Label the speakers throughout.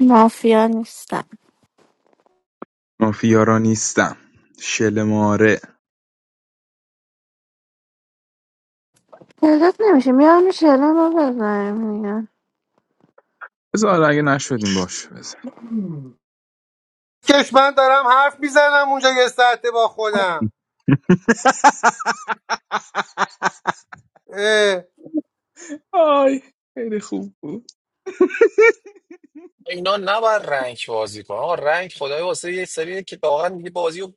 Speaker 1: مافیا نیستم
Speaker 2: مافیا را نیستم شل ماره
Speaker 1: تعداد نمیشه میام شلم رو بزنیم دیگه
Speaker 2: بذار اگه نشدیم باش بزن
Speaker 3: کش من دارم حرف میزنم اونجا یه ساعته با خودم اه.
Speaker 4: اینا نباید رنگ بازی کنن آقا رنگ خدای واسه یه سری که واقعا دیگه بازی رو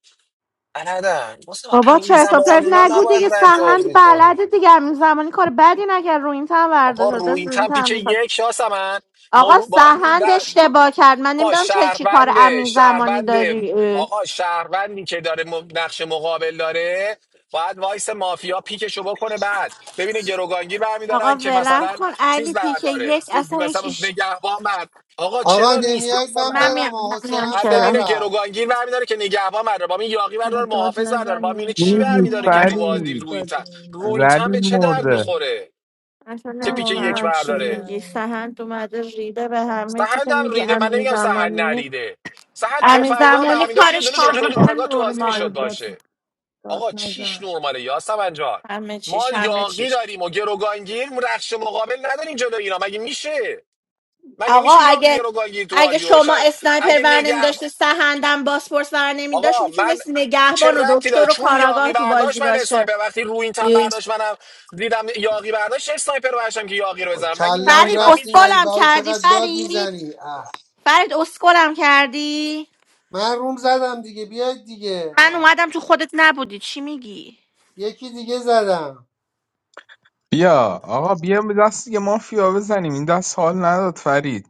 Speaker 4: بلدن واسه
Speaker 1: بابا
Speaker 4: همین
Speaker 1: چرت و
Speaker 4: زمان
Speaker 1: پرت
Speaker 4: اینا
Speaker 1: نگو دیگه
Speaker 4: نباید رنگ
Speaker 1: سهند
Speaker 4: بازی
Speaker 1: بلده
Speaker 4: کنیم
Speaker 1: دیگه همین زمانی کار بدی نکرد رو این تن
Speaker 4: آقا
Speaker 1: برداشت
Speaker 4: رو
Speaker 1: داشت
Speaker 4: این
Speaker 1: رو این
Speaker 4: تم پیک
Speaker 1: تن می‌خواست.
Speaker 4: یک شاس من ما
Speaker 1: آقا
Speaker 4: رو با
Speaker 1: سهند
Speaker 4: در-
Speaker 1: اشتباه کرد من
Speaker 4: آقا
Speaker 1: نمیدونم چه چی کار
Speaker 4: شهرونده
Speaker 1: امین زمانی
Speaker 4: شهرونده
Speaker 1: داری اه.
Speaker 4: آقا شهروندی که داره م- نقش مقابل داره باید وایس مافیا پیکشو بکنه بعد ببینه گروگانگی برمیدارن
Speaker 1: آقا
Speaker 4: که
Speaker 1: ولم
Speaker 4: مثلا
Speaker 1: کن
Speaker 4: چیز
Speaker 1: علی پیک
Speaker 4: برداره
Speaker 1: یک
Speaker 4: که
Speaker 1: اصلا هیچ
Speaker 4: مثلا
Speaker 1: ایش...
Speaker 4: نگهبان بعد آقا
Speaker 3: آقا
Speaker 4: چرا نیست
Speaker 3: نمیاد من
Speaker 4: یاسمن
Speaker 1: من میام
Speaker 3: برم آه
Speaker 1: من میام
Speaker 3: حسنم
Speaker 4: بعد
Speaker 3: سر
Speaker 1: چرا
Speaker 4: ببینه
Speaker 3: رفت
Speaker 4: گروگانگیر برمیداره که نگهبان برداره با این یاقی
Speaker 5: بابا
Speaker 4: برداره
Speaker 5: داد
Speaker 4: محافظ برداره با
Speaker 5: نزنین
Speaker 4: اینه چی
Speaker 5: چند
Speaker 2: چیزی
Speaker 4: برمیداره که تو
Speaker 5: مایکو قورت
Speaker 4: وادی
Speaker 2: فرید
Speaker 4: روینتن
Speaker 5: دادیم بس
Speaker 4: روینتن
Speaker 2: زلیل
Speaker 4: به چه درد
Speaker 2: مرده
Speaker 5: دیگه
Speaker 4: میخوره
Speaker 1: اصلا
Speaker 4: که
Speaker 5: کم
Speaker 4: پیک
Speaker 5: آروم
Speaker 4: یک
Speaker 1: نمیفهم
Speaker 5: حرف
Speaker 1: چی
Speaker 4: برداره
Speaker 1: میگی
Speaker 5: بزنین
Speaker 1: سهند اومده ریده به همه چی که
Speaker 4: سهند هم
Speaker 1: میگی
Speaker 4: ریده من
Speaker 1: امین
Speaker 4: نمیگم سهند
Speaker 1: زمانی
Speaker 4: نریده سهند
Speaker 1: همین
Speaker 4: تفنگدار به
Speaker 1: زمانی
Speaker 4: امیداش یه
Speaker 1: کارش
Speaker 4: دونه دکتر
Speaker 1: کاملا
Speaker 4: کاراگاه تو بازی
Speaker 5: بابا
Speaker 4: میشد
Speaker 1: نرمال
Speaker 5: داد
Speaker 1: بود
Speaker 4: باشه
Speaker 5: داد
Speaker 4: آقا چیش
Speaker 5: نزن
Speaker 4: نورماله یاسمن جان
Speaker 1: همه
Speaker 4: ما
Speaker 1: چیش همه
Speaker 4: یاقی
Speaker 1: چیش
Speaker 4: داریم و گروگانگیر رخش مقابل نداریم جلو اینا مگه میشه مگه
Speaker 1: آقا
Speaker 4: میشه یاقی
Speaker 1: اگه
Speaker 4: گروگانگیر تو
Speaker 1: اگه
Speaker 4: بازی
Speaker 1: شما
Speaker 4: باشن
Speaker 1: اسنایپر
Speaker 4: اگه
Speaker 1: ور
Speaker 4: نگه
Speaker 1: نمیداشته سهندم باسپورس ور نمیداشت
Speaker 4: آقا من
Speaker 1: میتونست
Speaker 4: چه
Speaker 1: نگهبان و
Speaker 4: ربطی داره
Speaker 1: دکتر و
Speaker 4: چون یاقی
Speaker 1: کاراگاه تو بازی
Speaker 4: برداشت من
Speaker 1: باشه
Speaker 4: اسنایپر وقتی رو این تن
Speaker 1: ای،
Speaker 4: برداشت منم دیدم یاقی برداشت اسنایپر رو برداشتم که یاقی رو
Speaker 3: با
Speaker 4: بزنم مگه می...
Speaker 3: کلم
Speaker 4: مگه
Speaker 1: فرید
Speaker 4: من
Speaker 3: رفتین
Speaker 4: میدونم
Speaker 3: علی
Speaker 1: اسکلم
Speaker 3: بهایی
Speaker 1: کردی
Speaker 3: چقدر داد
Speaker 1: فرید
Speaker 3: میزنی اه.
Speaker 1: فرید اسکلم کردی
Speaker 3: من روم زدم دیگه بیاید دیگه
Speaker 1: من اومدم تو خودت نبودی چی میگی
Speaker 3: یکی دیگه زدم
Speaker 2: بیا آقا بیا به دست دیگه مافیا بزنیم این دست حال نداد فرید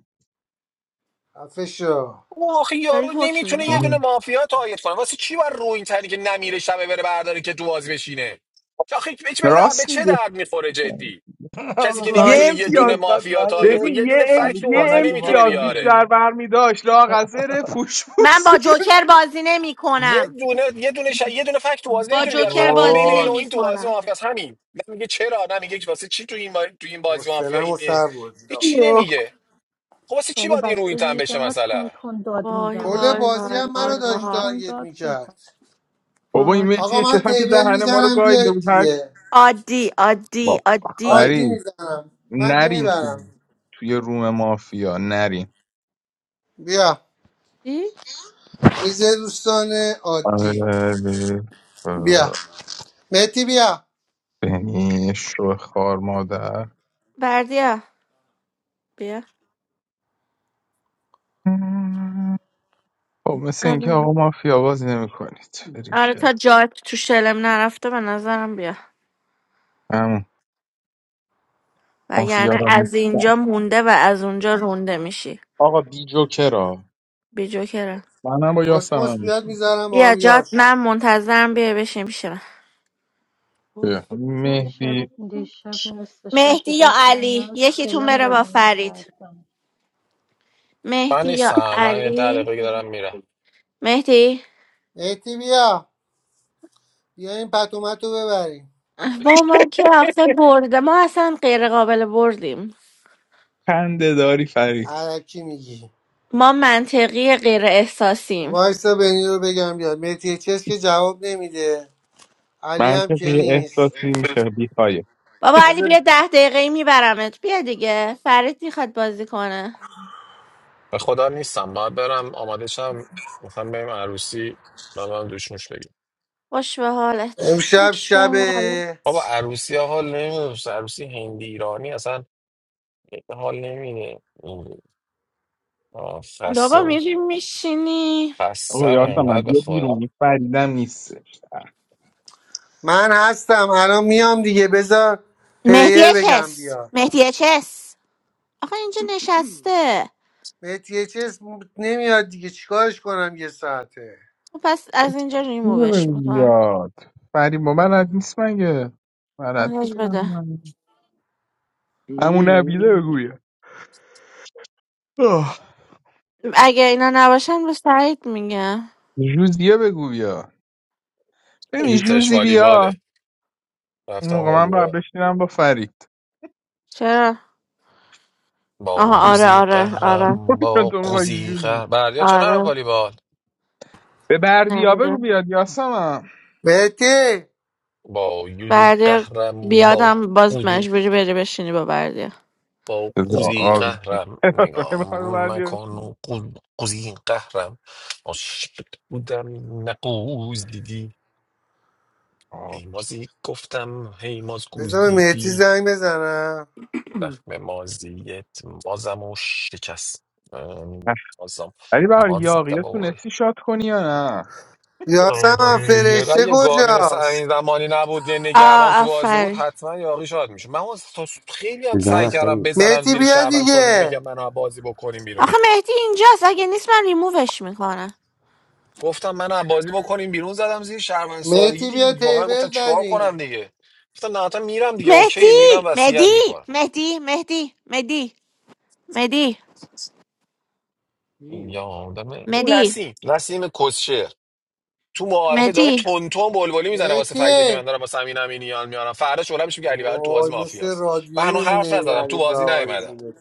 Speaker 3: خفه شو
Speaker 4: آخه
Speaker 1: داری
Speaker 4: یارو
Speaker 1: حکم میدی
Speaker 4: نمیتونه
Speaker 2: اه.
Speaker 4: یه دونه مافیا تایید کنه واسه چی بر رو این تنی که نمیره شبه بره برداره که دواز بشینه آخه به چه به به
Speaker 2: راست
Speaker 4: چه
Speaker 2: میگه
Speaker 4: درد میخوره جدی
Speaker 6: I'm
Speaker 4: کسی که
Speaker 6: not going
Speaker 1: وای
Speaker 2: یه
Speaker 4: نمیتونه یه
Speaker 2: امتیاز
Speaker 4: دونه
Speaker 6: to get
Speaker 4: مافیا تایید
Speaker 6: married.
Speaker 4: کنه
Speaker 2: ببین
Speaker 4: یه
Speaker 2: یه
Speaker 4: دونه
Speaker 6: I
Speaker 2: ام...
Speaker 4: فکت
Speaker 6: like
Speaker 4: رو
Speaker 2: یه
Speaker 6: how
Speaker 4: بازی
Speaker 6: many people
Speaker 4: نمیتونه
Speaker 6: are
Speaker 2: امتیاز
Speaker 4: بیاره
Speaker 2: بیشتر
Speaker 6: there.
Speaker 2: برمی داشت لاغذر پوش
Speaker 1: من
Speaker 2: پوست
Speaker 1: با جوکر بازی نمی
Speaker 4: یه
Speaker 1: کنم
Speaker 4: دونه یه دونه ش... یه دونه فکت تو بازی
Speaker 1: با
Speaker 4: نمیتونه بیاره
Speaker 1: جوکر
Speaker 4: فقط میگه بین
Speaker 1: بازی
Speaker 4: این
Speaker 3: وای
Speaker 4: و
Speaker 1: نمی
Speaker 4: این تو بازی
Speaker 1: کنم
Speaker 4: مافیا است همین نه میگه چرا نه میگه واسه چی تو این با... تو این بازی مافیا
Speaker 3: حسنم و
Speaker 4: اینه
Speaker 3: سر بردید
Speaker 4: هیچ
Speaker 3: آقا.
Speaker 4: چی نمیگه خب واسه چی
Speaker 5: بابا
Speaker 4: باید این رو این
Speaker 5: بسته
Speaker 4: تن
Speaker 5: دیگه
Speaker 4: بشه
Speaker 5: چقدر تون
Speaker 4: مثلا
Speaker 5: تون داد
Speaker 1: وای
Speaker 5: میزنی
Speaker 3: کل
Speaker 1: وای
Speaker 5: بسته
Speaker 3: بازی
Speaker 1: وای
Speaker 3: هم
Speaker 1: وای
Speaker 5: دیگه
Speaker 3: منو
Speaker 5: تون
Speaker 3: داشت
Speaker 1: وای
Speaker 5: تون
Speaker 3: تارگت
Speaker 5: داد بزن
Speaker 3: میکرد
Speaker 2: بابا این
Speaker 1: باش
Speaker 3: آقا
Speaker 2: مهدی
Speaker 3: من
Speaker 2: چسم که
Speaker 3: تیبل
Speaker 2: دهن ما رو
Speaker 3: میزنم
Speaker 2: گاییده
Speaker 3: بیاید
Speaker 2: بود هر کی-
Speaker 3: دیگه
Speaker 1: عادی عادی
Speaker 2: با
Speaker 1: عادی
Speaker 3: عادی
Speaker 2: فرید
Speaker 3: میزنم من که
Speaker 2: نرین تو
Speaker 3: میبرم
Speaker 2: توی روم مافیا نرین
Speaker 3: بیا
Speaker 1: چی؟
Speaker 3: میز دوستان
Speaker 2: آره
Speaker 3: عادی
Speaker 2: به-
Speaker 3: بیا
Speaker 2: اه،
Speaker 3: مهتی بیا
Speaker 2: بینی شو خار مادر
Speaker 1: بردیا بیا
Speaker 2: مم. خب مثل اینکه
Speaker 1: آره
Speaker 2: آقا مافیا بازی نمی کنید بریم
Speaker 1: آره،
Speaker 2: شد
Speaker 1: تا جات تو شلم نرفته به نظرم بیا
Speaker 2: همون مافیا
Speaker 1: وگرنه
Speaker 2: را
Speaker 1: از
Speaker 2: نیستم
Speaker 1: اینجا مونده و از اونجا رونده میشی
Speaker 2: آقا بی جوکرا
Speaker 1: بی جوکره
Speaker 2: منم با یاسم
Speaker 3: کسموس
Speaker 2: هم
Speaker 3: بیاد
Speaker 2: میشیم
Speaker 3: میذارم با
Speaker 1: بیا
Speaker 3: هم
Speaker 1: جات
Speaker 3: یارش
Speaker 1: من منتظرم بیا بشین پیش من
Speaker 5: دیشب
Speaker 2: مهدی
Speaker 5: دیشب نصف شب
Speaker 1: مهدی یا
Speaker 5: بیدار شدم اینا
Speaker 1: علی
Speaker 5: رو
Speaker 1: یکیتون
Speaker 5: شلم
Speaker 1: بره با
Speaker 5: بازی
Speaker 1: فرید
Speaker 5: میکردم
Speaker 4: من
Speaker 1: مهدی یا
Speaker 4: نیستم من یه ده
Speaker 1: علی
Speaker 4: دقیقه دارم میرم
Speaker 1: مهدی
Speaker 3: مهتی بیا بیا این پتومت رو ببریم
Speaker 1: با ما که آخه برده ما اصلا غیر قابل بردیم
Speaker 2: خنده داری فرید
Speaker 3: علکی میگی
Speaker 1: ما منطقی غیر احساسیم
Speaker 3: وایسا بنی رو بگم بیاد مهتی چیز که جواب نمیده علی
Speaker 2: من
Speaker 3: هم
Speaker 2: که
Speaker 3: که
Speaker 2: بی
Speaker 3: نیست
Speaker 2: احساسی میشه بی پایه
Speaker 1: بابا علی بیا
Speaker 3: بذار
Speaker 1: ده دقیقه میبرمت بیا دیگه فرید میخواد بازی کنه
Speaker 4: به خدا نیستم باید برم آماده شم مثلا بریم عروسی بعد من دوش نوش بگیم
Speaker 1: خوش به حالت
Speaker 3: امشب
Speaker 1: خوش به
Speaker 3: شب
Speaker 4: بابا
Speaker 1: حالت
Speaker 4: عروسی ها حال نمیده عروسی هندی ایرانی اصلا حال نمیده خسته
Speaker 1: بابا
Speaker 4: و
Speaker 1: میری میشینی
Speaker 2: آقا
Speaker 4: خستم
Speaker 2: یاسم من
Speaker 4: انقدر به
Speaker 2: بیا بیرون
Speaker 4: خدا
Speaker 2: فریدم نیستش اه،
Speaker 3: من هستم الان میام دیگه بذار
Speaker 1: مهدی
Speaker 3: پلیر بگم
Speaker 1: چس
Speaker 3: بیاد
Speaker 1: مهدی چس آخه اینجا نشسته
Speaker 3: مهتی چیز نمیاد دیگه چیکارش کنم یه ساعته
Speaker 1: خب پس از اینجا
Speaker 2: بیا
Speaker 1: ریمووش میکنم
Speaker 2: بیاد فرید با من رد نیست مگه بلد
Speaker 1: مزاج
Speaker 2: بود من
Speaker 1: بده
Speaker 2: رد میتونم همون نبیده بگو آه،
Speaker 1: اگه اینا نباشن به سعید میگم
Speaker 2: جوزیه بگو بیا ببین
Speaker 4: یه تش
Speaker 2: جوزی بیا
Speaker 4: والیباله
Speaker 2: اون
Speaker 4: رفتم
Speaker 2: موقع من باید
Speaker 4: والیبال
Speaker 2: بشینم با فرید
Speaker 1: چرا
Speaker 4: با
Speaker 1: آها
Speaker 2: چون
Speaker 1: آره
Speaker 4: یوزی
Speaker 1: آره آره
Speaker 4: قهرم
Speaker 2: چون
Speaker 4: با
Speaker 2: تو میخوای
Speaker 4: قوزی
Speaker 2: جوزی
Speaker 4: قهر بردیا چه نرم
Speaker 1: آره
Speaker 4: والیبال
Speaker 2: به بردیا بگو
Speaker 1: نمیدونم
Speaker 2: بیاد یاسمم
Speaker 3: مهتی
Speaker 4: با یوزی
Speaker 1: بردی
Speaker 4: قهرم با
Speaker 1: بیادم باز
Speaker 4: قوزی
Speaker 1: مجبوری بری بشینی با بردی
Speaker 4: با
Speaker 2: بذار
Speaker 4: قوزی
Speaker 2: آروم کن.
Speaker 4: قهرم
Speaker 2: تو نمی‌خوای به
Speaker 4: نگام
Speaker 2: بردیا
Speaker 4: مکن
Speaker 2: بشینی؟
Speaker 4: و قو- قوزی قهرم عاشق بودم نقوز دیدی
Speaker 2: آه.
Speaker 4: هیمازی گفتم هیماز
Speaker 3: بذار
Speaker 4: قوز
Speaker 3: به مهتی
Speaker 4: دیدی
Speaker 3: زنگ بزنم
Speaker 4: زخم مازیت مازم و شکست ام، مازم
Speaker 2: ولی بهار یاقی
Speaker 4: مازم
Speaker 2: تونستی شاد کنی یا نه
Speaker 4: آدم
Speaker 3: یاسم
Speaker 4: یه را
Speaker 3: فرشته
Speaker 4: یه گاوی مثل
Speaker 3: کجاست
Speaker 4: این زمانی نبود یه نگهبان
Speaker 1: آه
Speaker 4: تو بازی بود
Speaker 1: آفرین
Speaker 4: حتما یاقی شاد میشه من از تا خیلی هم
Speaker 7: سیزده
Speaker 4: سعی کردم
Speaker 7: نفرید
Speaker 4: بزنم
Speaker 3: مهتی
Speaker 4: زیر
Speaker 3: بیا
Speaker 4: شهروند سادگی
Speaker 3: دیگه
Speaker 4: بگم منو از بازی بکنیم بیرون
Speaker 1: آخه مهدی اینجاست اگه نیست من ریمووش میکنم
Speaker 4: گفتم منو از بازی بکنیم بیرون زدم زیر شهروند سادگی
Speaker 3: مهتی بیا
Speaker 4: دیگه واقعا
Speaker 3: تیبل
Speaker 4: گفتم چیکار کنم
Speaker 3: دادیم
Speaker 4: دیگه گفتم نه تا میرم دیگه اوکی میرم
Speaker 1: مهدی
Speaker 4: وصیت
Speaker 1: مهدی
Speaker 4: میکنم
Speaker 1: مهدی مهدی مهدی مهدی
Speaker 4: این یا آدمه اون
Speaker 1: مهدی
Speaker 4: نسیم نسیم کسشهر تو معارفه داره
Speaker 1: مهدی
Speaker 4: تون تون بلبلی میزنه واسه فکتا که من
Speaker 3: مهتی
Speaker 4: دارم واسه امین امینیان میارم فردا شغلم میشه که علی بهاری تو بازی
Speaker 3: وای مثل
Speaker 4: مافیاست من
Speaker 3: رادیو
Speaker 4: هنوز
Speaker 3: میمونه
Speaker 4: حرف
Speaker 3: این
Speaker 4: نزدم
Speaker 3: علی
Speaker 4: تو بازی
Speaker 3: بهاری
Speaker 4: نیومدم
Speaker 3: جونه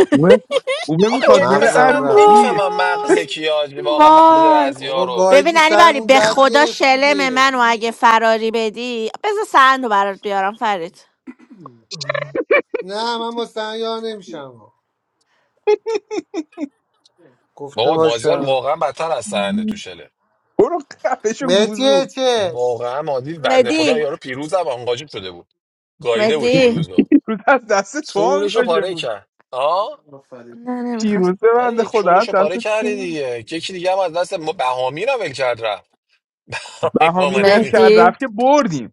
Speaker 2: خوبه خوبه
Speaker 4: آخه
Speaker 2: میخواد
Speaker 4: جدی
Speaker 2: بره
Speaker 4: مثلا
Speaker 3: مغزم
Speaker 4: من
Speaker 3: رفت
Speaker 2: عروسی
Speaker 4: نمیفهمم مغز
Speaker 1: وای
Speaker 4: کیا واقعا مغز
Speaker 1: وای
Speaker 4: بعضیا
Speaker 3: بابا
Speaker 4: رو
Speaker 1: ببین
Speaker 3: گایدی
Speaker 1: علی بری
Speaker 3: سرمون
Speaker 1: به
Speaker 3: درد
Speaker 1: خدا
Speaker 3: گرفت
Speaker 1: شلم
Speaker 3: دیگه
Speaker 1: منو اگه فراری بدی بذار سند رو برات بیارم فرید
Speaker 3: نه من مستنیا نمیشم گفته
Speaker 4: بابا مازیار
Speaker 3: باشم
Speaker 4: واقعا بدتر از سرنده تو شله
Speaker 2: برو قفش و
Speaker 3: مهتی
Speaker 2: گوزو
Speaker 3: چس
Speaker 4: واقعا مازی بنده خدا
Speaker 1: مهدی
Speaker 4: یارو پیروز هم آنقاجب شده بود گاییده بود
Speaker 1: مهدی
Speaker 4: پیروز رو
Speaker 2: پیروز از دست تو هم
Speaker 4: چونش
Speaker 2: باشه
Speaker 4: پاره
Speaker 2: بود
Speaker 4: کرد آه
Speaker 1: نه نمیخواست
Speaker 2: پیروزه
Speaker 4: نه
Speaker 2: بنده
Speaker 4: دیگه
Speaker 2: خدا
Speaker 4: چونش
Speaker 2: از
Speaker 4: پاره
Speaker 2: دست تو
Speaker 4: کردی
Speaker 2: هم.
Speaker 4: دیگه یکی دیگه هم از دست ما بهامی رو ول کرد رفت اینو
Speaker 2: بهامی
Speaker 4: من
Speaker 2: ول
Speaker 4: نمی‌دونم.
Speaker 2: کرد
Speaker 1: مهدی
Speaker 2: رفت که بردیم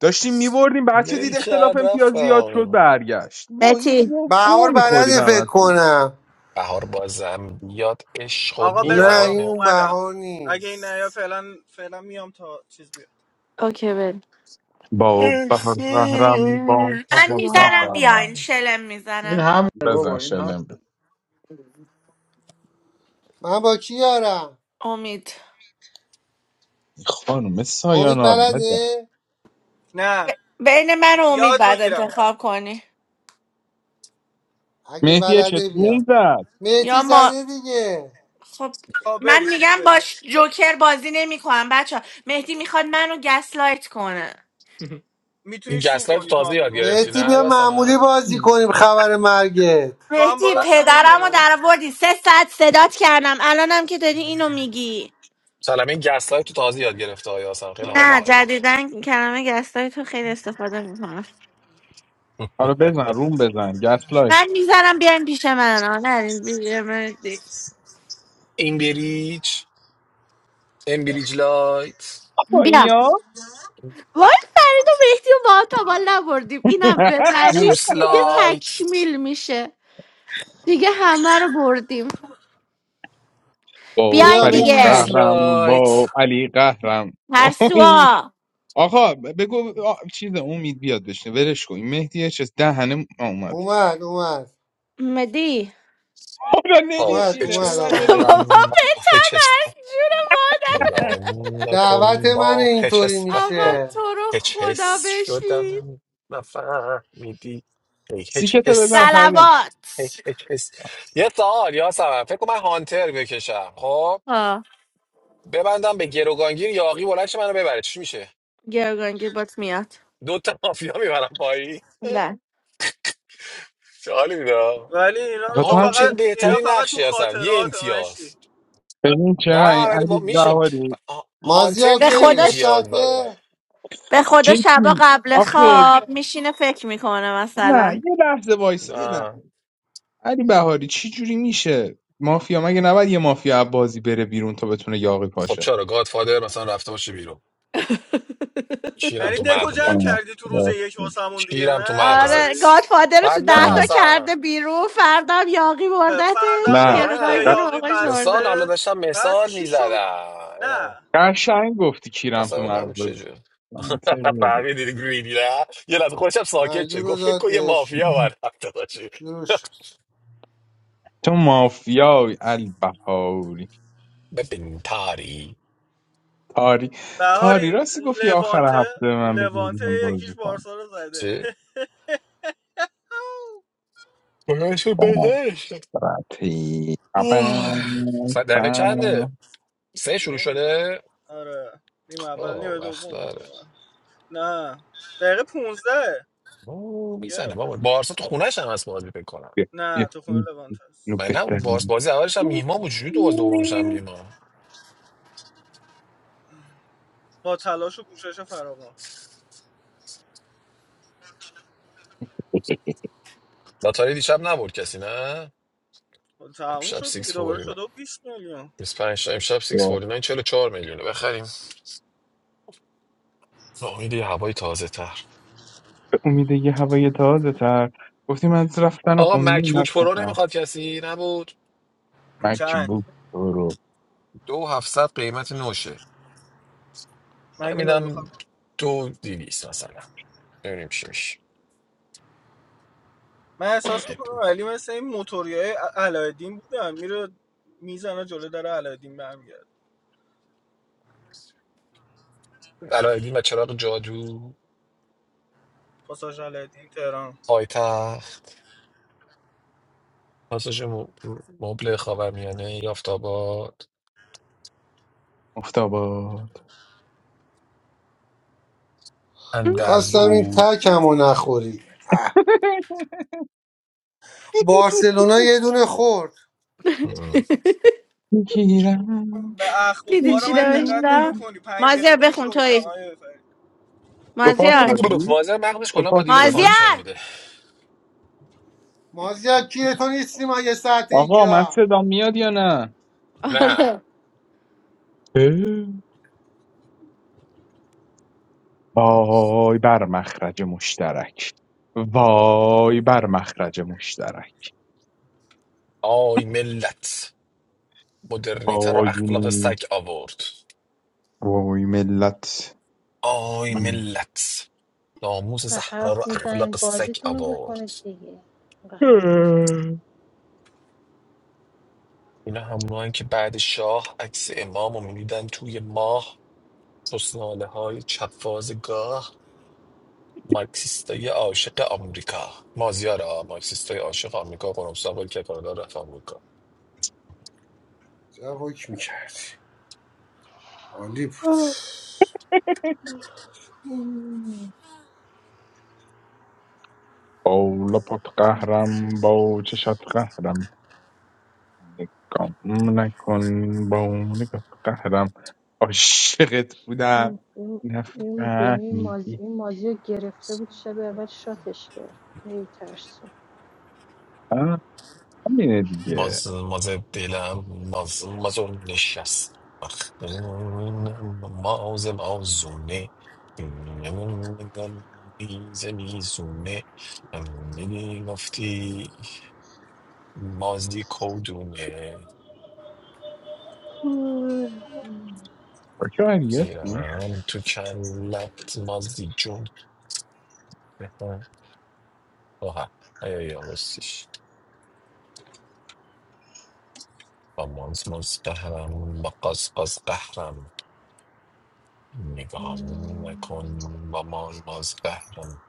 Speaker 2: داشتیم میبردیم بعد که دید
Speaker 4: ول
Speaker 2: اختلاف
Speaker 4: کرد
Speaker 2: امتیاز
Speaker 4: رفت
Speaker 2: زیاد شد
Speaker 4: بهامی.
Speaker 2: برگشت ما این
Speaker 1: مهدی
Speaker 2: گو, گو
Speaker 3: بهار
Speaker 2: میخورید
Speaker 3: بلده فکر
Speaker 2: همتون
Speaker 3: کنم
Speaker 4: بهار بازم بیاد عشق و
Speaker 8: آقا
Speaker 3: نه
Speaker 8: بزن آقا
Speaker 3: این
Speaker 4: بیاره
Speaker 3: اون
Speaker 8: اومدم
Speaker 3: بهار
Speaker 8: اگه این نه یا
Speaker 3: نیست
Speaker 8: فعلا فعلا میام تا چیز بیاد
Speaker 1: اوکی بریم
Speaker 2: با
Speaker 4: ای
Speaker 2: بهر بهرم با
Speaker 4: خوب
Speaker 1: من
Speaker 4: که
Speaker 1: میزنم
Speaker 2: بهرم
Speaker 1: بیاین شلم
Speaker 9: In
Speaker 1: میزنم
Speaker 9: Ham,
Speaker 2: بزن
Speaker 9: boy, in
Speaker 2: شلم
Speaker 9: Ham.
Speaker 2: بزن
Speaker 3: من با کی یارم
Speaker 1: امید
Speaker 2: این خانم
Speaker 3: امید
Speaker 2: سایانا رو بزن
Speaker 3: بلده
Speaker 8: نه
Speaker 1: بین من و امید
Speaker 8: یاد
Speaker 1: بعد
Speaker 8: میگیرم
Speaker 1: انتخاب کنی
Speaker 3: اگه
Speaker 2: مهدی چه
Speaker 3: بلده
Speaker 2: روم
Speaker 3: بیاد
Speaker 2: زد
Speaker 3: مهتی
Speaker 1: یا ما
Speaker 3: زده دیگه
Speaker 1: خب
Speaker 8: خب
Speaker 1: من
Speaker 8: برید دیگه
Speaker 1: میگم
Speaker 8: برید
Speaker 1: باش جوکر بازی نمیکنم بچه مهدی میخواد منو گسلایت کنه
Speaker 4: این
Speaker 8: میتونی سو
Speaker 4: گسلای تو
Speaker 8: کنی تو
Speaker 4: تازه یاد
Speaker 8: همونو
Speaker 4: گرفتی
Speaker 3: مهتی
Speaker 4: نه
Speaker 3: بیا معمولی
Speaker 4: یاسمن
Speaker 3: بازی کنیم خبر مرگت
Speaker 8: تو هم
Speaker 1: مهدی
Speaker 8: برو
Speaker 4: سل-
Speaker 8: سو
Speaker 1: پدرم رو
Speaker 8: کنش
Speaker 1: در آوردی سه ساعت صدات کردم الانم که داری اینو میگی
Speaker 4: سلام این گسلای تو تازه یاد گرفته ها یاسمن خیلی حال
Speaker 1: نه
Speaker 4: میکنه باش
Speaker 1: جدیدن کلمه گسلایت رو خیلی استفاده میکنم
Speaker 2: حالا بزن روم بزن گسلایت
Speaker 1: من میذارم بیاین پیش من آه، نه بیا مهدی.
Speaker 4: امبریج امبریج لایت
Speaker 2: با
Speaker 1: بیا.
Speaker 2: اینا
Speaker 1: وای فرید و مهدی رو با تا بالا نبردیم اینم ببریم
Speaker 4: بورس
Speaker 1: دیگه
Speaker 4: لایت
Speaker 1: تکمیل میشه دیگه همه رو بردیم
Speaker 2: با
Speaker 3: بیا
Speaker 1: بیاین
Speaker 2: فرید
Speaker 1: دیگه
Speaker 4: بورس
Speaker 3: مهتی
Speaker 2: قهرم
Speaker 4: لایت
Speaker 2: با علی قهرم با این
Speaker 1: ترسوا
Speaker 2: آقا بگو آ، چیز امید بیاد بشنه ولش کن این مهدی چه دهنه آ، اومدش
Speaker 3: اومد اومد
Speaker 1: مدی
Speaker 2: حالا
Speaker 4: با
Speaker 3: اومد
Speaker 2: نمیشینه
Speaker 4: هچ
Speaker 3: اومد
Speaker 4: اس
Speaker 3: آقا
Speaker 2: اومده نمیشینه
Speaker 1: بابا
Speaker 3: اومد
Speaker 4: قهرم با هچ اس
Speaker 1: بتمش جون
Speaker 4: نگاه
Speaker 1: مادر
Speaker 3: دعوت
Speaker 4: نکن
Speaker 3: من
Speaker 4: با هچ
Speaker 3: اینطوری
Speaker 4: اس
Speaker 1: آقا
Speaker 4: قهرم
Speaker 3: میشه
Speaker 1: تو رو
Speaker 4: هچ
Speaker 1: خدا
Speaker 4: اس
Speaker 1: بشین
Speaker 4: شدم نفهمیدی هی هچ
Speaker 2: سیکته
Speaker 4: اس
Speaker 2: بزن
Speaker 4: هم،
Speaker 2: فرید
Speaker 4: هی
Speaker 1: سلوات
Speaker 4: هچ اس یه سوال یاسمن فکر کنم من هانتر بکشم خب
Speaker 1: آه
Speaker 4: ببندم به گروگانگیر یاقی بلند شه منو ببره چی میشه
Speaker 1: گرگانگیر بات میاد
Speaker 4: دو تا مافیا میبرم پایی
Speaker 1: بله.
Speaker 4: چه حالی میده آه.
Speaker 8: ولی اینا رو
Speaker 2: آخه تو
Speaker 8: تو
Speaker 2: هم چی
Speaker 4: هانتر
Speaker 8: فقط
Speaker 2: هستی؟
Speaker 8: اینا
Speaker 4: بهترین
Speaker 8: فقط تو
Speaker 4: نقشی هستن یه
Speaker 8: خاطرات
Speaker 4: امتیاز
Speaker 8: مشتی
Speaker 2: ببین چقدر این
Speaker 4: نه ولی
Speaker 2: علی
Speaker 4: با میشه
Speaker 2: بهاری
Speaker 4: آه، هانتر
Speaker 3: مازیار
Speaker 1: به
Speaker 4: یه
Speaker 3: کوری یه
Speaker 1: خودش
Speaker 4: امتیاز داره
Speaker 3: ساعته
Speaker 1: به خدا شبا
Speaker 2: جدی
Speaker 1: قبل
Speaker 2: آخه
Speaker 1: خواب میشینه فکر میکنه
Speaker 2: نه
Speaker 1: مثلا
Speaker 2: یه لحظه وایسا یه لحظه
Speaker 4: نه
Speaker 2: علی بهاری چی جوری میشه مافیا مگه نباید یه مافیا از بازی بره بیرون تا بتونه یاقی
Speaker 4: خب
Speaker 2: پاشه
Speaker 4: چرا گادفادر مثلا رفته باشه بیرون شیرم
Speaker 8: یعنی
Speaker 4: تو
Speaker 8: دکو جمع
Speaker 4: مغزت
Speaker 2: آه،
Speaker 8: کردی تو روز یک
Speaker 2: راستی.
Speaker 8: واسمون دیگه
Speaker 4: شیرم
Speaker 8: نه
Speaker 4: تو
Speaker 8: علی
Speaker 1: آره
Speaker 8: بهاری
Speaker 4: مغزت
Speaker 1: گادفادر رو تو
Speaker 4: بعد نه
Speaker 1: دهتا
Speaker 2: آه.
Speaker 4: اصلا
Speaker 1: کرده بیرون فردا هم یاقی
Speaker 8: فردا هم
Speaker 1: بردتش
Speaker 2: نه
Speaker 8: یاقی به
Speaker 4: نه
Speaker 1: گرگانگیر
Speaker 2: ق-
Speaker 1: رو
Speaker 8: یاقی
Speaker 1: آقا
Speaker 4: مثال
Speaker 1: شورده
Speaker 4: حالا
Speaker 8: بسته
Speaker 4: داشتم
Speaker 8: بعد
Speaker 4: مثال
Speaker 8: چی شد
Speaker 4: میزدم نه
Speaker 8: نه
Speaker 2: قشنگ گفتی کیرم تو
Speaker 4: قصد بینم
Speaker 2: مغزت
Speaker 4: چجور
Speaker 2: منطقی بود.
Speaker 4: فهمیدید گریدی نه یه لحظه خودشم ساکت
Speaker 3: پنلو
Speaker 4: شد
Speaker 3: رو
Speaker 4: گفت فکر
Speaker 3: داد
Speaker 4: کن یه
Speaker 3: بهشون
Speaker 4: مافیا باید رفته باشی
Speaker 3: شروع شد
Speaker 2: تو مافیای علی بهاری
Speaker 4: ببین تاری
Speaker 2: تاری
Speaker 8: بهاری
Speaker 2: تاری راستی گفت یه آخر
Speaker 8: لوانته
Speaker 2: هفته به من
Speaker 8: لوانته
Speaker 2: بگیریم
Speaker 8: یکیش
Speaker 2: بازی کن
Speaker 8: بارسا رو زده
Speaker 4: چه؟ بگشو بهش
Speaker 2: Parati, pa pa
Speaker 4: ساعت دقیقه چنده سه شروع
Speaker 8: نمیدونم
Speaker 4: شده
Speaker 8: آره نیم اول
Speaker 4: خب
Speaker 8: نیم
Speaker 4: وقت
Speaker 8: دوم فکر
Speaker 4: داره
Speaker 8: کنم نه دقیقه پونزده
Speaker 4: او
Speaker 8: یه
Speaker 4: میزنه
Speaker 8: رو
Speaker 4: بابا
Speaker 8: پشتوش
Speaker 4: بارسا تو خونهش هم هست بازی فکر کنم
Speaker 2: Bip,
Speaker 8: نه
Speaker 2: bip.
Speaker 8: تو خونه لوانت
Speaker 2: اینو
Speaker 8: هست
Speaker 4: من نه اون بارس
Speaker 2: بزنم.
Speaker 4: بازی اولش هم میهمان بود چجوری دو باز دومش هم میهمان
Speaker 8: با تلاش و کوشش فراوان
Speaker 4: لاتاری دیشب نبرد کسی نه
Speaker 8: خب تموم
Speaker 4: امشب
Speaker 8: شد دیگه دوباره
Speaker 4: 649
Speaker 8: شده و 20 میلیون
Speaker 4: پنج تا امشب 649 44 میلیونه بخریم با امید یه هوای تازه تر.
Speaker 2: به امید یه هوای تازه تر گفتیم از رفتن رو
Speaker 4: آقا
Speaker 2: خوندیم از
Speaker 4: مکبوک پرو
Speaker 2: سفر
Speaker 4: نمیخواد کسی نبود
Speaker 8: چند
Speaker 2: مکبوب برو
Speaker 4: دو هفتصد قیمت نوشه من
Speaker 8: مگه
Speaker 4: میدم
Speaker 8: نمیخوام
Speaker 4: دو دیویس مثلا ببینیم چی میشه
Speaker 8: من احساس میکنم ولی مثل این موتوریای ع- علایالدین بودن میره میزنه جلو در علایالدین برمیگرد
Speaker 4: علایالدین و چراغ جادو
Speaker 8: پاساژ علایالدین تهران
Speaker 4: پایتخت پاساژ مب- مبل خاورمیانه یافتاباد
Speaker 2: مفتاباد
Speaker 3: خواستم این
Speaker 4: اندرزگو
Speaker 3: تکم رو نخوری بارسلونا یه دونه خورد
Speaker 4: ام.
Speaker 2: میگیرم
Speaker 8: به
Speaker 1: دیدی
Speaker 8: اخبار
Speaker 1: چی
Speaker 8: من دقت
Speaker 1: نوشتم
Speaker 2: میگیرم
Speaker 8: نمیکنی پنج
Speaker 1: مازیار
Speaker 8: دقیقه پیش
Speaker 1: بخون
Speaker 8: گفتم
Speaker 1: توی
Speaker 8: آیه فرید.
Speaker 2: تو پاس
Speaker 1: مازیار
Speaker 2: دادی؟
Speaker 4: واضح مغزش
Speaker 2: تو
Speaker 4: کلا با
Speaker 2: پاس
Speaker 4: دیلی
Speaker 2: دادی؟
Speaker 4: فانکشن
Speaker 1: مازیار
Speaker 4: میده
Speaker 3: مازیار کیه تو نیستی ما یه ساعت
Speaker 2: آقا من
Speaker 3: اینجا
Speaker 2: صدا میاد یا نه؟
Speaker 1: آره
Speaker 4: نه
Speaker 2: اه. وای بر مخرج مشترک وای بر مخرج مشترک
Speaker 4: آی ملت مدرنیته رو
Speaker 2: وای
Speaker 4: اخلاق سگ آورد
Speaker 2: وای ملت
Speaker 4: آی
Speaker 2: من،
Speaker 4: ملت ناموس
Speaker 5: اینقدر
Speaker 4: زهرا رو
Speaker 5: حرف میزنین
Speaker 4: اخلاق سگ
Speaker 5: بازیتون رو
Speaker 4: آورد
Speaker 5: بکنید دیگه اینقدر حرف میزنین
Speaker 4: اینا همونهایی که بعد شاه عکس امام رو میدیدن توی ماه سسناله های چپازگاه مارکسیستای عاشق آمریکا مازیار ها مارکسیستای عاشق آمریکا قرمسا بود که کانادا رفت آمریکا
Speaker 3: جواب میکردی عالی بود
Speaker 2: بالا پت قهرم با چشات قهرم نگام نکن با نگات قهرم عاشقت بودم
Speaker 5: این این این بینی این مازی
Speaker 2: نفهمیدی
Speaker 5: این مازی رو گرفته بود شب اول شاتش کرد ای ترسو
Speaker 2: آه، همینه دیگه
Speaker 4: ماز ماز دلم ماز مازون نشست مخمون ماز مازونه نگم میزه میزونه میگفتی مازی کودونه
Speaker 2: با که هستی؟
Speaker 4: سیرم تو کلت مازی جون بهتر آها ایا یا بسیش با مانز مانز قهرم با قاز قاز قهرم نگام نکن با مانز مانز قهرم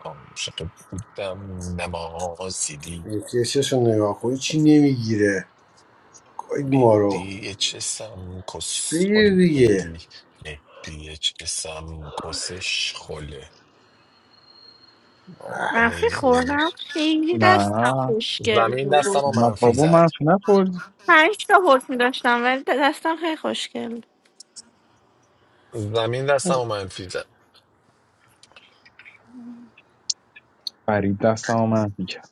Speaker 4: عاشق بودم نمازی دی
Speaker 3: ریفرشش رو نگاه کنی چی نمیگیره گاید ما رو
Speaker 4: چه چسم
Speaker 3: چی
Speaker 4: کس
Speaker 3: بگیر
Speaker 4: خولی
Speaker 3: دیگه
Speaker 4: دیدی مهدی چسم کسش خوله آدم یه
Speaker 1: وقتی خوردم
Speaker 4: روز.
Speaker 1: خیلی
Speaker 2: نه
Speaker 1: دستم خوشگل
Speaker 4: زمین
Speaker 1: بود
Speaker 4: دستم و
Speaker 2: نه
Speaker 4: منفی
Speaker 2: بابا من
Speaker 4: زد
Speaker 2: نخورد
Speaker 1: پنج تا حکم داشتم ولی دستم خیلی خوشگل بود
Speaker 4: زمین دستم و منفی زد
Speaker 2: فرید دست منفی کرد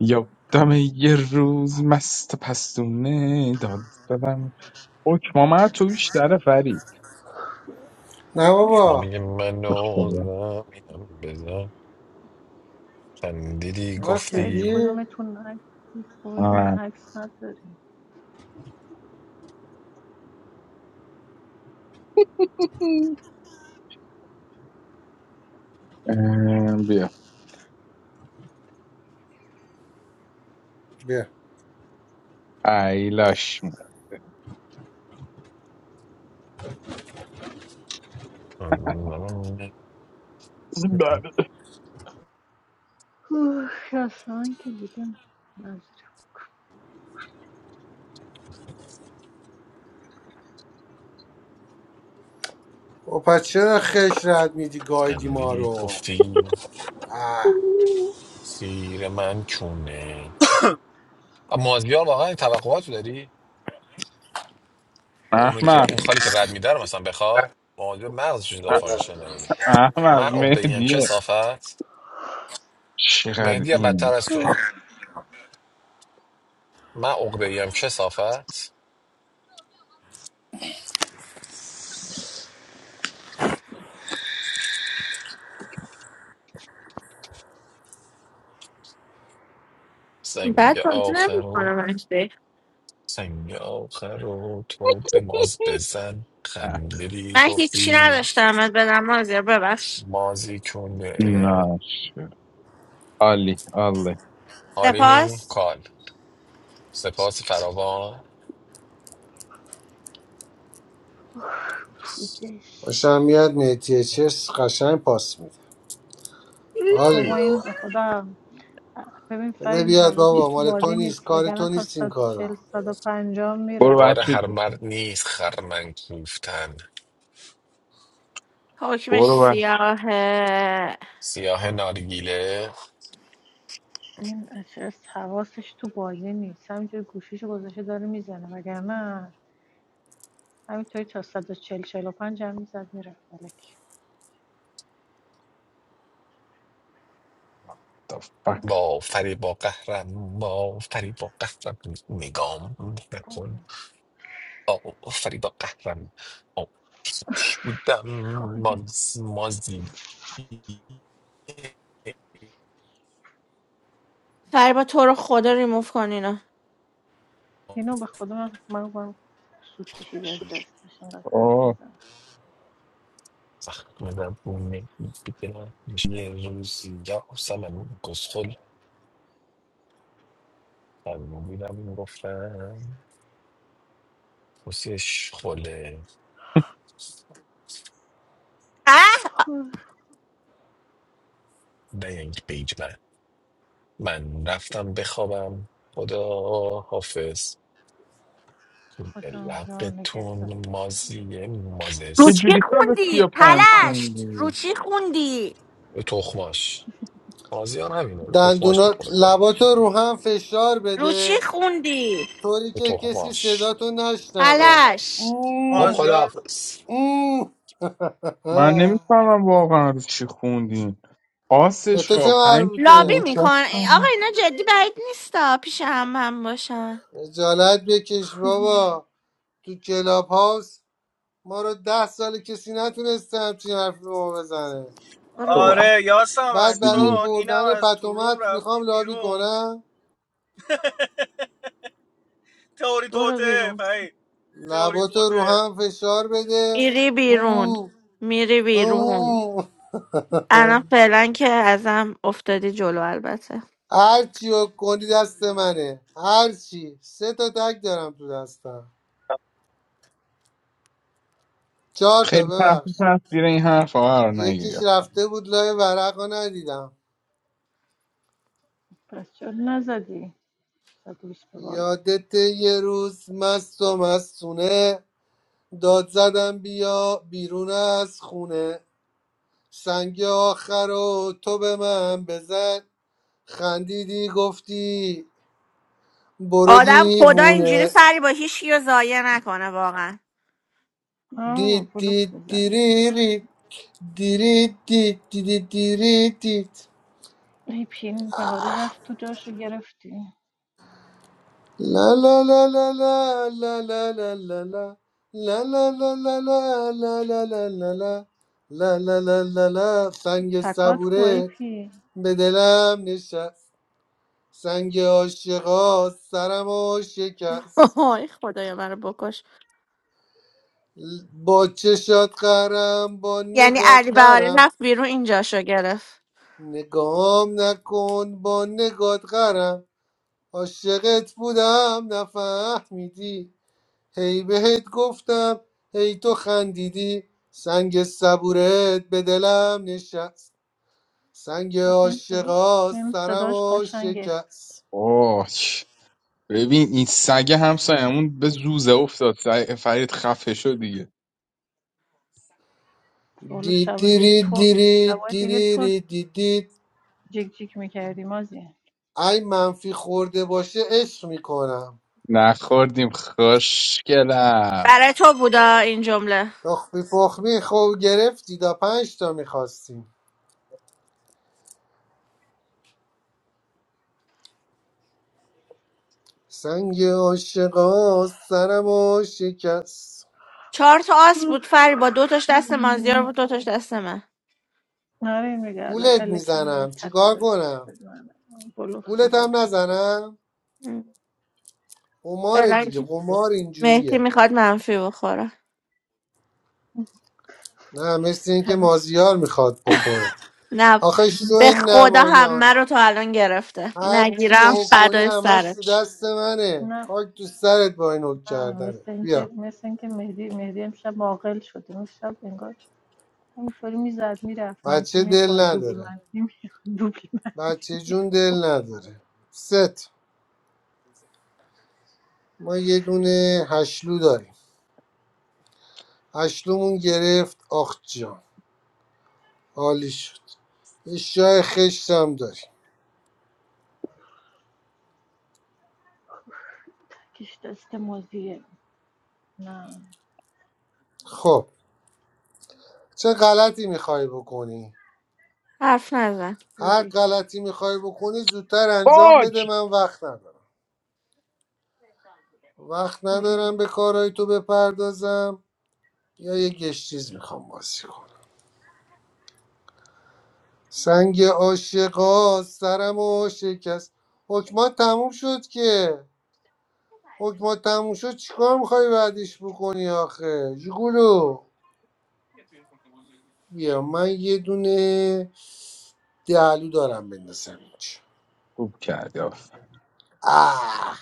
Speaker 2: یادمه یه روز مست پستونه داد زدم حکم آمد تو بیش در فرید
Speaker 3: نه
Speaker 4: شما
Speaker 3: بابا
Speaker 4: میگه من
Speaker 2: به
Speaker 4: و
Speaker 2: خدا.
Speaker 4: زمینم بذار خندیدی
Speaker 3: راست
Speaker 5: جای هیچ
Speaker 4: گفتی
Speaker 3: میگی
Speaker 5: کدومتون نه هیچ کدوم
Speaker 2: آه.
Speaker 5: عکس نداری
Speaker 2: اه، بیا
Speaker 3: بیا
Speaker 2: ایلاش بله.
Speaker 5: اصلا که دیگه نداره
Speaker 3: و پس چرا خش رد میدی گایدی ما
Speaker 4: خندیدی
Speaker 3: رو
Speaker 4: گفتی
Speaker 3: اه
Speaker 4: سیر من چونه مازیار واقعا توقعاتو داری اونو که
Speaker 2: احمق
Speaker 4: اون خالی که رد میده رو مثلا بخوا مازیار مغزش اضافه
Speaker 2: اح-
Speaker 4: میشه نمیده
Speaker 2: احمق
Speaker 4: من عقده ایم که
Speaker 2: مهدیه
Speaker 4: صافت
Speaker 2: چقدر
Speaker 4: مهدی هم
Speaker 2: این
Speaker 4: بدتر از تو
Speaker 5: هوه،
Speaker 4: من عقده ایم که صافت سنگ
Speaker 1: بعد بازی
Speaker 4: آخر
Speaker 1: نمیکنم اجده
Speaker 4: سنگ آخر رو تو به ماز بزن
Speaker 2: اح-
Speaker 4: خندیدی
Speaker 1: من هیچی
Speaker 4: گفتی
Speaker 1: نداشتم ات بدم مازیار ببخش
Speaker 4: مازی چون اه.
Speaker 2: ناشر عالی عالی
Speaker 4: آلینی
Speaker 1: سپاس
Speaker 4: کال سپاس فراوان
Speaker 5: پوزش
Speaker 3: خوشم میاد میتیه چس قشنگ پاس میده حال
Speaker 5: بابا این
Speaker 3: میکن
Speaker 5: به خدا ببین
Speaker 3: بده
Speaker 5: فرین
Speaker 3: بیاد
Speaker 5: حواسش
Speaker 3: بابا
Speaker 5: تو
Speaker 3: مال تو
Speaker 5: بازی
Speaker 3: نیست
Speaker 5: نیست
Speaker 3: کار
Speaker 5: وگرنه
Speaker 3: تو
Speaker 5: تا
Speaker 3: نیست این
Speaker 5: 140
Speaker 3: کارا
Speaker 5: 150
Speaker 2: برو
Speaker 4: کار
Speaker 5: میرفتیم
Speaker 2: بچه
Speaker 4: هر
Speaker 2: جون.
Speaker 4: مرد نیست خرمن کوفتن
Speaker 1: حکمش
Speaker 2: برو بچه
Speaker 1: سیاهه
Speaker 4: سیاه نارگیله
Speaker 5: این اچس حواسش تو بازی نیست همینجوری گوشیشو گذاشته داره میزنه وگرنه همینطوری تا 140 45 هم میزد میرفت فلک
Speaker 2: The fuck.
Speaker 4: با فری با قهرم با فری با قهرم نگام
Speaker 5: گم
Speaker 4: نکن آفرید قهرم آفش بودم
Speaker 5: کنه.
Speaker 4: ماز مازی
Speaker 1: سری با تو رو خدا ریموف کن اینو
Speaker 5: اینو به خودم من من من سود کشید از دستش اینقدر حرف
Speaker 2: آه.
Speaker 5: میزنه
Speaker 4: زخم زبونه بیدم یه روزی یا سمن گسخل میرم این گفتم بسیش خله
Speaker 1: اه
Speaker 4: دنگ بیج من من رفتم بخوابم خدا حافظ
Speaker 5: خدا یا نگهدار
Speaker 4: لقتون مازی
Speaker 1: رو
Speaker 2: یه
Speaker 1: چی
Speaker 4: مازس
Speaker 2: جوری سال سی و
Speaker 1: خوندی
Speaker 2: پنج
Speaker 1: پلشت رو
Speaker 2: خوندی
Speaker 1: چی خوندی
Speaker 4: تخماش مازیار همینه تخماش
Speaker 3: دندونا
Speaker 4: میکنه کلا
Speaker 3: لباتو رو هم فشار
Speaker 1: رو چی
Speaker 3: بده
Speaker 1: خوندی
Speaker 3: طوری
Speaker 4: به
Speaker 3: که کسی
Speaker 4: تخماش
Speaker 3: صداتو نشنوه
Speaker 1: پلشت
Speaker 4: خب
Speaker 3: اوه،
Speaker 8: مازیار
Speaker 4: خداحافظ
Speaker 3: اوه.
Speaker 2: من نمیفهمم واقعا رو چی خوندی آس
Speaker 3: به تو چه
Speaker 2: شاپنگ
Speaker 1: لابی
Speaker 2: بود
Speaker 3: مربوطه
Speaker 1: میکن آقا
Speaker 2: دستم
Speaker 1: اینا جدی بعید نیستا پیش هم هم باشن
Speaker 3: خجالت بکش بابا تو کلاب هاوس ما رو ده سال کسی نتونسته همچین حرفی به ما بزنه
Speaker 1: برو بیرون
Speaker 8: آره
Speaker 3: بعد
Speaker 8: یاسمن
Speaker 3: برای
Speaker 2: ببخشید.
Speaker 8: چون اینم
Speaker 3: بردن
Speaker 8: از تو روم
Speaker 3: پتومت
Speaker 8: رفته
Speaker 3: میخوام لابی
Speaker 8: بیرون
Speaker 3: کنم
Speaker 8: تئوری
Speaker 1: برو
Speaker 8: توته
Speaker 1: بیرون
Speaker 8: فهی تئوری
Speaker 3: لباتو رو
Speaker 8: توته
Speaker 3: هم فشار بده
Speaker 1: میری بیرون
Speaker 3: او
Speaker 1: میری بیرون
Speaker 3: او
Speaker 1: الان فعلا که ازم افتادی جلو البته
Speaker 3: هر چی رو کنی دست منه هر چی سه تا تک دارم تو دستم چهار تا
Speaker 2: خیلی تحت
Speaker 3: ببخش
Speaker 2: تاثیر این حرف قرار
Speaker 3: یکیش
Speaker 2: نگرفتم
Speaker 3: رفته بود لای ورق رو ندیدم
Speaker 5: پس چرا نزدی 120 به بالا
Speaker 3: یادت یه روز مست و مستونه داد زدم بیا بیرون از خونه سنگ آخر و تو به من بزن خندیدی گفتی برو
Speaker 1: آدم خدا اینجوری
Speaker 3: دیوونه
Speaker 1: فری با هیچ رو ضایع نکنه واقعا
Speaker 5: آه
Speaker 3: دید
Speaker 5: بلوف
Speaker 3: دید
Speaker 5: میزنه
Speaker 3: دیریری دیری دید دیدی دیری دید
Speaker 5: ای پین بهاری رفت تو جاشو گرفتی
Speaker 3: لا لا لا لا لا لا لا لا لا لا لا لا لا لا لا لا لا لا لا لا لا لا لا لا. سنگ
Speaker 5: تکات کو ای
Speaker 3: صبوره
Speaker 5: پین
Speaker 3: به دلم نشست سنگ عاشقا سرم شکست
Speaker 1: آی خدایا منو بکش
Speaker 3: با چشات قرم با
Speaker 1: یعنی
Speaker 3: نگات
Speaker 1: علی بهاری
Speaker 3: قرم
Speaker 1: رفت بیرون اینجاشو گرفت
Speaker 3: نگام نکن با نگات قرم عاشقت بودم نفهمیدی هی بهت گفتم هی تو خندیدی سنگ صبورت به دلم نشست سنگ
Speaker 5: تو که این صدا
Speaker 3: عاشقا
Speaker 5: این
Speaker 3: سرم
Speaker 5: صداش
Speaker 3: و
Speaker 5: قشنگه
Speaker 3: شکست
Speaker 2: اوه ببین این سگ همسایمون به زوزه افتاد سگ- فرید خفه شد دیگه
Speaker 5: تو حالا
Speaker 3: دی
Speaker 5: شبای دیگه
Speaker 3: دیری
Speaker 5: تو
Speaker 3: دیری
Speaker 5: شبای دیگه تو
Speaker 3: دیری دیدید
Speaker 5: جیک جیک میکردی مازیه
Speaker 3: ای منفی خورده باشه عشق میکنم
Speaker 2: نخوردیم خوشگلم
Speaker 1: برای تو بودا این جمله
Speaker 3: تخمی فخمی خوب گرفتی تا پنج تا میخواستیم سنگ عاشقا سرم و شکست
Speaker 1: چهار تا آس بود فری با دو تاش دست مازیار بود
Speaker 5: مم.
Speaker 1: دو تاش دست من
Speaker 5: آره این میگه الک
Speaker 3: گولت
Speaker 5: الکی اونم یه
Speaker 3: میزنم چیکار
Speaker 5: تکادست
Speaker 3: کنم
Speaker 5: بلوف
Speaker 3: گولت هم
Speaker 5: میزدی
Speaker 3: نزنم قمار
Speaker 1: بلنگ
Speaker 3: دیگه قمار
Speaker 1: مهدی
Speaker 3: اینجوریه
Speaker 1: میخواد منفی بخوره
Speaker 3: نه مثل اینکه مازیار میخواد بخوره
Speaker 1: نه
Speaker 3: آخه شو
Speaker 1: به
Speaker 3: این
Speaker 1: خدا
Speaker 3: نمایان
Speaker 1: همه رو تا الان گرفته
Speaker 3: هر چی
Speaker 1: نگیرم
Speaker 3: حک کنی
Speaker 1: فدای
Speaker 3: همش تو
Speaker 1: سرش
Speaker 3: دست منه
Speaker 5: نه
Speaker 3: خاک تو سرت با این حک
Speaker 5: نه
Speaker 3: کردنه
Speaker 5: مثل اینکه
Speaker 3: بیا
Speaker 5: مثل اینکه مهدی مهدی امشب عاقل شد اون شب انگار همینطوری میزد میرفت منفی
Speaker 3: بچه دل
Speaker 5: میخورد دوبل
Speaker 3: نداره
Speaker 5: منفی میخورد دوبل
Speaker 3: بچه
Speaker 5: منفی
Speaker 3: جون دل نداره ست ما یه دونه هشلو داریم هشلومون گرفت آخ جان عالی شد یه شای خشتم داریم
Speaker 5: تکش دست مازیه نه
Speaker 3: خب چه غلطی میخوای بکنی
Speaker 1: حرف نزن
Speaker 3: هر
Speaker 5: برید
Speaker 3: غلطی میخوای بکنی زودتر انجام
Speaker 2: باک
Speaker 3: بده من وقت ندارم وقت
Speaker 5: برید
Speaker 3: ندارم به کارهای تو بپردازم یا یه گشتیز میخوام بازی کنم سنگ عاشقا سرمو شکست حکمات تموم شد که حکمات تموم شد چیکار میخوای بعدش بکنی آخه جگولو بیا من یه دونه دهلو دارم بندازم اینجا
Speaker 2: خوب کردی آفرین.
Speaker 3: آه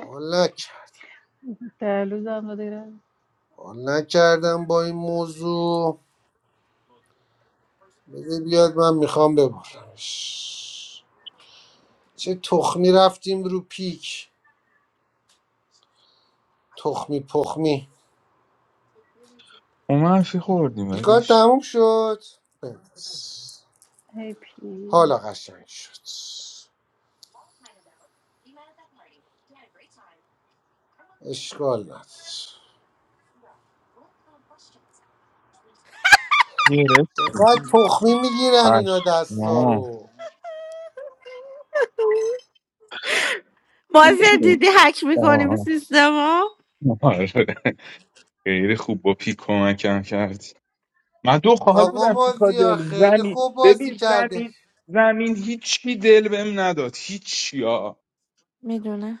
Speaker 3: حال نکرد
Speaker 5: دلوز هم داره
Speaker 3: حال نکردم با این موضوع بده بیاد من میخوام ببرمش چه تخمی رفتیم رو پیک تخمی پخمی
Speaker 2: ما منفی خوردیم
Speaker 3: پیکار
Speaker 2: ولیش
Speaker 3: تموم شد بس.
Speaker 5: هی پی
Speaker 3: حالا قشنگ شد اشکال نداره
Speaker 2: گرفتیم
Speaker 3: چقدر تخمی میگیرن اینا دستا
Speaker 2: پشما
Speaker 3: رو
Speaker 1: مازیار دیدی حک میکنیم
Speaker 2: آه.
Speaker 1: سیستم ها
Speaker 2: آره. خیلی خوب با پیک کمکم کردی من دو خال
Speaker 3: آقا
Speaker 2: بودم تو کار
Speaker 3: مازیار
Speaker 2: دل
Speaker 3: خیلی
Speaker 2: زمین
Speaker 3: خوب بازی
Speaker 2: ببین
Speaker 3: کرده
Speaker 2: زمین زمین هیچی دل بهم نداد هیچی ها
Speaker 1: میدونه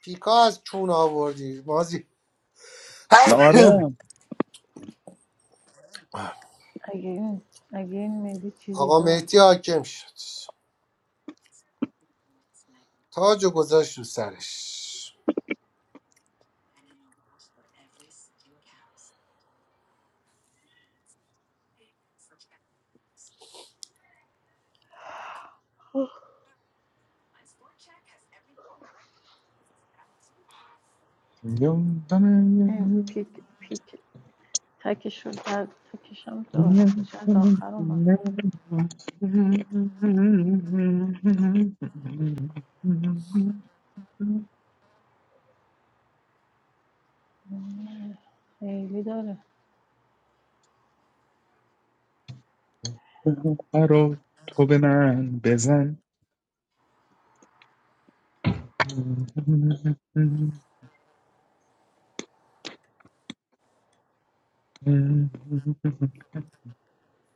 Speaker 3: پیکا از چون آوردی مازی
Speaker 2: آره
Speaker 5: اگه این اگه این میدی چیزی
Speaker 3: آقا
Speaker 5: داشت
Speaker 3: مهدی حاکم شد تاج و گذاشت رو سرش
Speaker 5: این پیک پیک تکش رو در تکشم دارم چه از آخر اومد خیلی داره
Speaker 2: رو تو به من بزن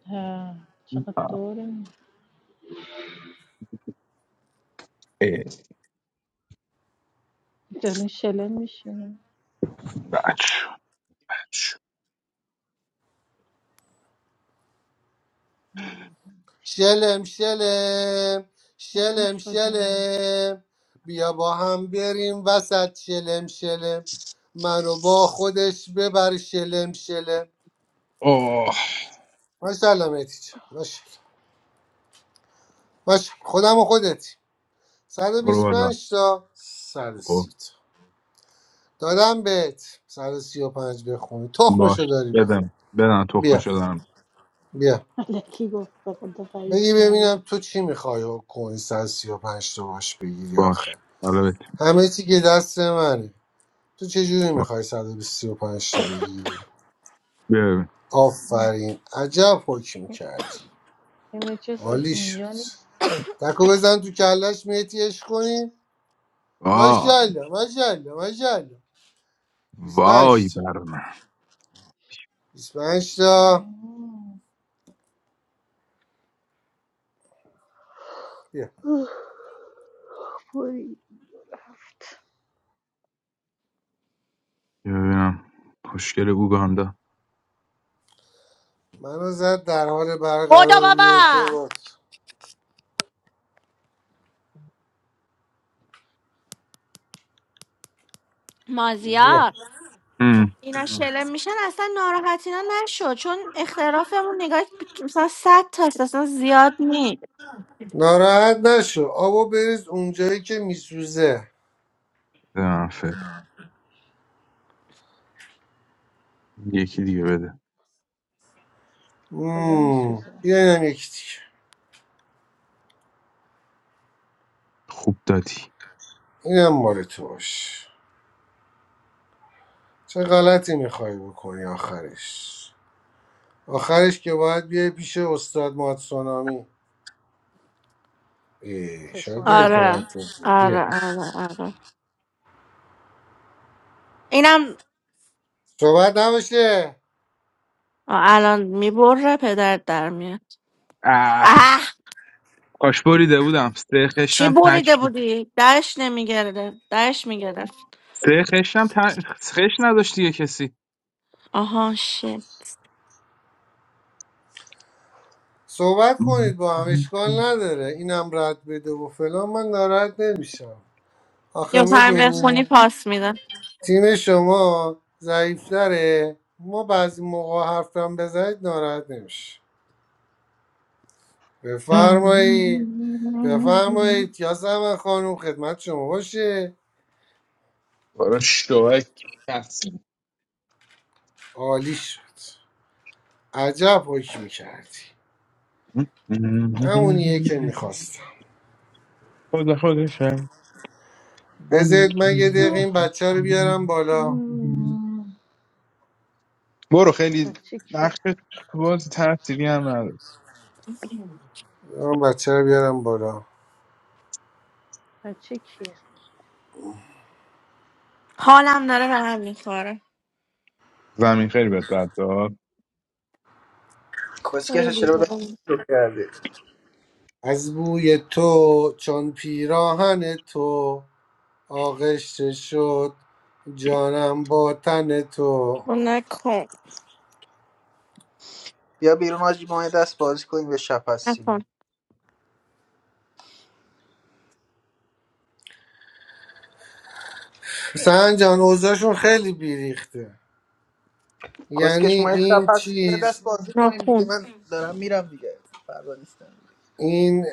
Speaker 5: ها، چقدر داره
Speaker 2: ای،
Speaker 5: دارین شلم میشین
Speaker 2: بچ.
Speaker 5: نه
Speaker 3: شلم شلم
Speaker 5: شلم
Speaker 3: شلم
Speaker 5: شدیم
Speaker 3: شلم بیا با هم بریم وسط شلم شلم منو با خودش ببر شلم شلم
Speaker 2: آه
Speaker 3: ماشاءالله مهدی جان ماشاءالله ماشاءالله. خودم و خودتی
Speaker 2: برو بالا
Speaker 3: 125 تا
Speaker 2: آه،
Speaker 3: 130 تا دادم بهت 135 بخونی
Speaker 2: باش
Speaker 3: تخمشو داری بخون
Speaker 2: بدم بدم تو
Speaker 3: بیا
Speaker 2: خوش شدم.
Speaker 3: بیا
Speaker 5: علکی گفت به خدا فرید
Speaker 3: بگی
Speaker 5: چی نداره
Speaker 3: ببینم تو چی میخوای و کنی 135 تا باش بگیری
Speaker 2: باش
Speaker 3: آخه
Speaker 2: سلامت
Speaker 3: همه چی که دست منه تو چجوری
Speaker 2: با-
Speaker 3: میخوای صد و بیست و پنج تا بگیری؟
Speaker 2: ببین
Speaker 5: نه،
Speaker 3: آفرین عجب حکم کردی
Speaker 5: این چیز از
Speaker 3: عالی
Speaker 5: اینجا
Speaker 3: شد
Speaker 5: نیست
Speaker 3: تکو بزن تو کلش میتیش کنی
Speaker 2: آه
Speaker 3: ماشاءالله ماشاءالله ماشاءالله 25
Speaker 2: وای
Speaker 3: تا
Speaker 2: بر من
Speaker 3: 25 تا
Speaker 5: نه.
Speaker 3: بیا
Speaker 5: اوه، برید.
Speaker 2: بیا ببینم خوشگل بوگاندا
Speaker 3: منو زد در حال
Speaker 1: بودا
Speaker 3: برقراری
Speaker 1: بابا
Speaker 3: ارتباط بیا
Speaker 1: مازیار
Speaker 2: هم،
Speaker 1: اینا شلم میشن اصلا ناراحت اینا نشد چون اختلافمون نگاه مثلا صد تاست اصلا زیاد نی
Speaker 3: ناراحت نشو آبو بریز اونجایی که میسوزه
Speaker 2: آفرین. یکی دیگه بده
Speaker 5: کجا
Speaker 3: مم.
Speaker 5: میسوزه
Speaker 3: بیا اینم یکی دیگه
Speaker 2: خوب دادی
Speaker 3: اینم مال تو باش چه غلطی میخوای بکنی آخرش آخرش که باید بیای پیش استاد ماتسونامی ای، شاید دلتون
Speaker 5: پسونانه
Speaker 3: رد
Speaker 1: آره
Speaker 3: کنه. بیا
Speaker 1: آره آره آره اینم
Speaker 3: صحبت نباشه
Speaker 1: الان میبره پدر در میاد
Speaker 2: اه
Speaker 1: اه
Speaker 2: کاش بریده بودم سه
Speaker 1: چی
Speaker 2: خشتم تک
Speaker 1: بریده
Speaker 2: بود.
Speaker 1: بودی؟ دهش نمیگرده دهش میگرده
Speaker 2: سه خشتم تک خش نداشت دیگه کسی
Speaker 1: آها شی
Speaker 3: صحبت کنید با هم اشکال نداره اینم رد بده و فلان من ناراحت نمیشم آخه
Speaker 1: یا هم بخونی
Speaker 3: میدونی
Speaker 1: پاس میدن
Speaker 3: تیم شما ضعیفتره ما بعضی موقع حرفم بزنید ناراحت نمیشه بفرمایید بفرمایید یاسمن خانم خدمت شما باشه
Speaker 2: برای شوک کسی
Speaker 3: عالی شد عجب حکمی کردی همونیه که میخواستم
Speaker 2: خود خودشم
Speaker 3: بذارید من یه دقیقه این بچه رو بیارم بالا
Speaker 5: مم،
Speaker 2: برو خیلی
Speaker 5: بچه
Speaker 2: نقش
Speaker 5: کیه
Speaker 2: تو بازی تاثیری هم نداره
Speaker 3: من بچه رو بیارم بالا
Speaker 5: بچه کیه
Speaker 1: حالم داره به هم میخوره
Speaker 2: زمین خیلی بهت بد داد
Speaker 1: خیلی
Speaker 10: کسکش چرا به
Speaker 1: بده.
Speaker 10: تو کردی
Speaker 3: از بوی تو چون پیراهن تو آغشته شد جانم با تن تو
Speaker 1: نکن
Speaker 10: بیا بیرون آجی ما یه دست بازی کنیم به شب هستیم
Speaker 1: نکن
Speaker 10: دیگه.
Speaker 3: سهن جان اوضاعشون خیلی بیریخته یعنی
Speaker 10: کسکش ما یه شب
Speaker 3: این
Speaker 10: هستیم یه دست
Speaker 3: چیز
Speaker 10: بازی کنیم دیگه
Speaker 1: نخون
Speaker 10: من دارم میرم دیگه فردا نیستم دیگه
Speaker 3: این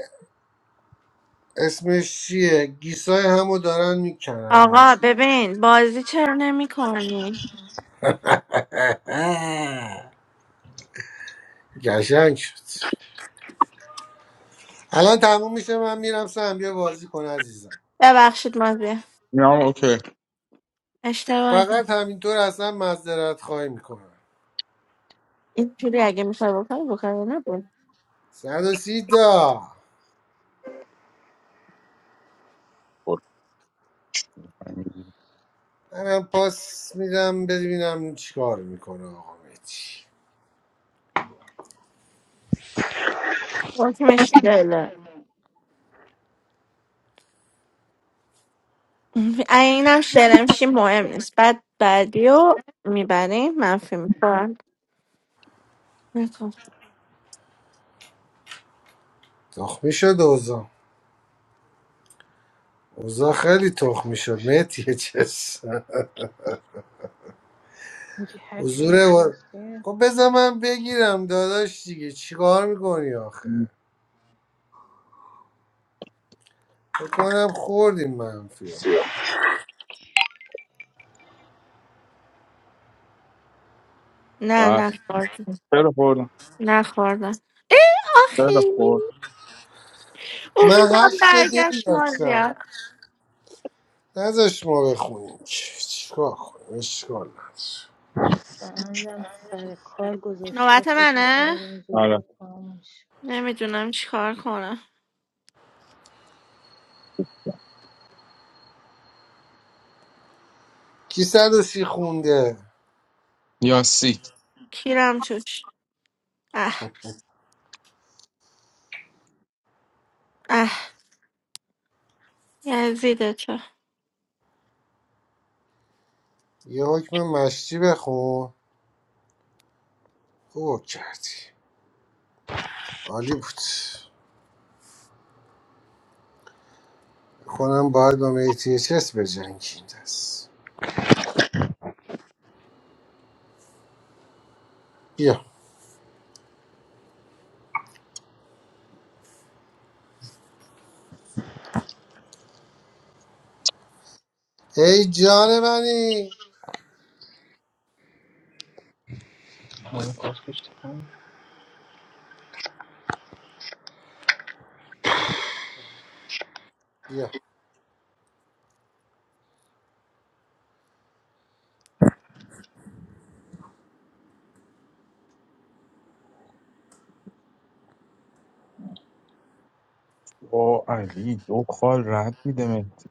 Speaker 3: اسمش چیه گیسای همو دارن میکنن اینجا
Speaker 1: آقا ببین بازی چرا نمی کنی؟
Speaker 3: آه، گشنگ شد الان تموم میشه من میرم سهم بیا بازی کن عزیزم
Speaker 1: ببخشید مازی
Speaker 2: اینا هم اوکی
Speaker 1: اشتباهی
Speaker 3: فقط همینطور اصلا معذرت خواهی میکنم
Speaker 1: اینجوری اگه میخوای بکنی بکنی نبود
Speaker 3: صد و سی تا
Speaker 2: خوردم
Speaker 3: منم پاس میدم ببینم چیکار میکنه آقا مهدی
Speaker 1: حکمش دله اینم شرمشی مهم نیست بعد بعدی رو میبری منفی میکنم نکن
Speaker 3: تخمی شد اوزا اوزا خیلی تخمی شد مهدی چس
Speaker 5: میگه هرچی
Speaker 3: حضور و...
Speaker 5: آساسیه
Speaker 3: خب بذار من بگیرم داداش دیگه چیکار میکنی آخه فکر کنم خوردیم منفی
Speaker 1: نه
Speaker 2: بله.
Speaker 1: نخوردم
Speaker 2: خیلی خوردم
Speaker 1: نخوردم ای آخی
Speaker 2: خیلی خورد
Speaker 3: من
Speaker 1: امیدم
Speaker 3: هشت تا دل
Speaker 1: برگشت
Speaker 3: داشتم
Speaker 1: مازیا
Speaker 3: نذاش ما بخونیم چ- چیکار کنیم اشکال نداره
Speaker 5: سهندم سر کار گذاشته
Speaker 1: نوبت
Speaker 5: فکر
Speaker 1: منه
Speaker 5: میکنم این زودیا
Speaker 2: آره
Speaker 5: تمام میشه
Speaker 1: نمیدونم چیکار کنم
Speaker 3: کی صد و سی خونده
Speaker 2: یاسی
Speaker 1: کیرم توش اه اه یزیده تو
Speaker 3: یه حکم مشتی بخون خوب کردی عالی بود کنم باید با میتی چس به این دست بیا ای جان منی بیا
Speaker 2: او علی دو خال رد میده مهدی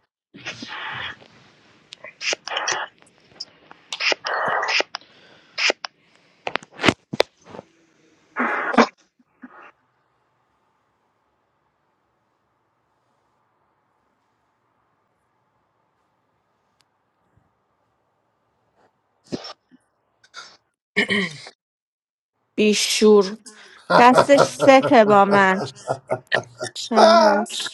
Speaker 1: بیشور دستش سته با من چند
Speaker 3: آه!
Speaker 1: دست؟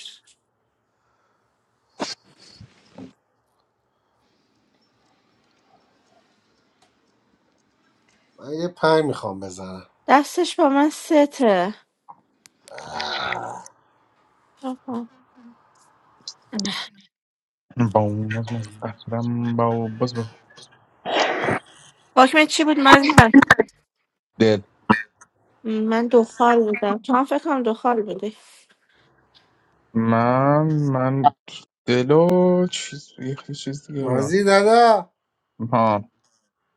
Speaker 3: من یه پنج میخوام بزنم
Speaker 1: دستش با من سته
Speaker 3: آه.
Speaker 1: آها.
Speaker 2: با اون از من قهرم با باز با
Speaker 1: واکمن چی بود من
Speaker 2: دل
Speaker 1: من دخال بودم تو هم فکر کنم دخال بودی
Speaker 2: من من دلو چیز یه خی- چیز دیگه بودم
Speaker 3: مازی دادا
Speaker 2: ها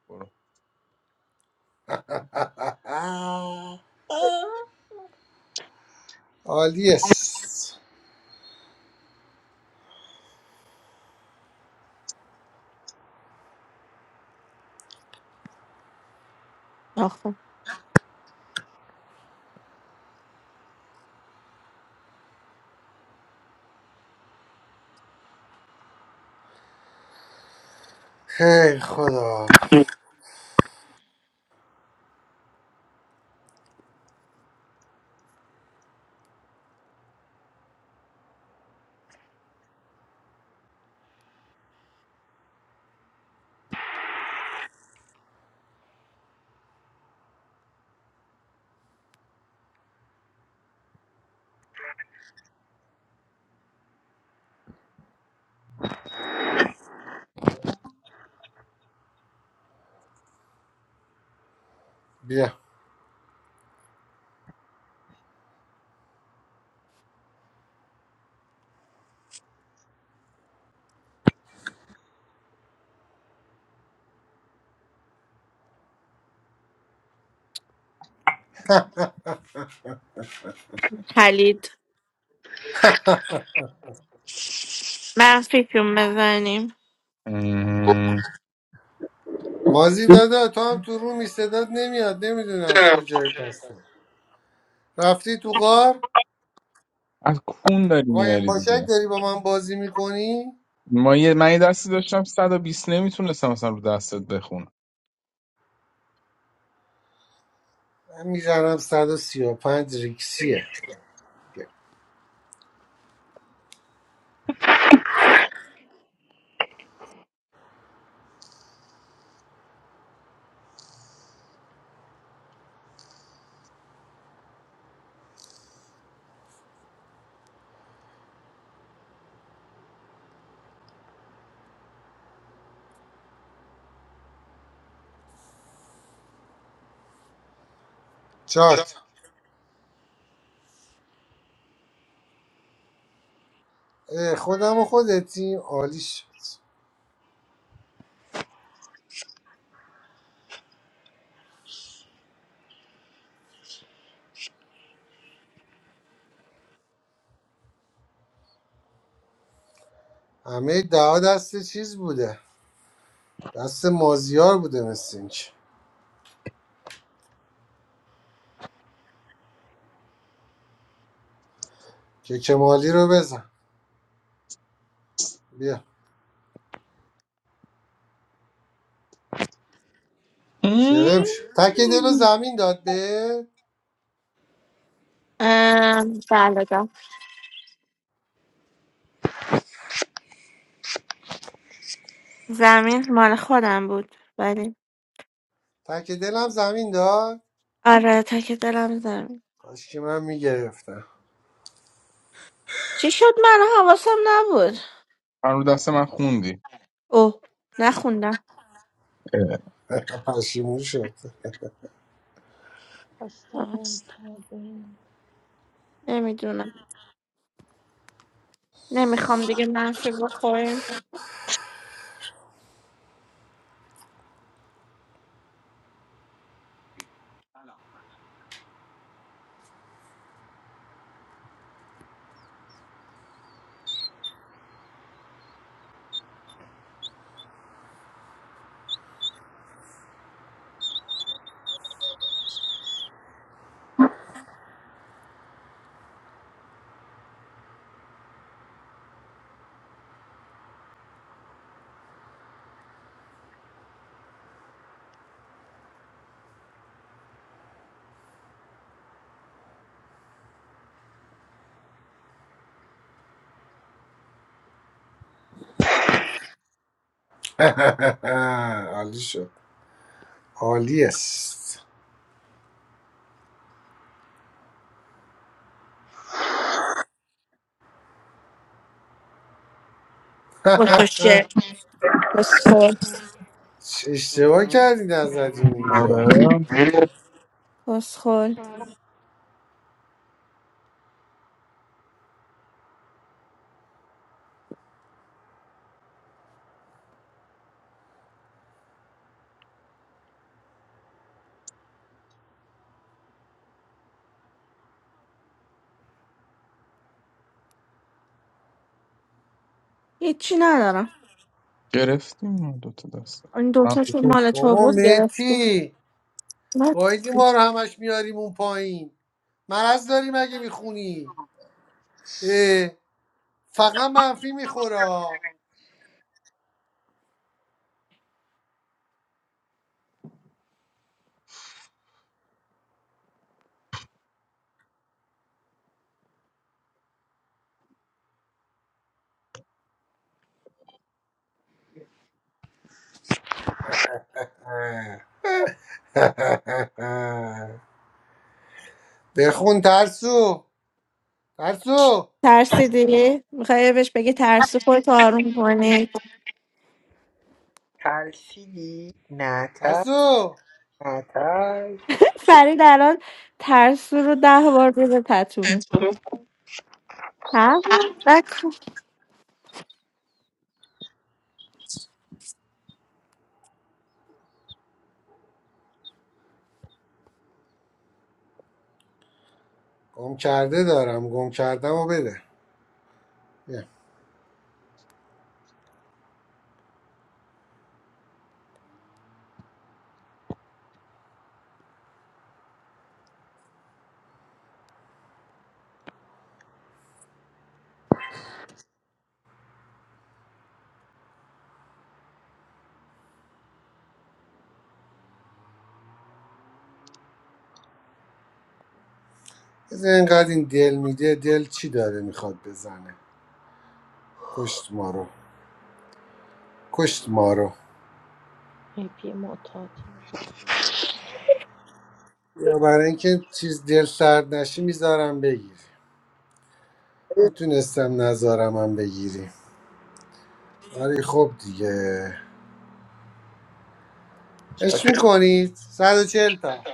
Speaker 2: برو
Speaker 3: عالیه
Speaker 1: آخه
Speaker 3: هی خدا بیا
Speaker 1: پلید منفی کیون بزنیم
Speaker 2: ام،
Speaker 3: مازی دادا تو هم تو رو می صدات نمیاد نمیدونم کجایی پس رفتی تو غار
Speaker 2: از کون داری
Speaker 3: قایم
Speaker 2: میاری دیگه
Speaker 3: باشک داری با من بازی میکنی
Speaker 2: ما یه من یه دستی داشتم 120 نمیتونستم مثلا رو دستت بخونم
Speaker 3: من میزنم صد و سی و پنج ریکسیه چهار تا اه، خودم و خودتی عالی شد همه دعا دست چیز بوده دست مازیار بوده مثل اینکه که کمالی رو بزن بیا
Speaker 2: مم.
Speaker 3: شرم شد تک دل رو زمین داد به
Speaker 1: ام، بله ده. زمین مال خودم بود ولی
Speaker 3: تک دلم زمین داد
Speaker 1: آره تک دلم زمین
Speaker 3: کاش که من میگرفتم
Speaker 1: چی شد من حواسم نبود
Speaker 2: من رو دست من خوندی
Speaker 1: اوه نخوندم
Speaker 2: اه.
Speaker 3: پشیمون شد
Speaker 5: پس
Speaker 1: آه،
Speaker 5: تمام کردیم
Speaker 1: نمیدونم نمیخوام دیگه منفی بخوریم
Speaker 3: عالی شد عالی است
Speaker 1: بسوشه بسخور
Speaker 3: چه اشتباه کردی نزدی اونجا
Speaker 2: آره
Speaker 1: بسخور هیچی ندارم
Speaker 2: گرفتیم اون دوتا دست
Speaker 1: این
Speaker 2: من
Speaker 1: دوتاشون
Speaker 2: خوب.
Speaker 1: مال تو
Speaker 3: بابا
Speaker 1: بود گرفتی
Speaker 3: متی گایدی ما رو همش میاریم اون پایین مرض داری مگه میخونی فقط منفی میخورا بخون ترسو ترسو
Speaker 1: ترسیدی؟ میخوای بهش بگی ترسو خودت آروم کنی
Speaker 10: ترسیدی نه تر
Speaker 3: ترسو
Speaker 10: نه تر
Speaker 1: فرید الان ترسو رو ده بار روز پتو می هم نکن
Speaker 3: گم کرده دارم گم کردم و بده بیا. بذار اینقدر این دل میده دل چی داره میخواد بزنه کشت ما رو کشت ما رو
Speaker 5: ای پی معتاد
Speaker 3: یا برای اینکه چیز دل سرد نشی میذارم بگیری میتونستم نذارم هم بگیری ولی خب دیگه اش
Speaker 10: شاکر.
Speaker 3: میکنید 140 تا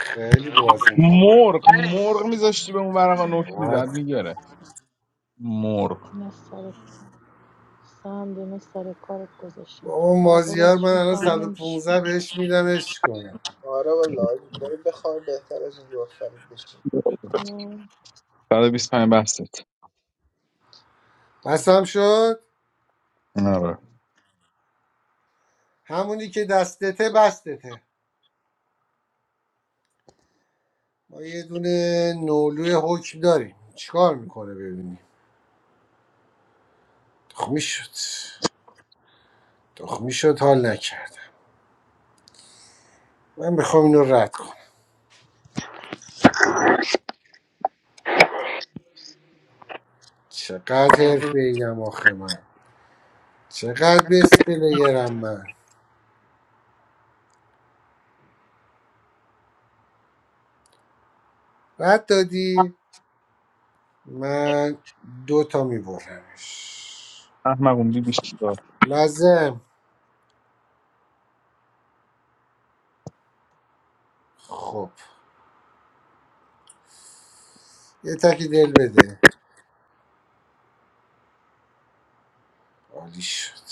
Speaker 3: خیلی بازیم خوبه
Speaker 2: مرغ مرغ میذاشتی به اون ورقا نوک میزد
Speaker 5: مم،
Speaker 3: آه.
Speaker 2: میگره مرغ
Speaker 5: نه سر سهم نه سر کارت گذاشتیم تا
Speaker 3: بابا
Speaker 5: فردا
Speaker 3: مازیار من
Speaker 5: بازشون
Speaker 3: الان
Speaker 5: تمام نمیشه
Speaker 3: 115 بهش میدم اش کنم
Speaker 10: آره والا آجی. بریم بخواب بهتر از این رو فرید بشین
Speaker 5: نه
Speaker 2: 125 بستت
Speaker 3: بسم شد
Speaker 2: آره
Speaker 3: همونی که دستته بستته ما یه دونه نولوی حکم داریم چیکار میکنه ببینیم تخمی شد تخمی شد حال نکردم من میخوام اینو رد کنم چقدر حرفه ایم آخه من چقدر بس پلیرم من رد دادی من دو تا میبرمش
Speaker 2: احمقون بی بیشتر
Speaker 3: لازم خب یه تکی دل بده عالی شد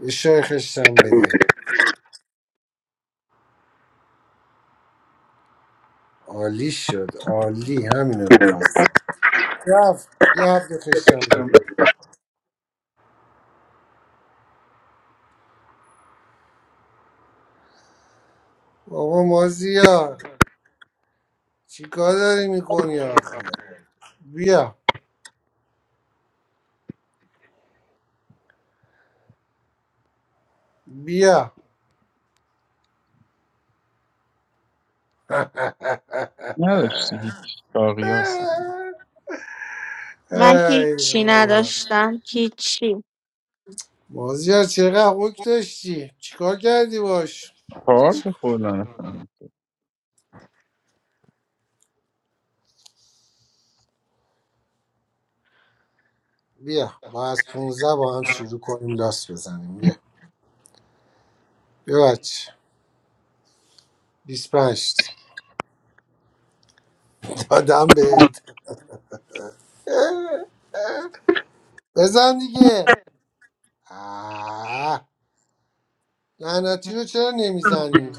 Speaker 3: یه شای خشتم بده عالی شد عالی همینو میخواست یه هفت یه هفته خشتم بده بابا مازیا چیکار داری میکنی آخه بیا بیا
Speaker 2: نداشتی هیچ چاقی هستم
Speaker 1: من هیچی
Speaker 3: ای
Speaker 1: نداشتم هیچی
Speaker 3: مازیار چقدر اوک داشتی چیکار کردی باش
Speaker 2: چهار تا فلانه فلانه.
Speaker 3: بیا با از 15 با هم شروع کنیم لاس بزنیم بیا بیا بچه 25 دادم بهت بزن دیگه آه. لعنتی رو چرا نمیزنی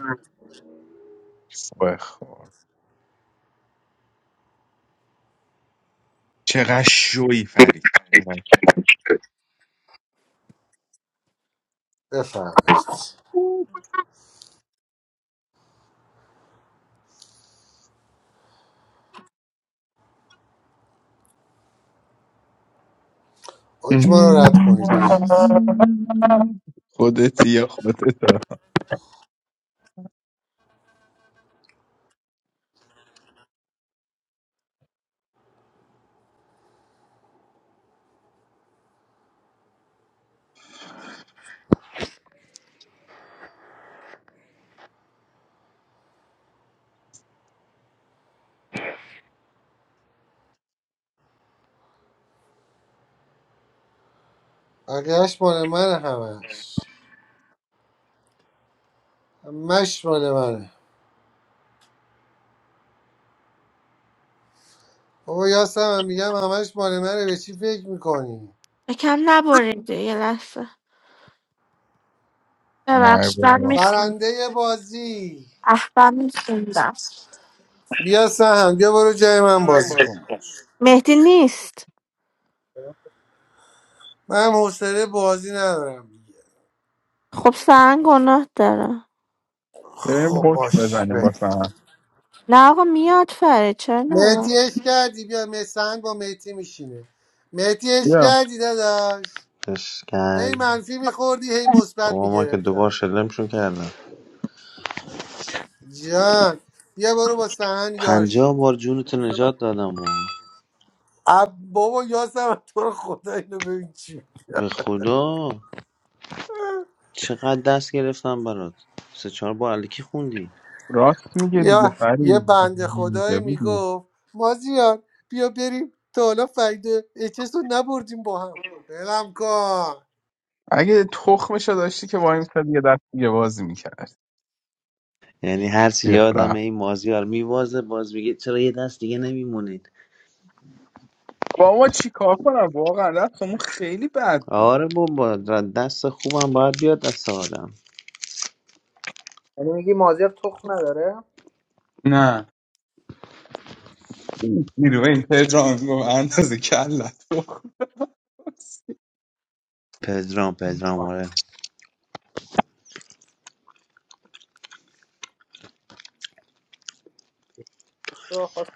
Speaker 2: بخور چقدر شوی فرید چقدر
Speaker 3: بفهمید
Speaker 2: شوی
Speaker 3: حکما رو رد کنید
Speaker 2: خودتی یا خودتا
Speaker 3: بقیهش مال من همش همش مال منه بابا یاسم هم میگم همش مال منه به چی فکر میکنی
Speaker 1: یکم نبریده یه لحظه
Speaker 2: نه
Speaker 1: ببخش من
Speaker 2: بابا
Speaker 1: میخونم
Speaker 3: برنده بازی
Speaker 1: احبم میخوندم
Speaker 3: بیا سهم بیا برو جای من
Speaker 10: من
Speaker 3: بازی
Speaker 10: بازی
Speaker 3: کن باش
Speaker 1: مهدی نیست
Speaker 3: من حوصله بازی ندارم دیگه
Speaker 1: خب سهن گناه داره
Speaker 2: بریم
Speaker 3: خب
Speaker 2: حکم
Speaker 3: باش
Speaker 2: بزنیم
Speaker 3: بریم
Speaker 2: باسن
Speaker 1: نه آقا میاد فرید چرا نه
Speaker 3: مهدی اش کردی بیا مه- سهند با مهدی میشینه مهدی اش
Speaker 2: بیا
Speaker 3: کردی داداش
Speaker 7: اسکل
Speaker 3: هی منفی میخوردی هی مثبت
Speaker 7: بابا ما که دوبار
Speaker 3: میگرفتم
Speaker 7: شلمشون کردم
Speaker 3: جان بیا برو با سهند یار
Speaker 7: پنجاه
Speaker 3: شید
Speaker 7: بار جونتو
Speaker 3: بذار من-
Speaker 7: نجات دادم و
Speaker 3: اب- بابا یاسم تو رو خدا اینو ببین چی
Speaker 7: به خدا چقدر دست گرفتم برات سه چهار بار الکی خوندی
Speaker 2: راست میگه دیگه
Speaker 3: یا یه
Speaker 2: فرید
Speaker 3: بنده
Speaker 2: ریده
Speaker 3: خدایی
Speaker 2: بودی
Speaker 3: میگفت مازیار بیا بریم تا حالا فایده اچس رو نبردیم با هم بلم کن
Speaker 2: اگه تخمشو داشتی که با میسد یه دست دیگه بازی میکرد
Speaker 7: یعنی هر چی
Speaker 2: بیا
Speaker 7: یادم
Speaker 2: رفت
Speaker 7: این مازیار میوازه باز میگه چرا یه دست دیگه نمیمونید
Speaker 2: با ما چی کار کنم واقعا رفتمون خیلی بد بود
Speaker 7: آره بابا دست خوبم باید بیاد دست آدم
Speaker 10: یعنی میگی مازیار تخم نداره
Speaker 2: نه نیروه این پدرام گفت اندازه کلت بخواست
Speaker 7: پدرام پدرام
Speaker 10: آه.
Speaker 7: آره
Speaker 10: تو خواست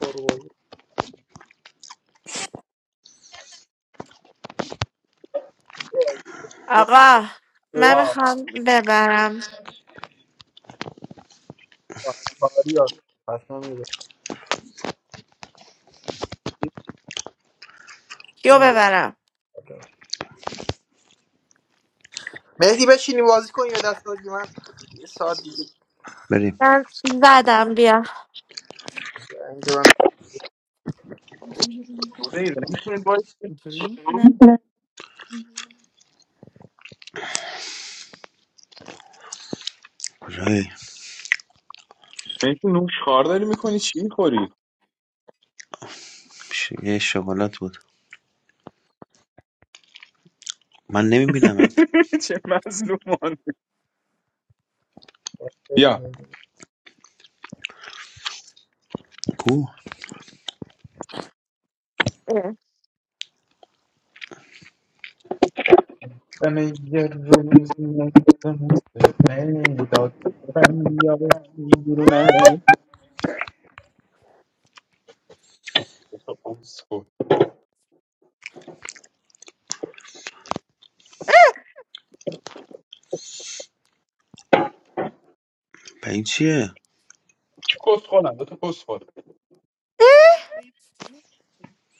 Speaker 10: پرو بازی کنه.
Speaker 1: آقا من
Speaker 10: بهش
Speaker 2: آه
Speaker 1: میخوام ببرم
Speaker 10: آه، باری آه. پس من
Speaker 1: کیو
Speaker 10: می‌برم.
Speaker 1: ببرم
Speaker 10: مهدی بشینی بازی کنی یا دست بدی من یه ساعت دیگه
Speaker 7: بریم
Speaker 1: من زدم بیا
Speaker 10: اینجا من
Speaker 2: دو دقیقه نمیتونید باید
Speaker 10: چی
Speaker 1: نه.
Speaker 7: کجایی
Speaker 2: میتونی نوش خارداری میکنی چی میخوری
Speaker 7: ش- یه شکلات بود من نمیبینم
Speaker 2: چه مظلومان بیا
Speaker 10: بگم؟
Speaker 7: کو
Speaker 1: اه.
Speaker 2: من یه روز نستم میداد من یا شیرونه کسخور
Speaker 7: به این چیه
Speaker 2: چی کسخورم دو تا کسخور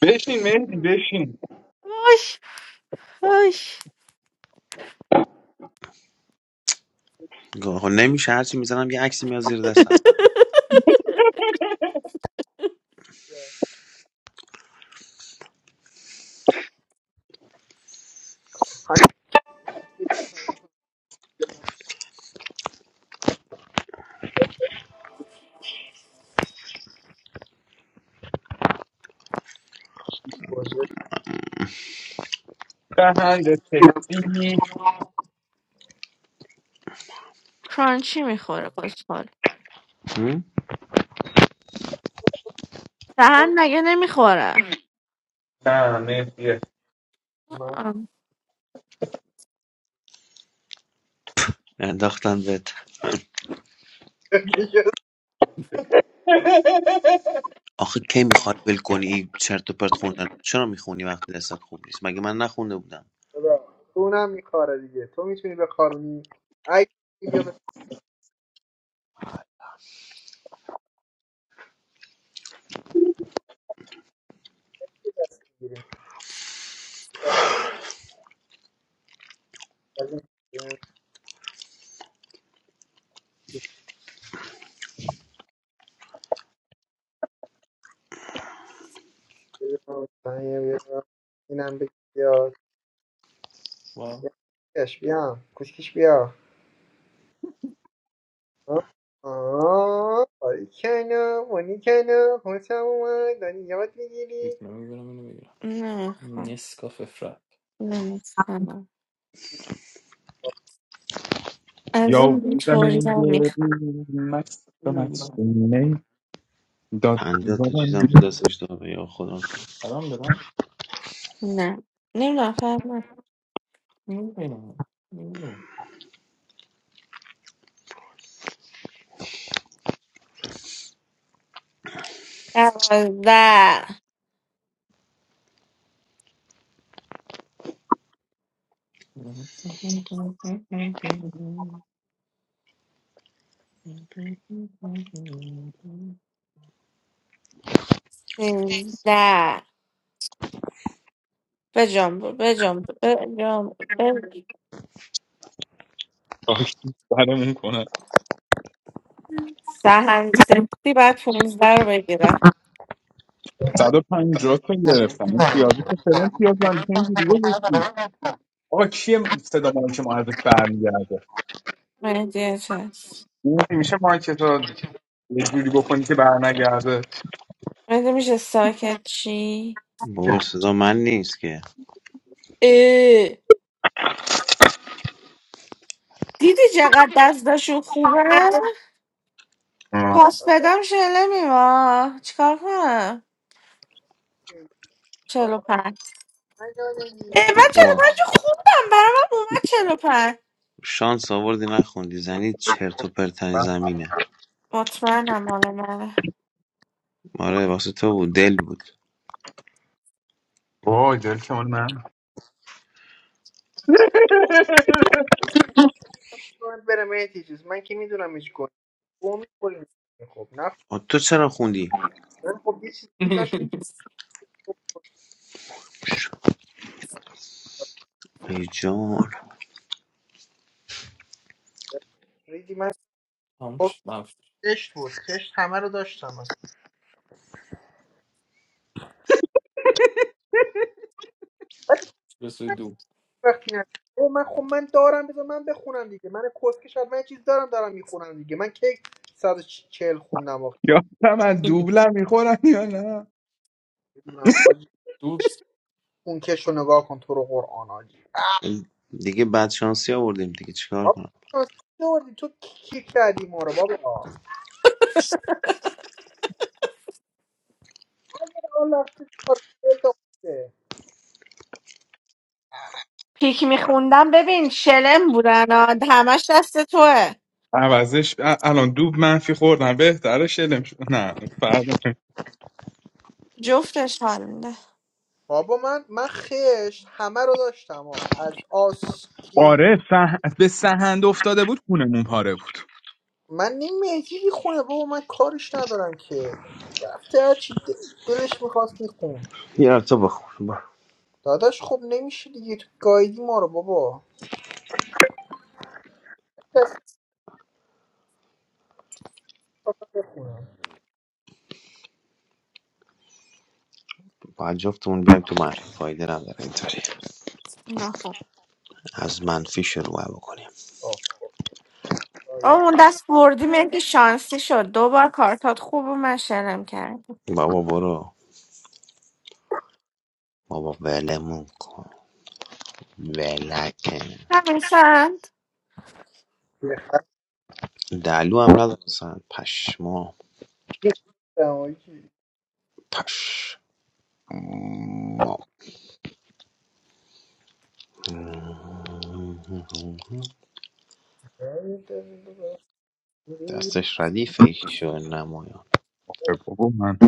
Speaker 2: بشین مهدی بشین
Speaker 1: وای وای
Speaker 7: آقا نمیشه هرچی میزنم یه عکسی میاد زیر دستم
Speaker 10: بازی
Speaker 2: دهنگ تکسی
Speaker 1: کرانچی میخوره بسخال
Speaker 7: هم؟
Speaker 1: دهن
Speaker 10: کن.
Speaker 1: مگه نمیخوره
Speaker 2: نه مهدیه
Speaker 10: من
Speaker 7: انداختن بهت
Speaker 10: دیگه
Speaker 7: آخه کی میخواد ول کنی این چرت و پرت خوندن چرا میخونی وقتی دستت خوب نیست مگه من نخونده بودم
Speaker 10: خدا. تو اونم میخاره دیگه تو میتونی بخارونی اگه بیا به چه دست بگیریم از این بگیرم، سنگه بگیرم. اینم بگیر بیا کش بیا کوچکش بیا آه آه. آری کنو مونی کنو خوشم اومد داری یاد میگیری
Speaker 1: نه خب. نمیخوام از اون
Speaker 2: یا
Speaker 1: بیتوری
Speaker 2: من
Speaker 1: ها
Speaker 2: یه
Speaker 1: میخوام
Speaker 2: روز مستم از میداد
Speaker 7: پنجاه تا چیزم تو
Speaker 2: زدم
Speaker 7: دستش داره یا خدا
Speaker 1: نه نمیدونم فهمم دوازده سیزده بجنب بجنب بجنب بجنب.
Speaker 2: خاکی سرمون کنن
Speaker 1: سهن سکسی بعد پونزده رو بگیره
Speaker 2: 150 تا گرفتن این پیازه که فلان پیاز من اینجوری گذاشتی آقا کیه صدا مال که معرف برمیگرده
Speaker 1: مهدیه
Speaker 2: این میشه مایک تو یه جوری بکنی که برنگرده
Speaker 1: مگه میشه ساکت چی؟
Speaker 7: بابا صدا من نیست که
Speaker 1: اه. دیدی چقدر دستشون خوبه؟
Speaker 2: آه.
Speaker 1: پاس بدم شله میما چیکار کنم؟ چلو پنج اه من چلو
Speaker 7: خب
Speaker 1: پنج خوندم برای من اومد چلو پنج
Speaker 7: شانس آوردی نخوندی زنی چرت و پرتن زمینه
Speaker 1: مطمئنم مال منه
Speaker 7: آره واسه تو بود دل بود
Speaker 2: وای دل که مال من
Speaker 10: باید بره مهدی چیز من که میدونم هیچ گل گم میخوریم خب نه
Speaker 7: آ، تو چرا خوندی
Speaker 10: خب خب یه چیزی که داشت
Speaker 7: ای جان
Speaker 10: ریدی من خب کشت بود کشت همه رو داشتم اصلا وقتی نه او من خب من دارم بذار من بخونم دیگه من کسکش شاید من یه چیز دارم دارم میخونم دیگه من کی 140 خوندم آخه
Speaker 2: یا من دوبلم میخورم یا نه
Speaker 10: بدونم حاجی اون کش رو نگاه کن تو رو قرآن حاجی
Speaker 7: دیگه بعد شانسی آوردیم دیگه چیکار
Speaker 10: بابا
Speaker 7: کنم
Speaker 10: اصلا نوردی تو کی کردی ما رو بابا الله تو کار
Speaker 1: پیک میخوندم ببین شلم بودن ها. همش دست توه
Speaker 2: عوضش ا- الان دوب منفی خوردم بهتره شلم شد نه فرق نمی‌کنه.
Speaker 1: جفتش حال میده
Speaker 10: بابا من من خشت همه رو داشتم ها از آسکینگ
Speaker 2: آره سه... به سهند افتاده بود کونمون پاره بود
Speaker 10: من نیم مهدی میخونه بابا من کارش ندارم که رفته هرچی د- دلش میخواست میخون
Speaker 7: یه رفت تو بخون با
Speaker 10: داداش خب نمیشه دیگه تو گایدی ما رو بابا دست بخونم
Speaker 7: با جفتمون بیم تو منفی فایده نداره اینطوری
Speaker 1: اینا خوب.
Speaker 7: از منفی شروع بکنیم
Speaker 1: آه،
Speaker 10: آفرین.
Speaker 1: اون دست بردی من که شانسی شد دو بار کارتات خوب و من شلم کرد
Speaker 7: بابا برو بابا ولمون کن ولکه
Speaker 1: همین سند
Speaker 10: به خشم
Speaker 7: دلو هم نداره اصلا پشما
Speaker 10: دماغی.
Speaker 7: پش ما دستش ردیفه ایش شو نمایان
Speaker 2: آره بابا من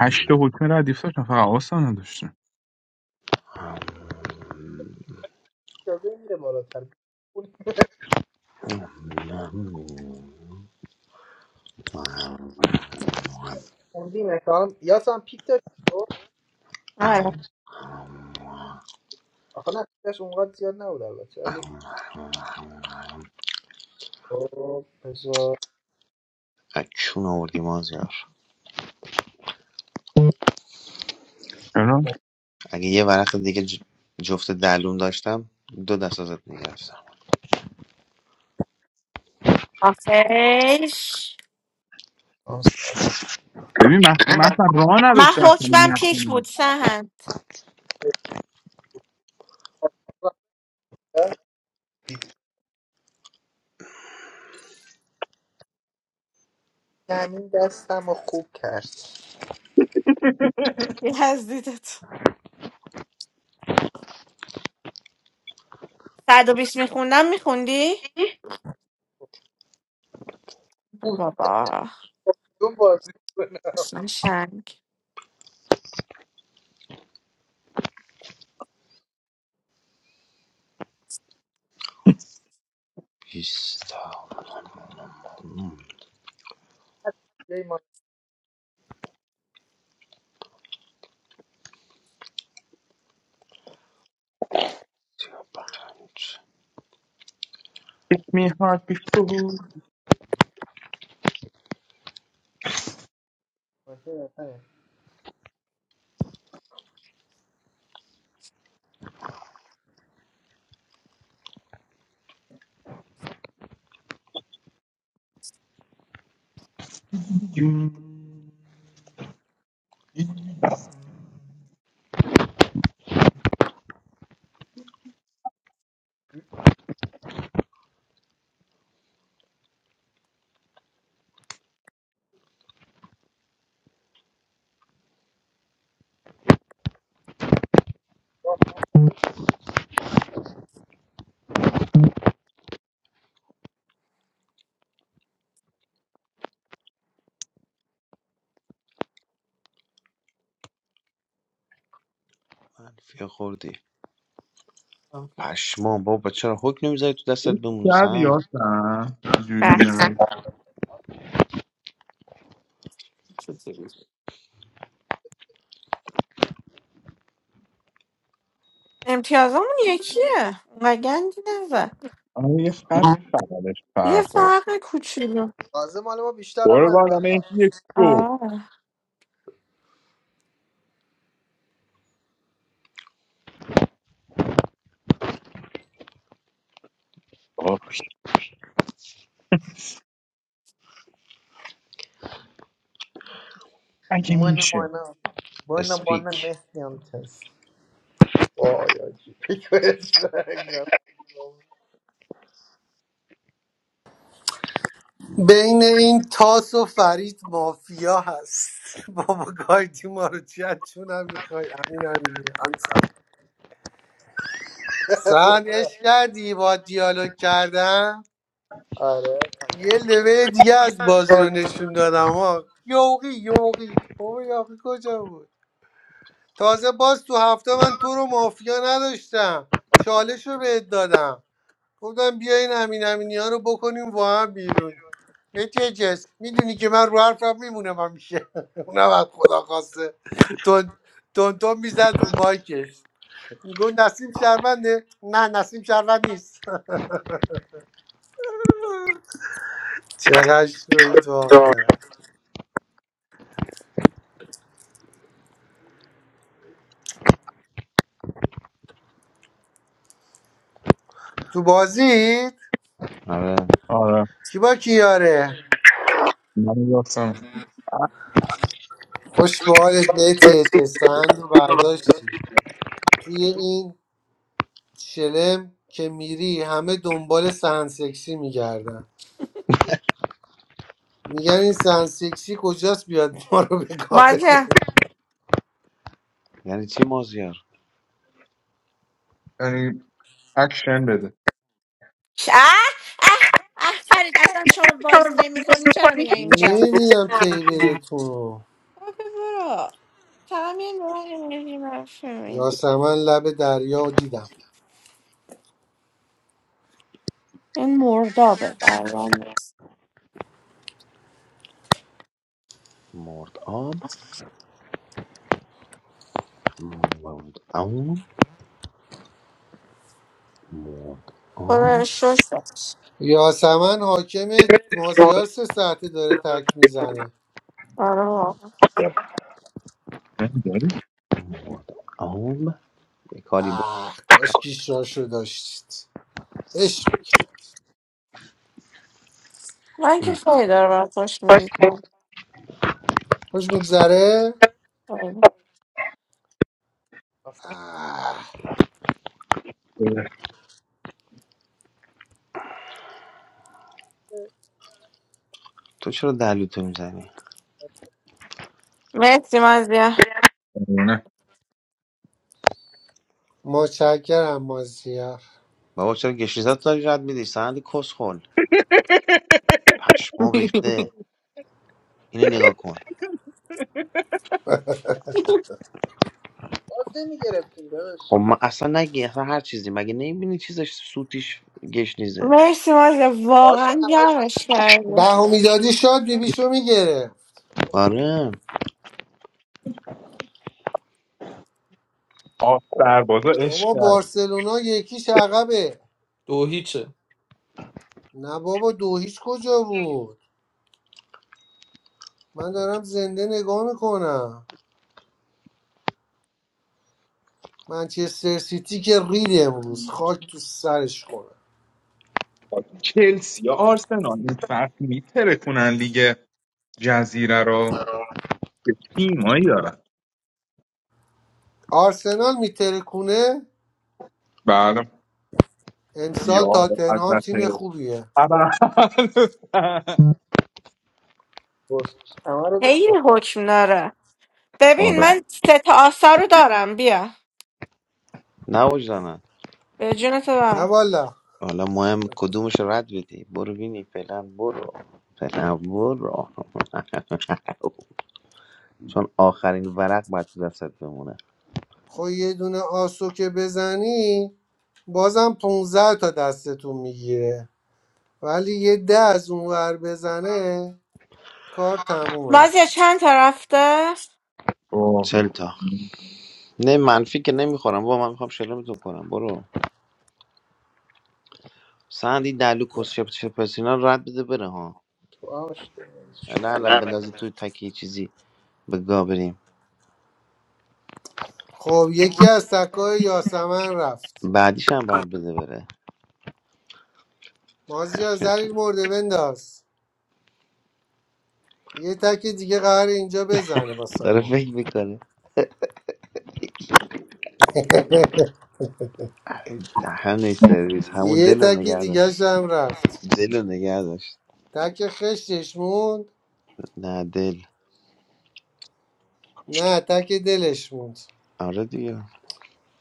Speaker 2: هشت تا حکم ردیف داشتم فقط آسا نداشتم
Speaker 10: اجازه میره بالاتر اون خوندی مثلا یاسم پیک داشت خب؟
Speaker 1: آره
Speaker 10: آخه نه پیک داشت اونقدر زیاد نبود البته ولی خب بذار
Speaker 7: از چون آوردی مازیار
Speaker 2: چرا؟
Speaker 7: اگه یه ورق دیگه ج- جفت دلوم داشتم دو دست ازت میگرفتم
Speaker 1: آخیش
Speaker 10: آه.
Speaker 2: ببین مثلا راه
Speaker 1: من
Speaker 2: نداشته اصلا
Speaker 1: حکمم
Speaker 2: من
Speaker 1: پیک بود
Speaker 2: نخونم
Speaker 1: سهند
Speaker 10: زمین دستم رو خوب کرد
Speaker 1: یزدیدت صد و بیست میخوندم میخوندی؟
Speaker 10: بود
Speaker 1: بابا
Speaker 10: تو بازی
Speaker 1: قشنگ
Speaker 7: بیست تا
Speaker 10: کنم
Speaker 7: پنج
Speaker 2: Hit me hard before
Speaker 10: باشه بهتره
Speaker 2: جون.
Speaker 10: م؟
Speaker 7: منفی خوردی پشمام بابا چرا حک نمیذاری تو دستت
Speaker 2: یه
Speaker 7: بمونه
Speaker 2: شبی
Speaker 7: سن
Speaker 2: هستن
Speaker 1: بس
Speaker 2: جونیور
Speaker 1: امتیازمون یکیه اونقدر گندی نزد
Speaker 2: آره یه خط بغلش
Speaker 1: یه
Speaker 2: فرق داره
Speaker 1: فرق کوچولو
Speaker 10: تازه مال ما بیشتر هم
Speaker 2: برو
Speaker 10: از
Speaker 2: بالا
Speaker 10: بعد
Speaker 2: مهدی یک دو
Speaker 1: آه
Speaker 2: آخ، اگه
Speaker 10: من
Speaker 2: میشه
Speaker 10: مانا من مانا
Speaker 7: اسپیک
Speaker 10: مهدی هم تست وای آجی
Speaker 3: بین این تاس و فرید مافیا هست بابا گایدی ما رو چیت چونم میخوای امین امینی امین سلام سن عشق کردی با دیالوگ کردم
Speaker 10: آره
Speaker 3: یه لبه دیگه از بازی رو نشون دادم ها یوقی یوقی بابا یوقی کجا بود تازه باز تو هفته من تو رو مافیا نداشتم چالش رو بهت دادم گفتم بیا این امین امینی ها رو بکنیم با هم بیرون متی جس میدونی که من رو حرفم میمونم همیشه اونم از خدا خواسته تون تون تون میزد رو مایکش میگو نسیم شهرونده نه نسیم شهروند نیست چقدر شوید واقعا تو بازی
Speaker 7: آره
Speaker 2: آره
Speaker 3: کی با کیاره
Speaker 2: من راستم
Speaker 3: خوش به حالت متی جس، سند رو برداشت توی این شلم که میری همه دنبال سهن سکسی میگردن میگن این سهن سکسی کجاست بیاد ما رو به گاه
Speaker 1: بازی اه
Speaker 3: بده
Speaker 7: یعنی چی مازیار
Speaker 2: یعنی اکشن بده
Speaker 1: اه اه فرید اصلا شما بازی نمی کنی چرا میای اینجا
Speaker 3: نمیدونم کی برتون رو.
Speaker 1: بابا برو فقط میای نوع انرژی برام میدی.
Speaker 3: یاسمن لب دریا رو دیدم
Speaker 1: این مردابه برام
Speaker 7: مرد آب مرد آب مرد آب
Speaker 1: خدا شش داشت.
Speaker 3: یاسمن حاکم مازیار سه ساعته داره تک میزنه
Speaker 1: آره
Speaker 2: نمیداری؟
Speaker 7: مرد آب یه کاری بود
Speaker 3: اه کاش کیش رو داشتید عشق
Speaker 1: من که خیلی داره برای خوش میگذرم
Speaker 3: خوش میگذره
Speaker 1: خیلی
Speaker 3: آه
Speaker 7: تو چرا دلوتو میزنی
Speaker 1: مرسی مازیا
Speaker 2: نه
Speaker 3: متشکرم مازیار
Speaker 7: بابا چرا گشیزت داری رد میدی سند کسخل پشمام ریخته اینو نگاه کن
Speaker 10: باز نمی گرفتیم
Speaker 7: خب
Speaker 10: داداش
Speaker 7: من اصلا نگی اصلا هر چیزی مگه نمیبینی چیزش سوتیش گشنیزه
Speaker 1: مرسی مازیا
Speaker 10: باشه
Speaker 1: واقعا
Speaker 10: همش
Speaker 1: گرمش
Speaker 10: که
Speaker 1: کردی
Speaker 3: بهو میدادی شاد بیبیشو میگره
Speaker 7: آره
Speaker 2: آف سربازا عشق
Speaker 3: بابا
Speaker 2: کرد
Speaker 3: بارسلونا یکیش عقبه نه بابا دو هیچ کجا بود من دارم زنده نگاه میکنم منچستر سیتی که رید امروز خاک تو سرش کنه
Speaker 2: چلسی یا آرسنال این فرق میترکونن لیگ جزیره رو به تیمایی دارن
Speaker 3: آرسنال میترکونه
Speaker 2: بله یا
Speaker 3: امسال تاتنهام
Speaker 2: حضرت
Speaker 3: تیم خوبیه
Speaker 2: ابر
Speaker 10: بس همه رو داداش
Speaker 1: خیلی حکم داره ببین
Speaker 2: آره
Speaker 1: من سه تا آسا رو دارم بیا
Speaker 7: نواج
Speaker 1: به جون تو
Speaker 3: نه
Speaker 1: دارم
Speaker 3: والا
Speaker 7: حالا مهم کدومش رو رد بدی برو بینی فعلا برو فعلا برو چون آخرین ورق باید تو دستت بمونه
Speaker 3: خب یه دونه آسو که بزنی بازم 15 تا دستتون میگیره ولی یه ده از اونور بزنه کار تمومه
Speaker 1: مازیا چند تا رفته
Speaker 2: اوه.
Speaker 7: چل تا نه منفی که نمیخورم با من میخوام شلمتون کنم برو سندی دلو کس شپ شپسینا رو رد بده بره ها
Speaker 10: تو آش داداش.
Speaker 7: نه نه بندازی توی تکی چیزی به گا بریم
Speaker 3: خب یکی از تکای یاسمن رفت
Speaker 7: بعدیش هم بعد بده بره
Speaker 3: مازیار زلیل مرده بنداز یه تک دیگه قرار اینجا بزنه با
Speaker 7: داره
Speaker 3: سمو
Speaker 7: فکر میکنه همین سرویس همون
Speaker 3: یه
Speaker 7: دل رو
Speaker 3: تک
Speaker 7: نگه داشت
Speaker 3: دیگه هم رفت
Speaker 7: دل رو نگه داشت
Speaker 3: تک خشتش موند
Speaker 7: نه دل
Speaker 3: نه تک دلش موند
Speaker 7: آره دیگه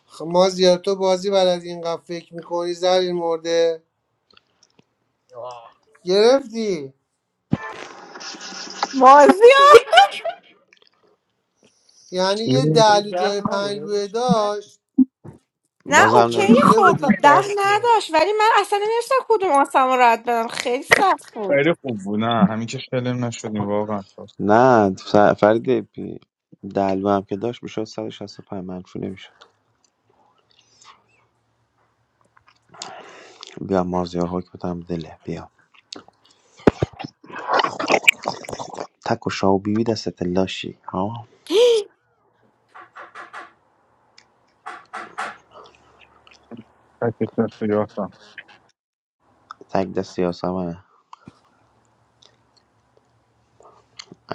Speaker 3: خب مازیار تو بازی بلد اینقدر فکر میکنی زلیل مرده
Speaker 10: آه.
Speaker 3: گرفتی
Speaker 1: مازیا
Speaker 3: یعنی یه دلو جای پنلوه داشت
Speaker 1: نه
Speaker 7: بازم
Speaker 1: اوکی
Speaker 7: نمیشه
Speaker 3: گرفته
Speaker 1: خب
Speaker 3: بودید
Speaker 1: ده
Speaker 3: دست رو
Speaker 1: نداشت ولی من اصلا نمیدونستم کدوم آسم رو رد بدم خیلی سخت بود
Speaker 2: خیلی خوب بود نه همین که شلم نشدیم واقعا
Speaker 7: نه ف- فرید بی- دلو هم که داشت میشد 165 منفی نمیشد بیا مازیار حکم بدم دله بیا تک و شاو بیوی دستت لاشی ها
Speaker 2: تکش نشد
Speaker 7: تک دست یاسمنه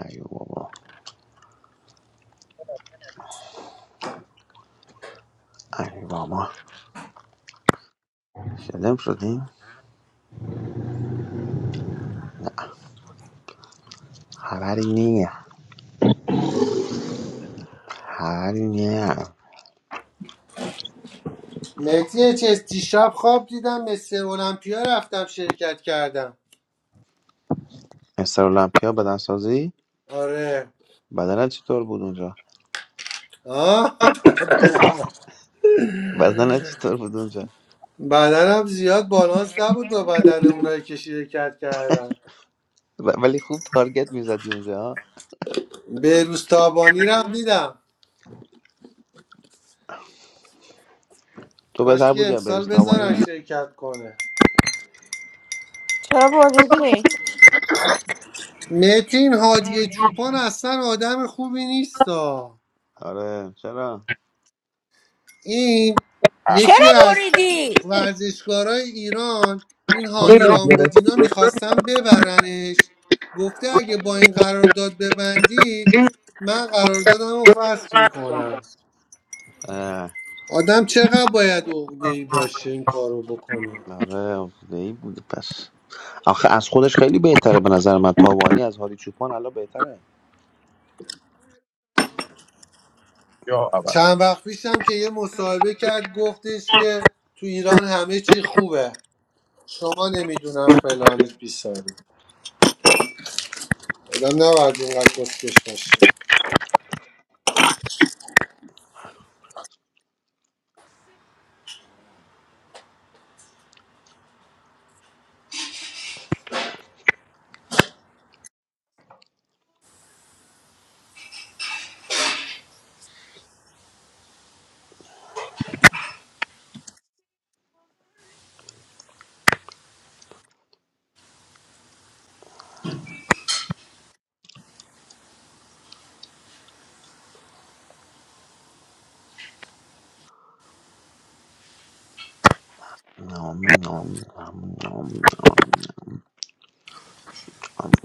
Speaker 7: ای بابا ای بابا شلم شدیم خبری نیه خبری نیه
Speaker 3: مهدی چستی شب خواب دیدم مثل المپیا رفتم شرکت کردم
Speaker 7: مستر المپیا بدن سازی
Speaker 3: آره
Speaker 7: بدنت چطور بود اونجا
Speaker 3: آه
Speaker 7: بدنت چطور بود اونجا
Speaker 3: بدنم زیاد بالانس نبود با بدن اونایی که شرکت کردن
Speaker 7: و- ولی خوب تارگت میزدی اونجا ها؟
Speaker 3: بهروستابانی رو هم دیدم
Speaker 7: تو
Speaker 3: کاش
Speaker 7: بهتر
Speaker 3: که
Speaker 7: بودی یا
Speaker 3: امسال بذارن
Speaker 7: برشتابانی
Speaker 3: شرکت کنه
Speaker 1: چرا بریدی
Speaker 3: متین هادی چوپان اصلا آدم خوبی نیست
Speaker 7: آره چرا
Speaker 3: این
Speaker 1: چرا
Speaker 3: یکی از
Speaker 1: بریدی
Speaker 3: ورزشکارای ایران این هانی
Speaker 2: اوکی گرفت
Speaker 3: رامبودینا میخواستن ببرنش گفته اگه با این قرارداد ببندی من قراردادم رو فصل میکنم آدم چقدر باید عقده‌ای باشه این کارو بکنه
Speaker 7: آره حرفه‌ای بوده پس آخه از خودش خیلی بهتره به نظر من تاوانی از هاری چوپان الان بهتره
Speaker 2: یا اول
Speaker 3: چند وقت پیشم که یه مصاحبه کرد گفتش که تو ایران همه چی خوبه شما نمیدونم فلانید بیساری آدم نباید اینقدر کسکش باشه
Speaker 7: نام، نام، نام، نام، نام، نام.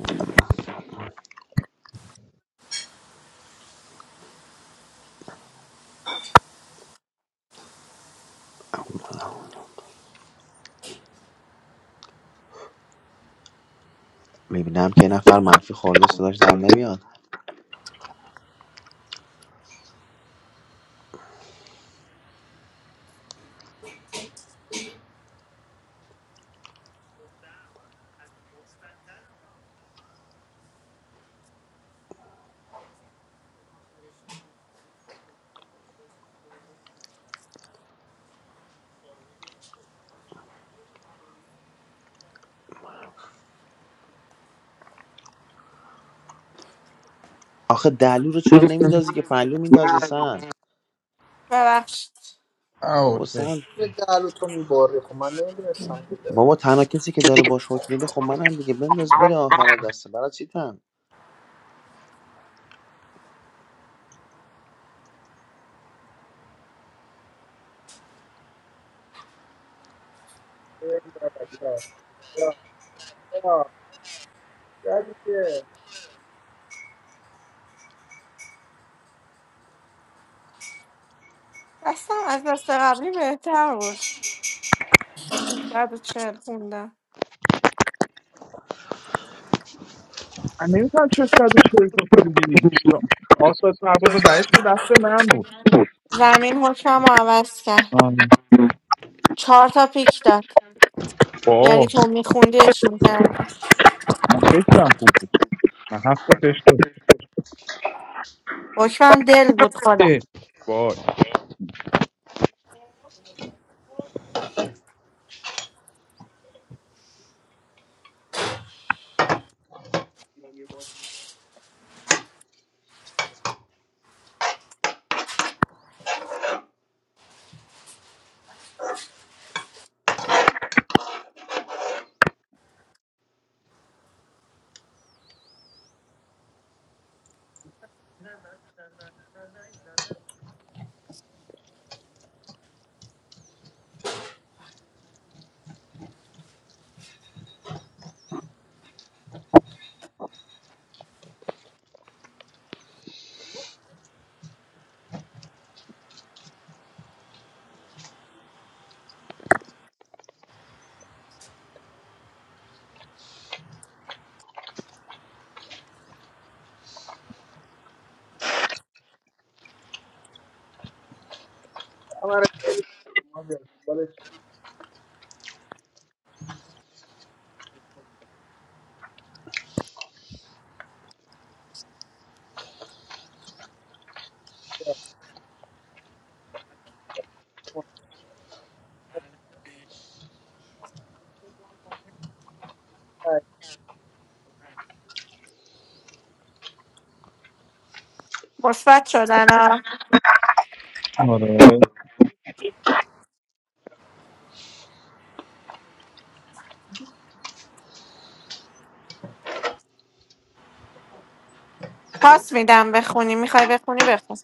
Speaker 7: میبینم که یه نفر منفی خورده صداش در نمیاد آخه دلو رو چرا نمیندازی که پلو میندازی سن
Speaker 1: ببخشید
Speaker 2: آه،
Speaker 7: بابا
Speaker 2: اوکی
Speaker 7: سن
Speaker 10: به دلو تو میباری خب من نمیدونستم که داری
Speaker 7: بابا تنها کسی که داره باش حکم میده خب منم دیگه بنداز بره آخر دسته برای چی تن
Speaker 10: یا یا یا یا دیگه
Speaker 1: دستم از دست قبلی بهتر بود صد و چهل خوندم
Speaker 2: من نمیتونم چه صد و چهل تا خوندی چرا؟ آساس مرباز دهش به دست من بود
Speaker 1: زمین حکم رو عوض کرد
Speaker 2: آره.
Speaker 1: چهار تا پیک داد یعنی
Speaker 2: واه
Speaker 1: تو میخوندیش میکردی
Speaker 2: من خشتم خوب بود من هفت تا خشت
Speaker 1: حکمم دل بود خدا
Speaker 2: اه. وای
Speaker 10: عمر شما بیاد. بالش
Speaker 1: مثبت شدن ها.
Speaker 2: آره
Speaker 1: پاس میدم بخونی میخوای بخونی بخون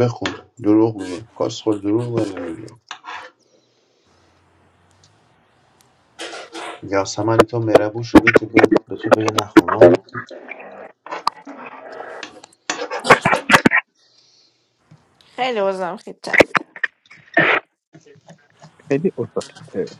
Speaker 7: بخون دروغ میگه کاسخل دروغ داره میگه یاسمنی تو مربو شده که بیاد به تو بگه نخونم
Speaker 1: خیلی وزم خیتم
Speaker 2: خیلی اوساکته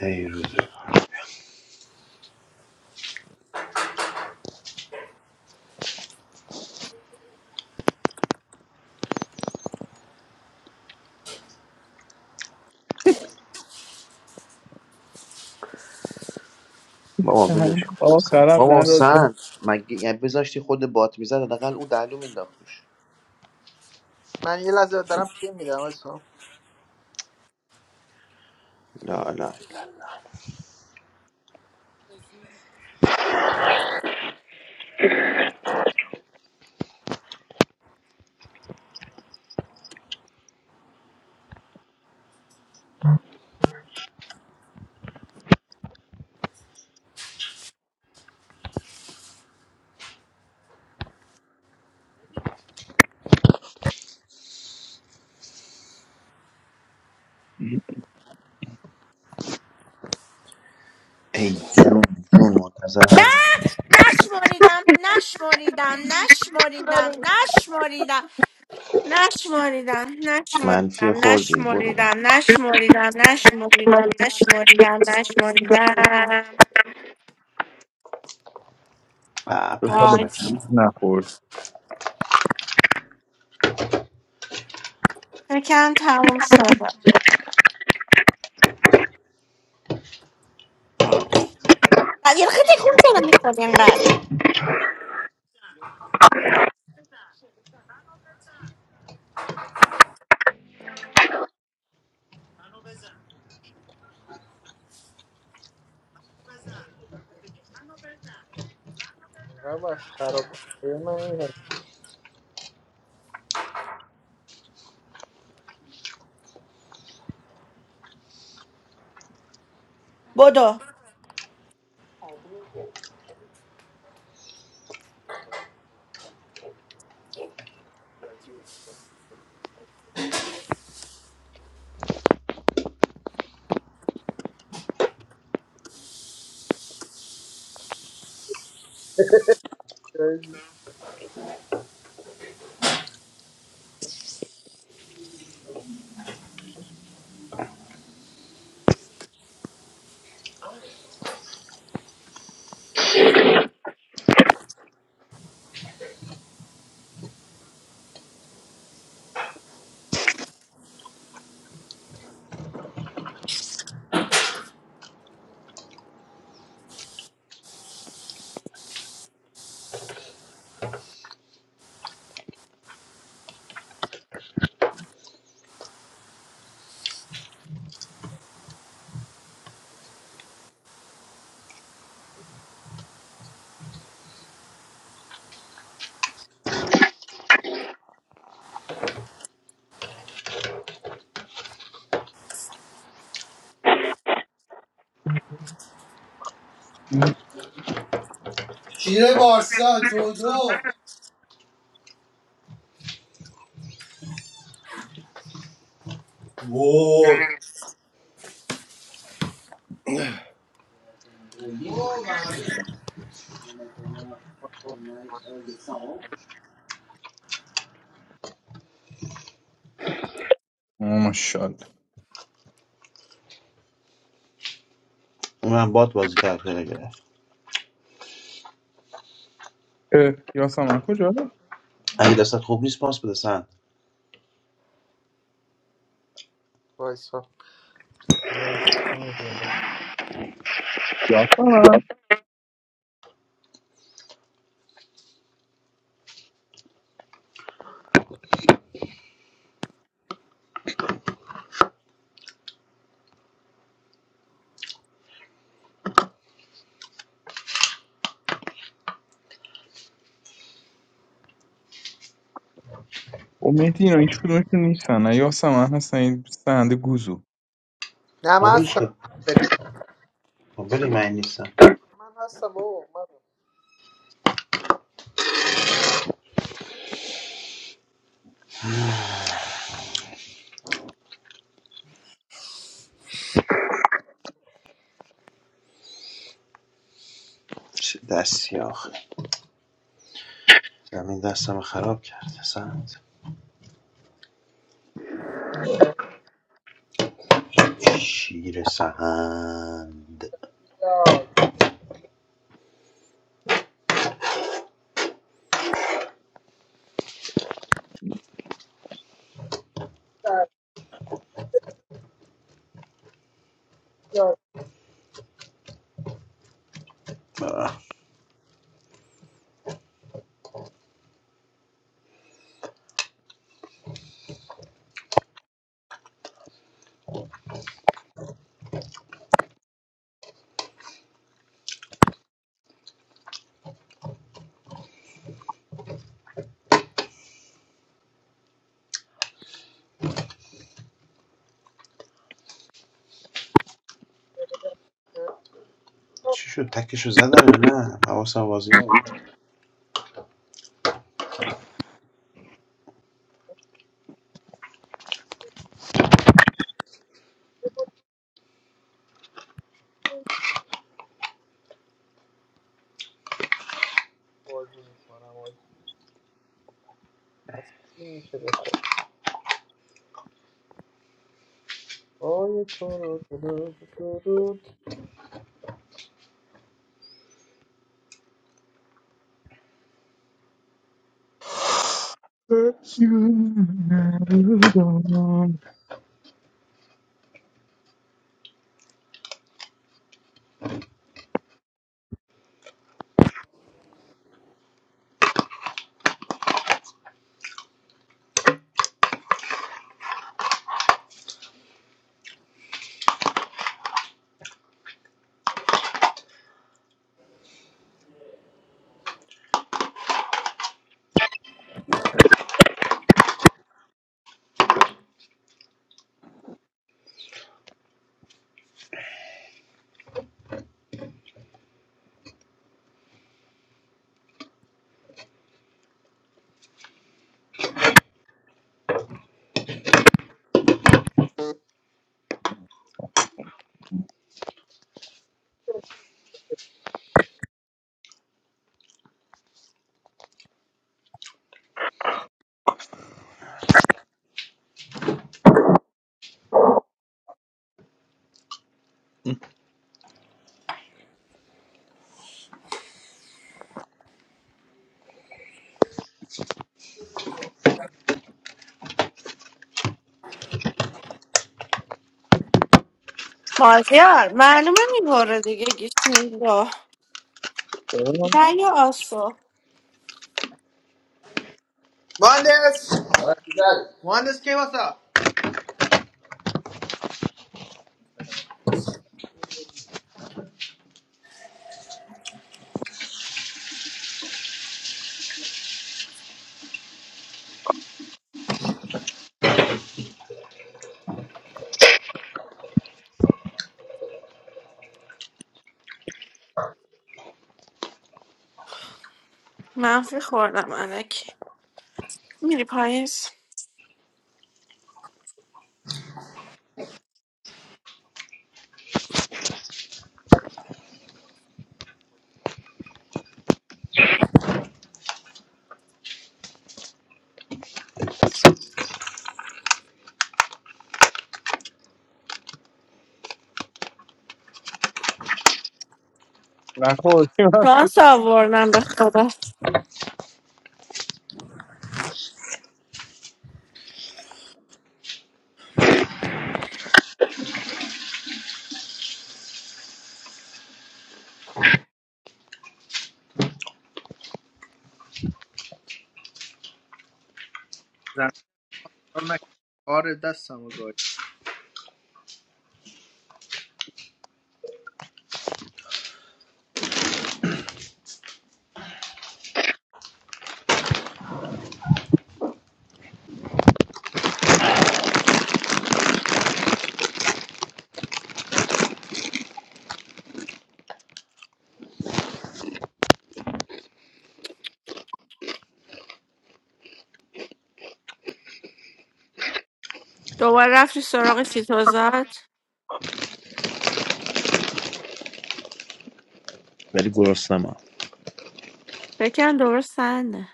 Speaker 7: ای روز بابا ولش کن اصلا
Speaker 2: آخرم
Speaker 7: بابا
Speaker 2: نداد
Speaker 7: سند مگه یعنی بذاشتی خود بات میزد حداقل او دهلو مینداخت توش
Speaker 10: من یه لحظه دارم پی میدم وایسا
Speaker 7: لا لا لا ای جون جون منتظر
Speaker 1: نه
Speaker 7: همین
Speaker 1: نشمریدم نشمریدم نشمریدم نشمریدم نشمریدم
Speaker 7: منفی
Speaker 1: نشمریدم
Speaker 7: خوردی برو
Speaker 1: نشمریدم نشمریدم نشمریدم نشمریدم نشمریدم
Speaker 7: آه
Speaker 2: دو سال
Speaker 7: پنج تا
Speaker 1: وای
Speaker 2: بود
Speaker 7: کم
Speaker 2: نخورد
Speaker 1: فکرم تموم شد بعد یه خیلی تکون چرا میخوری اینقدر
Speaker 10: اینقدر بس خراب ببین من اینقدر
Speaker 1: بدو
Speaker 10: چیزایی-
Speaker 3: شیره بارسا دو دو وای.
Speaker 2: آه، ماشاءالله
Speaker 7: اونم باد بازی کرد خیلی گرفت
Speaker 2: اه، یاسمن کجا
Speaker 7: اگه دستت خوب نیست پاس بده سند
Speaker 10: وایسا
Speaker 2: یاسم هست و مهدی اینا هیچ کدومشون نیستن نه یاسم هست، هستن این سند گوزو
Speaker 10: نه من
Speaker 7: قابلش
Speaker 10: هستم
Speaker 7: کن
Speaker 10: بریم
Speaker 7: قابلی من نیستم
Speaker 10: من هستم بابا من
Speaker 7: چه دستی آخه زمین دستم خراب کرد سند شیر سهند
Speaker 10: یا یا
Speaker 7: چی شد تکشو زدن یا نه حواسم بازی نبود
Speaker 10: بازی میکنم آجی تصمیم میشه به خود آی تو رو تو رو تو رو
Speaker 1: بازیار معلومه میبره دیگه گیشتیم دو نه یا آسو
Speaker 10: مهندس مهندس کی واسه
Speaker 1: منفی خوردم علکی میری پاییز
Speaker 2: نخور چی رفتی؟
Speaker 1: شانس آوردم به خدا
Speaker 10: کار نکردم. کار دستمو گاهی
Speaker 1: دوباره رفتی سراغ چیتوزات
Speaker 7: ولی گرسنمم
Speaker 1: بکن دوباره سنده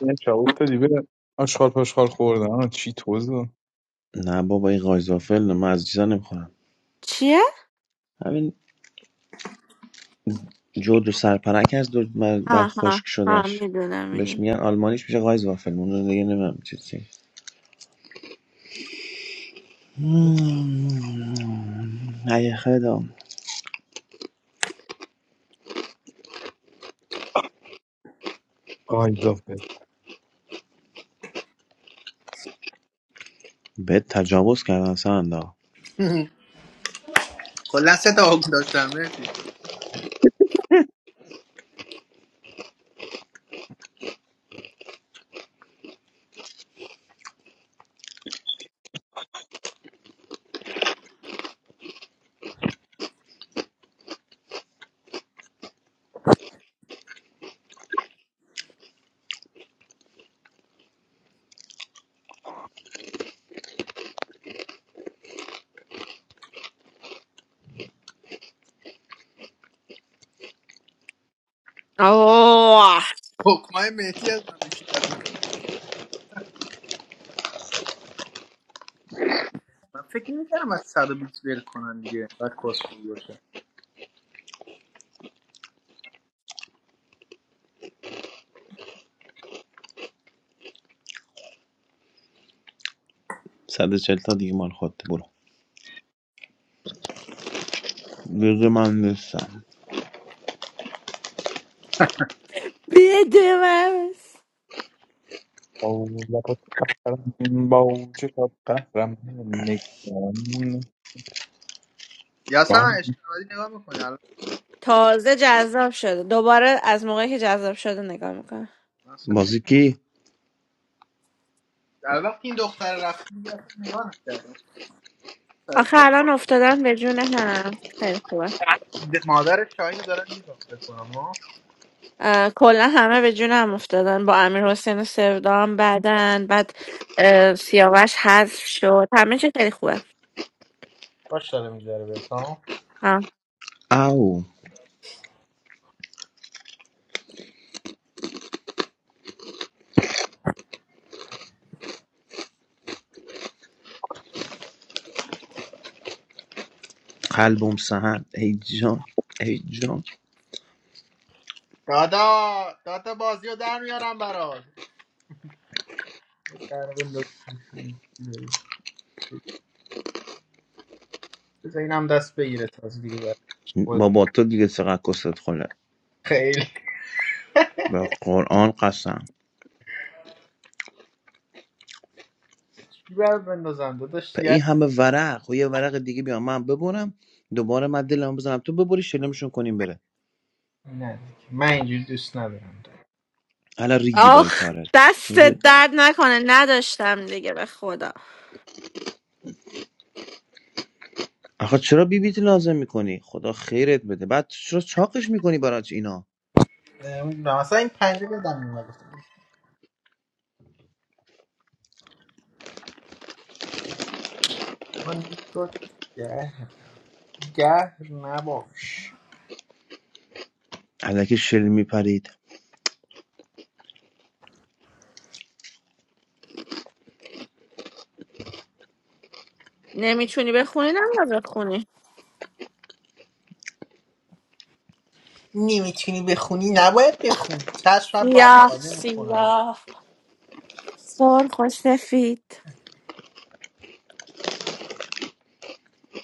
Speaker 2: یه چا افتادی به آشخال پاشخال خوردن آه، چی توزو
Speaker 7: نه بابا این قایزافل نه. من از چیزا نمیخورم
Speaker 1: چیه؟
Speaker 7: همین جود و سرپرک از دو بعد بعد خشک
Speaker 1: آها آه
Speaker 7: شدش
Speaker 1: میدونم
Speaker 7: بهش
Speaker 1: میدونم
Speaker 7: میگن آلمانیش میشه قایزوافل اون رو دیگه نمیم چی چی مم. ای خدا
Speaker 2: قایدافه
Speaker 7: بهت تجاوز کردن سندا
Speaker 10: کلا سه تا حکم داشتم مهدی
Speaker 1: آه
Speaker 10: حکمای مهدی از من بیشتر بود من فکر نمی‌کردم از 120 ول کنن دیگه بعد کسخل باشه
Speaker 7: 140 تا دیگه مال خودت برو دیگه من نیستم
Speaker 1: بده من
Speaker 2: لپات قهرم با چه شب قهرم نگران
Speaker 10: یا اصلا
Speaker 2: با
Speaker 10: من اشتباهی نگاه میکنی الان
Speaker 1: تازه جذاب شده دوباره از موقعی که جذاب شده نگاه میکنم
Speaker 10: من اصلا نه.
Speaker 7: بازی کی
Speaker 10: در وقت این دختر رفت دیگه اصلا نگاه نکردم سر
Speaker 1: آخه
Speaker 10: کار
Speaker 1: الان افتادن به جون هم خیلی خوبه
Speaker 10: د- مادر شاهینو دارن میگم فکر کنم ها
Speaker 1: اه، کلا همه به جون هم افتادن با امیر حسین و سردام بعدن بعد اه، سیاوش حذف شد همه چی خیلی خوبه
Speaker 10: باش داره میگذره بهت ها
Speaker 1: آه.
Speaker 7: او قلبم سهن ای جان ای جان
Speaker 10: دادا دادا بازی رو در میارم برات در بنداز. بذار اینم دست بگیره تازه دیگه برات.
Speaker 7: بابا تو دیگه چقدر کست خوله
Speaker 10: خیلی
Speaker 7: به قرآن قسم
Speaker 10: چی بر بندازم داداش
Speaker 7: پ-
Speaker 10: دیگه
Speaker 7: این همه ورق و یه ورق دیگه بیام من ببرم دوباره من دلم بزنم تو ببری شلمشون کنیم بره
Speaker 10: نه دیگه. من اینجوری دوست ندارم
Speaker 7: حالا ریدی با این
Speaker 1: آخ
Speaker 7: کارت
Speaker 1: دست
Speaker 7: ر-
Speaker 1: درد نکنه نداشتم دیگه به خدا
Speaker 7: آخه چرا بیبیت لازم میکنی خدا خیرت بده بعد چرا چاقش میکنی برات اینا
Speaker 10: نمیدونم اصلا این پنجه بدم میومد گفتم من نگاه گه گه نباش
Speaker 7: علکی شل میپرید
Speaker 1: نمیتونی بخونی نباید بخونی
Speaker 10: نمیتونی بخونی نباید بخونی چشم شب با
Speaker 1: سیاه
Speaker 10: سوانه میخونم
Speaker 1: سیاه سرخ و سفید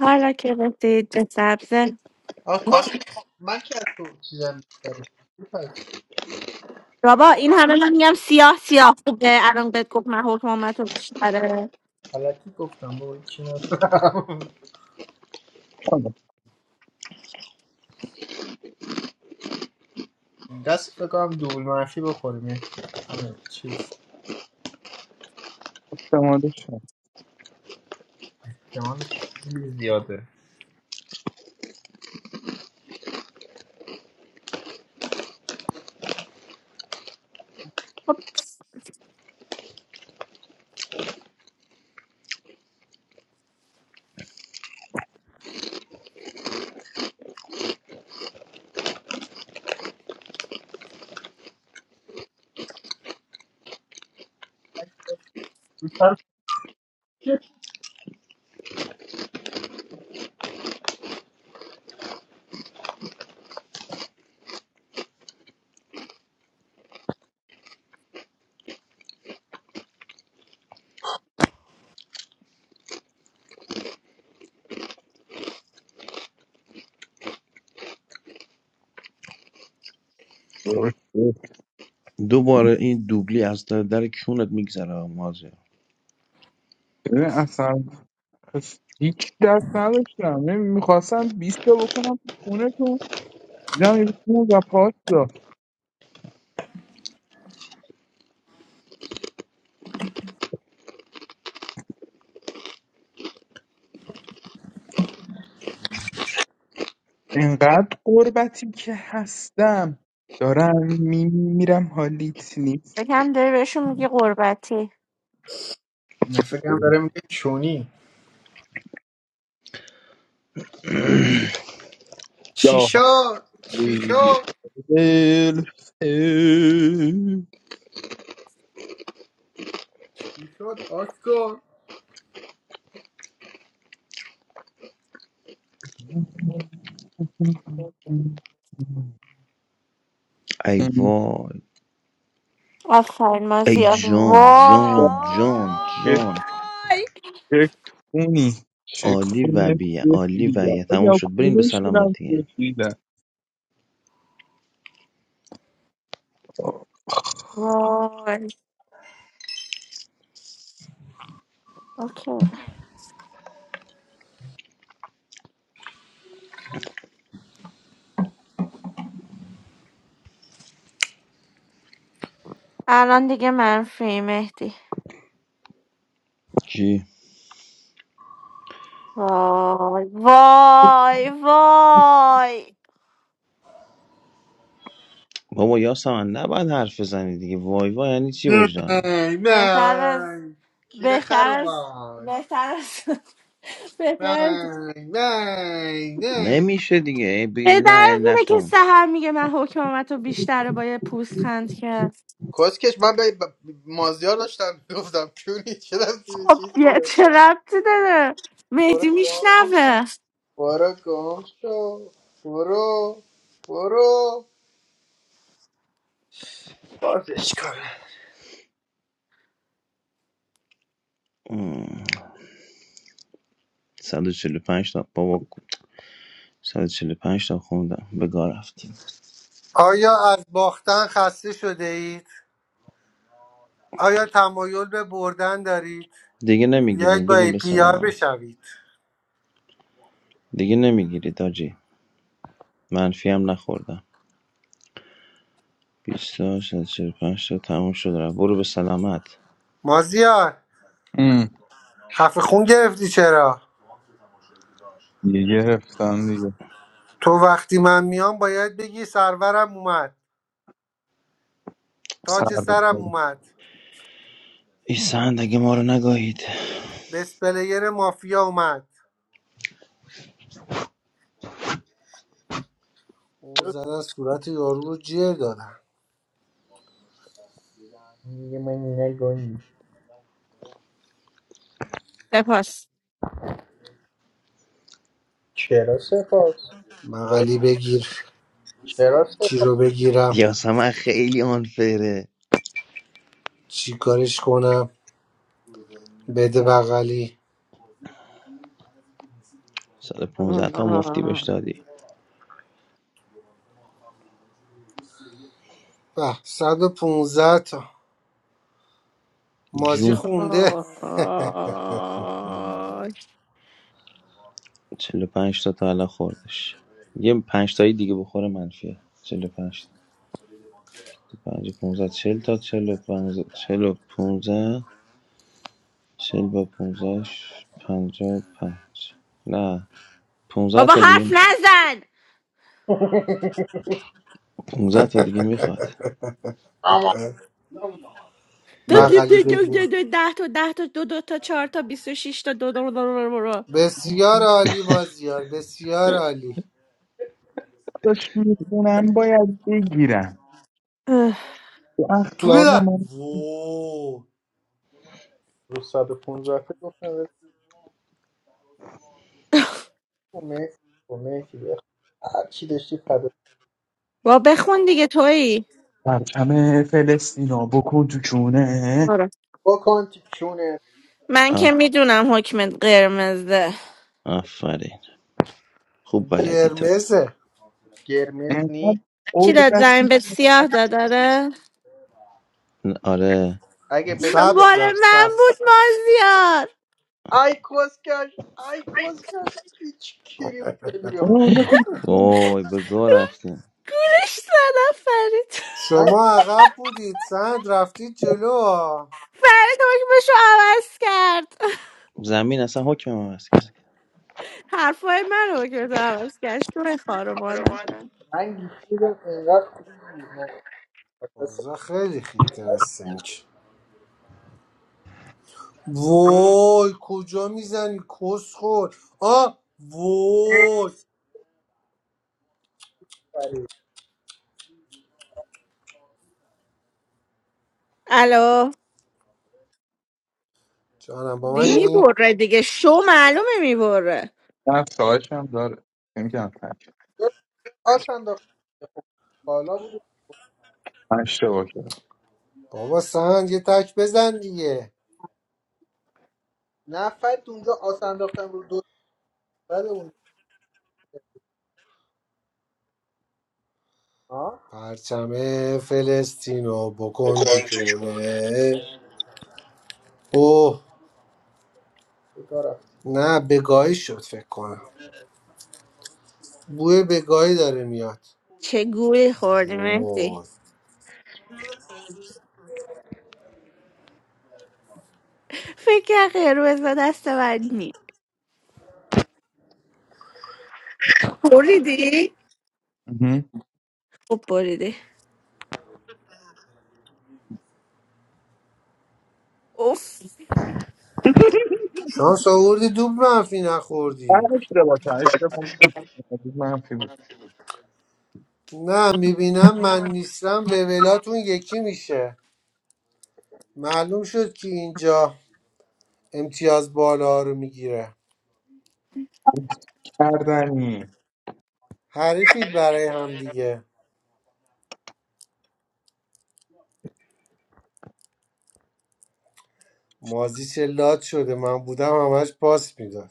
Speaker 1: حالا که رسید به سبز
Speaker 10: آکوس من که از تو چیزم بیشتره. تو
Speaker 1: بابا این همه من میگم سیاه سیاه خوبه الان بهت گفت من حکومت رو بیشتره
Speaker 10: گفتم بابا چی ندارم
Speaker 2: آه،
Speaker 10: دست فکر کنم دوبل منفی بخوریم همه چیز
Speaker 2: دمادش هم.
Speaker 10: احتمالش خیلی زیاده
Speaker 1: خب
Speaker 7: دوباره این دوبلی از در, در کونت میگذره مازه
Speaker 2: ببین، اصلا پس هیچ درک نداشتم میخواستم بیست تا بکنم تو خونتون دیدم یه خون و پاستا انقدر قربتی که هستم دارم میمیرم حالیت نیست
Speaker 1: بکم داری بهشون میگی قربتی
Speaker 10: نه، فکرم داره میگه چونی چی
Speaker 2: یا
Speaker 10: شد چی شد
Speaker 2: دل
Speaker 10: چی شد آسکو
Speaker 7: ای وای
Speaker 1: آفرین ما
Speaker 7: ای
Speaker 1: زیاد
Speaker 7: جان جان جان جان
Speaker 1: وای
Speaker 2: چه کونی چه
Speaker 7: عالی و
Speaker 2: کونه
Speaker 7: بیه عالی و
Speaker 2: سفیدم
Speaker 7: بیه تموم
Speaker 2: یا
Speaker 7: شد برین به
Speaker 2: کونه شیرم
Speaker 7: سلامتی
Speaker 2: سفیدم
Speaker 1: وای اوکی الان دیگه منفی مهدی
Speaker 7: چی
Speaker 1: وای وای وای
Speaker 7: بابا یاسمن نباید حرف بزنی دیگه وای وای یعنی چی
Speaker 10: نه
Speaker 7: وجدانه
Speaker 1: بهتر از
Speaker 10: نه کیره خر
Speaker 1: بهتر از
Speaker 10: اومد
Speaker 1: بهتر از
Speaker 10: نه
Speaker 1: بهتر از
Speaker 10: نه نه
Speaker 7: نمیشه دیگه ای بی... نه
Speaker 1: بهتر از
Speaker 7: یعنی
Speaker 1: اینه که
Speaker 7: نخون
Speaker 1: سهر میگه من حکومت رو بیشتره با یه پوست خند کرد
Speaker 10: کسکش من به به- مازیار داشتم گفتم کونی چه دستی به چیز
Speaker 1: خب بیا
Speaker 10: داره
Speaker 1: چه ربطی داره
Speaker 10: برو
Speaker 1: مهدی
Speaker 10: گم
Speaker 1: میشنوه
Speaker 10: برو گم شو برو برو بازش کنم
Speaker 7: مم. 145 تا بابا 145 تا خوندم به گاه رفت
Speaker 3: آیا از باختن خسته شده اید؟ آیا تمایل به بردن دارید؟
Speaker 7: دیگه
Speaker 3: یک
Speaker 7: نمیگیرین
Speaker 3: با
Speaker 7: برین
Speaker 3: ای
Speaker 7: به
Speaker 3: پی آر
Speaker 7: سلامت
Speaker 3: بشوید
Speaker 7: دیگه نمیگیرید آجی منفی هم نخوردم 20 تا 145 تا تموم شد رفت برو به سلامت
Speaker 3: مازیار
Speaker 2: ام،
Speaker 3: خفه خون گرفتی چرا؟
Speaker 2: یه گرفتم دیگه
Speaker 3: تو وقتی من میام باید بگی سرورم اومد تاج
Speaker 2: سر
Speaker 3: سرم اومد
Speaker 7: این سند اگه ما رو نگاهید
Speaker 3: بس پلیر مافیا اومد او
Speaker 10: چرا
Speaker 3: زدن صورت یارو رو جر دادن
Speaker 10: میگه من نگم
Speaker 1: سپاس
Speaker 10: چرا سپاس
Speaker 3: بغلی بگیر
Speaker 10: چرا
Speaker 3: چی
Speaker 10: سپاس
Speaker 3: رو بگیرم
Speaker 7: یاسمن خیلی آنفره
Speaker 3: چی کارش کنم بده بغلی
Speaker 7: 115 تا مفتی بهش دادی
Speaker 3: به 115 تا
Speaker 7: جون
Speaker 3: مازی خونده
Speaker 7: چهل و پنج تا تا الان خوردش یه پنج تایی دیگه بخوره منفیه چهل و پنج تا پنج پونزه چهل تا چهل و پونزه چهل و پونزه چهل با پونزهش پنجا و پنج نه پونزه
Speaker 1: بابا
Speaker 7: تا دیگه
Speaker 1: حرف نزن
Speaker 7: پونزه تا دیگه میخواد
Speaker 10: اما
Speaker 1: دو
Speaker 2: بیا
Speaker 1: دو
Speaker 3: بغلی
Speaker 1: دو دو دو
Speaker 3: بگیر
Speaker 1: دو ده تا ده تا دو دو تا چهار تا بیست و شیش تا دو دو دو دو دو دو.
Speaker 3: بسیار عالی مازیار بسیار عالی
Speaker 2: داشت میخونم باید بگیرم
Speaker 1: اه،
Speaker 2: تو
Speaker 3: توی
Speaker 2: اخلاق
Speaker 3: در
Speaker 2: من
Speaker 3: وو
Speaker 10: 115 تا گفتم مرسی مرسی بخ- هر چی داشتی فدا
Speaker 1: با بخون دیگه تویی
Speaker 2: پرچم فلسطینا بکن تو چونه
Speaker 1: آره.
Speaker 10: بکن تو چونت
Speaker 1: من که
Speaker 7: آه
Speaker 1: میدونم حکمت قرمزه
Speaker 7: آفرین خوب بلدی تو
Speaker 3: گرمزه
Speaker 10: قرمز نی
Speaker 2: اینقدر
Speaker 1: چی داد
Speaker 2: عربتی
Speaker 1: زمین به
Speaker 2: که
Speaker 1: سیاه داد آره
Speaker 7: آره
Speaker 10: اگه بهت س-
Speaker 3: سبز
Speaker 1: بال
Speaker 3: داد
Speaker 1: من
Speaker 3: سبز
Speaker 1: بود مازیار
Speaker 10: ای کسکش ای کسکش هیچ کیری بودی به من
Speaker 2: عربه کن
Speaker 7: وای به گاه رفتیم
Speaker 1: گولش زدم فرید
Speaker 10: من
Speaker 3: شما عقب بودید سند رفتید جلو ها.
Speaker 1: فرید حکمشو عوض کرد
Speaker 7: زمین اصلا حکم عوض کرد
Speaker 1: حرفای من رو کرد عوض کرد شو خارو مادم
Speaker 10: کاروانم من گیشیدم اینقدر خوب بود من اصلا
Speaker 3: اوضاع خیلی خیته مثل اینکه. وای کجا میزنی کس خور آ وای
Speaker 10: فرید.
Speaker 1: الو
Speaker 3: جانم با
Speaker 1: دی
Speaker 3: منی
Speaker 1: میبره دیگه شو معلومه میبره
Speaker 2: نقش هم داره نمیتونم تک
Speaker 10: یه آس انداخت بالا بود
Speaker 2: من اشتباه کردم
Speaker 3: بابا سند یه تک بزن دیگه
Speaker 10: نفر اونجا آس انداختم رو دو بعد اون ها
Speaker 3: پرچم فلسطینو بکن تو
Speaker 10: بکن تو کونه
Speaker 3: کونه اوه
Speaker 10: بگاه رفتی
Speaker 3: نه بگاهی شد فکر کنم بوی بگاهی داره میاد
Speaker 1: چه گولی خوردی مهدی
Speaker 3: وای
Speaker 1: فکر کرد قرمز به دست من نی بریدی؟
Speaker 2: مهم.
Speaker 1: خب بریدی اوف
Speaker 3: شانس آوردی دوب منفی
Speaker 2: من
Speaker 3: نخوردی
Speaker 2: اشتباه کردم اشتباه کردم. منفی بود
Speaker 3: نه میبینم من نیستم لولاتون یکی میشه معلوم شد که اینجا امتیاز بالا رو میگیره
Speaker 2: گفت کردنی
Speaker 3: حریفید برای هم دیگه مازی چه لات شده من بودم همش پاس میداد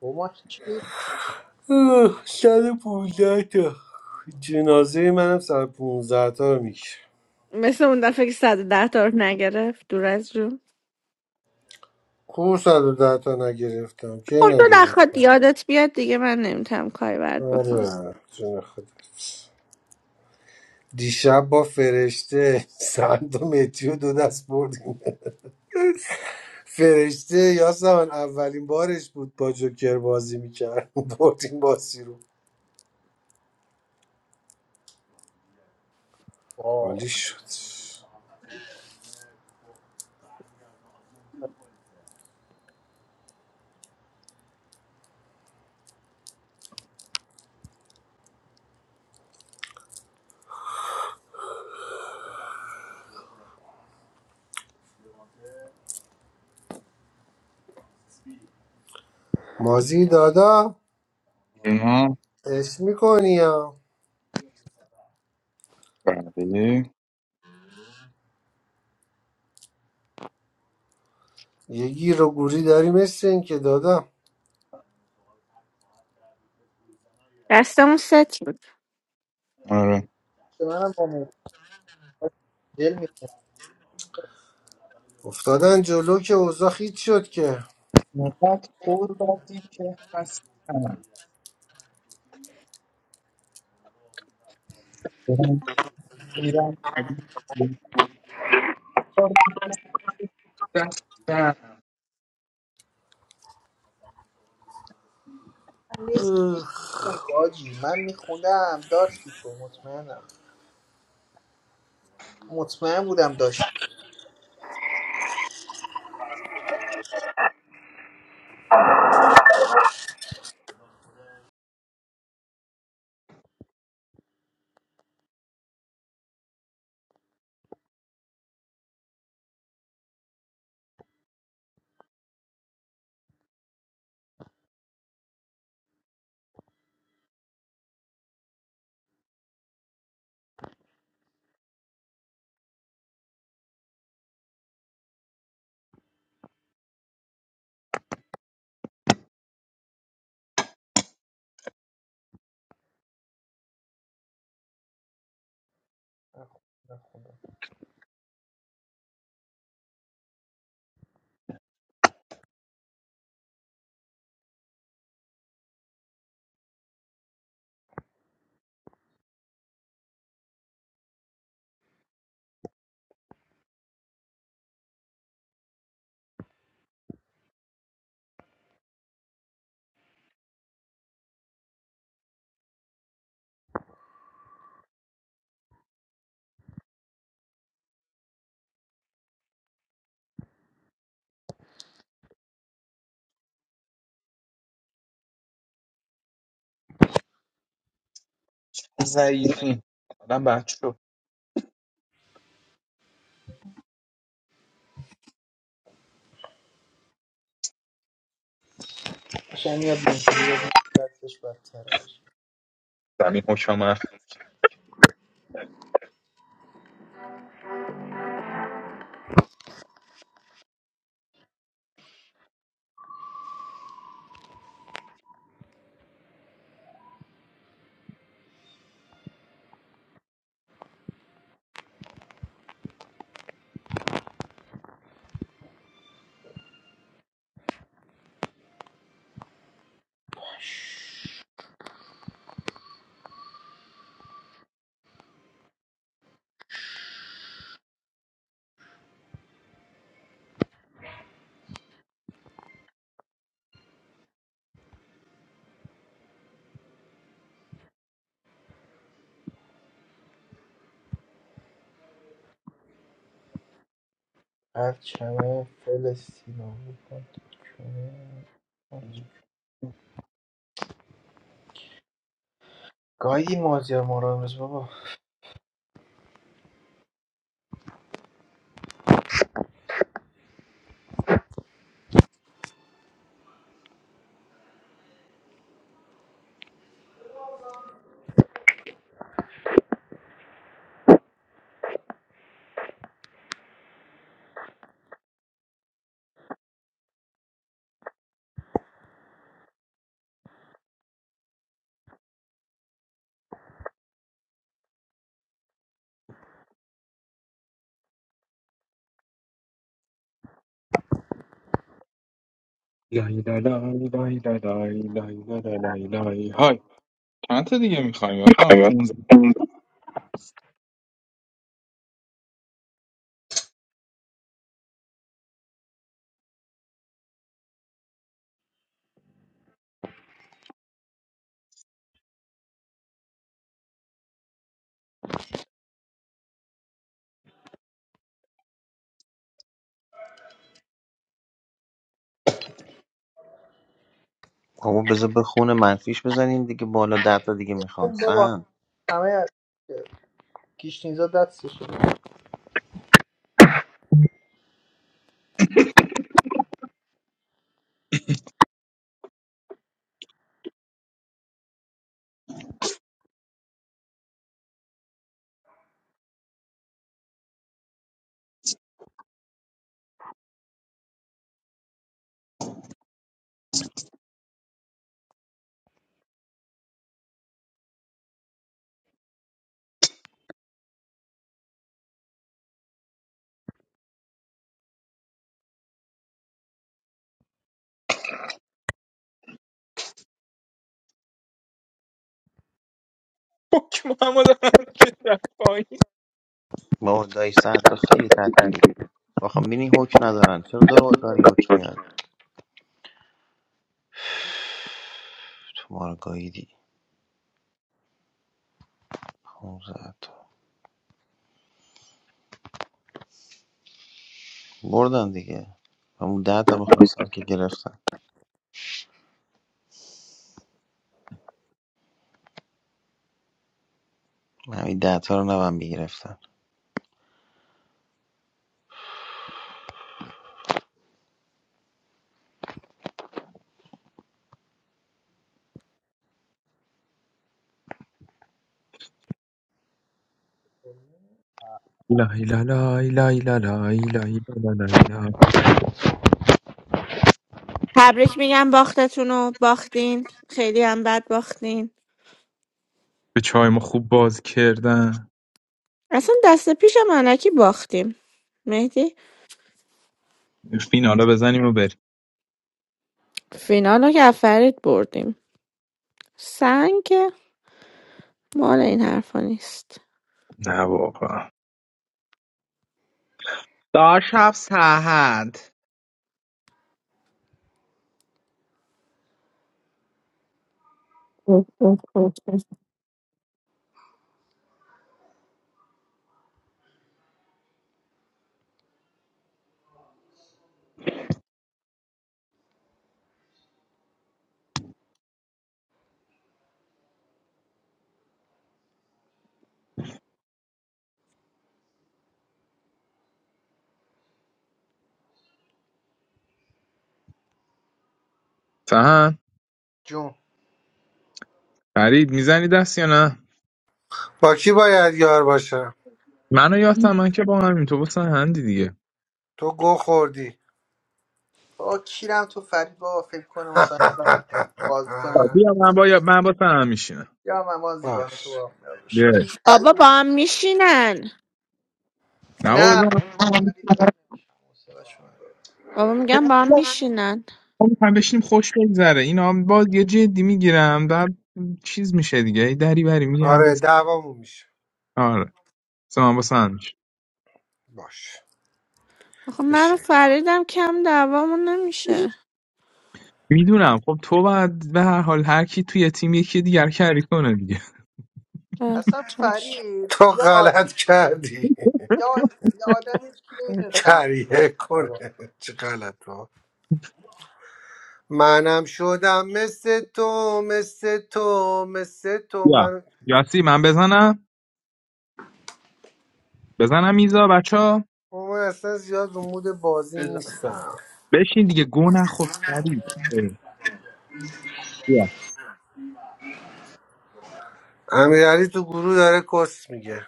Speaker 10: شما هیچی نیست.
Speaker 3: اوه، صد و پونزده تا جنازه منم صد و پونزده تا رو میشه
Speaker 1: مثل اون دفعه که صد و ده تا رو نگرفت دور از جون
Speaker 3: کو صد و ده تا نگرفتم کی
Speaker 1: خب تو نخواد
Speaker 3: نگرفتم
Speaker 1: یادت بیاد دیگه من نمیتونم کاری برد بکنم
Speaker 3: آره جون خودت دیشب با فرشته سند و متیو دو دست بردیم فرشته یاسمن اولین بارش بود با جوکر بازی میکرد برد این بازی رو
Speaker 10: واه.
Speaker 3: حالی شد مازی دادا
Speaker 2: اینا
Speaker 3: عشق میکنی یا
Speaker 2: بعدی
Speaker 3: یه گیر و گوری داری مثل این که دادا
Speaker 1: دستمون ست بود
Speaker 2: آره
Speaker 10: به منم با موبایل دل می‌خوره.
Speaker 3: افتادن جلو که اوضاع هیچ شد که
Speaker 2: اینقدر عربتی که هستم دارم میرم رفتم
Speaker 3: اوه.
Speaker 10: خوندی آجی من میخوندم داشتی تو مطمئنم مطمئن بودم داشتی من خوب نخوندم.
Speaker 2: ضعیفی آدم بد شد
Speaker 10: قشنگ یاد می‌گیری، یاد می‌گیری، دستش برتر آجی.
Speaker 2: زمین حکمه
Speaker 10: هر چمه فلسطینا می‌خواد. چمه. گاهی مازیار ما رو امروز بابا
Speaker 2: لای لای لای لای لای لای لای لای لای لای لای. های چند تا دیگه میخوایی واسه 15
Speaker 7: بابا بذار به خون منفیش بزنیم دیگه بالا ده تا دیگه میخوان
Speaker 10: اون بابا
Speaker 7: سن.
Speaker 10: همه کیشنیزا دستشه
Speaker 2: حکم محمد هم که رفت پایین.
Speaker 7: با اردای سر تو خیلی تعطیلی آخه میبینی حکم ندارن چرا دار داری حکم میاد تو ما رو گاییدی 15 تا بردن دیگه همون ده تا میخواستن که گرفتن همین ده تا رو نبن میگرفتن.
Speaker 2: لای لای لای لای لای لای لای لای لای لای.
Speaker 1: تبریک میگم باختتون رو باختین خیلی هم بد باختین
Speaker 2: به چای ما خوب باز کردن
Speaker 1: اصلا دست پیشم علکی باختیم مهدی
Speaker 2: فینالا بزنیم و بریم
Speaker 1: فینال رو که افرید بردیم سنگ که مال این حرفا نیست
Speaker 2: نه واقعا داشب سهند
Speaker 1: اوه، اوه، اوه، اوه.
Speaker 2: سهند
Speaker 10: جون
Speaker 2: فرید میزنی دست یا نه
Speaker 3: با کی باید یار باشم
Speaker 2: منو یادم من که با همین تو با سهندی
Speaker 3: تو گو خوردی
Speaker 10: بابا کیرم تو فرید بابا فکر کنه مثلا باز
Speaker 2: بیا من با من با تو هم میشینم
Speaker 10: یا من ما زیبان تو
Speaker 3: باش
Speaker 10: با هم یار بشیم.
Speaker 2: بیا
Speaker 10: این
Speaker 1: بابا با
Speaker 10: فرید
Speaker 1: هم میشینن
Speaker 2: نه بابا
Speaker 10: نه
Speaker 2: بذار من-
Speaker 10: فرید من حوصله‌شو ندارم.
Speaker 1: بابا میگم با هم میشینن
Speaker 2: ما میخوایم بشینیم خوش بگذره اینا باز یه جدی میگیرم در چیز میشه دیگه یه دری بری میگم
Speaker 3: آره
Speaker 2: بس
Speaker 3: دعوامون میشه
Speaker 2: آره بس من با تو هم میشینم.
Speaker 3: باش
Speaker 1: آخه من رو
Speaker 3: بشین
Speaker 1: فریدم کم دعوامون نمیشه
Speaker 2: میدونم خب تو بعد به هر حال هر کی توی تیم یکی دیگر کاری کنه دیگه
Speaker 1: اه،
Speaker 10: اصلا
Speaker 1: چش.
Speaker 10: فرید
Speaker 3: تو
Speaker 10: یا آ...
Speaker 3: غلط کردی
Speaker 10: یا یا آدمی که نمیتونه
Speaker 3: کریه
Speaker 10: تحملش کنه رو.
Speaker 3: کنه چه غلط منم شدم مثل تو مثل تو مثل تو
Speaker 2: یا
Speaker 3: من
Speaker 2: یاسی من بزنم بزنم میزا بچه ها
Speaker 3: من اصلا زیاد رو مود بازی
Speaker 10: بزن
Speaker 3: نیستم
Speaker 2: بشین دیگه گو نخور فرید اه، بیا
Speaker 3: امیرعلی تو گروه داره کس میگه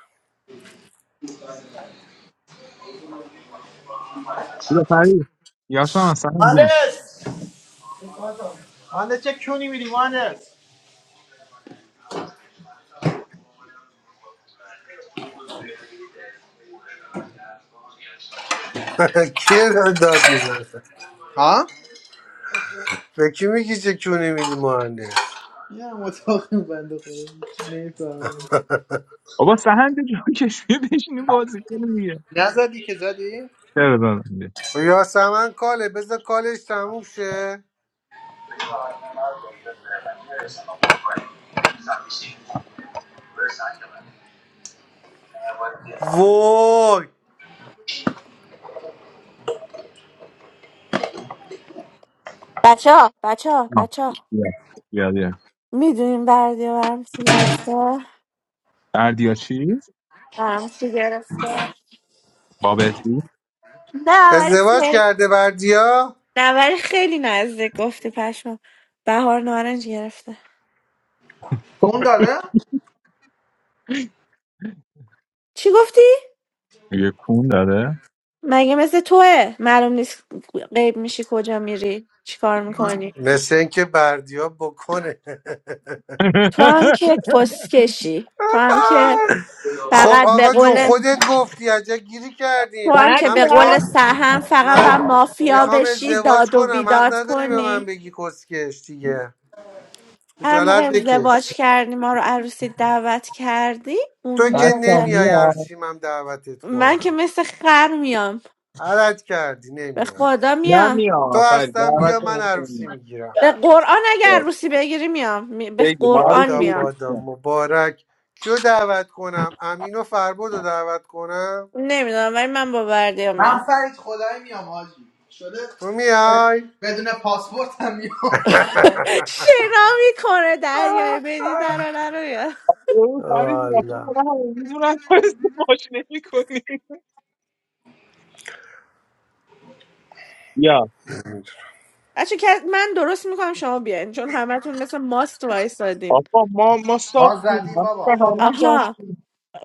Speaker 2: بیا فرید یا تو هم از سهند بیا
Speaker 10: مهندس چه کونی میری مهندس
Speaker 3: کیه داره داد میزنه
Speaker 10: ها
Speaker 3: به کی میگی چه کونی میدی مهندس
Speaker 10: نه متاقیم بنده خدا نمیفهمم
Speaker 2: بابا سهند جا کشمی بشینی بازی کنه دیگه
Speaker 10: نزدی که زدی
Speaker 2: چرا دادم
Speaker 3: به یاسمن کاله بذار کالش تموم شه وای
Speaker 1: بچه ها بچه
Speaker 2: آه.
Speaker 1: ها
Speaker 2: بیا بیا بیا
Speaker 1: میدونیم بردیا برام چی گرفته
Speaker 2: بردیا چی؟
Speaker 1: برام چی گرفته
Speaker 2: بابتی؟
Speaker 1: نه ولی
Speaker 3: ازدواج
Speaker 1: خیلی
Speaker 3: کرده بردیا
Speaker 1: نه ولی خیلی نزدیک گفتی پشمام بهار نارنج گرفته
Speaker 10: کون داره
Speaker 1: چی گفتی
Speaker 2: یه کون داده؟
Speaker 1: مگه مثل توه معلوم نیست غیب میشی کجا میری چیکار
Speaker 10: من
Speaker 1: میکنی
Speaker 3: مثل اینکه بردیا بکنه
Speaker 1: تو هم که پست کشی تو هم که
Speaker 3: خب
Speaker 1: فقط به
Speaker 3: آقا جون
Speaker 1: قول
Speaker 3: خودت گفتی عجب گیری
Speaker 1: تو
Speaker 3: کردین
Speaker 1: هم که
Speaker 3: من
Speaker 1: به
Speaker 2: بردیا؟
Speaker 1: قول
Speaker 3: میخوام
Speaker 1: سهم فقط با
Speaker 3: من
Speaker 1: مافیا
Speaker 3: میخوام
Speaker 1: بشی
Speaker 3: ازدواج
Speaker 1: داد و
Speaker 3: کنم حق
Speaker 1: بیداد
Speaker 3: نداری به
Speaker 1: کنی
Speaker 3: من بگی کسکش دیگه
Speaker 1: هر موقع
Speaker 3: خجالت بکش
Speaker 1: ازدواج کردی ما رو عروسی دعوت کردی اون
Speaker 3: تو که
Speaker 2: بچه
Speaker 1: موقع
Speaker 3: نمیای
Speaker 2: میاد
Speaker 3: عروسیم هم دعوتت
Speaker 1: من که
Speaker 3: کنم
Speaker 1: مثل خر میام
Speaker 3: علت کردی
Speaker 1: به
Speaker 3: نمیای
Speaker 1: خدا
Speaker 2: نه
Speaker 1: میام
Speaker 3: تو
Speaker 2: میاد فرید
Speaker 3: هستم
Speaker 2: دعوت
Speaker 3: بیا من عروسی
Speaker 2: نکنیم
Speaker 3: میگیرم
Speaker 1: به قرآن اگه عروسی بگیری میام می- به
Speaker 2: بگی ما رو
Speaker 1: قرآن
Speaker 3: بادا
Speaker 2: توی یکی
Speaker 1: میام
Speaker 3: بادا
Speaker 2: کنیم
Speaker 3: مبارک کیو دعوت کنم امین و فربد رو دعوت کنم
Speaker 1: نمیدونم ولی من با بردیا
Speaker 10: من
Speaker 1: میام
Speaker 10: فرید خدایی میام حاجی شده
Speaker 3: تو میای
Speaker 10: بدون پاسپورت هم میام فرید. من-
Speaker 1: شنا میکنه دریای مدیترانه رو میام
Speaker 2: اون فرید رفت
Speaker 3: والا
Speaker 2: کنه همه میدونن تو استفاش نمی کنی یا
Speaker 1: بچه که من درست میکنم شما بیاین چون همتون مثل ماست وایسادین
Speaker 2: آقا ما ما
Speaker 10: ما
Speaker 2: ساختیم
Speaker 10: زدیم
Speaker 2: من فکر کنم
Speaker 10: بابا
Speaker 2: ما ساخت-
Speaker 1: آها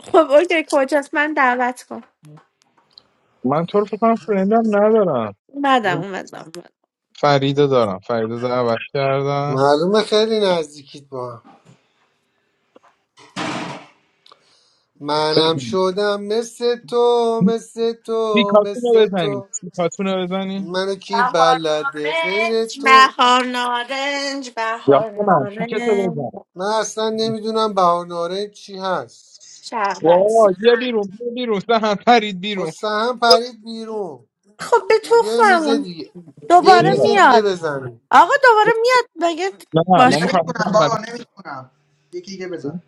Speaker 1: خب اوکی کجاست من دعوت کن
Speaker 2: من تو رو فکر کنم فرندم ندارم
Speaker 1: اومدم
Speaker 2: بذار
Speaker 1: اومدم
Speaker 2: فریده دارم فریده دعوت کردم
Speaker 3: معلومه خیلی نزدیکیت با هم. منم
Speaker 2: بزنی.
Speaker 3: شدم مثل تو مثل
Speaker 2: سی
Speaker 3: تو
Speaker 2: کاتون رو
Speaker 3: مثل تو
Speaker 2: بزنی سی کاتون رو بزنی
Speaker 3: منو کی
Speaker 1: بهار
Speaker 3: بلده غیر
Speaker 1: نارنج
Speaker 3: تو
Speaker 1: بهار نارنج
Speaker 2: یا
Speaker 1: بهار
Speaker 2: من پیکتو
Speaker 1: نارنج
Speaker 2: بزن
Speaker 3: من اصلا نمیدونم بهاناره چی هست
Speaker 1: شربت
Speaker 2: وای بیا بیرون بیا بیرون سهن پرید
Speaker 3: خب
Speaker 2: بیرون
Speaker 3: سهم پرید بیرون
Speaker 1: خب به
Speaker 3: بیا یه میز
Speaker 1: تخممون
Speaker 3: دیگه بیا یه
Speaker 1: دوباره
Speaker 2: بیا
Speaker 3: میز دیگه
Speaker 1: میاد
Speaker 3: بزنیم
Speaker 1: آقا دوباره میاد مگه
Speaker 2: نه ما
Speaker 1: باشه
Speaker 2: میخوایم
Speaker 10: نمیتونم بابا نمیتونم یکی دیگه بزن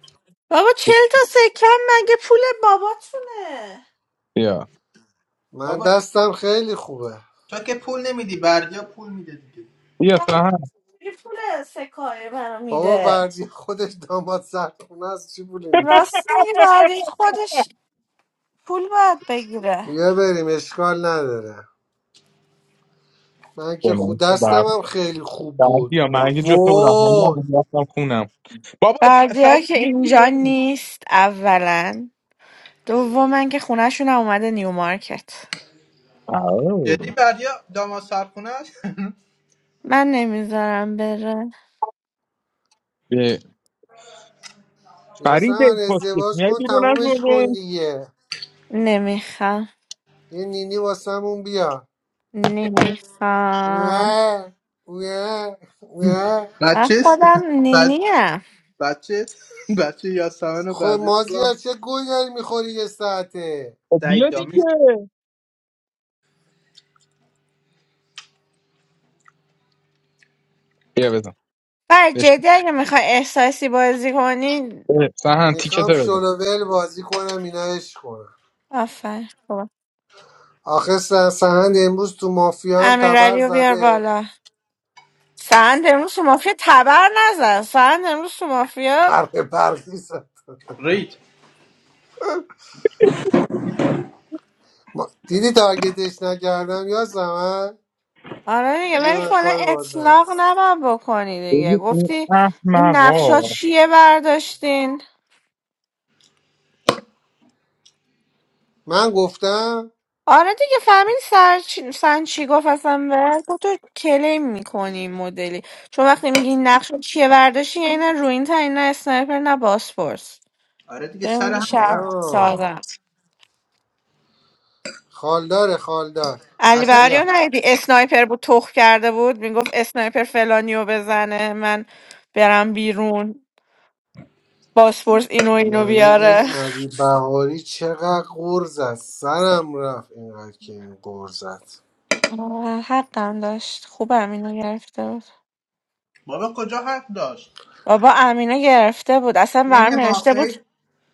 Speaker 1: بابا چل تا سکم مگه پول باباتونه
Speaker 2: بیا
Speaker 3: من
Speaker 10: بابا
Speaker 3: دستم خیلی خوبه
Speaker 10: تو که پول نمیدی بردیا پول میده دیگه
Speaker 2: بیا
Speaker 1: برداری
Speaker 2: سهن
Speaker 1: پول سکایه منو
Speaker 3: بابا
Speaker 1: میده
Speaker 3: بردی خودش داماد سرخونه از چی بوله میده
Speaker 1: راست میگه بردی خودش پول باید بگیره
Speaker 3: بیا بریم اشکال نداره من
Speaker 2: به
Speaker 3: که خود
Speaker 2: من بر
Speaker 3: دستم هم خیلی خوب
Speaker 2: بر
Speaker 3: بود
Speaker 2: بیا من اگه جا تو بودم من
Speaker 3: وای
Speaker 2: نبودم، رفتم خونم بابا ف-
Speaker 1: بردی ها
Speaker 2: فرید
Speaker 1: که
Speaker 2: یه
Speaker 1: اینجا
Speaker 2: بیرون
Speaker 1: نیست اولا دوما که خونهشون هم اومده نیو مارکت
Speaker 10: جدی
Speaker 2: آه.
Speaker 10: بردیا داماد سرخونه است
Speaker 1: من نمیذارم بره
Speaker 2: بیا. فرید
Speaker 3: یاسمن
Speaker 2: پستیک
Speaker 3: ازدواج
Speaker 2: میای
Speaker 3: کن
Speaker 2: بیرون از اون
Speaker 3: تمومش کن
Speaker 2: روم
Speaker 3: دیگه
Speaker 1: نمیخوام
Speaker 3: یه نینی واسمون بیا
Speaker 1: نمیخوام
Speaker 3: نه نه نه
Speaker 1: من
Speaker 10: بچه است؟
Speaker 1: خودم
Speaker 10: بچه
Speaker 1: نینیم
Speaker 10: بچه بچه یاسمن و
Speaker 3: خب
Speaker 10: بردیا
Speaker 3: مازیار
Speaker 10: میگم
Speaker 3: چه گوی داری میخوری یه ساعته
Speaker 2: خب
Speaker 10: سعید
Speaker 2: بیا دیگه
Speaker 10: دامیس
Speaker 2: بیا بزن
Speaker 1: برای
Speaker 2: بشین
Speaker 1: جدی اگه میخوای احساسی بازی کنی
Speaker 2: سهن
Speaker 3: میخوام
Speaker 2: تیکتو بزن
Speaker 3: شلوول بازی کنم اینا عشق کنم
Speaker 1: آفر خوب
Speaker 3: آخه س- سهند امروز تو مافیا هم تبر
Speaker 1: امیرعلی رو بیار
Speaker 3: زده
Speaker 1: بالا سند امروز تو مافیا تبر نزد سند امروز تو مافیا
Speaker 3: حرف برقی زد.
Speaker 10: رید
Speaker 3: ما... دیدی تارگتش نکردم یا زمان
Speaker 1: آره دیگه ولی
Speaker 3: نه
Speaker 1: کلا
Speaker 3: کاری باید ندارم.
Speaker 1: اطلاق نباید بکنی دیگه
Speaker 2: ببین این
Speaker 1: گفتی این نقشا
Speaker 2: احمقا
Speaker 1: چیه برداشتین
Speaker 3: من گفتم
Speaker 1: آره دیگه فهمید سر چی... سن چی گفت اصلا بهت گفت تو کلیم میکنی این مدلی چون وقتی میگی این نقش رو چیه برداشتی یعنی نه روین نه اسنایپر نه باسپورس
Speaker 10: آره دیگه
Speaker 1: داری
Speaker 10: سر
Speaker 1: میگی
Speaker 10: همون
Speaker 1: شهر
Speaker 10: هم.
Speaker 3: آه.
Speaker 1: سازم
Speaker 3: خالداره خالدار
Speaker 1: علی
Speaker 10: اصلا
Speaker 1: بهاری
Speaker 3: بیا
Speaker 1: رو ندیدی اسنایپر بود تخ کرده بود میگفت اسنایپر فلانیو بزنه من برم بیرون باسپورس اینو اینو
Speaker 3: یعنی این
Speaker 1: بیاره
Speaker 3: علی بهاری چقدر قرز است سرم رفت اینقدر که این قرز است
Speaker 1: آه، حقم داشت خوب امینو گرفته بود
Speaker 10: بابا کجا حق داشت
Speaker 1: بابا امینو گرفته بود اصلا
Speaker 10: چین
Speaker 1: برام نوشته بود
Speaker 10: مافیر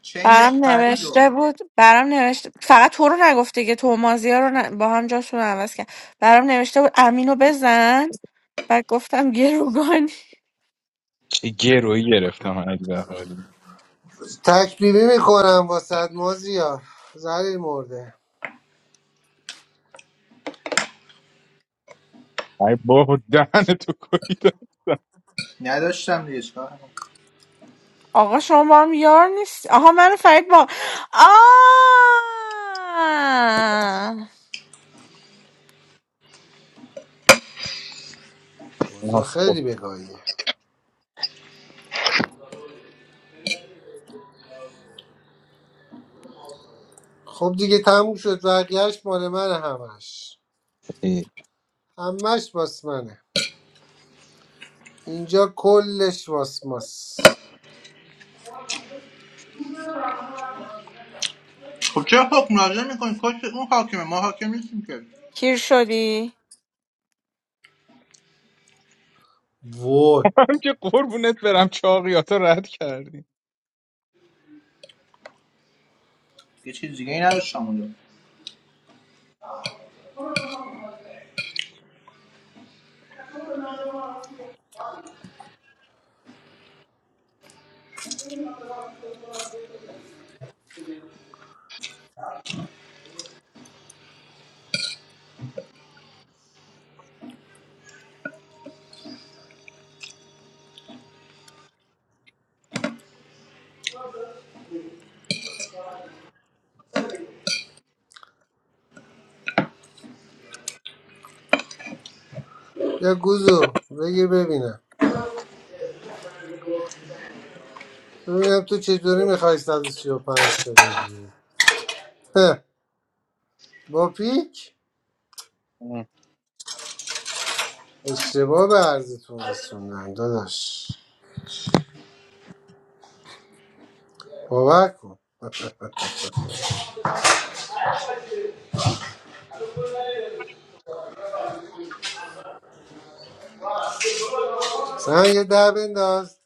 Speaker 10: چینش
Speaker 1: برام
Speaker 10: فرید
Speaker 1: نوشته
Speaker 10: رو
Speaker 1: بود برام نوشته فقط تو رو نگفته که تو و مازیار رو ن- با هم جاشون رو عوض کرد برام نوشته بود امینو بزن بعد گفتم گروگانی
Speaker 2: چه گروهی گرفتم من
Speaker 3: تکبیبی میکنم واسد مازیار زلیل مرده
Speaker 2: ای بابا دهن تو کویده
Speaker 10: نداشتم دیگه چیکار کنم؟
Speaker 1: آقا شما با هم یار نیست آها منو فرید با آ
Speaker 3: اوضاع
Speaker 2: آها، خب،
Speaker 3: خیلی بگاهیه خب دیگه تموم شد بقیهش مال من همش
Speaker 2: ای.
Speaker 3: همش واس منه اینجا کلش واس ماس
Speaker 10: خب چرا حکم نازل میکنی کش اون حاکمه ما حاکم نیستیم که
Speaker 1: کیر شدی
Speaker 3: وای
Speaker 2: هم که قربونت برم چاقیاتا رد کردی
Speaker 10: یه چیز دیگه ای نداشتم
Speaker 3: یا گوزو بگیر ببینم ببینم تو چطوری میخوای 135 تا بگیری هه، با پیک
Speaker 2: اه.
Speaker 3: اشتباه به عرضتون رسوندن داداش باور کن سن یه در بنداز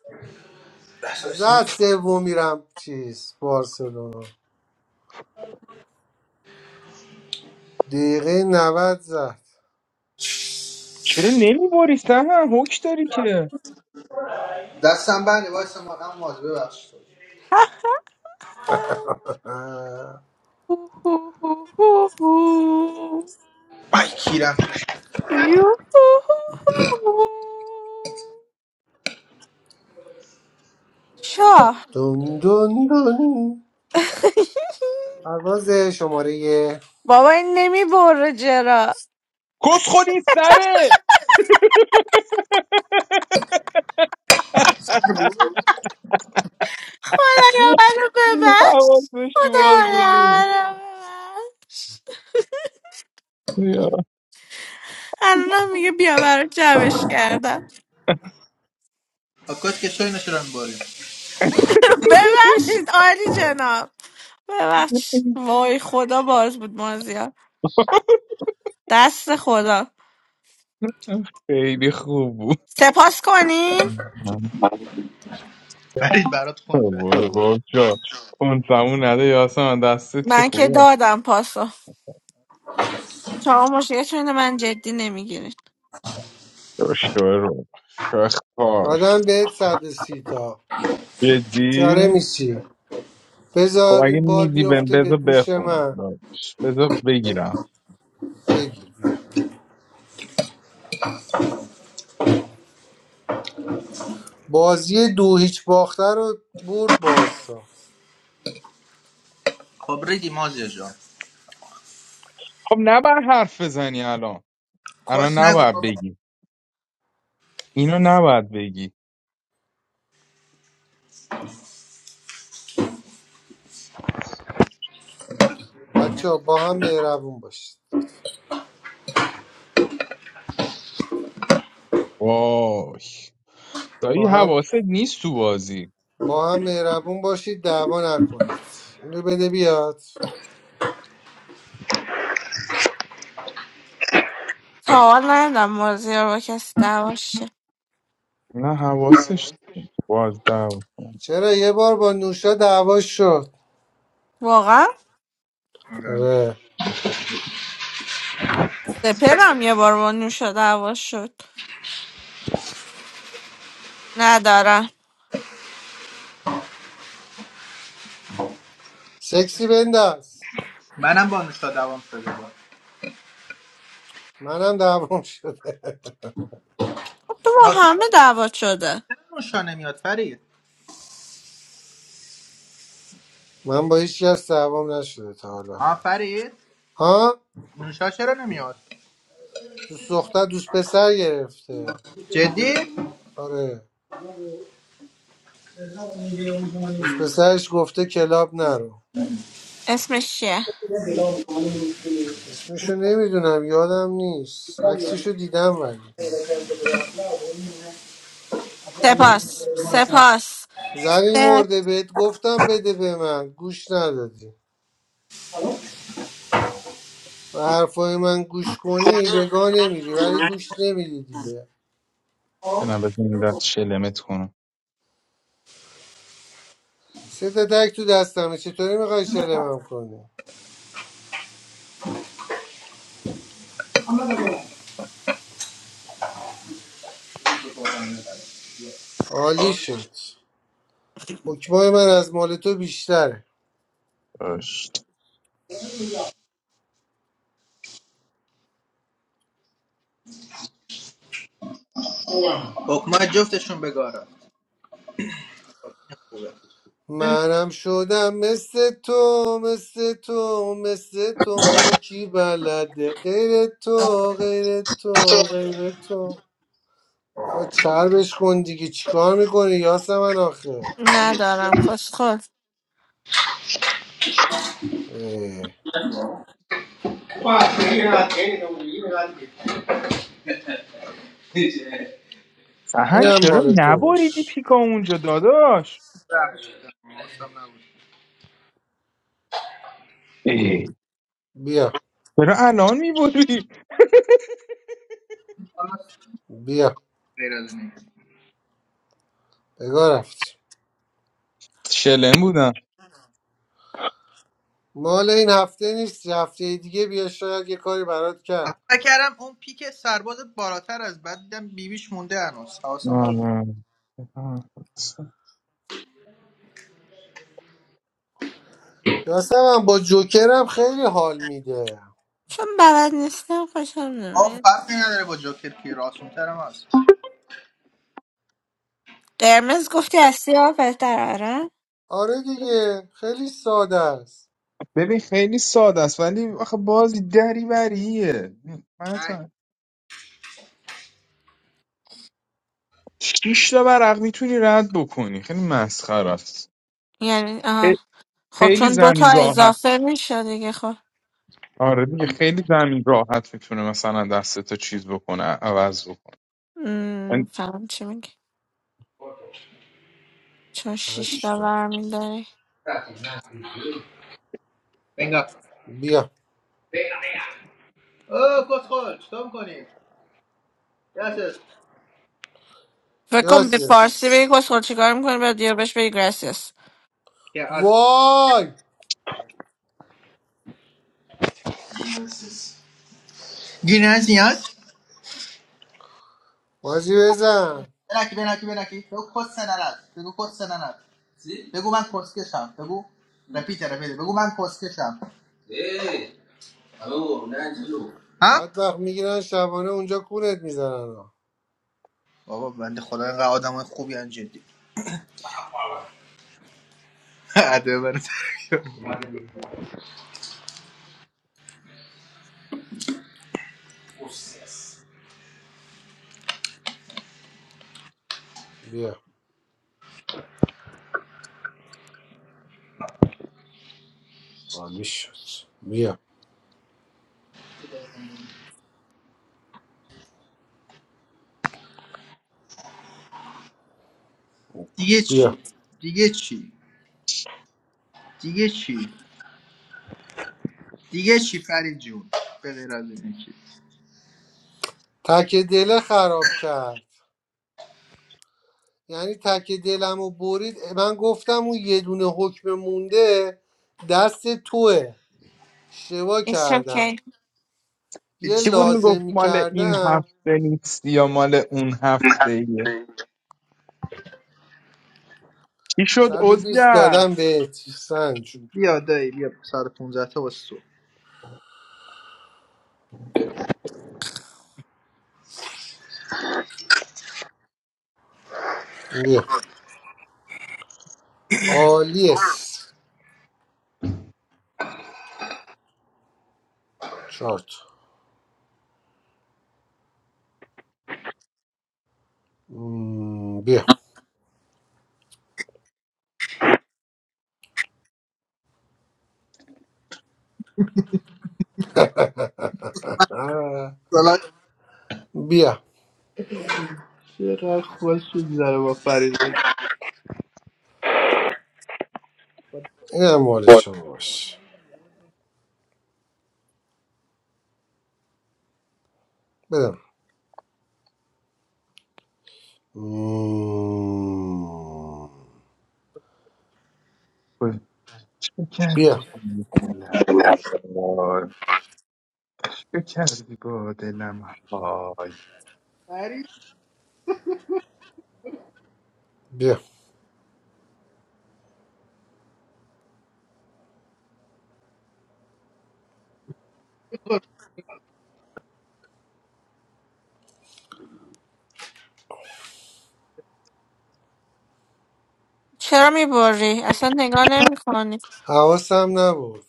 Speaker 10: اونجا
Speaker 3: زد سوم میرم چیز بارسلونا دقیقه 90 زد
Speaker 2: چرا نمیباری هم حکش داری که
Speaker 10: دستم بنده وایسا ما اما ببخش تو
Speaker 3: آه،
Speaker 10: آی کیرم
Speaker 1: شاه
Speaker 3: دون دون دون پرواز شماره یه
Speaker 1: بابا این نمی بره جرا.
Speaker 2: کس خودی سره
Speaker 1: خدایا منو ببخش
Speaker 2: حواسش تو
Speaker 1: خدایا
Speaker 2: بازونی
Speaker 1: منو ببخش
Speaker 2: بیا.
Speaker 1: الان میگه بیا برای جمعش کردم
Speaker 10: آکات که شوی نشورن باری
Speaker 1: ببخشید عالی جناب ببخشید وای خدا باز بود مازیار دست خدا
Speaker 2: خیلی خوب بود
Speaker 1: سپاس کنیم
Speaker 2: من
Speaker 10: برید برات خونفه
Speaker 2: بابا گفت شد اون زمون نده یاسم دستت که
Speaker 1: من که
Speaker 2: خوبه
Speaker 1: دادم پاسو شما مشکلتون اینه من جدی نمیگیرید
Speaker 2: شو رو شو خار
Speaker 3: دادم بهت 130 تا
Speaker 2: جدی
Speaker 3: بیچاره میشی
Speaker 2: خب
Speaker 3: بذار
Speaker 2: اگه
Speaker 3: این بار
Speaker 2: میدی بهم
Speaker 3: بیفته به
Speaker 2: بذار
Speaker 3: دوش
Speaker 2: بخونم
Speaker 3: من
Speaker 2: باش. بذار بگیرم
Speaker 3: بگیر بیا بازی دو هیچ باخته رو برد باز
Speaker 10: خب ریدی مازیا جان
Speaker 2: خب نباید حرف بزنی الان الان
Speaker 10: کس نگو
Speaker 2: نباید
Speaker 10: بابا
Speaker 2: بگی اینو نباید بگی
Speaker 3: بچه با هم مهربون باشید لطفا.
Speaker 2: وای دایی
Speaker 3: با هم
Speaker 2: حواست نیست تو بازی
Speaker 3: با هم مهربون باشید دعوا نکنید اینو بده بیاد
Speaker 1: تا حال نمیدم مازیار با کسی دعواش شه.
Speaker 2: نه حواسش باز دعوا کنم
Speaker 3: چرا یه بار با نوشا دعوا شد
Speaker 1: واقعا
Speaker 3: آره
Speaker 1: سپرم یه بار با نوشا دعوا شد ندارم
Speaker 3: سکسی بنداز
Speaker 10: منم با نوشا دوام شده با
Speaker 3: منم دعوام شده
Speaker 1: خب تو با
Speaker 10: راستی
Speaker 1: همه
Speaker 10: چرا
Speaker 1: دعوا شده
Speaker 10: چرا نوشا نمیاد فرید
Speaker 3: من با هیچ کس دعوام نشده تا حالا
Speaker 10: ها فرید
Speaker 3: ها
Speaker 10: نوشا چرا نمیاد
Speaker 3: دوست دختر دوست پسر گرفته
Speaker 10: جدی
Speaker 3: آره دوست پسرش گفته کلاب نرو
Speaker 1: اسمش چیه
Speaker 3: اسمشو نمیدونم یادم نیست عکسشو دیدم ولی
Speaker 1: سپاس سپاس
Speaker 3: زنی
Speaker 1: سپ
Speaker 3: مرده بهت گفتم بده به من گوش ندادی و حرفای من گوش کنی وگا نمیری ولی گوش نمیری دیگه
Speaker 2: بنام بزن این دست شلمت کنم
Speaker 3: سه تا تک تو دستمه چطوری میخوای شلمم کنی عالی شد حکمای من از مال تو بیشتره
Speaker 2: باش.
Speaker 10: حکمای جفتشون بگارا خوبه
Speaker 3: منم شدم مثل تو مثل تو مثل تو منو کی بلده غیر تو غیر تو غیر تو بابا چربش کن دیگه چیکار میکنی یاسمن آخه
Speaker 1: ندارم کسخور
Speaker 3: اه،
Speaker 2: سهن
Speaker 3: اینم
Speaker 2: چرا
Speaker 3: مال تو
Speaker 2: نبریدی
Speaker 3: باش
Speaker 2: پیکا اونجا داداش ای.
Speaker 3: بیا
Speaker 2: چرا الان میبری
Speaker 10: حالا
Speaker 3: بیا
Speaker 10: غیر از اینه.
Speaker 3: بگاه رفتی
Speaker 2: شلم بودم
Speaker 3: مال این هفته نیست هفته دیگه بیا شاید یه کاری برات
Speaker 10: آخه
Speaker 3: کرد
Speaker 10: فکر کردم اون پیک سرباز بالاتر از بعد دیدم بیبیش مونده هنوز حواسم نبود.
Speaker 2: آه.
Speaker 3: یاسم هم با جوکرم خیلی حال میده
Speaker 1: چون بلد نیستم خوشم
Speaker 10: آه
Speaker 1: نمید
Speaker 10: فرقی نداره با جاکر که راست ترم هست
Speaker 1: قرمز گفتی از سیاه بهتر آره
Speaker 3: آره دیگه خیلی ساده است
Speaker 2: ببین خیلی ساده است ولی آخه بازی دری بریه
Speaker 10: نه
Speaker 2: مثلا شیش تا ورق میتونی رد بکنی خیلی مسخره است
Speaker 1: یعنی آها
Speaker 2: خ-
Speaker 1: خب
Speaker 2: خیلی
Speaker 1: چون دوتا
Speaker 2: زمین راحت
Speaker 1: اضافه میشه دیگه خب
Speaker 2: آره دیگه خیلی زمین راحت میتونه مثلا دسته تا چیز بکنه عوض بکنه
Speaker 1: م،
Speaker 2: یعنی
Speaker 1: فهم چی میگی چون شیشتا
Speaker 3: هشتا
Speaker 1: برمیداری
Speaker 10: بنگا
Speaker 3: بیا
Speaker 10: اوه کس خول چطور میکنی؟ یاسس
Speaker 1: فکر کن به
Speaker 3: گراسیس
Speaker 1: فارسی بگی کسخور چیکار میکنی بعد دیگه بهش بگی گراسیس
Speaker 10: که از
Speaker 3: وای
Speaker 10: گینزی هست؟
Speaker 3: بازی بزن
Speaker 10: بنکی بنکی بنکی بگو کس سنرد بگو کس سنرد بگو من کس کشم بگو رپیت رپیت بگو من کس کشم ها؟
Speaker 3: بعد وقت میگیرن شبانه اونجا کونت میزنن
Speaker 10: بابا بنده خدا اینقدر آدم های خوبی هن جدی عده برات.
Speaker 3: بیا عالی شد بیا
Speaker 10: دیگه
Speaker 3: بیا
Speaker 10: چی؟ دیگه چی؟ دیگه چی؟ دیگه چی فرید جون؟ به غیر از این
Speaker 3: تک دله خراب کرد یعنی تک دلمو برید من گفتم اون یه دونه حکم مونده دست توه اشتباه
Speaker 1: It's
Speaker 3: کردم
Speaker 1: okay.
Speaker 3: یه
Speaker 2: چی بود
Speaker 10: چی؟
Speaker 2: میگفت
Speaker 3: لازمی
Speaker 2: مال این
Speaker 3: کردم
Speaker 2: هفته نیست یا مال اون هفته ایه چی شد
Speaker 3: صد و بیست
Speaker 2: عزگر
Speaker 3: دادم بهت سنج
Speaker 10: بیا دایی بیا ساعت پونزده تا واسه تو
Speaker 3: بیا آلیس چارت بیا آه،
Speaker 10: سلام
Speaker 3: بیا
Speaker 10: چقدر خوش میگذره با فرید
Speaker 3: این هم مال شما باش بدم مم،
Speaker 2: چه
Speaker 3: بیا
Speaker 2: کردی با دلم وای؟ چه کردی با دلم های
Speaker 10: فرید
Speaker 3: بیا
Speaker 1: چرا میبری؟ اصلا نگاه نمیکنی
Speaker 3: حواسم نبود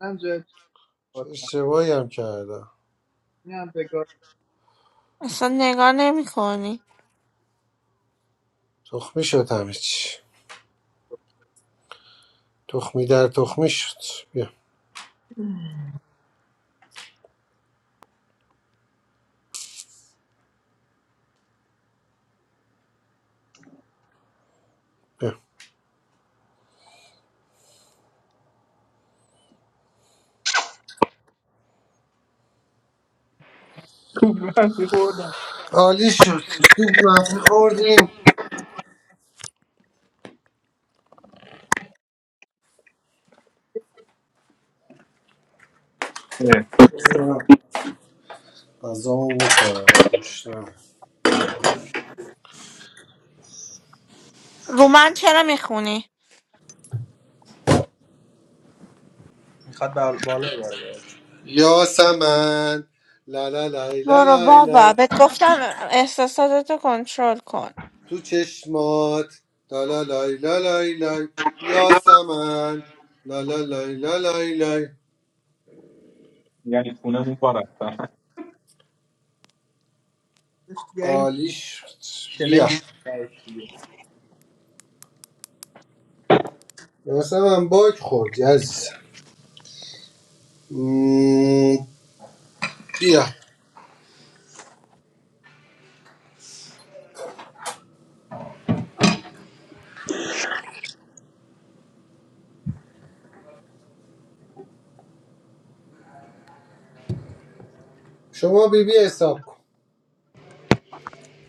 Speaker 10: هم جای
Speaker 3: چه
Speaker 10: خواستم
Speaker 3: اشتباهی هم کردم
Speaker 10: این هم بگار
Speaker 1: اصلا نگاه نمیکنی
Speaker 3: تخمی شد همه چی تخمی در تخمی شد بیا بیا
Speaker 2: کوبنی خوردم
Speaker 3: عالی شد دوب منفی خوردیم غذامو بخورم گوشتم
Speaker 1: رو من چرا میخونی؟
Speaker 10: میخواد بر بالا بره
Speaker 3: یاسمن لا لا لای لا
Speaker 1: برو
Speaker 3: لای
Speaker 1: بابا
Speaker 3: لای
Speaker 1: بهت گفتم احساساتتو کنترل کن
Speaker 3: تو چشمات لا لا لای لا لای لای یاسمن لا لا لای لا لای لای
Speaker 2: یعنی خونمون پا رفتن
Speaker 10: دیگه این
Speaker 3: عالی شد
Speaker 10: کلم
Speaker 3: بیا یاسمن باک خورد یز بیا شما بی بی حساب کن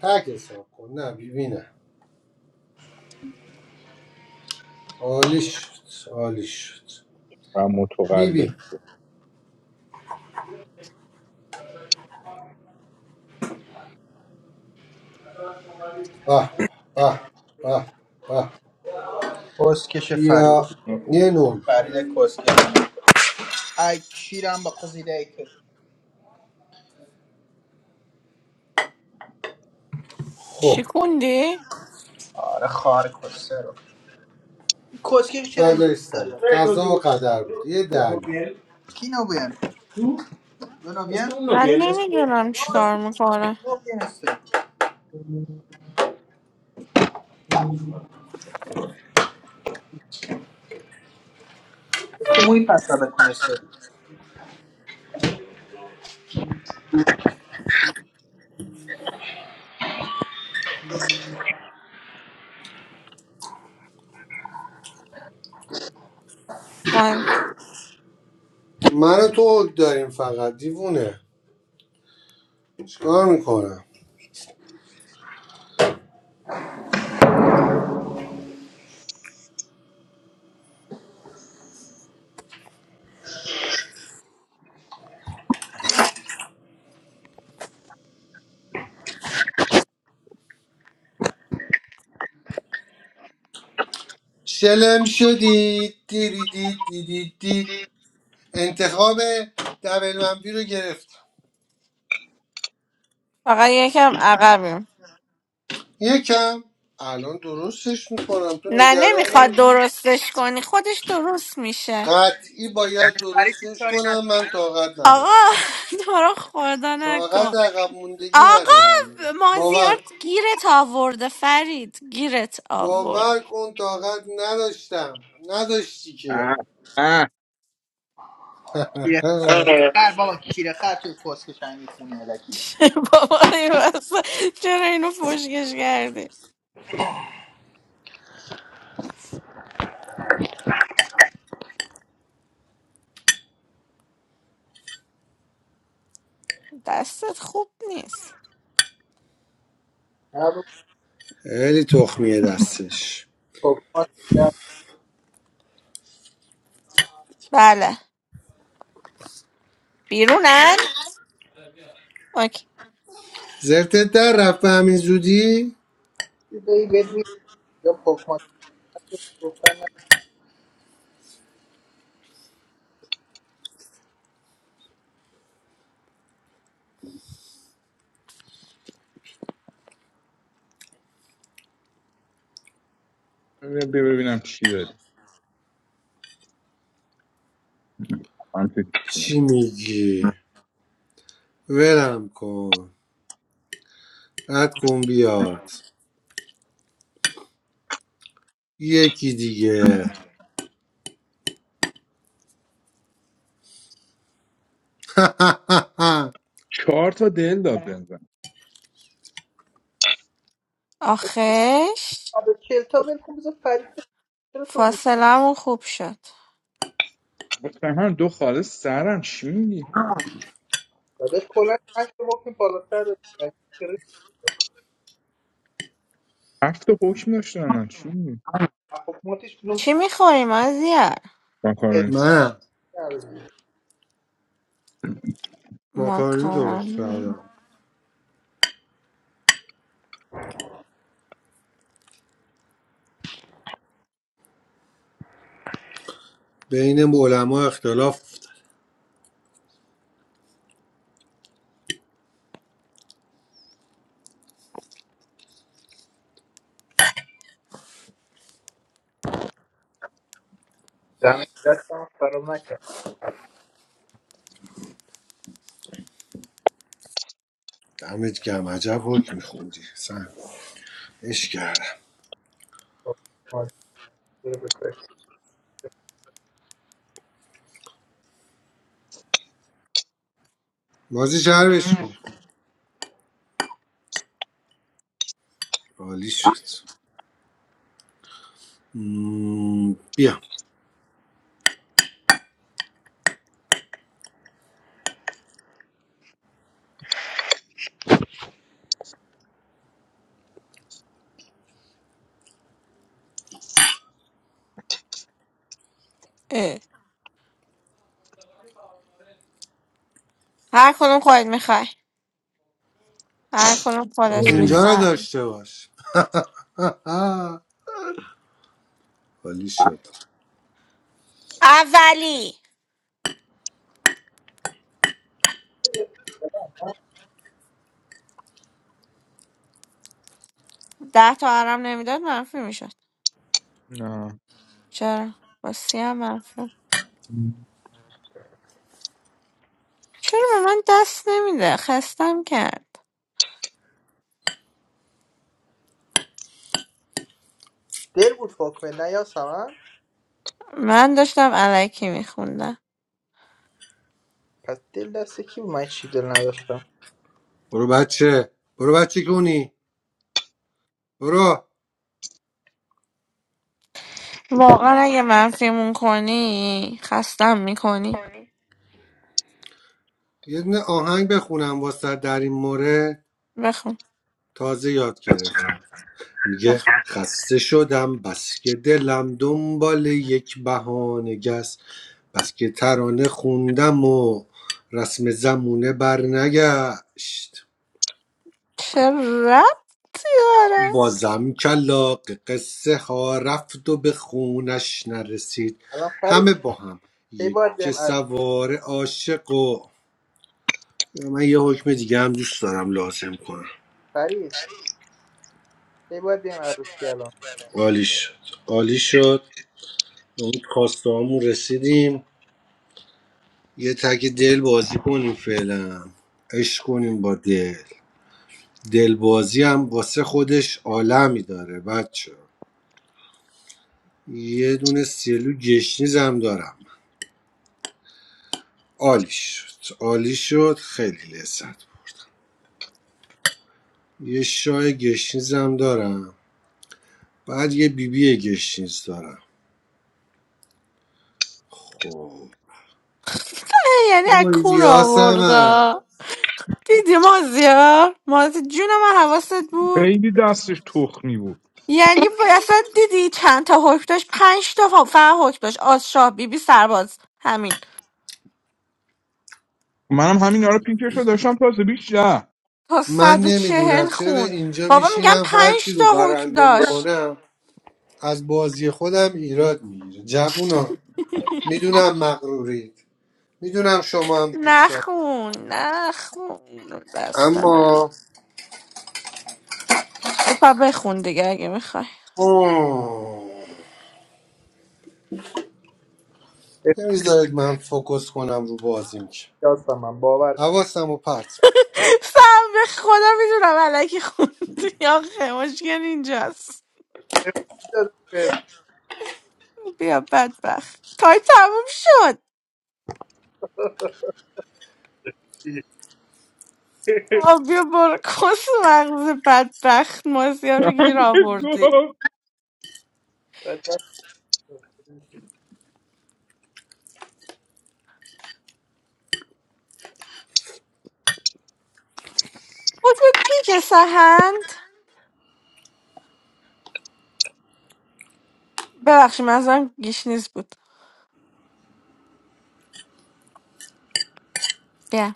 Speaker 3: تک حساب کن نه بی بی نه عالی شد عالی شد
Speaker 2: و
Speaker 3: بی بی
Speaker 2: متقلب
Speaker 3: به به به به به
Speaker 10: کسکش
Speaker 3: بیا
Speaker 10: فرید
Speaker 3: یه نوع
Speaker 10: فرید کسکش ای کیرم با قزیده ای که
Speaker 3: خب
Speaker 1: چی کندی؟
Speaker 10: آره خار کسه رو این کسکش چرا اینجا
Speaker 3: فردا
Speaker 10: میذاری
Speaker 3: سمت قضا و قدر بود یه دلو
Speaker 10: کی نو بیان تو؟ نو بیان No no
Speaker 1: من
Speaker 10: vienes.
Speaker 1: نمیدونم
Speaker 10: No, esto
Speaker 1: چیکار
Speaker 10: no,
Speaker 1: میکنه
Speaker 10: no viene este. موی پس را بکنسته
Speaker 1: من
Speaker 3: من و تو حک داریم فقط دیوونه چیکار میکنم شلم شدید دیریدید دیدید دید انتخاب دبل منفی رو گرفتم
Speaker 1: فقط یکم عقبیم
Speaker 3: یکم الان درستش میکنم تو
Speaker 1: نه
Speaker 3: نگران
Speaker 1: نمیخواد
Speaker 3: نباش
Speaker 1: درستش کنی خودش درست میشه
Speaker 3: قطعی باید
Speaker 10: فرید هیچ
Speaker 3: درستش
Speaker 10: کاری
Speaker 3: کنم
Speaker 10: نکنه
Speaker 3: من طاقت
Speaker 1: آقا
Speaker 3: ندارم
Speaker 1: تو رو خدا
Speaker 3: طاقت
Speaker 1: نکن
Speaker 3: عقب موندگی
Speaker 1: آقا
Speaker 3: ندارم باور
Speaker 1: مازیار
Speaker 3: کن
Speaker 1: گیرت آورده فرید گیرت آورد
Speaker 3: باور کن طاقت نداشتم نداشتی که
Speaker 2: اه اه
Speaker 10: کیره خر بابا کیره خر توی کسکش همین میخونه الکیه
Speaker 1: بابا این وسط چرا اینو فشکش کردی دستت خوب نیست
Speaker 10: نه بابا
Speaker 3: خیلی تخمیه دستش
Speaker 10: پوکمات در
Speaker 1: بله بیرونن اوکی
Speaker 3: زرتت در رفت به همین زودی
Speaker 10: بایی بد میگم یا پوکمات رو گفتن نه.
Speaker 2: بیا ببینم چی داری آنتی
Speaker 3: چی میگی ولم کن قد کن بیاد یکی دیگه
Speaker 2: چهار تا دل داد بنزن
Speaker 1: آخش
Speaker 10: آب کلتا ول کن بذار فرید بره. چرا تو میگی
Speaker 1: فاصلمون خوب شد
Speaker 2: گفتم هم دو خاله سرم چی میگی
Speaker 10: داداش کلا هشت رو بکنیم بالاتر رو
Speaker 2: هفت تا حکم داشتم من چی میگی
Speaker 10: پوکماتش کنم
Speaker 1: چی میخوری مازیار
Speaker 10: ازدی
Speaker 2: ماکارونی
Speaker 3: من
Speaker 10: نداری
Speaker 3: ماکارونی درست
Speaker 1: ماکارونی
Speaker 3: کردم بین علما اختلاف افتاد
Speaker 10: دمه دستم فرام
Speaker 3: دمت گم عجب حکم میخوندی سن اش کردم
Speaker 10: نکرد دل بود
Speaker 3: بازی شربش کن عالی شد مم، بیا
Speaker 1: اه. هر کدوم خودت میخوای هر کدوم خودش
Speaker 2: ای.
Speaker 3: اینجا رو
Speaker 1: میخواد
Speaker 3: داشته باش عالی شد
Speaker 1: اولی ده تا عرم نمیداد منفی میشد
Speaker 2: نه
Speaker 1: چرا با سی هم منفی چرا به من دست نمیده خستم کرد
Speaker 10: دل بود پاک نه یا سمن
Speaker 1: من داشتم علکی میخوندم
Speaker 10: پس دل دست کی بود من چی دل نداشتم
Speaker 3: برو بچه برو بچه گونی برو
Speaker 1: واقعا اگه
Speaker 10: واقعا
Speaker 1: منفیمون کنی خستم میکنی
Speaker 10: کنی
Speaker 3: یه دونه آهنگ بخونم واسه در این مورد
Speaker 1: بخون
Speaker 3: تازه یاد گرفتم میگه
Speaker 1: بخون
Speaker 3: خسته شدم بس که دلم دنبال یک بهانه گس بس که ترانه خوندم و رسم زمونه برنگشت
Speaker 1: چه ربطی داره
Speaker 3: بازم کلاق قصه ها رفت و به خونش نرسید
Speaker 10: الان فرید
Speaker 3: همه با هم
Speaker 10: کی
Speaker 3: یک
Speaker 10: باید بیم عروسی
Speaker 3: سوار عاشق و من یه حکم دیگه هم دوست دارم لازم کنم
Speaker 10: فرید کی باید بیم عروسی الان
Speaker 3: عالی شد عالی شد به اون کاستامون رسیدیم یه تک دل بازی کنیم فعلا عشق کنیم با دل دل بازی هم واسه خودش عالمی داره بچه یه دونه سیلو گشنیز هم دارم عالی شد عالی شد خیلی لذت بود. یه شای گشنیز هم دارم بعد یه بیبی گشنیز دارم خب
Speaker 1: یعنی
Speaker 3: یه
Speaker 1: از کون
Speaker 3: بیبی
Speaker 1: آوردا دیدی مازیار مازی جون من حواست بود
Speaker 2: خیلی دستش تخمی بود
Speaker 1: یعنی اصلا دیدی چند تا حکم داشت پنج تا فقط حکم داشت آزشاه بیبی سرباز همین
Speaker 2: منم همین آره پینکش رو داشتم تازه بیش نه
Speaker 1: تا
Speaker 3: من
Speaker 1: صد و چهل
Speaker 3: نمیدونم چرا
Speaker 1: خون
Speaker 3: اینجا
Speaker 1: بابا میگم
Speaker 3: میشینم هر کی
Speaker 1: پنج تا
Speaker 3: رو
Speaker 1: حکم
Speaker 3: برنده
Speaker 1: داشت
Speaker 3: میکنم از بازی خودم ایراد میگیره جوونا میدونم مغرورید میدونم شما هم دوست دارید
Speaker 1: نخون نخون بسته نه
Speaker 3: اما
Speaker 1: خب پا بخون دیگه اگه میخوای
Speaker 3: اوه،
Speaker 10: به
Speaker 3: نمیذارید من فوکس کنم رو بازیم که
Speaker 10: خدا سمن باور کن
Speaker 3: حواسم رو پرت می‌کنم.
Speaker 1: سم به خدا میدونم علکی خوندی آخه مشکل اینجاست
Speaker 10: به خدا دست به
Speaker 1: بیا بدبخت تای تموم شد آه، بیا برو کس مغز بدبخت مازیار رو گیر آوردی
Speaker 2: گفت
Speaker 10: دست
Speaker 1: قطب پیک سهند ببخشید منظورم گیشنیز بود بیا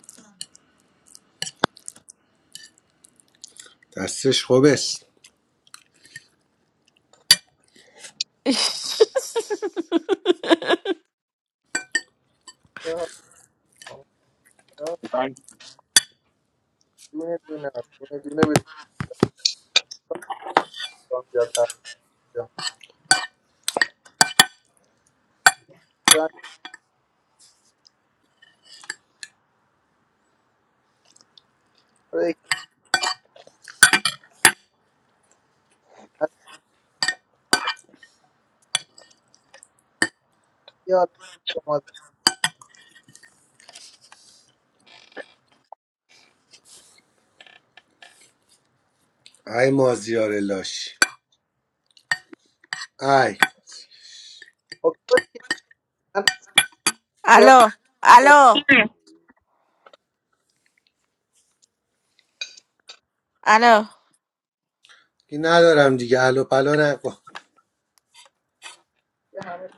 Speaker 3: دستش خوبش
Speaker 2: من-
Speaker 10: دونه دونه دونه دونه به دوستان زیادتر می‌شم. دارن کارایی از یاد شما
Speaker 3: ای مازیار لاشی ای
Speaker 10: اکتبر که من صورت
Speaker 1: الو
Speaker 10: زد
Speaker 1: الو الو
Speaker 3: که ندارم دیگه الو پلا نکن
Speaker 10: که همه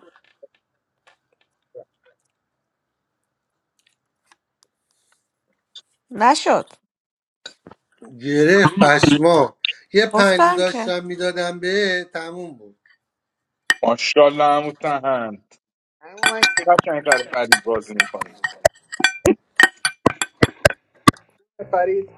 Speaker 1: نشد
Speaker 3: گره پشما یه پنلو
Speaker 1: گفتم که
Speaker 3: داشتم میدادم به تموم بود
Speaker 2: ماشاءالله عمو تهند
Speaker 10: همه من
Speaker 2: چقدر چنگ کار فرید بازی میکنی
Speaker 10: که خرید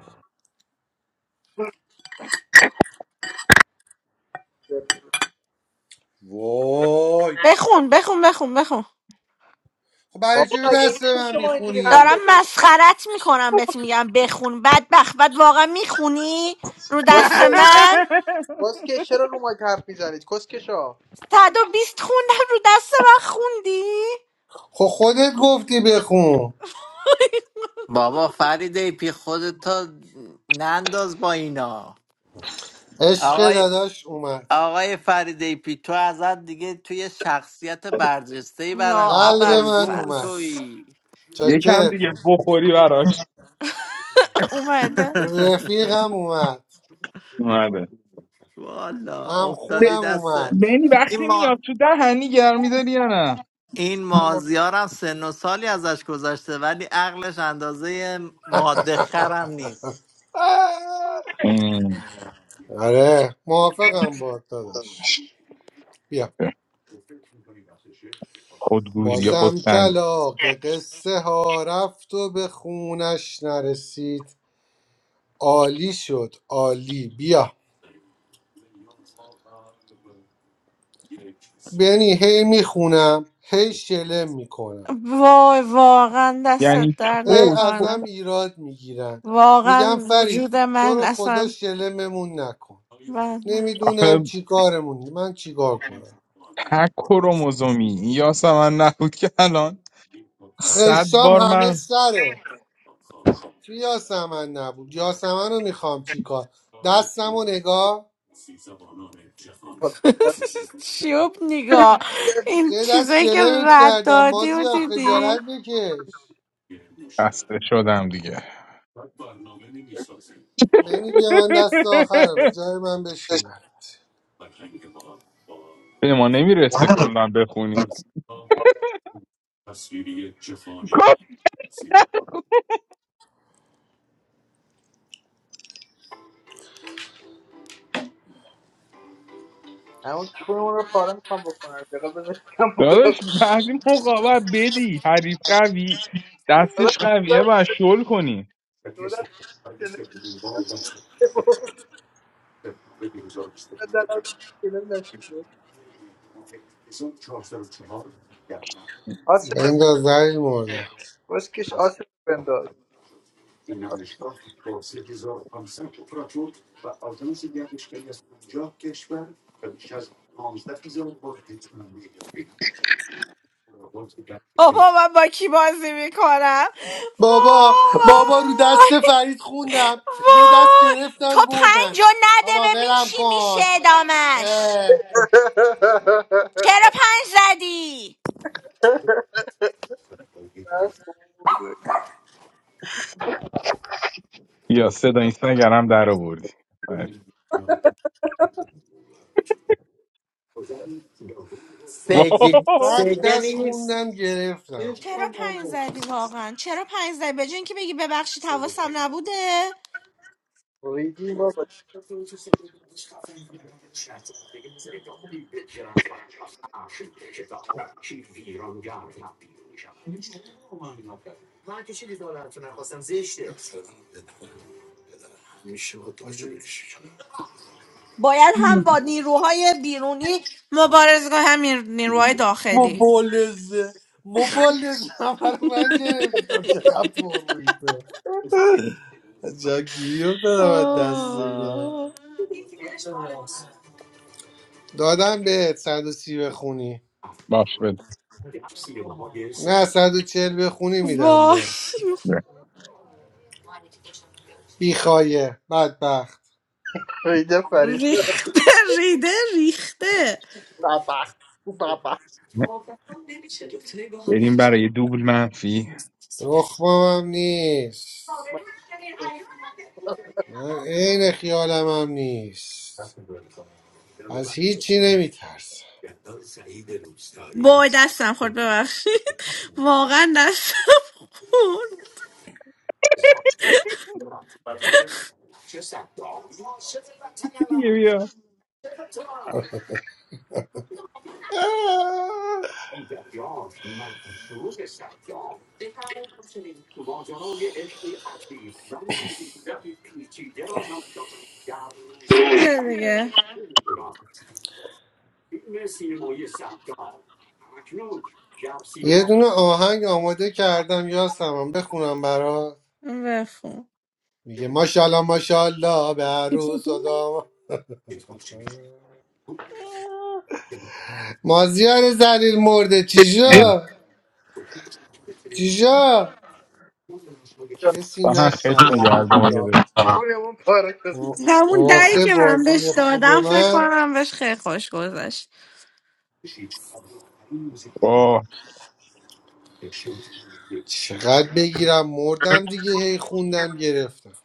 Speaker 3: وای
Speaker 1: بخون بخون بخون بخون
Speaker 3: خب برای
Speaker 10: بابا
Speaker 3: چی رو دست
Speaker 10: مگه
Speaker 3: به
Speaker 10: میشه
Speaker 3: من
Speaker 10: شما اینجوری حرف
Speaker 3: میخونی
Speaker 1: دارم
Speaker 10: بزنید
Speaker 1: مسخرت میکنم بهت میگم بخون بدبخت بعد واقعا میخونی رو دست
Speaker 10: کسکه
Speaker 1: من
Speaker 10: کسکه چرا رو ما حرف میزنید کسکه شا
Speaker 1: 120 خوندم رو دست من خوندی
Speaker 3: خب خودت گفتی بخون
Speaker 11: بابا فریده پی خودتو ننداز با اینا
Speaker 3: عشق
Speaker 11: آقای
Speaker 3: داداش اومد
Speaker 11: آقای فریده پی تو ازت دیگه توی شخصیت برجسته ای برای
Speaker 1: یا
Speaker 11: ما ما
Speaker 3: قلب من
Speaker 11: الگومون
Speaker 3: اومد
Speaker 1: ابلفس
Speaker 11: تویی
Speaker 2: یکم
Speaker 3: چاکرت
Speaker 2: دیگه بخوری براش
Speaker 1: اومده
Speaker 3: رفیقم اومد
Speaker 2: اومده
Speaker 11: والا
Speaker 3: هم
Speaker 2: ب-
Speaker 11: افتادی
Speaker 3: خونم
Speaker 11: دست
Speaker 3: اومد
Speaker 2: بینی
Speaker 11: این
Speaker 2: وقتی
Speaker 11: ما
Speaker 2: میاد تو دهنی گرمی داری یا نه
Speaker 11: این مازیارم سن و سالی ازش گذشته ولی عقلش اندازه ماده خرم نیست
Speaker 2: ام.
Speaker 3: آره موافقم با داداش بیا
Speaker 2: خودگوزی
Speaker 3: بازم
Speaker 2: خودخندی
Speaker 3: کلاق قصه ها رفت و به خونش نرسید عالی شد عالی بیا بنی هی میخونم هی شلم میکنم
Speaker 1: وای واقعا دستت
Speaker 2: یعنی
Speaker 1: در
Speaker 3: هی
Speaker 2: تو تو-
Speaker 1: نکنه
Speaker 3: ازم ایراد میگیرن
Speaker 1: واقعا
Speaker 3: میگم فرید
Speaker 1: وجود
Speaker 3: تو
Speaker 1: من
Speaker 3: رو خدا
Speaker 1: اصلا
Speaker 3: شلممون نکن
Speaker 1: من من
Speaker 3: نمیدونم
Speaker 2: آخه
Speaker 3: چی کارمون من چیکار کنم
Speaker 2: تک کروموزومی یا من نبود که الان صد
Speaker 3: خشتام
Speaker 2: بار
Speaker 3: همه
Speaker 2: من
Speaker 3: سره چی یاسمن نبود یاسمن رو میخوام چیکار دستم و نگاه
Speaker 1: شیوب نگاه این
Speaker 3: سه دست
Speaker 1: چیزایی که
Speaker 3: شلمت
Speaker 1: رد
Speaker 3: کردم
Speaker 1: دادی و
Speaker 3: مازیار خجالت
Speaker 1: دیدی
Speaker 3: بکش
Speaker 2: خسته شدم دیگه
Speaker 3: بنی بیا من دست آخرمه جای من بشین برات
Speaker 2: به ما نمیرسه کلا بخونیم کاش
Speaker 10: همون چونمون رو پاره میخوام بکنم دقیقا بزنید کم بالا
Speaker 2: داداش
Speaker 10: کنم
Speaker 2: بعضی موقع باید بدی حریف قوی دستش قویه باید شل کنی
Speaker 10: دو دست شنه که بابا دلم شنه نشید بود آسه تو
Speaker 3: بنداز زلیل مرده
Speaker 10: کسکش آسه تو بنداز آسه.
Speaker 1: بابا من با کی بازی میکنم
Speaker 3: بابا بابا رو
Speaker 1: وای
Speaker 3: دست فرید خوندم یه دست
Speaker 1: وای تو
Speaker 3: گرفتن
Speaker 1: پنج
Speaker 3: بردن
Speaker 1: رو نده
Speaker 3: بابا
Speaker 1: ببین
Speaker 3: ولم
Speaker 1: چی میشه
Speaker 3: کن
Speaker 1: ادامش
Speaker 3: اه،
Speaker 1: چرا پنج زدی
Speaker 10: خوب بود.
Speaker 2: یا صدا اینستاگرام هم در آوردی آره. واه.
Speaker 11: سگه
Speaker 3: صد
Speaker 11: سگه
Speaker 3: دست
Speaker 11: نیست
Speaker 3: خوندم گرفتم
Speaker 1: چرا پنج زدی واقعا چرا پنج زدی به جای اینکه بگی ببخشید حواسم نبوده
Speaker 10: ریدیم بابا
Speaker 1: باید هم با نیروهای بیرونی مبارزه کنه هم نیر- نیروهای داخلی
Speaker 3: مبالزه مبالزه همه رو من گرفتم چقدر برویده جا گیری رو دادم از دست اینا دادم به 130 بخونی
Speaker 2: باش بده
Speaker 3: نه 140 بخونی میدم
Speaker 1: وای
Speaker 3: به
Speaker 2: بله.
Speaker 3: بیخایه بدبخت
Speaker 10: ریده فرید
Speaker 1: ریخته ریده ریخته
Speaker 10: بابا بابا
Speaker 2: بریم برای یه دوبل منفی
Speaker 3: دخمم هم نیست من عین خیالم هم نیست از هیچی نمیترسم
Speaker 1: وای دستم خورد ببخشید واقعا دستم خورد
Speaker 2: یکی دیگه بیا
Speaker 1: یه دیگه
Speaker 3: یه دونه آهنگ آماده کردم یاسمم بخونم برات
Speaker 1: بخون
Speaker 3: میگه ماشاءالله ماشاءالله به عروس و دام مازیار زلیل مرده
Speaker 2: آه.
Speaker 3: چیجا چیجا کسی
Speaker 2: من هم خیلی
Speaker 3: نشنوم
Speaker 2: نگردار اگه
Speaker 3: اینجا
Speaker 2: داری
Speaker 10: آها. اون پاره کسه
Speaker 1: همون دری
Speaker 3: واسه
Speaker 1: که من
Speaker 3: بازی
Speaker 1: بهش
Speaker 3: خوب
Speaker 1: دادم فکر
Speaker 3: من
Speaker 1: کنم بهش خیلی خوش گذشت
Speaker 2: واه
Speaker 3: چقدر بگیرم مردم دیگه هی خوندم گرفتم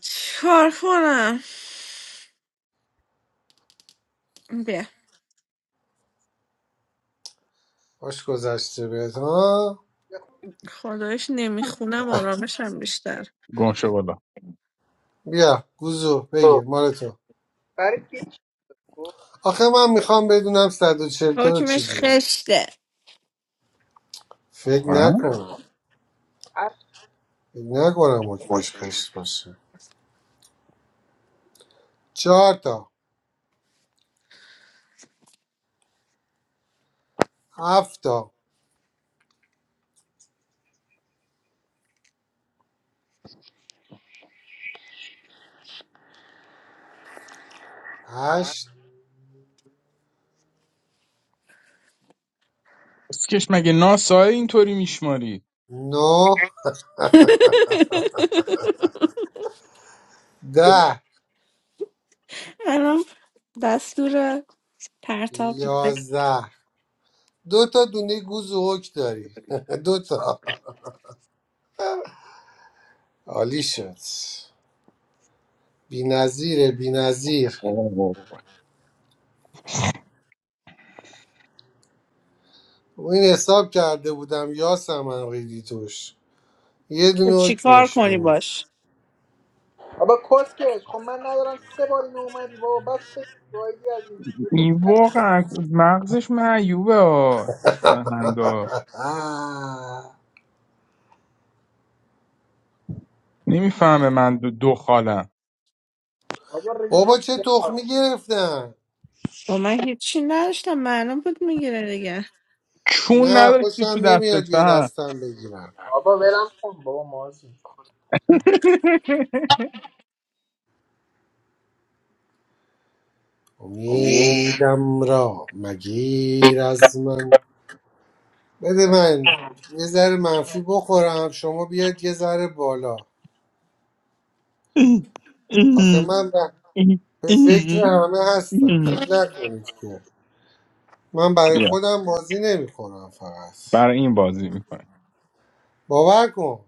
Speaker 1: چیکار کنم بیا
Speaker 3: باش گذشته بهت ها
Speaker 1: خدایش نمیخونم آرامشم بیشتر
Speaker 2: گم شو بالا
Speaker 3: بیا گوزو بگیر
Speaker 2: خب.
Speaker 3: مال تو
Speaker 10: برای هیچ خب، هر چی. بود؟
Speaker 3: آخه من میخوام بدونم 140 تا رو چی
Speaker 1: حکمش
Speaker 3: جوری
Speaker 1: خشته
Speaker 3: فکر
Speaker 2: واقعا
Speaker 3: نکنم
Speaker 10: عرض
Speaker 3: فکر نکنم حکمش خشت باشه چهار تا هفت تا هشت
Speaker 2: اسکش مگه ناسای اینطوری میشماری
Speaker 3: نو
Speaker 10: شد.
Speaker 3: ده
Speaker 1: الان دستور پرتاب میده
Speaker 3: یازده دو تا دونه گوز و حک داری دو تا عالی شد بی نظیره بی نظیر این حساب کرده بودم یاسم ریدی توش یه
Speaker 1: که
Speaker 3: دونه
Speaker 1: چیکار
Speaker 3: حکمش
Speaker 1: کنی
Speaker 3: بود
Speaker 1: باش
Speaker 10: بابا کس خب من ندارم سه بار این اومدی بابا بس سه جایی از این بابا
Speaker 2: این واقعا مغزش معیوبه ها سهنگا
Speaker 3: آه.
Speaker 2: نمیفهمه من دو, دو خالم
Speaker 10: بابا ریدی
Speaker 3: بابا
Speaker 10: با
Speaker 3: چه تخمی گرفتن
Speaker 1: با من هیچی نداشتم معلوم بود میگیره دیگه
Speaker 2: چون
Speaker 3: نه
Speaker 2: نداشتی تو
Speaker 3: خوشم
Speaker 2: دستت
Speaker 3: نمیاد یه
Speaker 2: سهن
Speaker 3: دستم بگیرم
Speaker 10: بابا ولم کن بابا مازی
Speaker 3: امیدم را مگیر از من بده من یه ذره منفی بخورم شما بیاد یه ذره بالا آخه من به به فکر همه هستم فکر نکنید که من برای
Speaker 2: بیا
Speaker 3: خودم بازی نمیکنم فقط
Speaker 2: برای این بازی میکنیم
Speaker 3: باور کن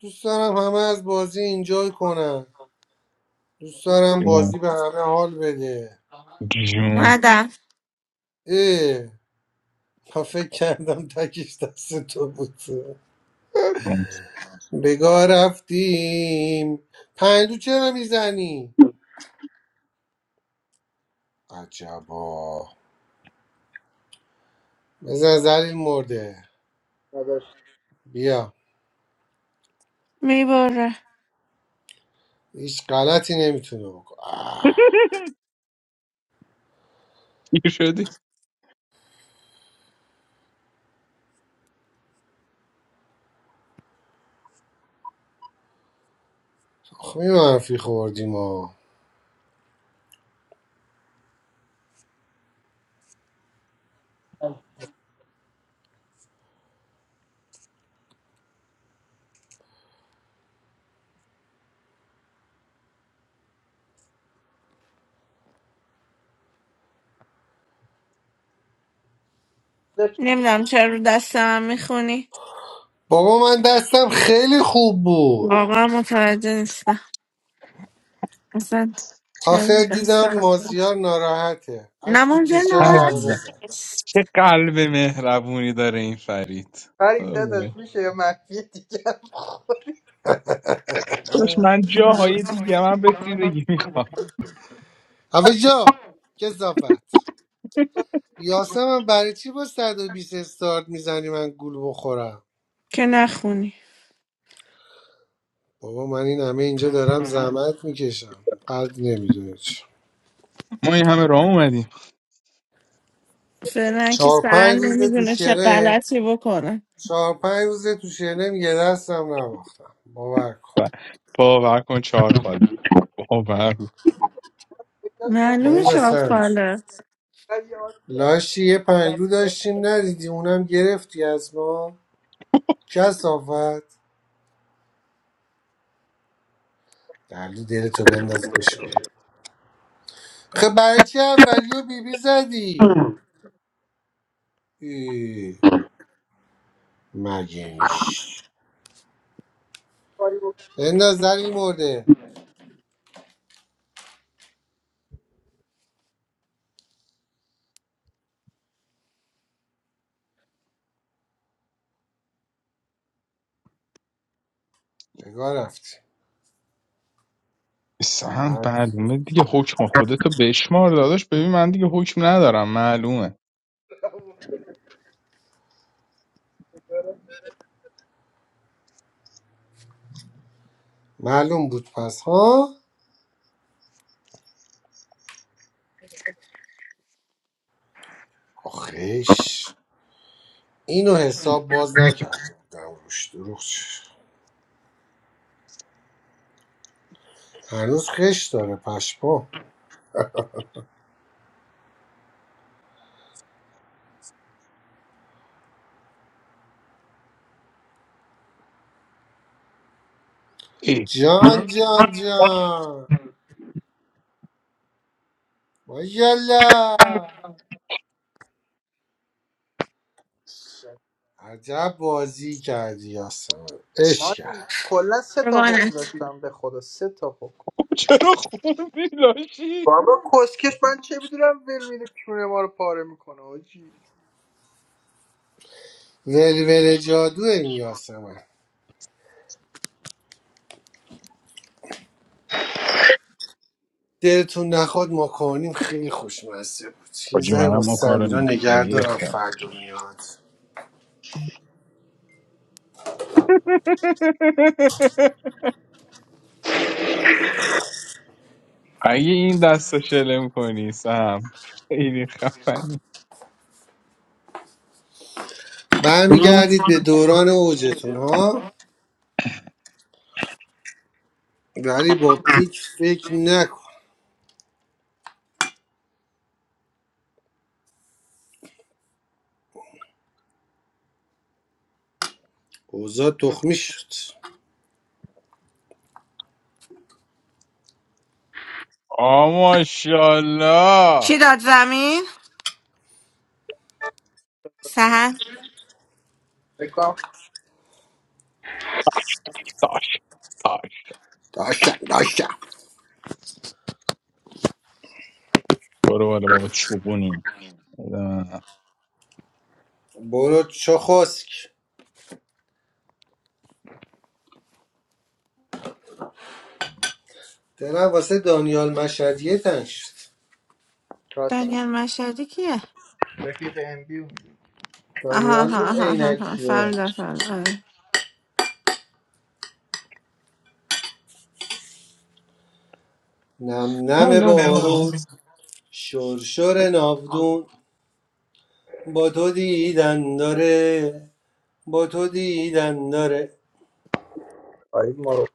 Speaker 3: دوست دارم همه از بازی اینجای کنن دوست دارم بازی به همه حال بده
Speaker 2: جون
Speaker 1: اومدم
Speaker 3: اه تا فکر کردم تکش دست تو بود بگاه رفتیم پندو چرا میزنی؟ عجبا بزن زلیل مرده
Speaker 10: نداشت
Speaker 3: بیا
Speaker 1: میبره
Speaker 3: هیچ غلطی نمیتونه بکن آه،
Speaker 2: چی شدی؟
Speaker 3: آخه می منفی خوردیم ها
Speaker 1: نمیدونم چرا رو دست من میخونی
Speaker 3: بابا من دستم خیلی خوب بود
Speaker 1: واقعا متوجه نیستم اصلا چرا رو
Speaker 3: آخر
Speaker 1: دست
Speaker 3: دیدم
Speaker 1: من می‌خونی؟
Speaker 3: مازیار ناراحته
Speaker 1: نه
Speaker 3: اش تو
Speaker 1: منظور
Speaker 3: چشاش
Speaker 1: ناراحت
Speaker 3: حلقه
Speaker 2: عزیزم.
Speaker 3: زد
Speaker 1: نیست
Speaker 2: چه قلب مهربونی داره این فرید
Speaker 10: فرید داداش
Speaker 2: قربونش.
Speaker 10: میشه یه مخفی دیگه هم بخوری
Speaker 2: داش من جاهای دیگه من رسیدگی میخوام
Speaker 3: اوه جا کسافت یاسم برای چی با 120 استارت میزنی من گول بخورم
Speaker 1: که نخونی
Speaker 3: بابا من این همه اینجا دارم زحمت میکشم قلب نمیدونه چی
Speaker 2: ما این همه راه اومدیم
Speaker 1: فعلا که
Speaker 3: چهار پنج
Speaker 1: سرن
Speaker 3: روزه تو
Speaker 1: نمیدونه چه
Speaker 3: شنه
Speaker 1: غلطی بکنه
Speaker 3: چهار پنج روزه تو شنه یه دستم نباختم باور کن
Speaker 2: و- باور کن چهار خاله باور کن.
Speaker 10: داداش،
Speaker 1: معلومه
Speaker 3: این
Speaker 1: چهار
Speaker 3: سرش
Speaker 1: ساله
Speaker 10: من یه آش دارم.
Speaker 3: لاشی یه پنلو داشتیم ندیدی اونم گرفتی از ما کسافت دلو دلتو بنداز بشکن خب برای چی اولی و بیبی زدی ای، مگه میش
Speaker 10: کاری
Speaker 3: بنداز در این مرده بگاه رفتی
Speaker 2: سهم
Speaker 3: رفت.
Speaker 2: معلومه دیگه حکم خودتو بشمار داداش ببین من دیگه حکم ندارم معلومه
Speaker 10: بکنم. و
Speaker 3: معلوم بود پس ها آخش اینو حساب باز نکردم روش دروغ چه. هنوز خش داره پشمام
Speaker 2: ای
Speaker 3: جان جان جان ما یلا
Speaker 10: بشه.
Speaker 3: عجب بازی کردی یاسمن عشق
Speaker 10: مازی
Speaker 3: کرد
Speaker 10: کلا سه تا حکم
Speaker 1: روانت.
Speaker 10: داشتم به خدا سه تا حکم
Speaker 2: خب چرا خوندی لاشی
Speaker 10: بابا کسکش من چه میدونم ول میده کونه ما رو پاره میکنه آجی
Speaker 3: ولوله جادو این یاسمن دلتون نخواد ما کنیم خیلی خوشمزه بود یه
Speaker 2: حاجی
Speaker 3: ذره
Speaker 2: منم
Speaker 3: با
Speaker 2: ما کارو
Speaker 3: سمیرا
Speaker 2: نیم
Speaker 3: نگه دارم
Speaker 2: ریختم
Speaker 3: فردا میاد
Speaker 2: اگه این دست رو شلم کنی سم خیلی خفنی
Speaker 3: برمیگردید به دوران اوجتون ها ولی با پیک فکر نکن اوضاع تخمی شد
Speaker 2: آ ماشاءالله
Speaker 1: چی داد زمین؟ سهن
Speaker 10: بکنم
Speaker 2: تاش تاش
Speaker 3: داشتم داشتم
Speaker 2: برو بالا بابا چوبونیم
Speaker 3: برو چو خسک دلم واسه دانیال مشهدیه تنگ شد
Speaker 10: راستی
Speaker 1: دانیل مشهدی کیه؟
Speaker 10: رفیق ام بیو
Speaker 1: آها
Speaker 3: دانیال
Speaker 1: آها
Speaker 3: بود
Speaker 1: آها آها آها.
Speaker 3: عینکیه
Speaker 1: فهمیدم فهمیدم آره.
Speaker 3: نم نم
Speaker 2: حالا
Speaker 3: بارون شرشر ناودون با تو دیدن داره با تو دیدن داره
Speaker 10: آید ما رو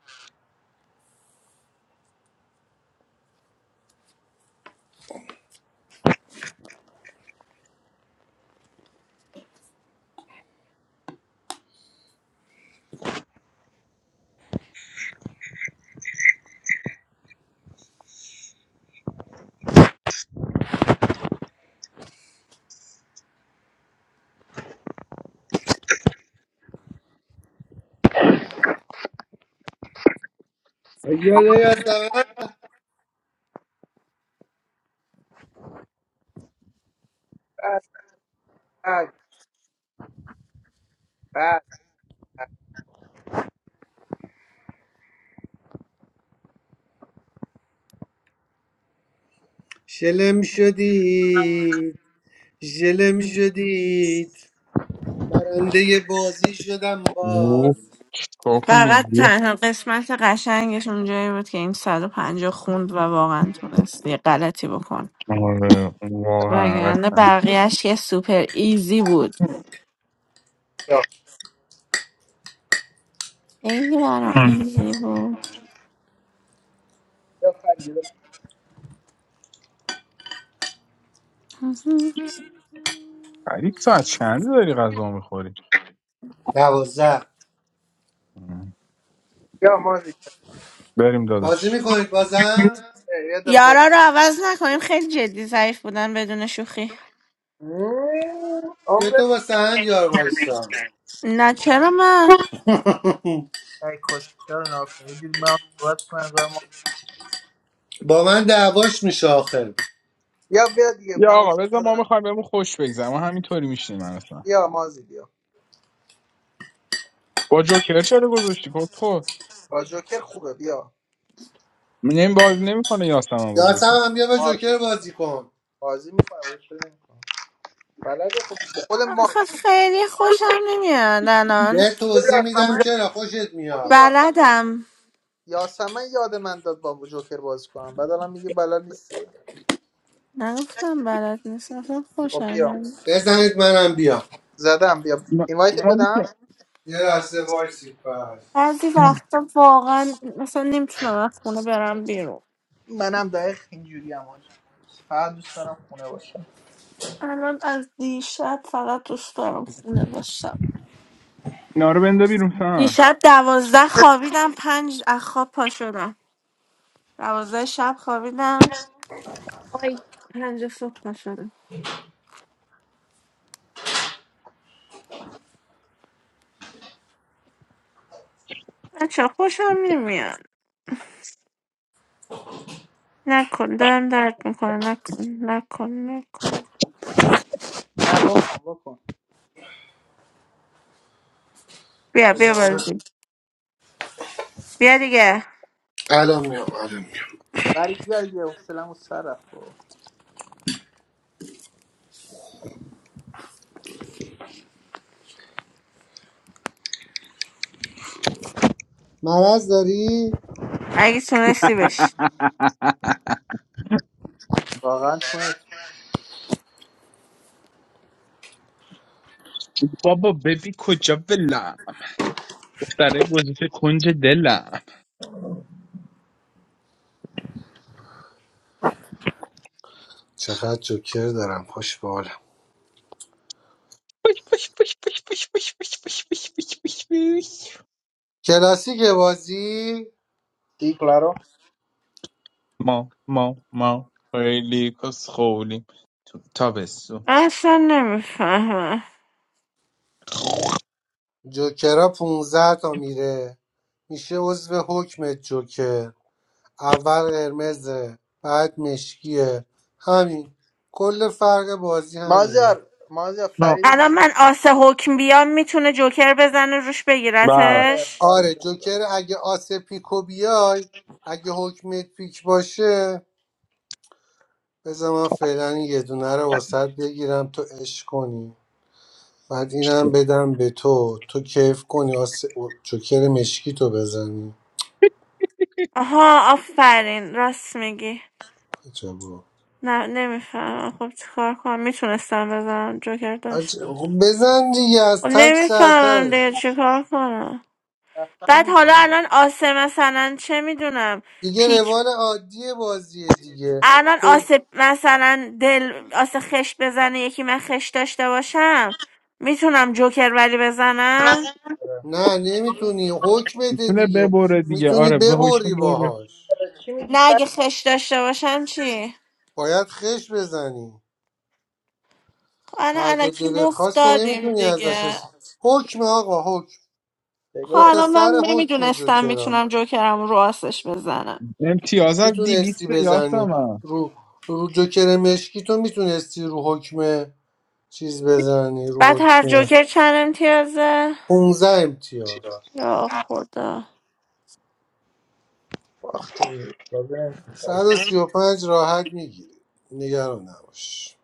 Speaker 3: یالا یالا.
Speaker 10: بعد بعد بعد
Speaker 3: شلم شدید شلم شدید برنده بازی شدم
Speaker 2: گوه
Speaker 3: باز
Speaker 2: چیکار کنی
Speaker 1: فقط
Speaker 2: گوه
Speaker 1: تنها قسمت قشنگش اونجایی بود که این 150 خوند و واقعا تونست یه غلطی بکن
Speaker 2: آره واقعا
Speaker 1: وگرنه
Speaker 2: قسم
Speaker 1: بقیهش که سوپر ایزی بود
Speaker 10: یا
Speaker 1: خیلی برام ایزی بود
Speaker 10: یا خریده
Speaker 2: فرید ساعت چند داری غذا میخوری
Speaker 3: دوازده
Speaker 10: یا مازی کنه
Speaker 2: بریم
Speaker 3: بازی
Speaker 2: داداش
Speaker 3: میکنید بازم
Speaker 10: یا دل بود
Speaker 1: یارا رو عوض نکنیم خیلی جدی ضعیف بودن بدون شوخی
Speaker 3: بیا
Speaker 10: عمره
Speaker 3: تو با سهند یار وایسا
Speaker 1: نه چرا من
Speaker 10: ای کسکش رو ناکنه یه جوری من صحبت کنم گاهی
Speaker 3: با من دعواش میشه آخر
Speaker 10: یا بیا دیگه
Speaker 2: یا
Speaker 10: من
Speaker 2: آقا
Speaker 10: حسن
Speaker 2: بذار ما
Speaker 10: ندارم
Speaker 2: میخوایم بهمون خوش بگذره ما همینطوری میشینیم من اصلا
Speaker 10: یا مازی بیا
Speaker 2: با جوکر چرا گذاشتی کد خود؟
Speaker 10: با جوکر خوبه بیا
Speaker 2: میگه این بازی نمیکنه یاسمن با جوکر
Speaker 3: یاسم هم بیا با
Speaker 10: مازی
Speaker 3: جوکر بازی کن
Speaker 10: بازی میکنه بلد خوب خود ما
Speaker 1: آخه
Speaker 10: خود
Speaker 1: خیلی خوشم نمیاد الان
Speaker 3: یه توضیح میدم
Speaker 10: یاسمن
Speaker 3: چرا خوشت
Speaker 10: خود
Speaker 3: میاد
Speaker 10: یاسمن
Speaker 1: بلدم
Speaker 10: یاسمن یاد من داد با جوکر بازی کنم بعد الان میگه بلد نیست
Speaker 1: نگفتم بلد نیست اصلا خوشم
Speaker 10: خب بیا
Speaker 1: نمیاد
Speaker 3: بزنید منم بیا
Speaker 10: زدم بیا
Speaker 2: ما
Speaker 10: اینوایت
Speaker 2: ما
Speaker 10: بدم
Speaker 2: که
Speaker 3: یه لحظه وایسی پس
Speaker 1: بعضی وقتا واقعا مثلا نمیتونم از خونه برم بیرون
Speaker 10: منم دقیق اینجوری هم آجی فقط دوست دارم خونه باشم
Speaker 1: الان از دیشب فقط دوست دارم خونه باشم
Speaker 2: اینا رو بنده بیرون سن
Speaker 1: دیشب دوازده خوابیدم پنج از خواب پا شدم دوازده شب خوابیدم آی پنج صبح پا شدم بچه خوشم نمیاد نکن دارم درد میکنه نکن نکن نکن
Speaker 10: نه بکن بکن
Speaker 1: بیا بیا
Speaker 3: بزن.
Speaker 1: بازی بیا دیگه
Speaker 3: الان میام الان میام
Speaker 10: ولی بیا دیگه حوصله‌مو سر رفت بابا.
Speaker 3: مرض داری؟
Speaker 1: اگه تونستی بش
Speaker 10: واقعا تونه
Speaker 2: بابا ببین کجا بلم دختره گذاشته کنج دلم
Speaker 3: چقدر جوکر دارم خوش به حالم
Speaker 2: بش بش بش بش بش بش بش بش بش بش بش بش.
Speaker 3: کلاسیک بازی
Speaker 10: رو؟
Speaker 2: ما ما ما خیلی کس خولیم تو تابستون
Speaker 1: اصلا نمیفهمم
Speaker 3: جوکرها 15 تا میره میشه عضو حکمت جوکر اول قرمزه بعد مشکیه همین کل فرق بازی همینه
Speaker 10: مازیار مازیار
Speaker 2: نه
Speaker 10: فرید
Speaker 1: الان
Speaker 10: دی...
Speaker 1: من آسه حکم بیام میتونه جوکر بزنه روش
Speaker 2: بس
Speaker 10: آره
Speaker 1: بگیرتش
Speaker 3: آره
Speaker 10: خارش بذار
Speaker 3: جوکر اگه آس پیکو بیای اگه حکمت پیک باشه بذار من فعلا این یه دونه رو واسط بگیرم تو عشق کنی بعد اینم بدم به تو تو کیف کنی آس جوکر مشکی تو بزنی
Speaker 1: آها آفرین راست میگی
Speaker 3: عجبا
Speaker 1: نه نمیفهمم خب چیکار کنم میتونستم بزنم جوکر داشت
Speaker 3: عجب. بزن دیگه
Speaker 1: خب
Speaker 3: از تک
Speaker 1: نمیفهمم
Speaker 3: سرتره
Speaker 1: دیگه چیکار کنم
Speaker 10: رفتن
Speaker 1: بعد حالا الان آسه مثلا چه میدونم
Speaker 3: دیگه
Speaker 1: پیک
Speaker 3: روال عادی بازیه دیگه
Speaker 1: الان
Speaker 3: کل
Speaker 1: آسه مثلا دل آسه خش بزنه یکی من خش داشته باشم میتونم جوکر ولی بزنم
Speaker 10: آره.
Speaker 3: نه نمیتونی حکمته
Speaker 2: میتونه
Speaker 3: دیگه
Speaker 2: ببره دیگه
Speaker 3: میتونی
Speaker 2: آره به
Speaker 3: ببری
Speaker 2: هوشون بره
Speaker 3: باهاش
Speaker 10: آره، چی میگی
Speaker 1: نه اگه
Speaker 10: فرید
Speaker 1: خش داشته باشم چی
Speaker 3: باید خش بزنی
Speaker 1: خب الان
Speaker 3: هر جا
Speaker 1: الکی
Speaker 3: دلت
Speaker 1: مفت
Speaker 3: خواست که
Speaker 1: دادیم
Speaker 3: نمیتونی ازش
Speaker 1: دیگه
Speaker 3: اس... حکم آقا حکم
Speaker 1: خب
Speaker 3: دو
Speaker 10: بگار
Speaker 3: تا
Speaker 1: الان
Speaker 3: سر
Speaker 1: من
Speaker 3: حکم
Speaker 1: نمیدونستم
Speaker 3: جوکرا
Speaker 1: میتونم جوکرم رو راستش بزنم
Speaker 2: امتیاز
Speaker 3: میتونستی
Speaker 2: دیویسته
Speaker 3: بزنی
Speaker 2: یاسمن
Speaker 3: رو رو جوکر مشکی تو میتونستی رو حکم چیز بزنی رو
Speaker 1: بعد هر
Speaker 3: حکم
Speaker 1: جوکر چند امتیازه
Speaker 3: 15 امتیاز
Speaker 1: یا خدا
Speaker 3: صد
Speaker 10: فرید،
Speaker 3: و سی و پنج راحت میگیری نگران نباش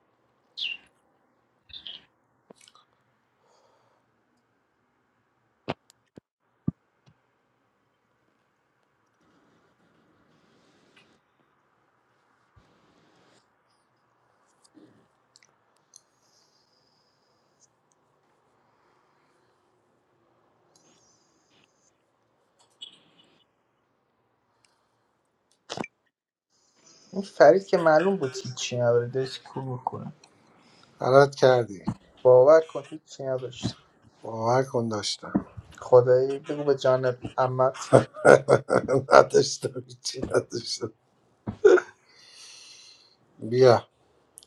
Speaker 10: این فرید که معلوم بود هیچی نداره داشت کور کنه
Speaker 3: غلط کردی
Speaker 10: باور کن هیچی نداشت
Speaker 3: باور کن داشتم
Speaker 10: خدایی بگو به جانت عمت
Speaker 3: نداشتم چی نداشتم بیا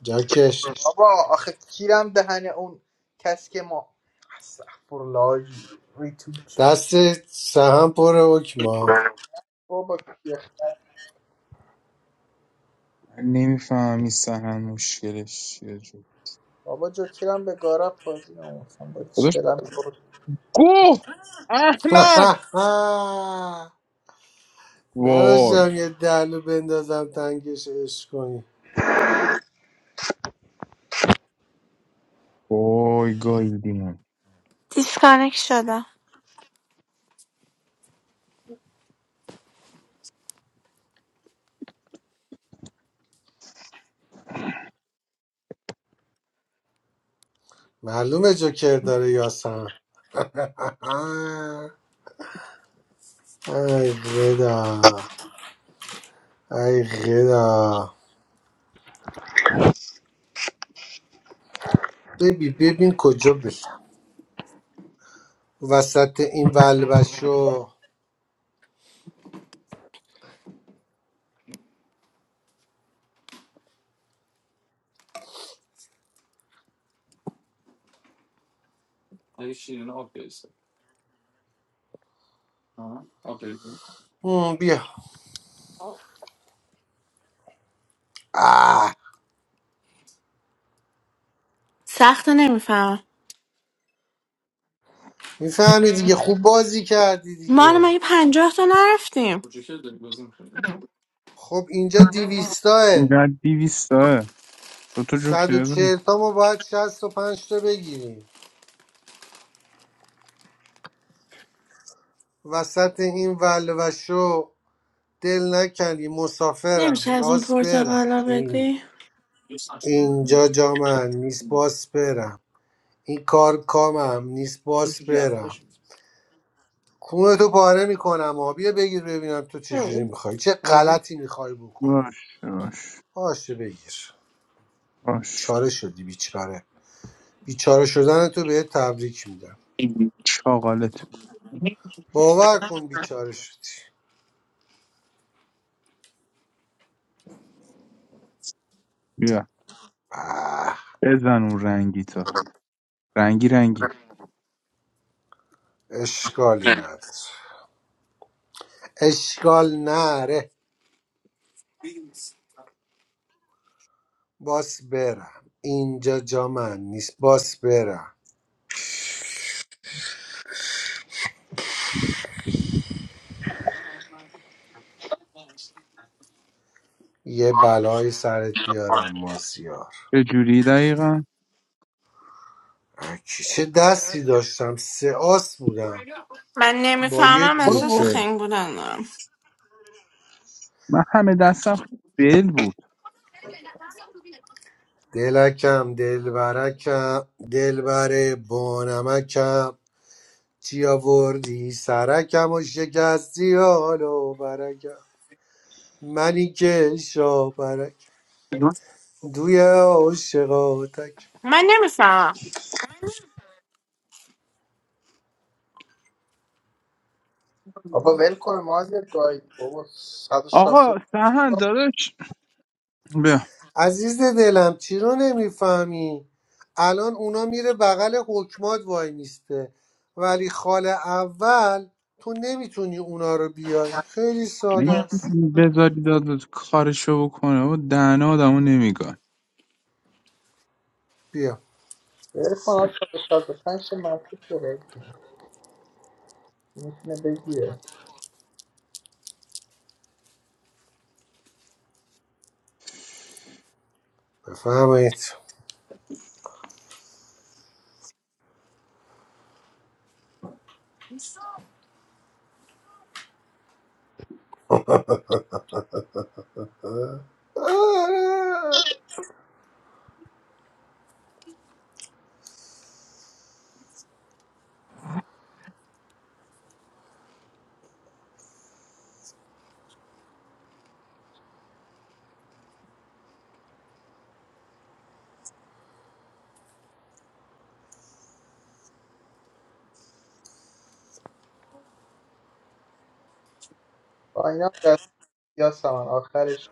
Speaker 3: جاکش
Speaker 10: بابا آخه کیرم دهن اون کس که ما استغفرالله ریتوج
Speaker 3: دست سهم پر حکما
Speaker 10: بابا یخ.
Speaker 2: نمیفهمی سهن مشکلش چیه
Speaker 10: بابا جو کیرم به گارب بازی نموسم با
Speaker 2: داداش
Speaker 10: چرم برو.
Speaker 2: گوه احمق وای
Speaker 3: نداشتم یه دلو بندازم تنگش عشق کنی
Speaker 2: وای گاییدیم
Speaker 1: دیسکانک شدم
Speaker 3: معلومه جوکر داره یا سهم ای غدا ای غدا ببین ببین کجا بشم وسط این ولبشو هم، بیا آه.
Speaker 1: سخت نمیفهمم
Speaker 3: میفهمی دیگه خوب بازی کردی
Speaker 1: ما الان
Speaker 3: دیگه
Speaker 1: مگه پنجاه تا نرفتیم
Speaker 3: خب اینجا دیویستاه
Speaker 2: اینقدر دیویستاه دو تا
Speaker 3: صد و
Speaker 2: جوکر داری؟
Speaker 3: چهل تا ما باید شست و پنج تا بگیریم وسط این ولوشو دل نکنی
Speaker 1: نمیشه
Speaker 3: مسافرم
Speaker 1: از اون
Speaker 3: باس برم
Speaker 1: پرتقالا
Speaker 3: این-
Speaker 1: بدی
Speaker 3: اینجا جا من نیست باس برم این کار کامم نیست باس برم کونه تو پاره میکنم ها بیا بگیر ببینم تو چجوری میخوای چه غلطی میخوای بکنی
Speaker 2: باش باش
Speaker 3: باشه بگیر
Speaker 2: باش
Speaker 3: چاره شدی بیچاره بیچاره شدن تو بهت تبریک میدم
Speaker 2: چاقالت
Speaker 3: باور کن بیچاره شدی
Speaker 2: بیا
Speaker 3: آه،
Speaker 2: بزن اون رنگی تا رنگی رنگی
Speaker 3: اشکالی نداره اشکال نره باس برم اینجا جا من نیست باس برم یه بلای سرت بیارم مازیار
Speaker 2: چه جوری دقیقا
Speaker 3: اکی چه دستی داشتم سه آس بودم
Speaker 1: من
Speaker 3: با یه
Speaker 1: نمیفهمم
Speaker 2: برو
Speaker 1: احساس
Speaker 2: برو.
Speaker 3: جوکه
Speaker 1: خنگ بودن دارم
Speaker 2: من همه دستم خیلی بل بود
Speaker 3: دلکم دلبرکم دلبر بانمکم چی آوردی سرکم و شکستی حال و برکم منی که شاپرکم دوی عاشقا تک
Speaker 1: من نمیفهمم
Speaker 10: بابا ول کن مازیار گاید بابا 160 ول
Speaker 2: آقا سهن داداش بیا
Speaker 3: عزیز دلم چی رو نمیفهمی الان اونا میره بغل حکمات وای میسته ولی خال اول تو نمیتونی اونا رو بیای خیلی ساده
Speaker 2: نگه
Speaker 3: است
Speaker 2: بذاری داد کارشو بکنه و دهنه آدمو نمیگن
Speaker 3: بیا
Speaker 10: کن آقا به 65 منفی داره میتونه بگیره
Speaker 3: بفهمید آه.
Speaker 10: با اینا دست یا سمن آخرش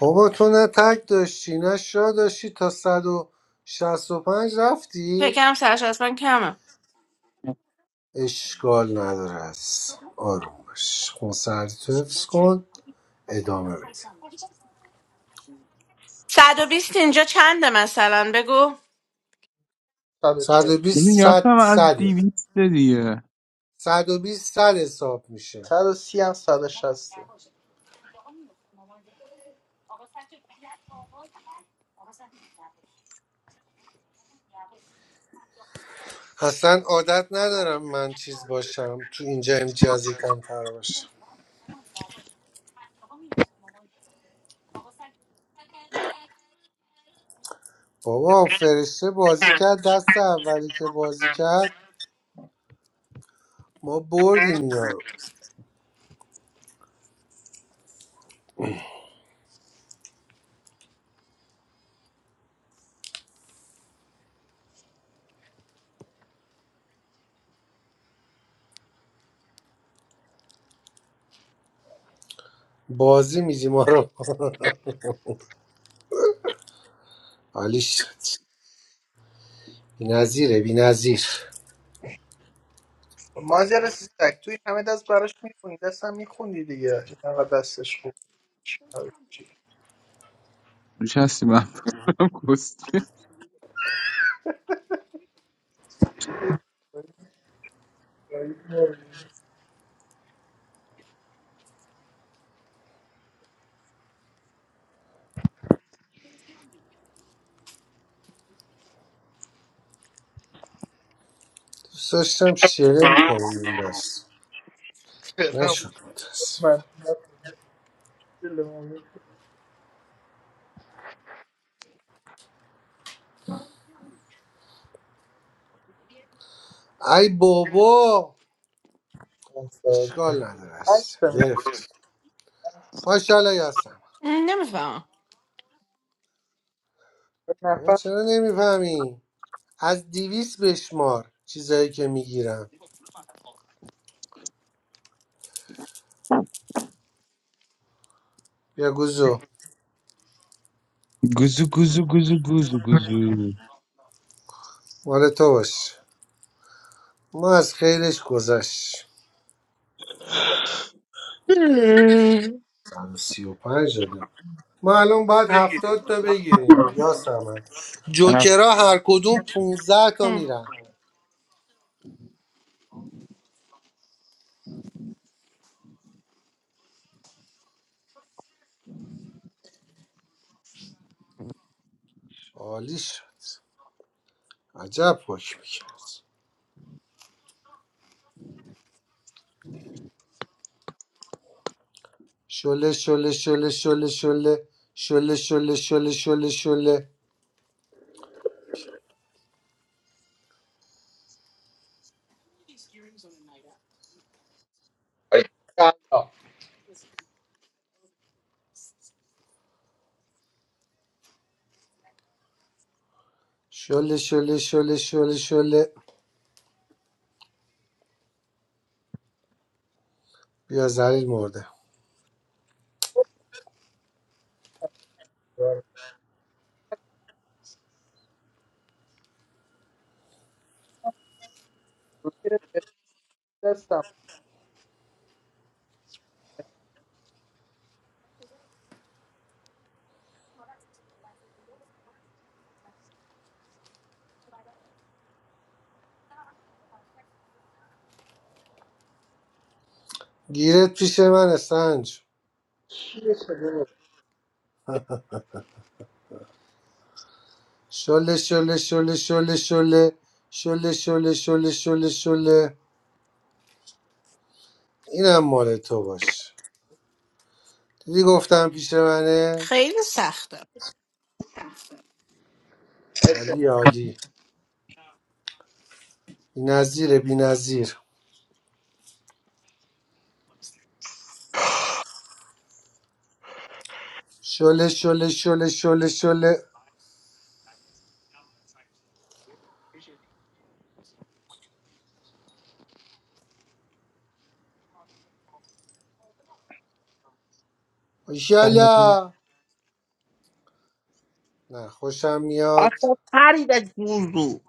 Speaker 3: بابا تو نه تک داشتی نه شا داشتی تا 165 رفتی
Speaker 1: فکرم سرش از من کمه
Speaker 3: اشکال نداره است آروم باش خونسردی تو حفظ کن ادامه بده
Speaker 1: صد و بیست اینجا چنده مثلا بگو
Speaker 10: 140
Speaker 2: ببین
Speaker 3: 120 صد
Speaker 2: یاسم از
Speaker 3: صده
Speaker 2: دیویسته دیگه
Speaker 3: صد و بیست صد حساب میشه
Speaker 10: صد و سی هم صد و شسته
Speaker 3: اصلا عادت ندارم من چیز باشم تو اینجا امتیازی کمتر باشم بابا فرشته بازی کرد دست اولی که بازی کرد ما بردیم اینا رو بازی میدیم ما رو حالی شد بی نظیره بی نظیر
Speaker 10: مازیار سگ توی همه دست براش میخونی دست هم میخوندی دیگه این انقدر دستش خوب باشه.
Speaker 2: دوش هستی من بکنم کستی
Speaker 3: دوست داشتم شرم کنیم این دست
Speaker 10: چرا؟
Speaker 3: نشد متاسف
Speaker 10: من
Speaker 3: ای بابا اشکال نداره است
Speaker 10: هشتم
Speaker 3: گرفت ماشاءالله یاسم
Speaker 1: م، نمیفهمم
Speaker 3: بابا
Speaker 10: نفر
Speaker 3: چرا نمیفهمی از دیویس بشمار چیزایی که میگیرم بیا گوزو
Speaker 2: گوزو گوزو گوزو گوزو گوزو
Speaker 3: مال تو باش ما از خیرش گذشت 135 دادم ما الان باید 70 تا بگیریم
Speaker 10: کلا
Speaker 3: یا سمن
Speaker 2: افری
Speaker 3: جوکرها هر کدوم 15 تا میرن عالی شد عجب حکم کرد شله شله شله شله شله شله شله شله شله شله شله شله شله شله شله بیا زلیل مرده
Speaker 10: روکر دستم
Speaker 3: گیرت پیش من سنج
Speaker 10: چیه شده بود؟
Speaker 3: شله شله شله شله شله شله شله شله شله شله اینم مال تو باش دیدی گفتم پیش منه
Speaker 1: خیلی سخت
Speaker 3: عالی عالی بی نظیره بی نظیر شله شله شله شله شله شله نه خوشم میاد
Speaker 2: آخه پرید از گوزو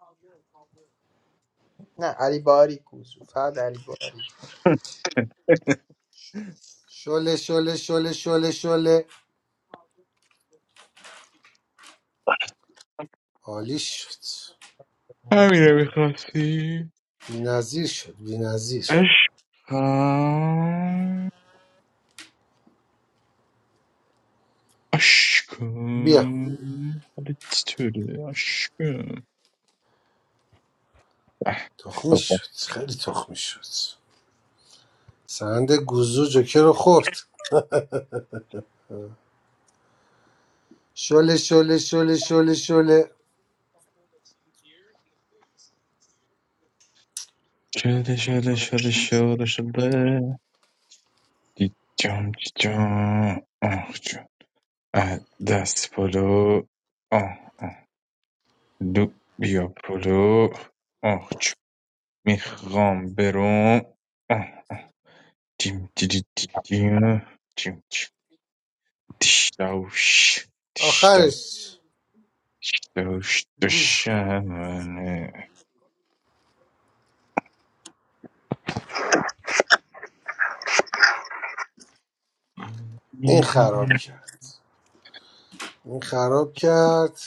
Speaker 10: نه علی باری کوزو فقط علی باری
Speaker 3: شله شله شله شله شله عالی شد
Speaker 2: همینه میخواستی
Speaker 3: بی نظیر شد بی نظیر
Speaker 2: عشقم
Speaker 3: بیا
Speaker 2: عشقم حالت چطوره عشقم اه،
Speaker 3: تخمی
Speaker 2: بابا.
Speaker 3: شد خیلی تخمی شد سند گوزو جوکه رو خورد شله شله شله شله شله
Speaker 2: شده شده شده شده شده دیجام دیجام آه جو. اه، دست پلو آه آه لوب بیا پلو آخ چو میخوام برم آه دیم دیدی دیم دیم دیش دوش دیش دوش
Speaker 3: آخرش
Speaker 2: دوش
Speaker 3: گود
Speaker 2: دوشمنه
Speaker 3: این خراب کرد این خراب کرد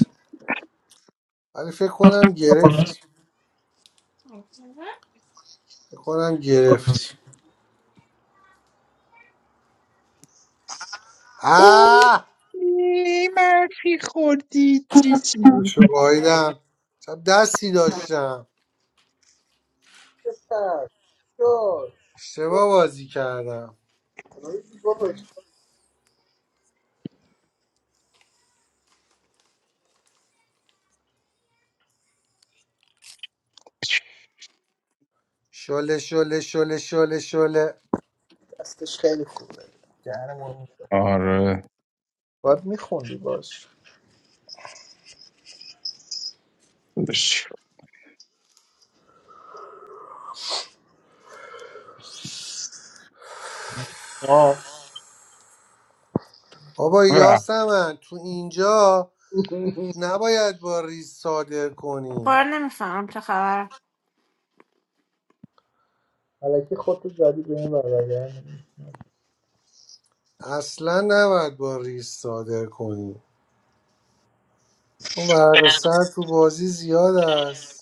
Speaker 3: ولی فکر کنم گرفت فکر کنم گرفت
Speaker 2: او
Speaker 3: آه
Speaker 2: مرفی خوردی چیچی
Speaker 3: خودشو گاهیدم شب دستی داشتم
Speaker 10: کرد شد شد.
Speaker 3: اشتباه بازی کردم
Speaker 10: بابا
Speaker 3: شله شله شله شله شله
Speaker 10: دستش خیلی خوبه دهنمون
Speaker 2: آره
Speaker 10: باید میخوندی باش
Speaker 2: داداش.
Speaker 10: آه
Speaker 3: بابا
Speaker 2: وقتی
Speaker 3: یاسمن تو اینجا نباید با ریس صادر
Speaker 1: کار
Speaker 3: کنی
Speaker 1: نمیفهمم چه خبر
Speaker 10: الکی خودتو زدی به این برگرد
Speaker 3: اصلا نباید با ریس صادر کنی چون ورق سر تو بازی زیاد است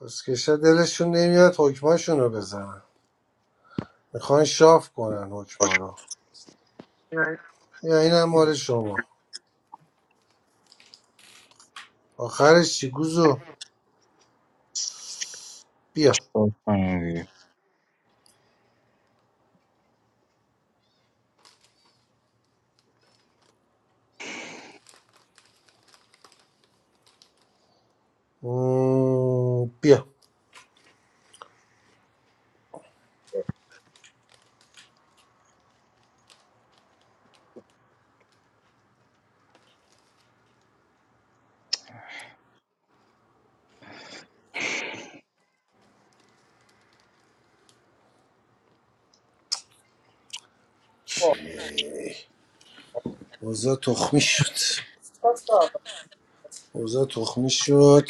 Speaker 3: کسکشا دلشون نمیاد حکماشون رو بزنن میخوان شاف کنن حکما رو یا این هم مال شما آخرش چی گوزو بیا
Speaker 2: چیکار کنم دیگه؟
Speaker 3: مم، بیا اوزا تخمی شد
Speaker 10: بابا
Speaker 3: اوزا تخمی شد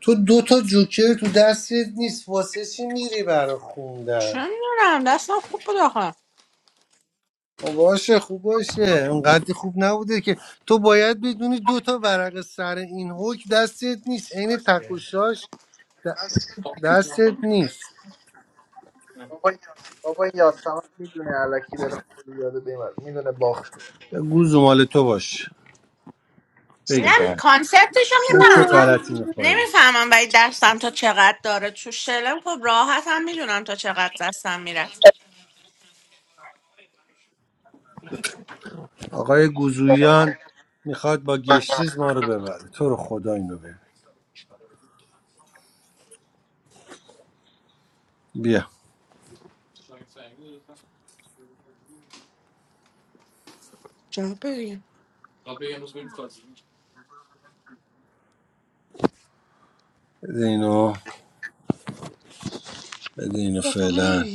Speaker 3: تو دو تا جوکر تو دستت نیست واسه چی میری برا خوندن
Speaker 1: چون میدونم دستم خوب بود آخه
Speaker 3: خب باشه خوب باشه انقدر خوب نبوده که تو باید بدونی دو تا ورق سر این حکم دستت نیست عین تکوشاش د- دستت نیست
Speaker 10: بابا یاسمن میدونه الکی داره خیلی یاده به این ور. میدونه باخت
Speaker 3: گوزو مال تو باش
Speaker 1: میگم
Speaker 3: بگیر
Speaker 2: صدا
Speaker 1: کانسپتش
Speaker 3: این چه
Speaker 1: میفهمم فقط
Speaker 3: غلطی میخوره
Speaker 1: نمیفهمم ولی دستم تا چقدر داره تو شلم خب راحت هم میدونم تا چقدر دستم میره
Speaker 3: آقای گوزویان میخواد با گشتیز ما رو ببره تو رو خدا اینو ببر بیا
Speaker 1: بگی.
Speaker 3: بده اینو بده اینو فعلا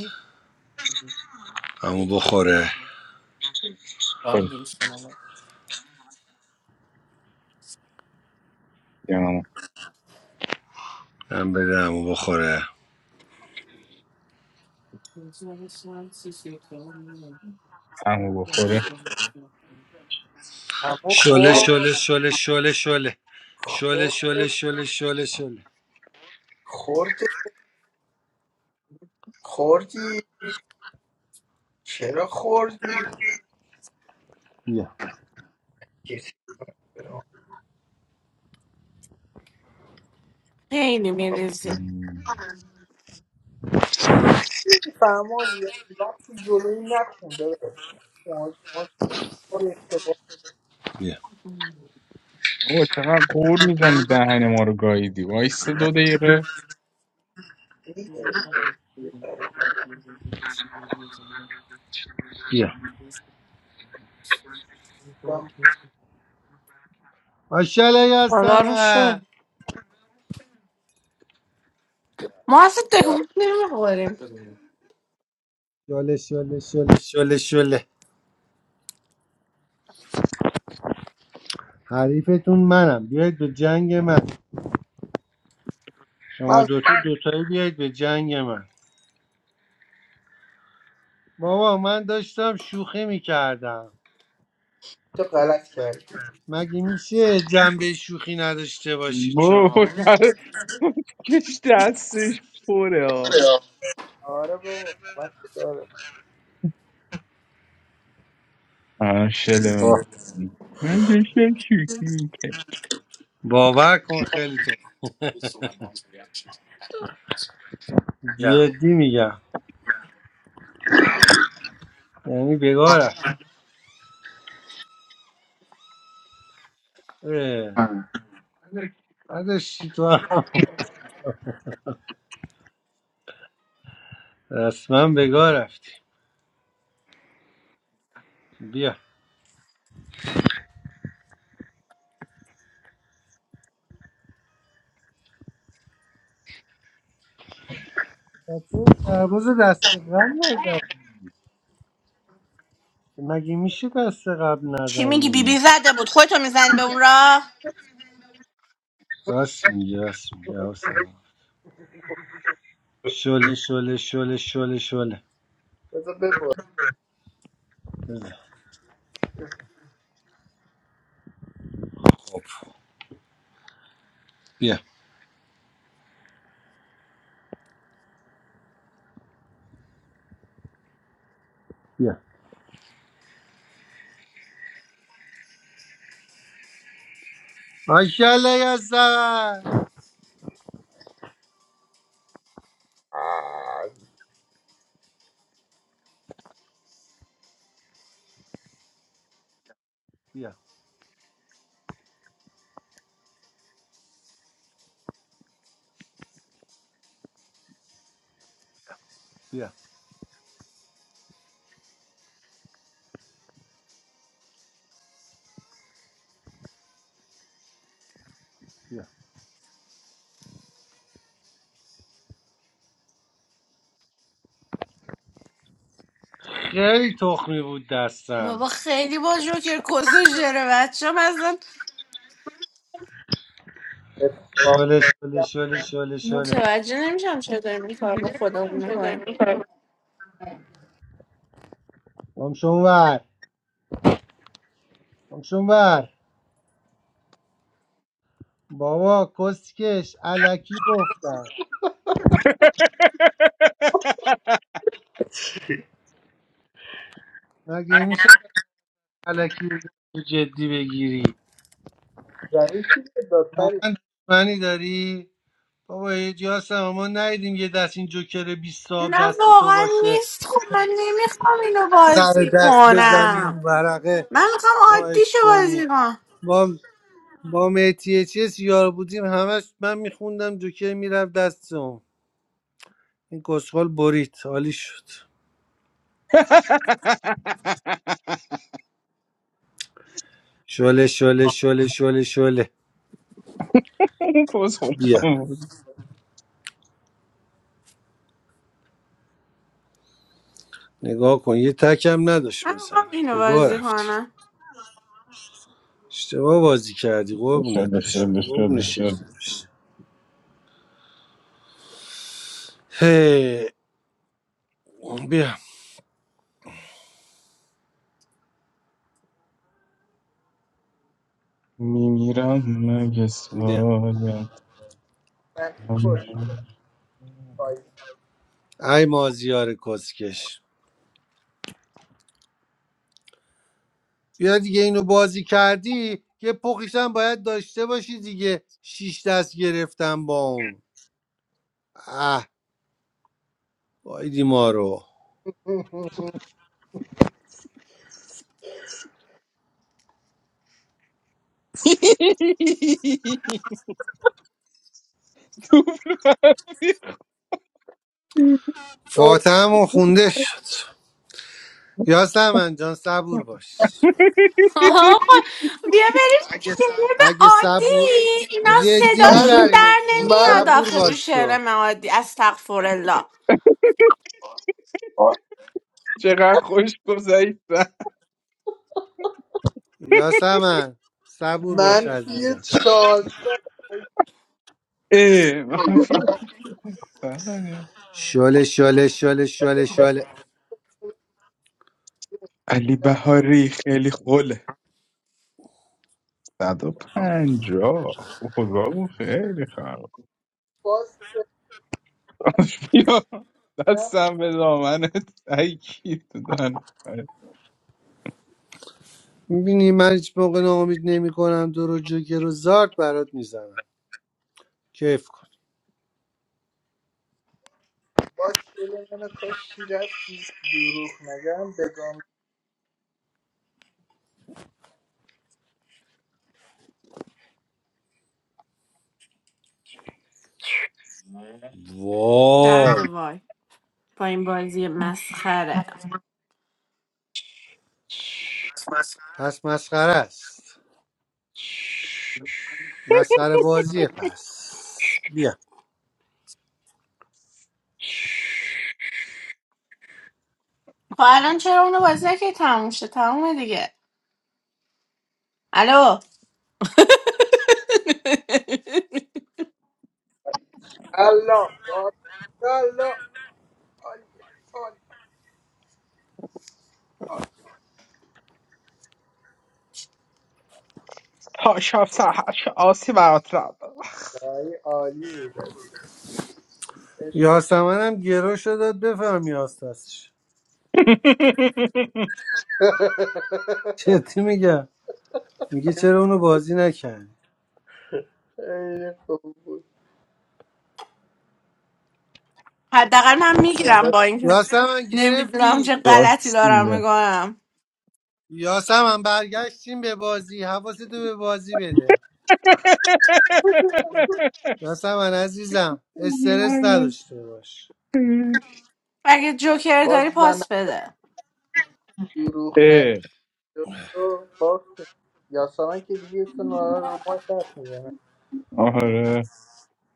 Speaker 3: همو بخوره
Speaker 2: خوش دیگه. هم
Speaker 3: من بده همو بخوره
Speaker 2: هم بخوره
Speaker 10: اما
Speaker 3: شله
Speaker 10: خورد
Speaker 3: شله شله شله شله شله شله
Speaker 10: خورد
Speaker 3: شله شله شله
Speaker 10: خورد خوردی چرا خوردی
Speaker 3: بیا
Speaker 10: کسی فهماز وقتی جلوی نخونده داشت
Speaker 3: بیا
Speaker 2: بابا چقدر قور میزنی دهن ما رو گاییدی وایسا دو دقیقه
Speaker 3: بیا
Speaker 10: می‌دونم.
Speaker 3: ماشاءالله
Speaker 1: خدا رو شد
Speaker 3: یاسمن
Speaker 1: ما اصلا تکون نمیخوریم
Speaker 3: شله شله شله شله شله حریفتون منم بیاید به جنگ من شما
Speaker 10: من
Speaker 3: دوتا دوتایی بیاید به جنگ من بابا من داشتم شوخی میکردم
Speaker 10: تو غلط کردی
Speaker 3: مگه میشه جنبه شوخی نداشته باشید
Speaker 2: برو
Speaker 3: شما
Speaker 2: کش دستش پره ها
Speaker 10: آره. آره بابا وقت داره
Speaker 2: آه، شلمون
Speaker 3: با
Speaker 2: من داشتم شوکی میکرد
Speaker 3: باور کن خیلی تو جدی میگم یعنی بگاه رفت
Speaker 10: آه.
Speaker 3: نداشتی تو هم. رسما بگاه رفتی بیا سرباز دست قبل نزن مگه میشه دست قبل
Speaker 1: چی میگی بیبی
Speaker 3: نزنی
Speaker 1: زده بود خودتو میزنی به اون راه
Speaker 3: راست میگه راست میگه شله شله شله شله شله
Speaker 10: بذار ببر
Speaker 3: خب بیا بیا ماشاءالله یزدان
Speaker 10: آه،
Speaker 3: بیا بیا بیا خیلی تخمی بود دستم
Speaker 1: بابا خیلی با جوکر کسوش داره بچه هم اصلا
Speaker 10: اتفاقی
Speaker 3: شله شله شله شله شله
Speaker 1: متوجه نمیشم چطور این کار با خودمون می‌کنیم.
Speaker 3: گمشون ور گمشون ور بابا کسکش علکی گفتم مگه میشه
Speaker 10: هم
Speaker 3: علکی رو جدی بگیری
Speaker 10: زمین چی شد دادپری
Speaker 3: من دشمنی داری بابا یه جاسم ما ندیدیم یه دست این جوکر بیست صاحب
Speaker 1: نه
Speaker 3: دست تو
Speaker 1: واقعا
Speaker 3: باشه
Speaker 1: نیست خب من نمیخوام اینو
Speaker 3: سر
Speaker 1: بازی
Speaker 3: دست بزنی رو
Speaker 1: کنم
Speaker 3: ورقه
Speaker 1: من میخوام
Speaker 3: ما
Speaker 1: عادیشو
Speaker 3: عشق کنیم
Speaker 1: بازی کنم
Speaker 3: با با مهدی چیز یار بودیم همش من میخوندم جوکر میرفت دستم این کسخال برید عالی شد شله شله شله شله شله
Speaker 2: اون پس خودم
Speaker 3: بیا
Speaker 2: بود.
Speaker 3: نگاه کن یه تکم نداشت
Speaker 1: من میخوام
Speaker 3: بزنه
Speaker 1: اینو
Speaker 3: به گاه
Speaker 1: بازی
Speaker 3: رفتیم
Speaker 1: کنم
Speaker 3: اشتباه بازی کردی قربونت
Speaker 2: شده
Speaker 3: بشم
Speaker 2: شده
Speaker 3: قربون
Speaker 2: شده
Speaker 3: شکل
Speaker 2: شده
Speaker 3: بشم هی بیا
Speaker 2: میمیرم مگه
Speaker 3: بیا
Speaker 2: سالتم
Speaker 10: منفی خوردی
Speaker 3: ای مازیار کسکش بیا دیگه اینو بازی کردی یه پخیشم باید داشته باشی دیگه شیش دست گرفتم با اون اه بایدی ما رو
Speaker 2: دوبل
Speaker 10: طور
Speaker 3: فاتحه و خونده شد یاسمن جان صبور باش
Speaker 2: منفی.
Speaker 1: آقا، بیا بریم شعر
Speaker 3: اگه
Speaker 1: عادی
Speaker 3: صبور
Speaker 1: اینا
Speaker 3: جدی
Speaker 1: صداشون
Speaker 10: من
Speaker 1: در
Speaker 3: میبریمشون
Speaker 1: نمیاد
Speaker 10: من
Speaker 3: صبور
Speaker 1: آخه تو
Speaker 3: باش
Speaker 1: شعر
Speaker 3: تو
Speaker 1: من عادی استغفرالله
Speaker 2: چقدر خوش گذشتن
Speaker 3: یاسمن صبور باش
Speaker 10: منفی
Speaker 3: عزیزم
Speaker 10: چارج
Speaker 2: اه، منفی صدم.
Speaker 3: شله شله شله شله شله
Speaker 2: علی بهاری خیلی خوله 150 خدا خیلی خراب
Speaker 10: باز
Speaker 2: یا
Speaker 10: کردم
Speaker 2: دستم به دامنت ای کی تو دهن
Speaker 3: میبینی من هیچ موقع ناامید نمی کنم دور و جوکر و زارت برات میزنم کیف کن
Speaker 10: باز دل منو کاشتی رفتی دروغ نگم بگم
Speaker 1: درد
Speaker 3: وای
Speaker 1: وای با این بازی مسخره
Speaker 3: پس مسخره است مسخره بازیه پس بیا
Speaker 1: خب الان چرا اونو بازی که تموم شد تمومه دیگه الو
Speaker 10: الله بارک الله عالی، عالی، عالی عالی
Speaker 2: تا شب سهرش آسی برات را
Speaker 10: دایی عالی بود عشق.
Speaker 3: یاسمن هم گرو داد بفهم یاستش جدی میگم میگه چرا اونو بازی نکردی
Speaker 10: خیلی خوب بود
Speaker 1: حداقل من میگیرم با
Speaker 10: یادت
Speaker 1: اینکه
Speaker 3: یاسمن
Speaker 1: نمیدونم
Speaker 3: گرفتی
Speaker 1: چه غلطی
Speaker 2: راست
Speaker 1: دارم
Speaker 2: میگه
Speaker 1: میکنم
Speaker 3: یاسمن برگشتیم به بازی حواستو به بازی بده یاسمن عزیزم استرس نداشته باش
Speaker 1: اگه جوکر داری
Speaker 10: باز من
Speaker 1: پاس بده
Speaker 10: دروغ
Speaker 2: اه،
Speaker 10: نگم و باختیم یاسمن که دیگه اسم ما رو ما دست میزنه
Speaker 2: آره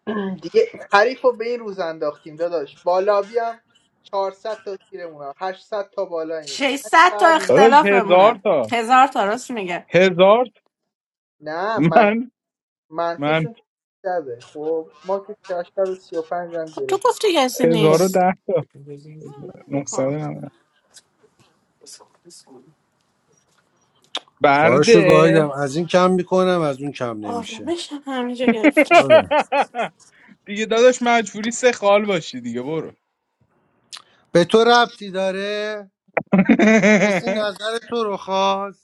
Speaker 10: دیگه حریف رو به این روز انداختیم داداش بالا بیام چهارصد تا تیرمون هم هشتصد تا بالا این یعنی
Speaker 1: 600 تا
Speaker 10: بعد
Speaker 2: داداش
Speaker 10: اینجوری
Speaker 1: اختلاف
Speaker 2: هزار
Speaker 1: بمونه
Speaker 2: تا
Speaker 1: هزار تا راست میگه
Speaker 2: هزار تا.
Speaker 10: نه من
Speaker 2: من من
Speaker 10: منفیشون دبه خب ما که کشتر 35 هم
Speaker 1: خب تو
Speaker 10: گرفت
Speaker 1: گفتی کسی
Speaker 10: اشکم
Speaker 1: نیست
Speaker 2: 1010 تا
Speaker 1: آه،
Speaker 2: 990
Speaker 3: خواهش
Speaker 2: برده
Speaker 3: گاهیدم از این کم میکنم از اون کم نمیشه
Speaker 1: آرامش هم همینجا گرفتش
Speaker 3: بله.
Speaker 2: دیگه داداش مجبوری سه خال باشی دیگه برو
Speaker 3: به تو ربطی داره کسی نظر تو رو خواست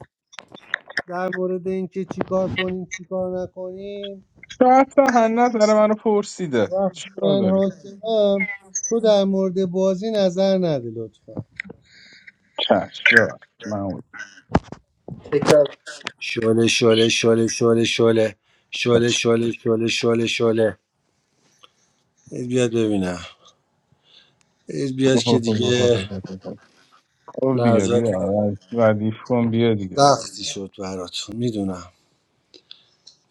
Speaker 3: در مورد اینکه چیکار کنیم چیکار نکنیم
Speaker 2: شاید هنه داره منو پرسیده
Speaker 3: وقتی
Speaker 2: چیکار
Speaker 3: من
Speaker 2: داری
Speaker 3: حاکمم تو در مورد بازی نظر نده لطفا
Speaker 2: چش ببر من خب
Speaker 10: تکرار
Speaker 3: شله شله شله شله شله شله شله شله شله شله ایت بیاد ببینم ایت بیاد
Speaker 2: خب
Speaker 3: که
Speaker 2: خب خب خب
Speaker 3: دیگه
Speaker 2: خب خب خب. خب دیگه
Speaker 3: لحظات
Speaker 2: بیا ردیف کن بیا دیگه
Speaker 3: سختی شد براتون میدونم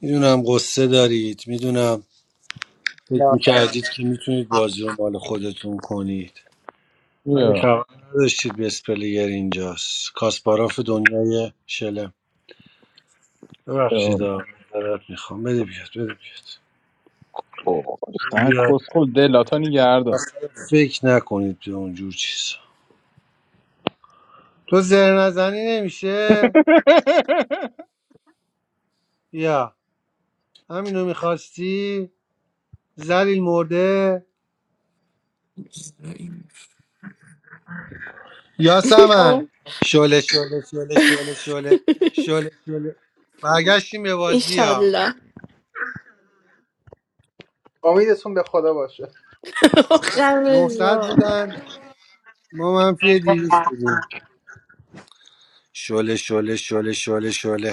Speaker 3: میدونم قصه دارید میدونم فکر
Speaker 10: نه
Speaker 3: میکردید که میتونید بازی رو مال خودتون کنید ولی
Speaker 2: بیا
Speaker 3: خبر نداشتید بسپلیگر اینجاست کاسپاراف دنیای شلم
Speaker 2: بیا.
Speaker 3: ببخشید آقا. معذرت میخوام بده بیاد بده بیاد بده بیاد
Speaker 2: کس خود دلاتا نگردار
Speaker 3: اصلا فکر نکنید به اونجور چیزا تو زر نزنی نمیشه یا همینو میخواستی زلیل مرده یا سمن شله شله شله شله شله شله برگشتیم به بازی ها
Speaker 10: امیدتون به خدا باشه
Speaker 3: 900 بودن ما منفی 200 بودیم شله شله شله شله شله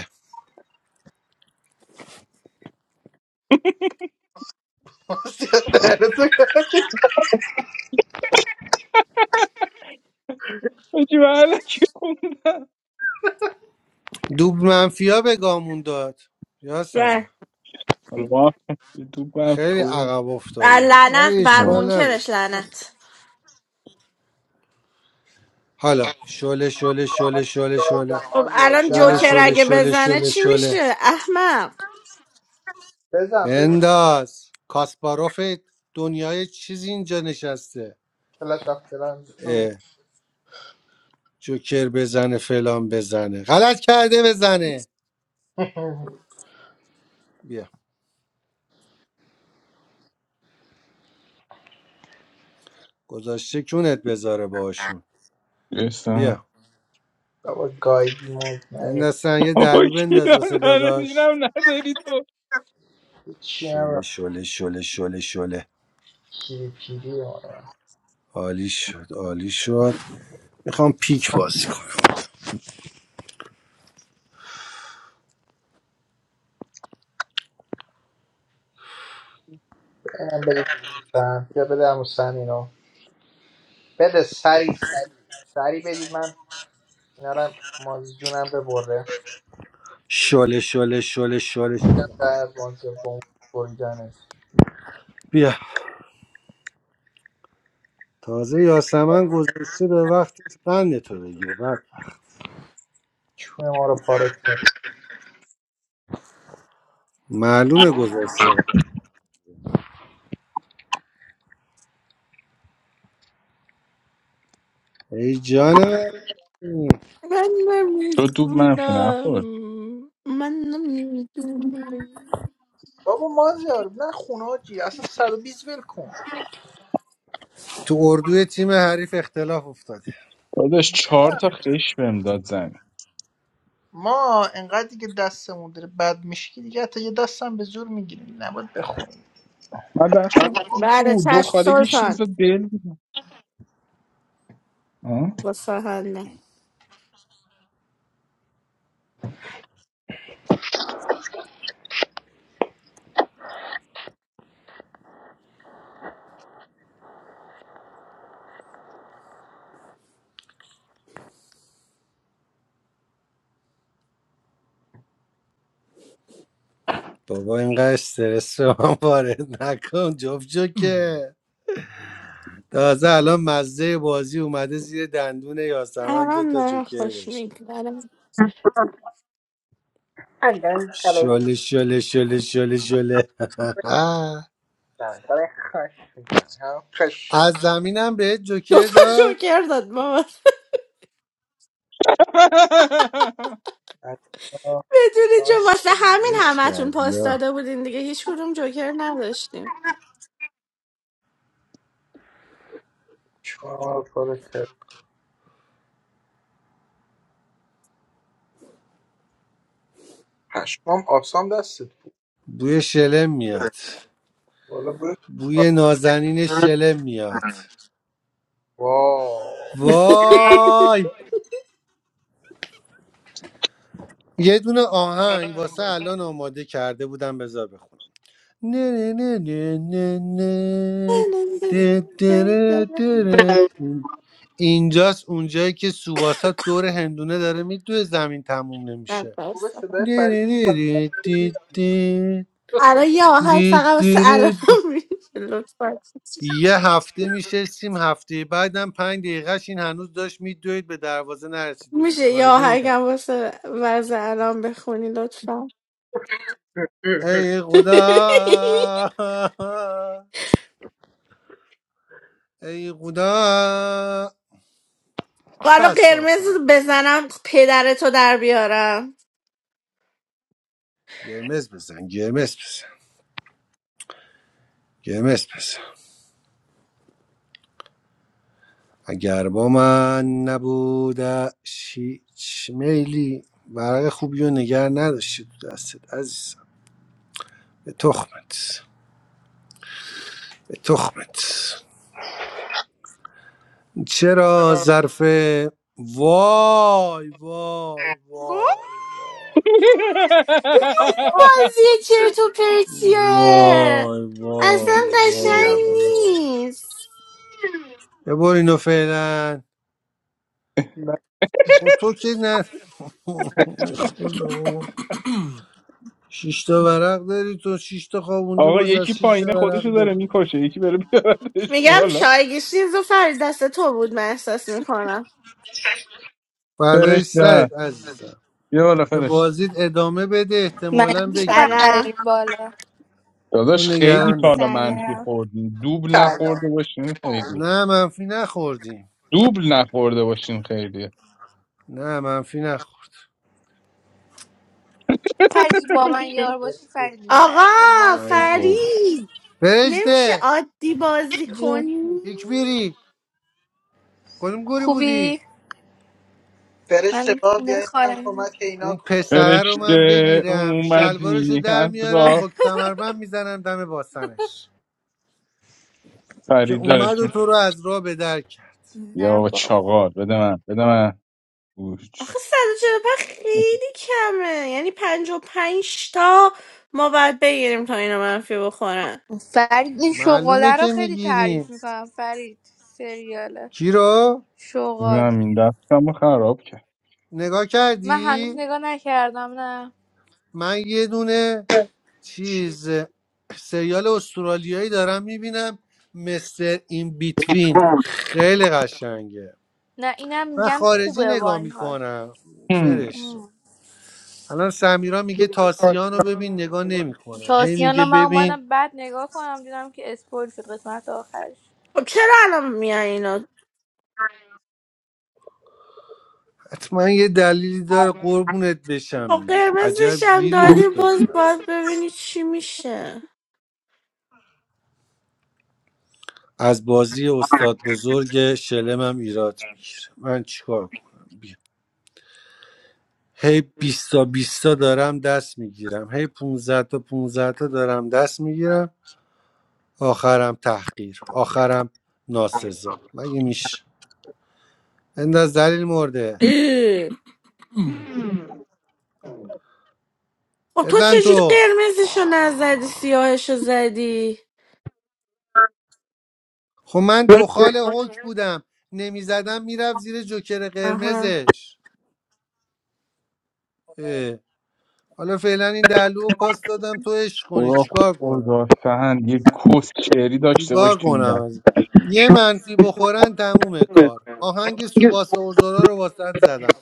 Speaker 10: دهنتو گاهی
Speaker 2: بچی بله که خوندم
Speaker 3: دوب منفیا به گامون داد یاسم
Speaker 1: بله
Speaker 2: ما تو بف
Speaker 3: خیلی
Speaker 2: خوبه
Speaker 3: عقب
Speaker 1: بر
Speaker 3: افتادیم
Speaker 1: لعنت
Speaker 3: ولی
Speaker 1: بر
Speaker 2: آه.
Speaker 3: اشکال نداره
Speaker 1: منکرش لعنت
Speaker 3: حالا شله شله شله شله شله
Speaker 10: بزن
Speaker 1: خب
Speaker 10: آجا
Speaker 1: الان
Speaker 3: شله
Speaker 1: جوکر
Speaker 10: دهنتو
Speaker 3: شله
Speaker 1: اگه
Speaker 10: گاهی
Speaker 3: شله
Speaker 1: بزنه
Speaker 3: شله
Speaker 1: چی
Speaker 3: شله
Speaker 1: میشه احمق
Speaker 10: بزن بزن
Speaker 3: بنداز کاسپاروف دنیای چیزی اینجا نشسته
Speaker 10: کلش رفت کلش
Speaker 3: اه، جوکر بزنه فلان بزنه غلط کرده بزنه بیا گذاشته کونت بذاره باشون
Speaker 2: گرفتم
Speaker 3: بیا
Speaker 10: بابا گایدی مود نیادی
Speaker 3: بندازن یه
Speaker 2: بابا
Speaker 3: دلو بنداز واسه
Speaker 2: کیرم داره
Speaker 3: داداش
Speaker 2: دیرم نداری تو
Speaker 10: چی هم
Speaker 3: شله
Speaker 10: رفت
Speaker 3: شله شله شله شله
Speaker 10: پیری پیری آره.
Speaker 3: عالی شد عالی شد میخوام پیک بازی کنم
Speaker 10: اینم بده سن بیا بده همون سن اینو بده سری سری سری بدید من اینا رو مازی جونم ببره
Speaker 3: شله شله شله شله شله.
Speaker 10: در بازی با اون بریدنش
Speaker 3: بیا تازه یاسمن گذاشته به وقت قند تو بگیره بله.
Speaker 10: چون ما رو پاره کرد
Speaker 3: معلومه گذاشته ای جانم
Speaker 2: تو دوب منفی نخورد
Speaker 1: م-
Speaker 10: بابا مازیار نه خونه جی اصلا 120 ول کن
Speaker 3: تو اردوی تیم حریف اختلاف افتاده
Speaker 2: داداش چهار تا خش بهم داد زمین
Speaker 10: ما انقدر دیگه دستمون داره بد میشه که دیگه حتی یه دستم به زور میگیریم نباید بخوریم
Speaker 2: من دستم خوب
Speaker 1: بله
Speaker 2: بود دو
Speaker 1: چشم
Speaker 2: خالگیش نیز
Speaker 1: سلطان
Speaker 2: دل بود ها؟
Speaker 1: با سهنده
Speaker 3: بابا اینقدر استرس رو من وارد نکن جفت جوکه تازه الان مزه بازی اومده زیر دندون یاسمن
Speaker 1: الان
Speaker 3: دوتا
Speaker 1: داره
Speaker 3: جوکر
Speaker 1: خوش
Speaker 3: داشته
Speaker 1: میگذره
Speaker 3: شله شله شله شله شله
Speaker 10: نه، برای خشم می‌زنه. هم خش
Speaker 3: از زمینم بهت جوکر
Speaker 1: دوتا
Speaker 3: داد
Speaker 1: جوکر داد بابا
Speaker 10: حتی
Speaker 1: بدونی چون
Speaker 10: شانس
Speaker 1: واسه همین
Speaker 3: عشق
Speaker 1: همتون
Speaker 3: کردی
Speaker 1: پاس
Speaker 3: ها.
Speaker 1: داده بودین دیگه هیچ کدوم جوکر نداشتیم
Speaker 10: چهار کار کرد پشمام آسام دستت
Speaker 3: بوی شلم میاد
Speaker 10: والا بود
Speaker 3: بوی نازنین شلم میاد
Speaker 10: واو
Speaker 3: وای یه دونه آهنگ واسه الان آماده کرده بودم بذار بخونم نه نه نه نه نه نه. ده دره دره. اینجاست اونجایی که سوباسا دور هندونه داره میدوه زمین تموم نمیشه
Speaker 10: خوبه صدای فرید
Speaker 1: الان یه آهنگ فقط واسه الان میشه لطفا
Speaker 3: یه هفته میشستیم هفته بعدم پنج دقیقهش این هنوز داشت میدوید به دروازه نرسیده بود
Speaker 1: میشه یه
Speaker 3: کایده بودن
Speaker 1: آهنگم واسه وضع الان بخونی لطفا
Speaker 3: ای خدا ای خدا
Speaker 1: حالا قرمز
Speaker 3: کسافت
Speaker 1: بزنم پدرتو در بیارم
Speaker 3: گمز بزن گمز بزن گمز بزن اگر با من نبوده هیچ میلی ورق خوبی و نگر نداشتی تو دستت عزیزم به تخمت به تخمت چرا ظرف وای وای وای وای
Speaker 1: خیلی بازی چرت و پرتیه
Speaker 3: وای
Speaker 1: اصلا
Speaker 3: وای
Speaker 1: قشنگ
Speaker 3: وای
Speaker 10: نمیاد.
Speaker 3: وای
Speaker 1: نیست
Speaker 3: ببر اینو فعلا
Speaker 10: نه.
Speaker 3: خب تو که نه خدا شش تا ورق داری تو شش تا خوابوندی
Speaker 2: آقا
Speaker 3: باز
Speaker 2: یکی
Speaker 3: از شش
Speaker 2: پایینه
Speaker 3: تا ورق
Speaker 2: خودشو داره
Speaker 3: داری
Speaker 2: میکشه یکی بره بیاردش
Speaker 1: میگم
Speaker 2: بالا
Speaker 1: شایگیش نیز و فرید دست تو بود من احساس میکنم
Speaker 2: فرش
Speaker 3: فردای
Speaker 2: نه
Speaker 3: سرت عزیزم
Speaker 2: بیا بالا
Speaker 3: به
Speaker 2: فرش
Speaker 3: بازیت ادامه بده
Speaker 12: مگه
Speaker 3: احتمالا
Speaker 12: میشه من
Speaker 3: بگیریم دست
Speaker 1: سلام
Speaker 12: نیاریم بالا
Speaker 3: تو
Speaker 2: داداش خیلی
Speaker 3: نگران
Speaker 2: تا
Speaker 3: نه
Speaker 2: حالا منفی
Speaker 12: سلام
Speaker 2: خوردیم دوبل
Speaker 10: کلا.
Speaker 2: نخورده باشیم خیلی
Speaker 3: نه منفی نخوردیم
Speaker 2: دوبل نخورده باشین خیلی
Speaker 3: نه منفی نخورد
Speaker 12: فردی با من یار باشی فرید میبری
Speaker 1: آقا
Speaker 12: با
Speaker 3: ای
Speaker 12: مازیار
Speaker 3: بابا
Speaker 12: نمیبری
Speaker 1: فرید نمیشه
Speaker 3: فرشته
Speaker 1: عادی بازی
Speaker 12: جون
Speaker 1: کنی
Speaker 3: بیری کدوم گوری بودی
Speaker 12: خوبی
Speaker 10: فرشته
Speaker 12: من
Speaker 10: با
Speaker 12: خونه
Speaker 10: بیا یکم
Speaker 12: خالم
Speaker 10: کمک اینا
Speaker 3: اون
Speaker 10: کن
Speaker 3: پسره رو
Speaker 2: فرشته
Speaker 3: من بگیرم شلوارش
Speaker 2: اومدی
Speaker 3: در
Speaker 2: از
Speaker 3: میارم
Speaker 2: را
Speaker 3: با کمربند میزنم دم باسنش که
Speaker 2: فرید
Speaker 3: اومد و
Speaker 2: دارشیم
Speaker 3: تو رو از راه به در کرد
Speaker 2: یا
Speaker 12: نه
Speaker 2: بابا
Speaker 12: بابا
Speaker 2: چاقار. بده من بده من گوش
Speaker 1: آخه 145 خیلی کمه یعنی 55 تا ما باید بگیریم تا اینا منفی بخورن
Speaker 12: فرید این
Speaker 3: معلومه
Speaker 12: شغاله رو
Speaker 3: که
Speaker 12: خیلی تعریف
Speaker 3: میگیریم
Speaker 12: میکنم فرید سریاله
Speaker 3: کی رو
Speaker 12: شغال
Speaker 2: زمین دستم رو خراب کرد
Speaker 3: نگاه
Speaker 12: من هنوز
Speaker 3: کردی
Speaker 12: نگاه نکردم نه
Speaker 3: من یه دونه
Speaker 10: چی؟
Speaker 3: چیز سریال استرالیایی دارم میبینم مستر این بیتوین خیلی قشنگه
Speaker 12: نه اینم
Speaker 3: من
Speaker 12: میگن
Speaker 3: خارجی
Speaker 12: خوبه با
Speaker 3: نگاه
Speaker 12: این حال
Speaker 3: میکنم
Speaker 2: هم.
Speaker 3: فرشته الان سمیرا میگه تاسیان رو ببین نگاه نمیکنم هی
Speaker 12: تاسیان
Speaker 3: میگه
Speaker 12: رو من
Speaker 3: ببین
Speaker 12: اومدم بعد نگاه کنم دیدم که اسپویل شد قسمت آخرش
Speaker 1: خب چرا الان میای اینا
Speaker 3: حتما یه دلیلی داره قربونت بشم
Speaker 1: خب
Speaker 3: دیگه عجب
Speaker 1: قرمزش هم
Speaker 3: گیری
Speaker 1: داری
Speaker 3: افتادی
Speaker 1: باز
Speaker 3: هست
Speaker 1: باید ببینی چی میشه
Speaker 3: از بازی استاد بزرگ شلمم ایراد میگیره من چیکار کنم بیا. هی 20 تا دارم دست میگیرم هی 15 تا 15 تا دارم دست میگیرم آخرم تحقیر آخرم ناسزا مگه میشه انداز دلیل مرده
Speaker 1: اه. خب تو
Speaker 3: بزن
Speaker 1: چجوری
Speaker 3: تو
Speaker 1: قرمزشو نزدی سیاهشو زدی
Speaker 3: خب من دخال حک بودم نمیزدم میرفت زیر جوکر
Speaker 1: آها
Speaker 3: قرمزش اه. حالا فعلا این دلو رو پاس دادم تو عشق کنی
Speaker 2: خدا
Speaker 3: چیکار کنم
Speaker 2: خدا سهند یه کس شعری داشته باش
Speaker 3: چیکار
Speaker 2: تو این
Speaker 3: کنم
Speaker 2: دست
Speaker 3: از یه منفی بخورن تموم کار آهنگ سوباسا و زورا رو واسط زدم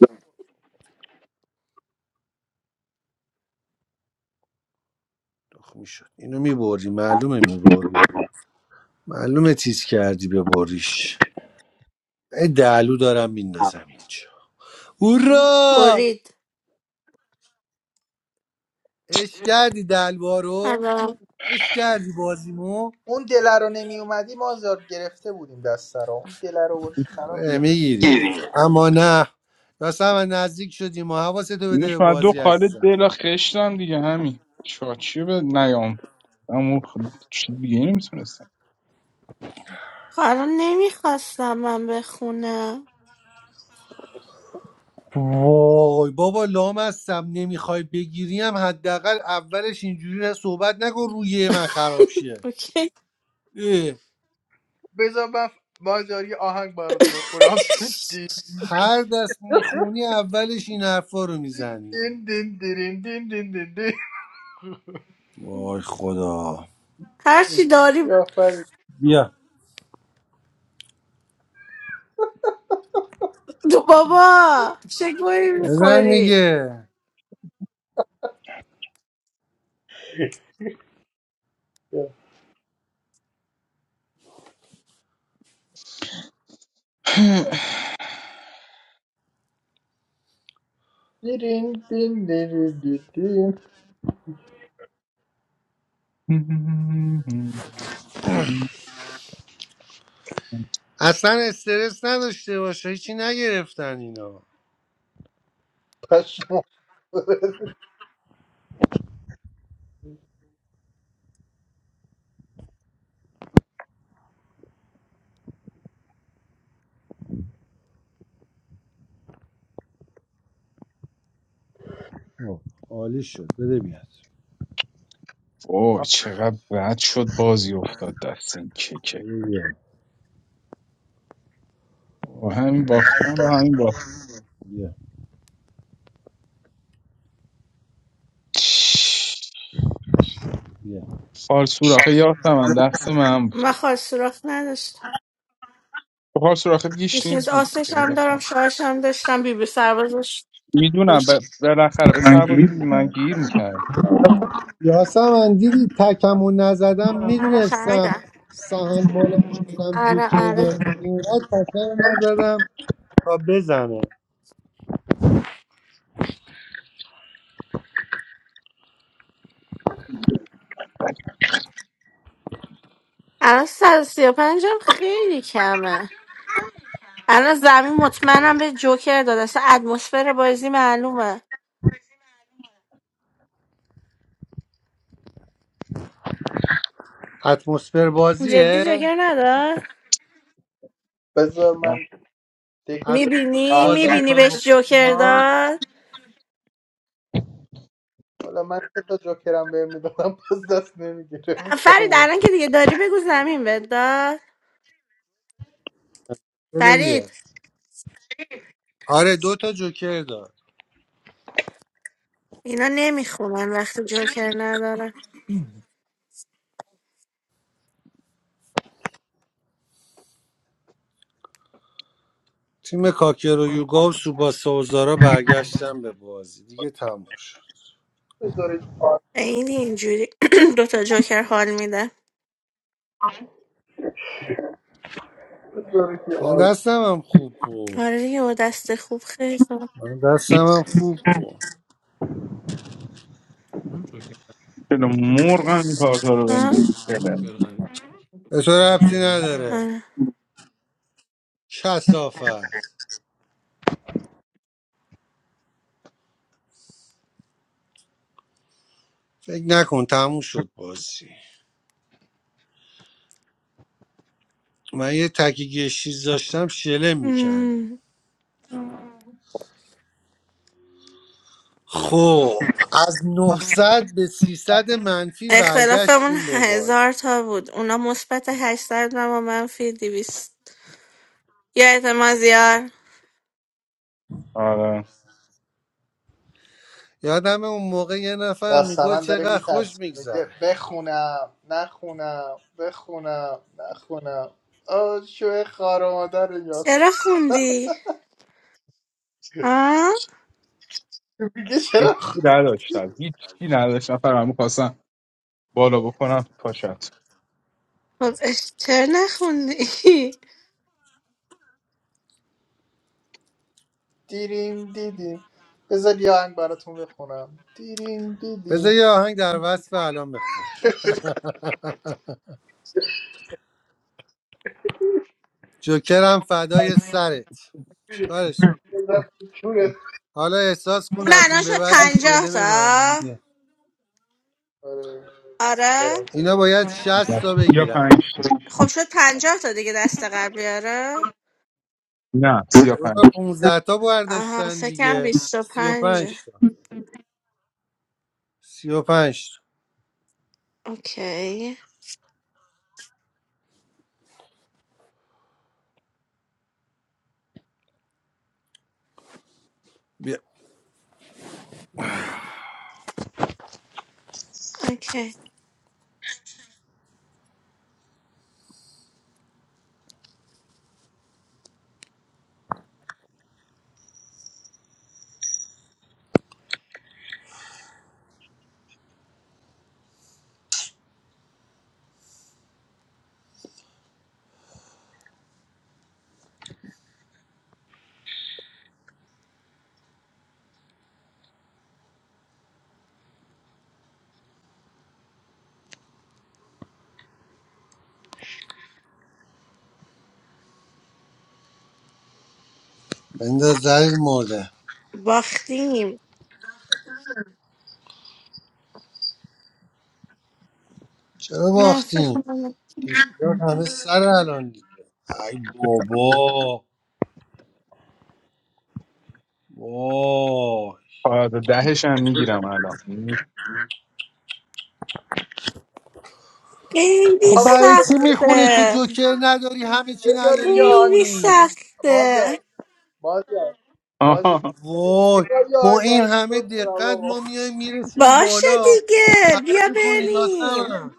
Speaker 3: دخ میشد اینو میبردی معلومه میبردی معلومه تیز کردی ببریش ای دلو دارم میندازم اینجا هورا
Speaker 1: برید
Speaker 3: اش کردی دلوا رو
Speaker 1: الان
Speaker 3: اش کردی بازیمو
Speaker 10: اون دله رو نمی اومدی مازیار گرفته بودیم دست رو اون دله رو بردی خراب کرد
Speaker 3: میگیرید اما نه راستم نزدیک شدیم و حواستو بده
Speaker 2: اینش
Speaker 3: به
Speaker 2: من دو
Speaker 3: بازی
Speaker 2: خاله
Speaker 3: عزیزم
Speaker 2: دل خشتم دیگه همین چاچی به نیام اما خ- چیز دیگه نمیتونستم
Speaker 1: حالا نمیخواستم من بخونم
Speaker 3: وای بابا لام هستم نمیخوای بگیریم حداقل اولش اینجوری صحبت نکن روی من خراب شه
Speaker 1: اوکی
Speaker 3: اه،
Speaker 10: بذار من مازیار یه آهنگ برات بخورم دین
Speaker 3: هر دست میخونی اولش این حرفا رو میزنی
Speaker 10: دین دین دین دین دین دین دین
Speaker 3: وای خدا
Speaker 1: هرچی داری
Speaker 10: آفرین
Speaker 3: بیا
Speaker 1: دو بابا چه گویی
Speaker 3: بزن
Speaker 1: میخوری
Speaker 3: دیگه
Speaker 10: دین دین دین دین دین
Speaker 3: اصلا استرس نداشته باشه هیچی نگرفتن اینا
Speaker 10: پشمام
Speaker 3: آه، عالی شد بده بیاد
Speaker 2: وای چقدر بد شد بازی افتاد دست این ککه
Speaker 3: بده بیا
Speaker 2: با همین باختم با همین باخت
Speaker 3: بیا
Speaker 2: چش.
Speaker 3: بیا
Speaker 2: خال سوراخه یاسم من دست من بود
Speaker 1: من خواهد سراخ نداشت
Speaker 2: خب خال سوراخه گیش نیز
Speaker 1: بیشنیز
Speaker 2: بود
Speaker 1: آسش
Speaker 2: دیگه
Speaker 1: هم دارم
Speaker 2: یاسم
Speaker 1: شاهش هم داشتم بی بی سربازش
Speaker 2: میدونم ب- بالاخره به سرباز بودی من گیر میکرد
Speaker 3: یاسم من دیدی تکمو نزدم
Speaker 1: آره
Speaker 3: میدونستم
Speaker 1: فهمیدم
Speaker 3: سهن بالا هستم
Speaker 1: آره
Speaker 3: جوکر
Speaker 1: آره
Speaker 3: داره اینقدر تکمو نزدم تا بزنه
Speaker 1: الان سر و سی و پنجم خیلی کمه الان زمین مطمئنم به جوکر داد اصلا اتمسفر بازی معلومه
Speaker 3: اتمسفر بازیه
Speaker 1: جدی جوکر نداد
Speaker 10: بذار من
Speaker 3: اتمسفر
Speaker 10: دیگه
Speaker 1: میبینی
Speaker 10: آهنگ
Speaker 3: بازی
Speaker 10: برات
Speaker 1: میبینی
Speaker 3: میکنیم
Speaker 1: بهش جوکر
Speaker 3: ما.
Speaker 1: داد
Speaker 10: والا من سه تا جوکرم بهم میدادم باز دست
Speaker 1: فرید
Speaker 10: نمیگرفتم
Speaker 1: الان که دیگه داری بگو زمین بهت داد
Speaker 3: بده بیا
Speaker 1: فرید
Speaker 3: آره دو تا جوکر داد
Speaker 1: اینا نمیخونن وقتی جوکر ندارن
Speaker 3: تیم کاکر و یوگا و سوباسا و زارا برگشتن به بازی دیگه تموم شد
Speaker 10: بذارید آهنگ
Speaker 1: این اینجوری دوتا جوکر حال میده
Speaker 10: بذارید یه
Speaker 3: من
Speaker 10: آهنگ
Speaker 3: دستم هم خوب بود
Speaker 1: آره دیگه با دست خوب خیلی خوب.
Speaker 3: من دستم هم خوب بود
Speaker 2: چرا مرغم این کارتا رو
Speaker 1: آه،
Speaker 2: بندازی چرا
Speaker 3: به تو ربطی نداره
Speaker 1: آره.
Speaker 3: کسافت فکر نکن تموم شد بازی من یه تکیه چیز داشتم شلم میکردیم
Speaker 1: مم.
Speaker 3: خب از 900 به 300 منفی
Speaker 1: اختلافمون
Speaker 3: برگشتیم به بازی
Speaker 1: هزار تا بود اونا مثبت 800 و ما منفی 200 یادت مازیار
Speaker 2: آره
Speaker 3: یادم اون موقع یه نفر میگو
Speaker 10: یاسمن داره
Speaker 3: چقدر خوش
Speaker 10: میترسه بگه
Speaker 3: میگذره
Speaker 10: بخونم نخونم بخونم نخونم آه شوه خار مادر یاس
Speaker 1: چرا خوندی؟ ها؟
Speaker 10: میگه چرا
Speaker 2: هیچی
Speaker 10: خ-
Speaker 2: نداشتم هیچی نداشتم فقط میخواستم بالا بکنم تو پاشت
Speaker 1: خب اش- چرا نخوندی؟
Speaker 10: دیرین دیدین بذار یه آهنگ براتون بخونم دیرین
Speaker 3: بذار
Speaker 10: دیدین
Speaker 3: یه آهنگ در وصف الان بخونم جوکرم فدای سرت چیکارش
Speaker 10: بذار تو کونت.
Speaker 3: حالا احساس
Speaker 1: اون
Speaker 3: کن از
Speaker 1: الان
Speaker 3: این به
Speaker 1: شد
Speaker 3: بعد
Speaker 1: پنجاه
Speaker 3: شلم
Speaker 1: تا
Speaker 3: معمولیه
Speaker 10: آره، برم.
Speaker 1: آره؟
Speaker 3: اینا باید 60 تا
Speaker 2: یا
Speaker 3: بگیرن
Speaker 2: پنج تا.
Speaker 1: خب شد پنجاه تا دیگه دست قبلی آره؟
Speaker 2: نه سیا پنج
Speaker 3: 15 تا
Speaker 1: آها
Speaker 3: برداشتن
Speaker 1: فکرم
Speaker 3: دیگه
Speaker 1: بیست و پنجه
Speaker 3: 35 تا 35
Speaker 1: اوکی
Speaker 3: بیا
Speaker 1: اوکی
Speaker 3: بنداز دلیل مرده
Speaker 1: باختیم
Speaker 3: چرا
Speaker 1: منفی
Speaker 3: باختیم
Speaker 1: خودم
Speaker 3: دیشب همه سر الان دیگه ای
Speaker 2: تا.
Speaker 3: بابا وای
Speaker 2: آره دهش هم میگیرم الان
Speaker 1: خیلی
Speaker 3: خب برای چی
Speaker 10: آقا
Speaker 3: میخونی تو
Speaker 1: سخته
Speaker 3: جوکر نداری همه چی
Speaker 10: بذارید
Speaker 3: نداری
Speaker 10: یه آهنگ
Speaker 1: خیلی
Speaker 3: میخونی
Speaker 1: سخته
Speaker 10: مازیار مازیار مازی
Speaker 2: آها
Speaker 3: وای
Speaker 10: بذار یه
Speaker 3: با
Speaker 10: آهنگ
Speaker 3: این
Speaker 10: براتون
Speaker 3: همه
Speaker 10: بخورم
Speaker 3: دقت
Speaker 10: آقا
Speaker 3: ما میایم میرسیم
Speaker 1: باشه
Speaker 3: بالا
Speaker 1: دیگه
Speaker 3: خراب
Speaker 1: بیا
Speaker 3: میکنی
Speaker 1: بریم
Speaker 3: یاسم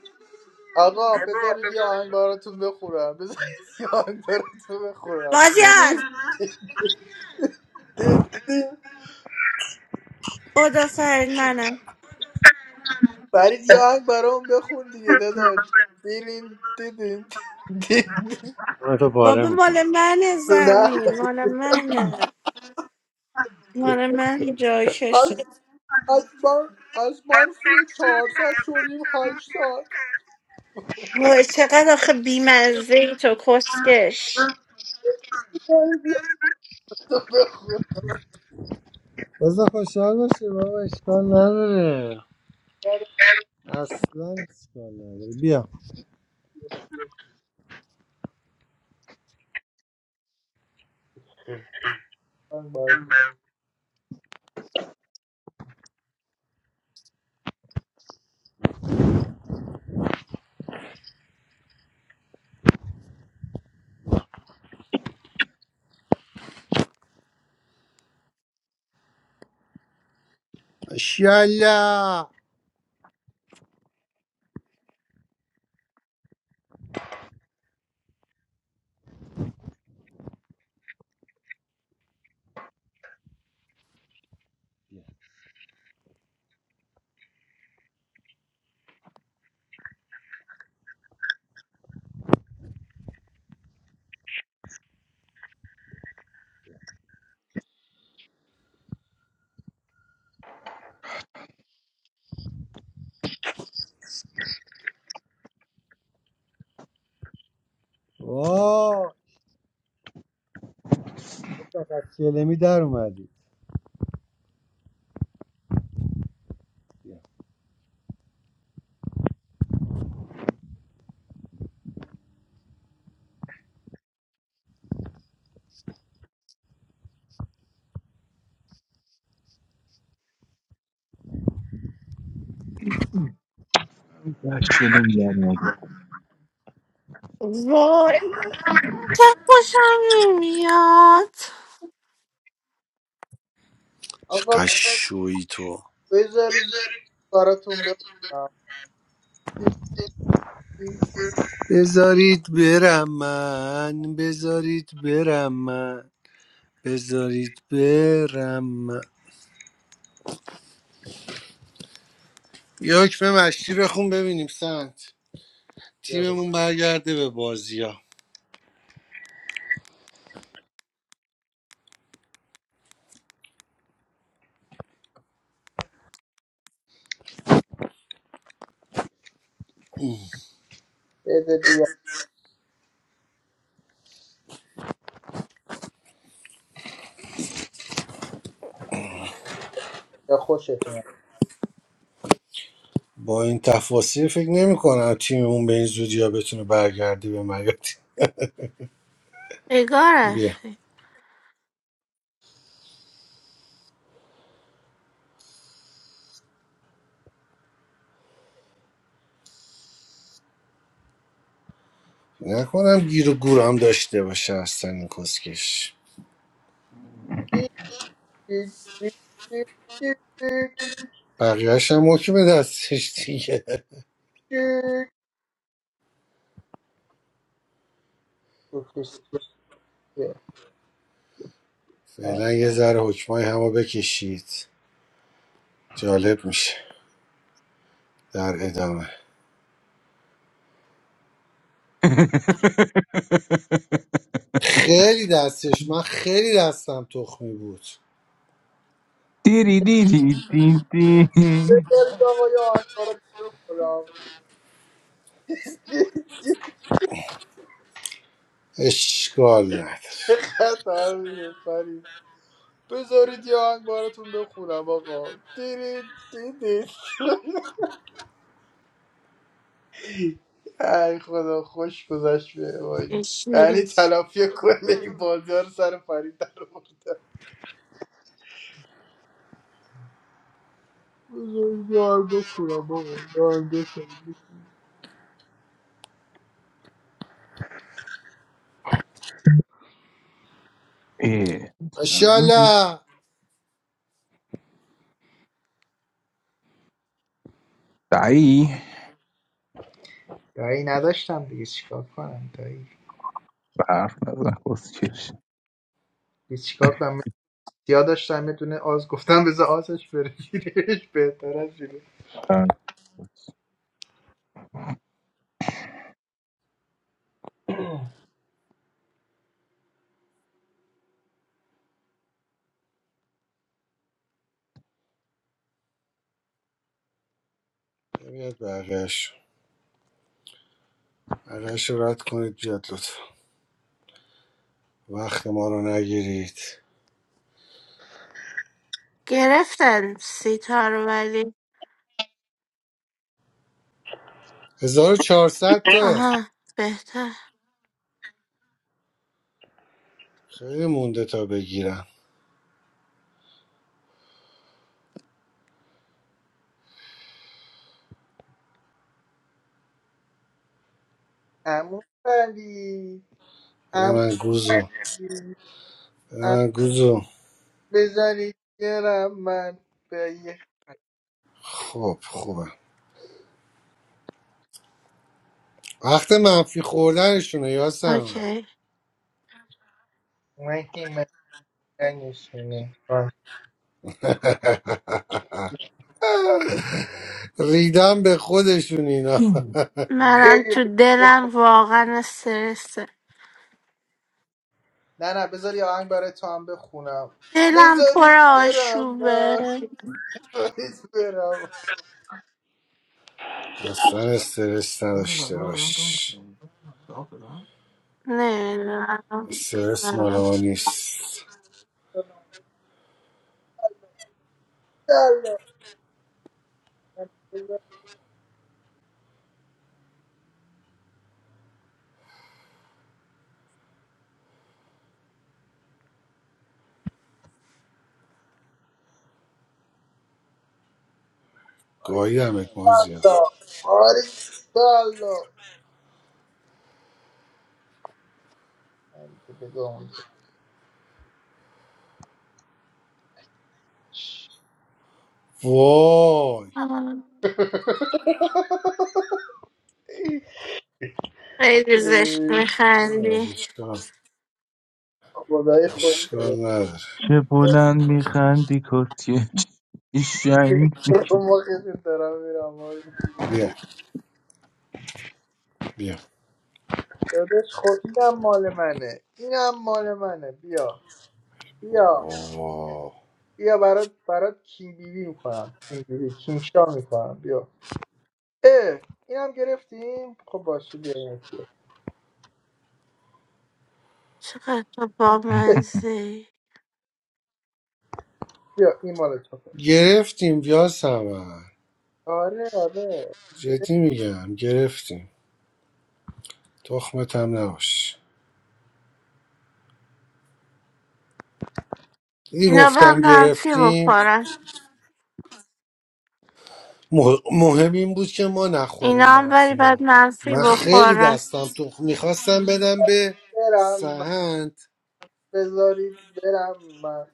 Speaker 10: آقا بذارید یه آهنگ براتون بخورم بذارید یه آهنگ براتون بخورم
Speaker 1: بازیار
Speaker 10: دیرین دید دید
Speaker 1: بودو فرید
Speaker 10: برید یه آهنگ برام بخون دیگه داداش دیرین دیدین دید.
Speaker 3: من تو پاره
Speaker 1: بابا مال
Speaker 3: میکنم
Speaker 1: منه
Speaker 10: نه
Speaker 1: زمین مال منه مال من جای
Speaker 10: از
Speaker 1: کشه
Speaker 10: از من از منفی 400 شدیم 800
Speaker 1: وای چقدر آخه بیمزه ای تو کسکش
Speaker 10: برید یه آهنگ براتون بخورم
Speaker 3: بزا خوشحال باشی بابا اشکال نداره اصلا اشکال نداره بیا ماشاءالله واه حتی از چلمی در اومدی
Speaker 2: Lasciate ingannare.
Speaker 1: وای چه خوشم نمیاد
Speaker 3: چه
Speaker 10: آقا
Speaker 3: قشویی تو
Speaker 10: بذارید براتون بخورم بیا
Speaker 3: بذارید برم من بذارید برم من بذارید برم من یه به مشتی بخون ببینیم سنت
Speaker 10: بریم.
Speaker 3: تیممون برگرده به بازی ها
Speaker 10: بده بیا یا خوشت اومد
Speaker 3: با این تفاصیل فکر نمی کنم تیممون به این زودی ها بتونه برگرده به مگاتی
Speaker 1: نگارش
Speaker 3: بیا نکنم گیر و گور هم داشته باشه اصلا این کسکش بقیهش هم حکم دستش دیگه
Speaker 10: شوخیش چیه؟ آه.
Speaker 3: فعلا یه ذره حکمای همو بکشید جالب میشه در ادامه خیلی دستش من خیلی دستم تخمی بود
Speaker 2: Tiri tiri ti ti.
Speaker 10: بذارید آقا یه آهنگ برات بخورم یه چی
Speaker 3: اشکال نداره
Speaker 10: خطر میده فرید بذارید یه آهنگ براتون بخونم آقا دیرید دیدید ای خدا خوش گذشت به وای.
Speaker 1: ایش
Speaker 10: یعنی
Speaker 1: نیست
Speaker 10: تلافی کل بازی ها سر فرید در آوردم بذارید یه آهنگ بخونم آقا یه آهنگ بخونم.
Speaker 2: Eh,
Speaker 3: اشالا
Speaker 2: Dai.
Speaker 10: دایی نداشتم دیگه چیکار کنم دایی
Speaker 2: برف نزن کسکش
Speaker 10: دیگه چیکار کنم سیا داشتم یه دونه آز گفتم بذار آزش بره گیرش بهتر از اینه.
Speaker 3: بیاد بقیهش بقیهش رو رد کنید بیاد لطفا وقت ما رو نگیرید
Speaker 1: گرفتن سیتا رو ولی
Speaker 3: 1400 تا
Speaker 1: آها بهتر
Speaker 3: خیلی مونده تا بگیرم
Speaker 10: عمو فرید
Speaker 3: بده
Speaker 10: عمو
Speaker 3: من گوزو
Speaker 10: فرید،
Speaker 3: بده
Speaker 10: عمو
Speaker 3: من گوزو
Speaker 10: بذارید گرم من به یه
Speaker 3: خب خوبه وقت منفی خوردنشونه یاسم
Speaker 1: اوکی
Speaker 10: من که من نشونه آه.
Speaker 3: ریدم به خودشون اینا
Speaker 1: منم
Speaker 10: خیلی
Speaker 1: تو دلم
Speaker 10: بخون
Speaker 1: واقعا استرسه
Speaker 10: نه نه بذار یه آهنگ برای تو هم بخونم
Speaker 1: دلم پر
Speaker 10: بذارید برم
Speaker 1: آشوبه
Speaker 10: من بذارید
Speaker 3: اصلا استرس نداشته باش استرس مال ما
Speaker 1: نمیدونم
Speaker 3: نیست
Speaker 10: برم
Speaker 3: گاهی همت مازیار
Speaker 10: والا آره والا من که بگم
Speaker 3: وای
Speaker 1: خیلی زشت میخندی
Speaker 3: اشکال
Speaker 10: خدای خوش
Speaker 3: اشکال
Speaker 10: داره
Speaker 3: نداره
Speaker 2: چه بلند میخندی کسکش این شنگ
Speaker 10: ما خیلی دارم میرم
Speaker 3: بیا بیا
Speaker 10: دادش خود اینم مال منه اینم مال منه بیا بیا
Speaker 3: وای.
Speaker 10: بیا برات برات کینگ بیبی میکنم کینگ بیبی کینگ شا میکنم بیا اه اینم گرفتیم خب باشه بیا این بیا
Speaker 1: چقدر تو
Speaker 10: اه،
Speaker 1: بامزه
Speaker 10: بیا این مال تو
Speaker 3: گرفتیم یا سمن
Speaker 10: آره آره
Speaker 3: جدی میگم گرفتیم تخمتم نباش دیدی
Speaker 1: اینا باید
Speaker 3: گفتم
Speaker 1: منفی
Speaker 3: گرفتیم
Speaker 1: بخورن
Speaker 3: مه- مهم این بود که ما
Speaker 1: اینا
Speaker 3: نخوریم
Speaker 1: هم ولی
Speaker 3: منفیو
Speaker 1: باید منفی
Speaker 3: من خیلی
Speaker 1: بخورن
Speaker 3: دستم تو میخواستم بدم به
Speaker 10: برم من.
Speaker 3: سهند
Speaker 10: بذارید برم من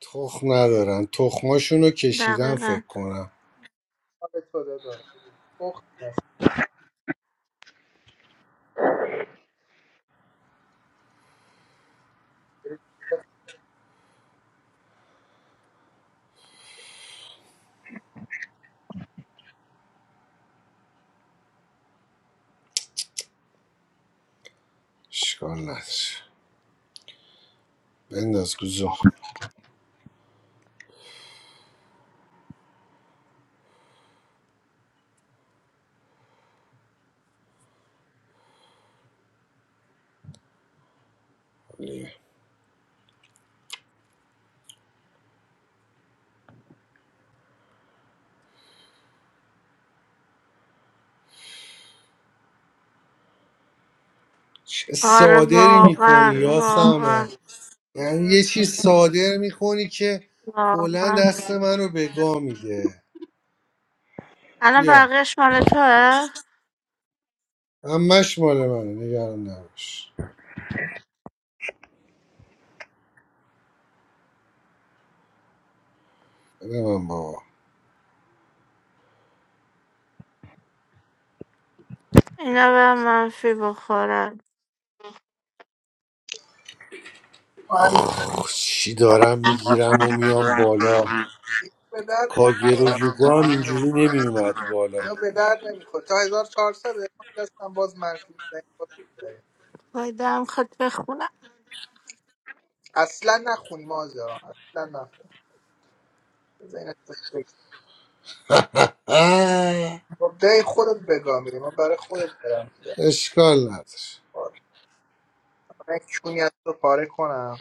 Speaker 3: تخم ندارن تخماشون رو کشیدن
Speaker 1: دقیقا
Speaker 3: فکر کنم
Speaker 10: مال تو داداش
Speaker 3: اشکال نداره بنداز گوزو چه
Speaker 1: آره
Speaker 3: صادری میکنی
Speaker 1: واقعا
Speaker 3: یاسم
Speaker 1: واقعا
Speaker 3: یعنی یه چیز صادر میکنی که کلا
Speaker 1: واقعا
Speaker 3: دست منو به گا میده
Speaker 1: الان
Speaker 3: بیا
Speaker 1: بقیهش مال توه
Speaker 3: همش مال منه نگران نباش بده من بابا
Speaker 1: اینا به منفی بخورن
Speaker 10: من
Speaker 3: آخ، چی دارم میگیرم و میام بالا
Speaker 10: به درد
Speaker 3: کاگرو
Speaker 10: نمیخوره
Speaker 3: یوگو هم اینجوری نمیومد بالا
Speaker 10: اینا به درد نمیخوره تا 1400 ما دستم باز منفی بزنیم باز ببریم.
Speaker 1: وای دم خود بخونم
Speaker 10: اصلا نخونی ما زیاران اصلا نخونی بذار این احساس بگیم.
Speaker 3: آه،
Speaker 10: خب دای خودت بگاه میری من برای خودت برم میگم
Speaker 3: اشکال نداره
Speaker 10: من کونی از رو پاره کنم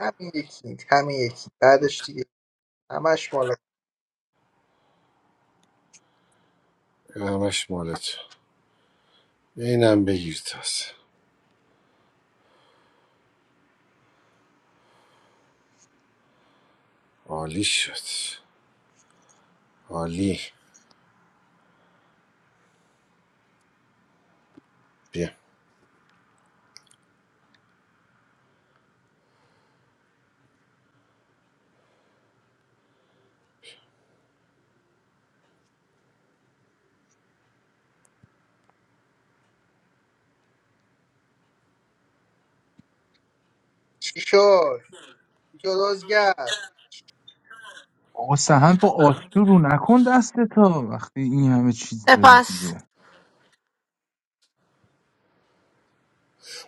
Speaker 10: همین یکی همین یکی بعدش دیگه همش مال
Speaker 3: همش مالت اینم بگیر تازه عالی شد عالی بیا
Speaker 10: چی شد جدازگر
Speaker 2: آقا سهند با آسکو رو نکن دست تا وقتی این همه چیز داری
Speaker 1: پس
Speaker 2: دیگه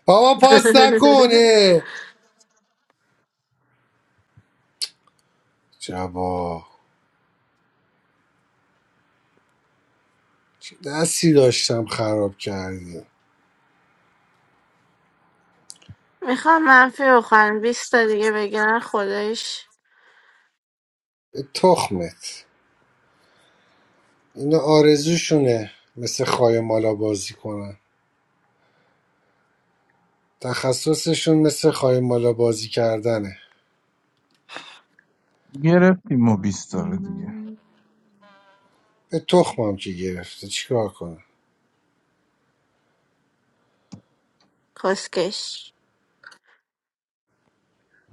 Speaker 3: بابا پاس نکن اه. جبا چه دستی داشتم خراب کردی
Speaker 1: میخوام منفی بخورن بیست تا دیگه بگیرن خودش
Speaker 3: به تخمت اینا آرزوشونه مثل خای مالا بازی کنن تخصصشون مثل خای مالا بازی کردنه
Speaker 2: گرفتیم ما بیستاره دیگه
Speaker 3: به تخمم که گرفته چیکار کنم
Speaker 1: کسکش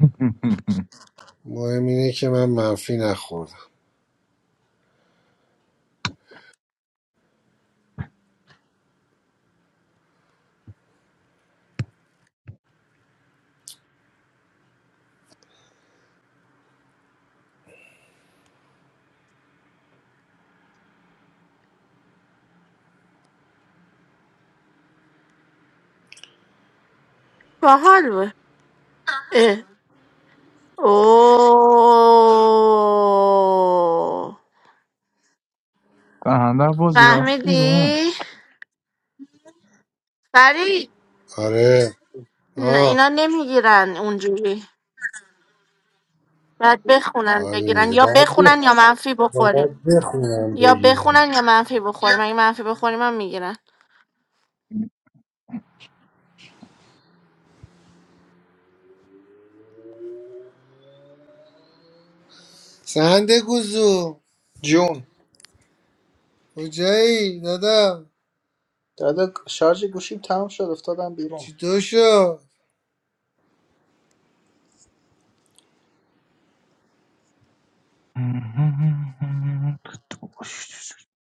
Speaker 3: مهم اینه که من منفی نخوردم
Speaker 1: باحال بود اوه
Speaker 2: سهند بازی رفت بیرون
Speaker 1: فهمیدی؟ فرید
Speaker 3: آره
Speaker 1: نه،
Speaker 3: آه
Speaker 1: اینا نمیگیرن اونجوری باید بخونن
Speaker 3: حال
Speaker 1: بگیرن
Speaker 3: میده
Speaker 1: یا
Speaker 3: باید بخ-
Speaker 1: بخونن یا منفی
Speaker 3: باید
Speaker 1: بخوریم
Speaker 3: بخونم
Speaker 1: یا
Speaker 3: بگیرم
Speaker 1: بخونن یا منفی بخوریم اگه منفی بخوریم هم میگیرن
Speaker 3: سند گوزو
Speaker 10: جون
Speaker 3: کجایی دادا
Speaker 10: دادا شارژ گوشیم تمام شد افتادم بیرون
Speaker 3: چطور شد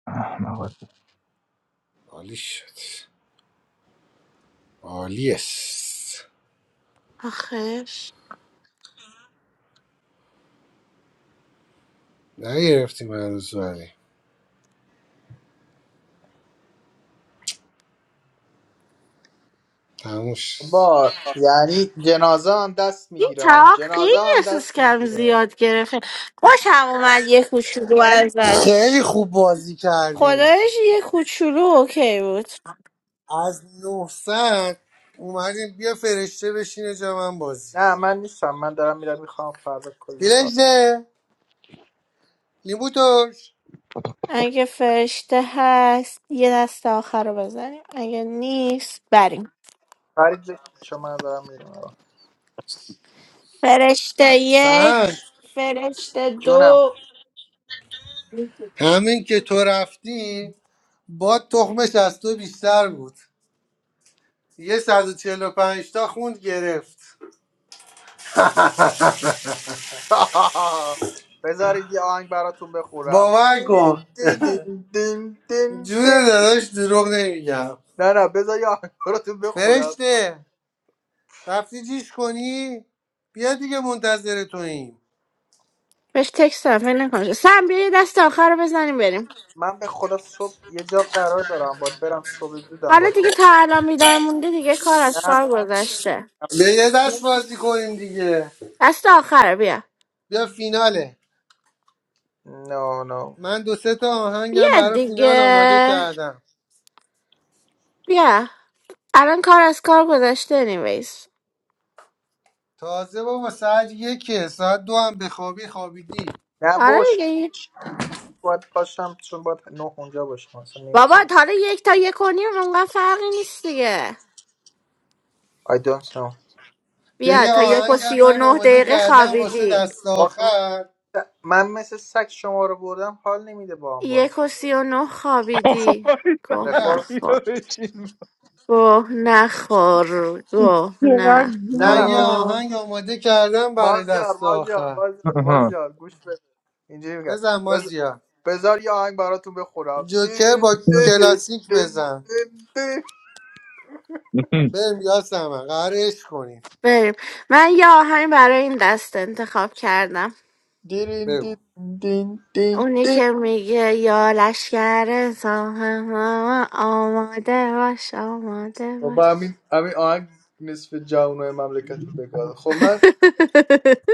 Speaker 2: احمقات
Speaker 3: عالی شد عالی است
Speaker 1: آخش
Speaker 3: نگرفتیم هنوز ولی تموم شد
Speaker 10: با یعنی جنازه هم دست
Speaker 1: این
Speaker 10: میگیره
Speaker 1: تا
Speaker 10: جنازه
Speaker 1: خیلی
Speaker 10: هم
Speaker 1: احساس
Speaker 10: دست
Speaker 1: کم
Speaker 10: میگیره
Speaker 1: زیاد گرفته خوشم اومد یه کوچولو
Speaker 3: خیلی
Speaker 1: ازش
Speaker 3: خوب بازی کردیم
Speaker 1: خدایش یه کوچولو اوکی بود
Speaker 3: از 900 اومدیم بیا فرشته بشینه جا من بازی
Speaker 10: نه من
Speaker 3: کنه
Speaker 10: نیستم من دارم میرم میخوام فردا کلی کار
Speaker 3: بیلجه لیمو ترش
Speaker 1: اگه فرشته هست یه دست آخر رو بزنیم اگه نیست بریم
Speaker 10: فرید بشین چون من دارم میرم الان.
Speaker 1: فرشته
Speaker 3: سهند
Speaker 1: یک فرشته
Speaker 10: جونم
Speaker 1: دو
Speaker 3: همین که تو رفتی با تخمش از تو بیشتر بود یه 145 تا خوند گرفت
Speaker 10: بذارید یه آهنگ براتون بخورم
Speaker 3: باور
Speaker 10: دین
Speaker 3: کن
Speaker 10: دین دین دین دین دین.
Speaker 3: جون داداش دروغ نمیگم
Speaker 10: نه نه بذار یه آهنگ براتون بخورم
Speaker 3: فرشته رفتی جیش کنی بیا دیگه منتظر توییم
Speaker 1: بهش تکست دارم، فکر نکنم سم بیا یه دست آخر رو بزنیم بریم
Speaker 10: من به خدا صبح یه جا قرار دارم باید برم صبح زودم
Speaker 1: حالا
Speaker 10: باید
Speaker 1: دیگه
Speaker 10: برم.
Speaker 1: تا الان بیدار مونده دیگه کار از
Speaker 10: نه
Speaker 1: کار گذشته
Speaker 3: بیا یه دست بازی کنیم دیگه
Speaker 1: دست آخر بیا
Speaker 3: بیا فیناله
Speaker 10: نه نه
Speaker 3: من دو سه تا آهنگم
Speaker 1: بیا
Speaker 3: برای فینال آماده
Speaker 1: دیگه
Speaker 3: کردم
Speaker 1: بیا الان کار از کار گذشته نیویز
Speaker 3: تازه بابا ساعت یکه ساعت دو هم بخوابی خوابیدی
Speaker 10: نه
Speaker 1: آره
Speaker 10: بابا
Speaker 1: دیگه هیچ.
Speaker 10: باید باشم چون باید نه اونجا باشم اصلا
Speaker 1: بابا
Speaker 10: نمیتونم
Speaker 1: تا حالا یک تا یک و نیم اونقدر فرقی نیست دیگه
Speaker 10: I don't know
Speaker 3: بیا
Speaker 1: بیا
Speaker 3: یه
Speaker 1: تا یک و
Speaker 3: آهنگم
Speaker 1: سی و
Speaker 3: من
Speaker 1: نه
Speaker 3: آماده
Speaker 1: دقیقه
Speaker 3: کردم واسه
Speaker 1: خوابیدی
Speaker 3: دست
Speaker 10: آخه من,
Speaker 3: آخر
Speaker 10: من مثل سگ شما رو بردم حال نمیده با هم بازی
Speaker 1: یک و
Speaker 10: کنم
Speaker 1: سی و نه خوابیدی
Speaker 2: آی،
Speaker 1: گه
Speaker 3: بیا
Speaker 10: رفرم
Speaker 2: بیا
Speaker 1: نخور
Speaker 2: بشین
Speaker 1: گه نخور گه
Speaker 2: چقدر
Speaker 10: نه
Speaker 3: من
Speaker 2: گوه
Speaker 10: نه
Speaker 3: یه
Speaker 2: بود.
Speaker 10: بذار
Speaker 1: نخور
Speaker 3: آهنگ آماده کردم برای
Speaker 10: بازیار
Speaker 3: دست
Speaker 10: بازیار
Speaker 3: آخر
Speaker 10: بازیار
Speaker 2: آها.
Speaker 10: بازیار گوش بده اینجوری میگه
Speaker 3: بزن
Speaker 10: بذار
Speaker 3: مازیار
Speaker 10: بذار یه آهنگ براتون بخورم
Speaker 3: جوکر
Speaker 10: دیرین
Speaker 3: با
Speaker 10: دیدین
Speaker 3: کلاسیک
Speaker 10: دین
Speaker 3: بزن
Speaker 10: دین دین.
Speaker 3: بریم یاسمن قرارش کنیم
Speaker 1: بریم من یه آهنگ برای این دست انتخاب کردم
Speaker 10: دیرین
Speaker 3: بگو
Speaker 10: دین دین دین
Speaker 1: اونی
Speaker 10: دین.
Speaker 1: که میگه یا لشکر ساهم آماده باش آماده
Speaker 10: بابا
Speaker 1: باش
Speaker 10: همین همین آهنگ نصف جوانای مملکت رو بگاده خب من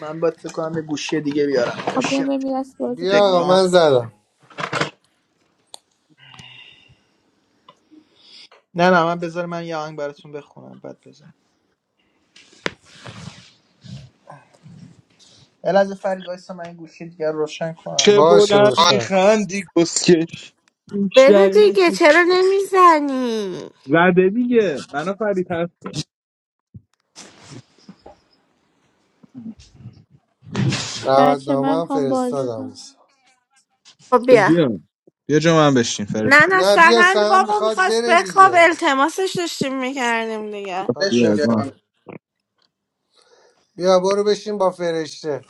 Speaker 10: من باید فکر کنم یه گوشی دیگه بیارم
Speaker 12: خب
Speaker 10: گوشی
Speaker 12: بیام بریم یه دست بازی
Speaker 3: بیا
Speaker 12: کنیم
Speaker 3: آقا
Speaker 10: تکان
Speaker 12: بچه
Speaker 3: من زدم
Speaker 10: نه نه من بذار من یه آهنگ براتون بخونم بعد بزنم الازه فرید وایسا من این گوشی دیگر روشن
Speaker 2: چه
Speaker 10: کنم
Speaker 3: باشه
Speaker 2: بلند
Speaker 3: روشن کن
Speaker 2: میخندی کسکش
Speaker 1: بده
Speaker 2: بیشتر
Speaker 1: دیگه چرا نمیزنی
Speaker 2: زده دیگه منو فرید هست
Speaker 3: دعوت
Speaker 12: بچه من
Speaker 3: نامم
Speaker 12: میخوام بازی
Speaker 3: فرستادم
Speaker 12: کنم
Speaker 1: خب
Speaker 2: خب
Speaker 1: بیا
Speaker 2: بیا بیا جا من بشین
Speaker 1: نه
Speaker 2: فرشته
Speaker 1: نه
Speaker 3: نه بیا
Speaker 1: سهند
Speaker 3: سهم
Speaker 1: بابا
Speaker 3: میخواد
Speaker 1: میخواست
Speaker 3: بره
Speaker 1: بخواب
Speaker 3: دیگه
Speaker 1: التماسش داشتیم میکردیم دیگه
Speaker 3: میخواد
Speaker 10: بشین
Speaker 2: بیا جا. من.
Speaker 10: دارم
Speaker 3: بخوابه بیا برو بشین با فرشته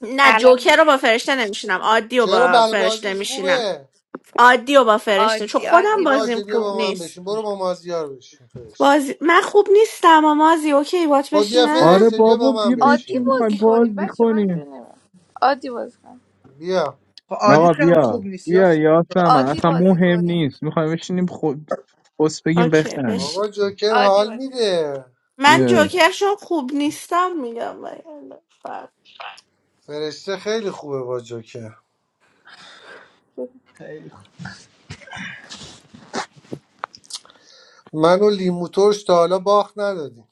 Speaker 1: نه
Speaker 12: الان
Speaker 1: جوکر رو
Speaker 12: میگم.
Speaker 1: با فرشته نمیشینم عادی رو
Speaker 3: چرا
Speaker 1: با فرشته
Speaker 3: بلبازیش
Speaker 1: میشینم
Speaker 3: خوبه
Speaker 1: عادی رو با فرشته چون
Speaker 12: عادی
Speaker 3: خب
Speaker 1: خودم
Speaker 12: عادی
Speaker 1: بازیم
Speaker 3: باشه
Speaker 12: بازی
Speaker 3: بیا
Speaker 1: خوب
Speaker 12: کنیم
Speaker 3: با من
Speaker 1: نیست
Speaker 3: بشین برو با مازیار بشین فرشته
Speaker 1: بازی من خوب نیستم و مازی اوکی بات
Speaker 3: خب بیا
Speaker 2: آره
Speaker 1: بشینم
Speaker 3: فرشته بیا
Speaker 2: بابا
Speaker 3: با من
Speaker 2: بیا
Speaker 12: عادی
Speaker 2: بشین
Speaker 3: بشین
Speaker 2: میخوایم
Speaker 12: بازی
Speaker 1: اوکی,
Speaker 12: کنیم
Speaker 2: بازی
Speaker 12: بچه من اینجور
Speaker 2: کنیم
Speaker 12: نمیم عادی بازی کنیم
Speaker 3: بیا
Speaker 10: خب عادی
Speaker 2: آقا
Speaker 10: که هم
Speaker 2: بیا
Speaker 10: خوب نیست یا
Speaker 2: بیا
Speaker 10: س-
Speaker 2: یاسم
Speaker 12: عادی
Speaker 2: اصلا
Speaker 12: بازی
Speaker 2: مهم
Speaker 12: کنیم
Speaker 2: نیست میخوایم بشینیم خود بس
Speaker 1: اوکی
Speaker 2: بگیم
Speaker 1: بشین
Speaker 3: آقا جوکر
Speaker 12: عادی
Speaker 3: حال
Speaker 12: بازی
Speaker 3: میده
Speaker 1: من
Speaker 2: یه
Speaker 1: جوکر چون خوب نیستم میگم وگرنه فرق.
Speaker 3: فرشته خیلی خوبه با جوکر
Speaker 12: کنیم
Speaker 10: خیلی خوب
Speaker 3: منو لیمو ترش تا حالا باخت ندادیم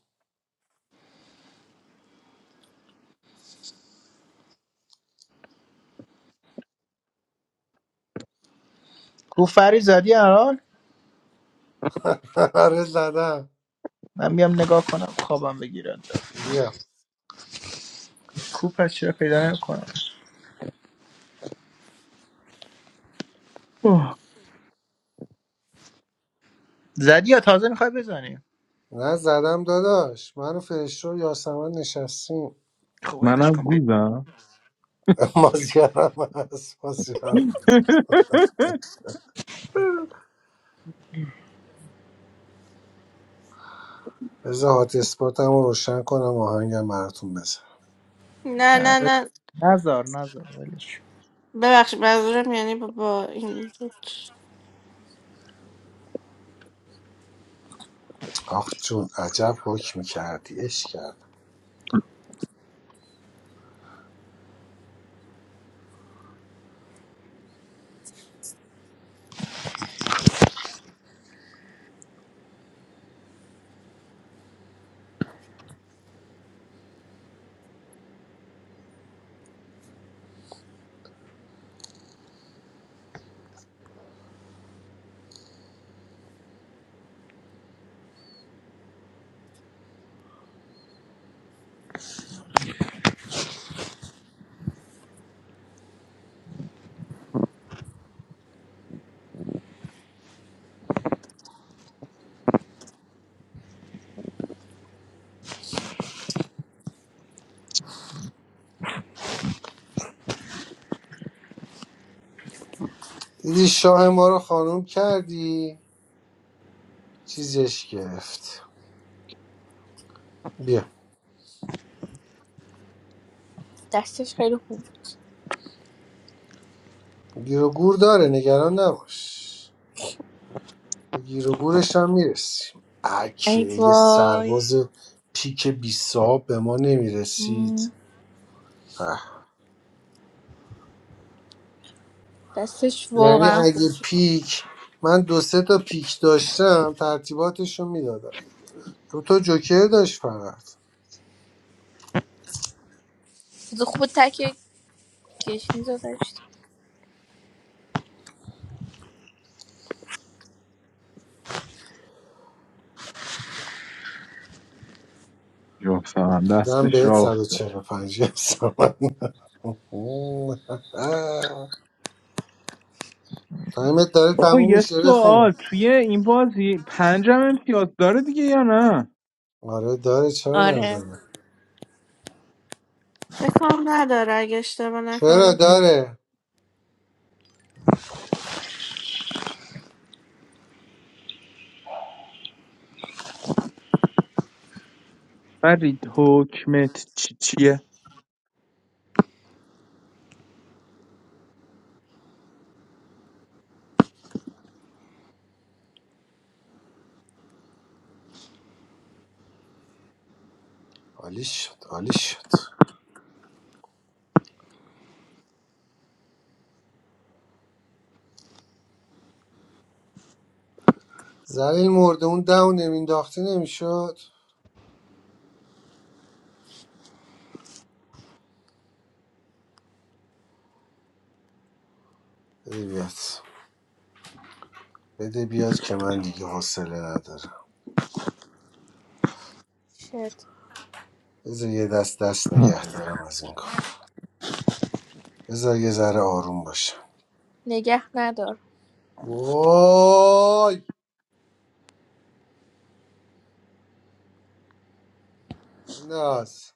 Speaker 10: کو فرید زدی الان
Speaker 3: آره زدم
Speaker 10: من بیام نگاه کنم خوابم بگیرد
Speaker 3: بیا
Speaker 10: کو پس چرا پیدا نمیکنم
Speaker 2: اوه.
Speaker 10: زدی یا تازه میخوای بزنی
Speaker 3: نه زدم داداش منو فرشته و یاسمن نشستیم
Speaker 10: خب ولش
Speaker 2: منم
Speaker 10: کن پیدا
Speaker 2: گوزم
Speaker 3: مازیارم هست مازیارم بذار هات اسپاتم رو روشن کنم آهنگم براتون بزن
Speaker 1: نه
Speaker 10: آه،
Speaker 1: نه
Speaker 10: ول-
Speaker 1: نه
Speaker 10: نزار نزار ولش
Speaker 1: ببخشید منظورم یعنی با, با این
Speaker 3: آخ جون عجب حکم کردی اش کردم دیدی شاه ما رو خانوم کردی چیزش گرفت بیا
Speaker 12: دستش خیلی خوب بود.
Speaker 3: گیر و گور داره نگران نباش به گیر و گورش هم میرسیم اکه
Speaker 12: ای
Speaker 3: یه
Speaker 12: وای
Speaker 3: سرباز پیک 20 صاحب به ما نمیرسید
Speaker 12: مم.
Speaker 3: اه.
Speaker 12: دستش
Speaker 3: یعنی
Speaker 12: واقعا خوب
Speaker 3: اگه
Speaker 12: بود
Speaker 3: پیک من دو سه تا پیک داشتم ترتیباتش رو میدادم دو تا جوکر داشت فقط
Speaker 12: چیز خوب بود تک گشنیز رو داشت
Speaker 2: جفتم
Speaker 3: دادم
Speaker 2: دستش
Speaker 3: بهت
Speaker 2: را افتاد
Speaker 3: 145 گرم سمت تایمت داره
Speaker 2: بابا
Speaker 3: تموم
Speaker 2: یه
Speaker 3: میشه بخون
Speaker 2: سوال توی این بازی پنجم امتیاز داره دیگه یا نه
Speaker 3: آره داره چرا
Speaker 12: آره
Speaker 3: نداره
Speaker 1: فکرم نداره اگه اشتباه
Speaker 3: چرا
Speaker 1: نکنم
Speaker 3: داره
Speaker 2: فرید حکمت چی چیه
Speaker 3: عالی شد عالی شد زلیل مرده اون دو نمینداختی نمیشد بده بیاد بده بیاد که من دیگه حوصله ندارم
Speaker 12: شد
Speaker 3: بذار یه دست دست نگه دارم از این کار بذار یه ذره آروم باشم
Speaker 12: نگه ندار
Speaker 3: وای ناز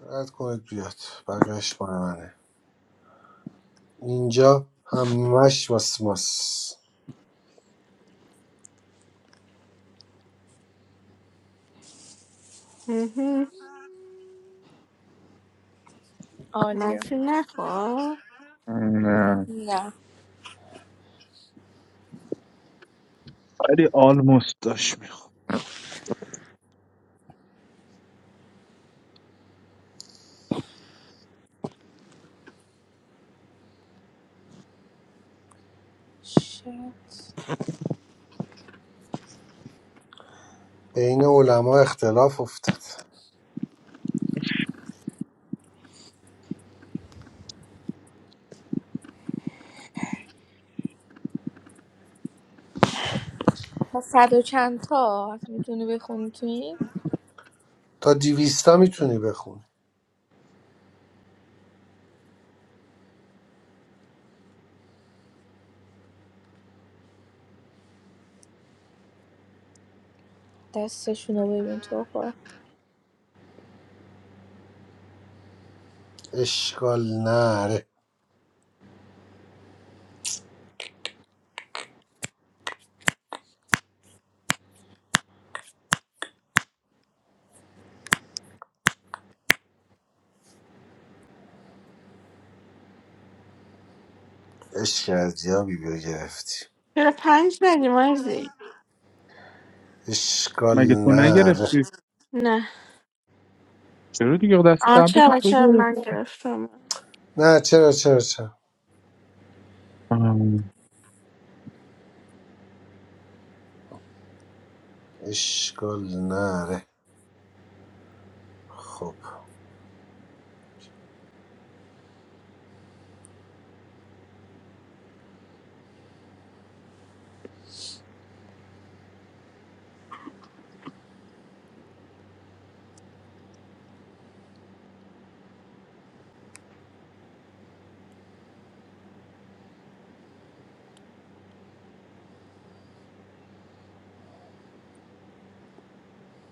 Speaker 3: رد کنید بیاد بقیهش مال منه اینجا همش واس ماس
Speaker 1: مهم.
Speaker 12: عالیه
Speaker 1: منفی نخواه
Speaker 2: نه
Speaker 12: نه
Speaker 2: ولی آلموست داشت میخوام
Speaker 12: شد
Speaker 3: بین علما اختلاف افتاد
Speaker 12: تا صد و چند تا میتونی بخونی تو این
Speaker 3: تا دیویستا میتونی بخونی
Speaker 12: دستشون رو ببین تو رو خدا.
Speaker 3: اشکال نره عشق از یابی بیا گرفتی
Speaker 1: چرا پنج ندی مازی
Speaker 3: اشکال
Speaker 2: مگه تو
Speaker 3: نره
Speaker 2: نگرفتی
Speaker 1: نه
Speaker 2: چرا دیگه دست
Speaker 1: آه
Speaker 2: قبلی که
Speaker 1: چرا
Speaker 2: تو
Speaker 1: چرا من
Speaker 2: گرفت
Speaker 1: گرفتم
Speaker 3: نه چرا چرا چرا
Speaker 2: آم.
Speaker 3: اشکال نره خب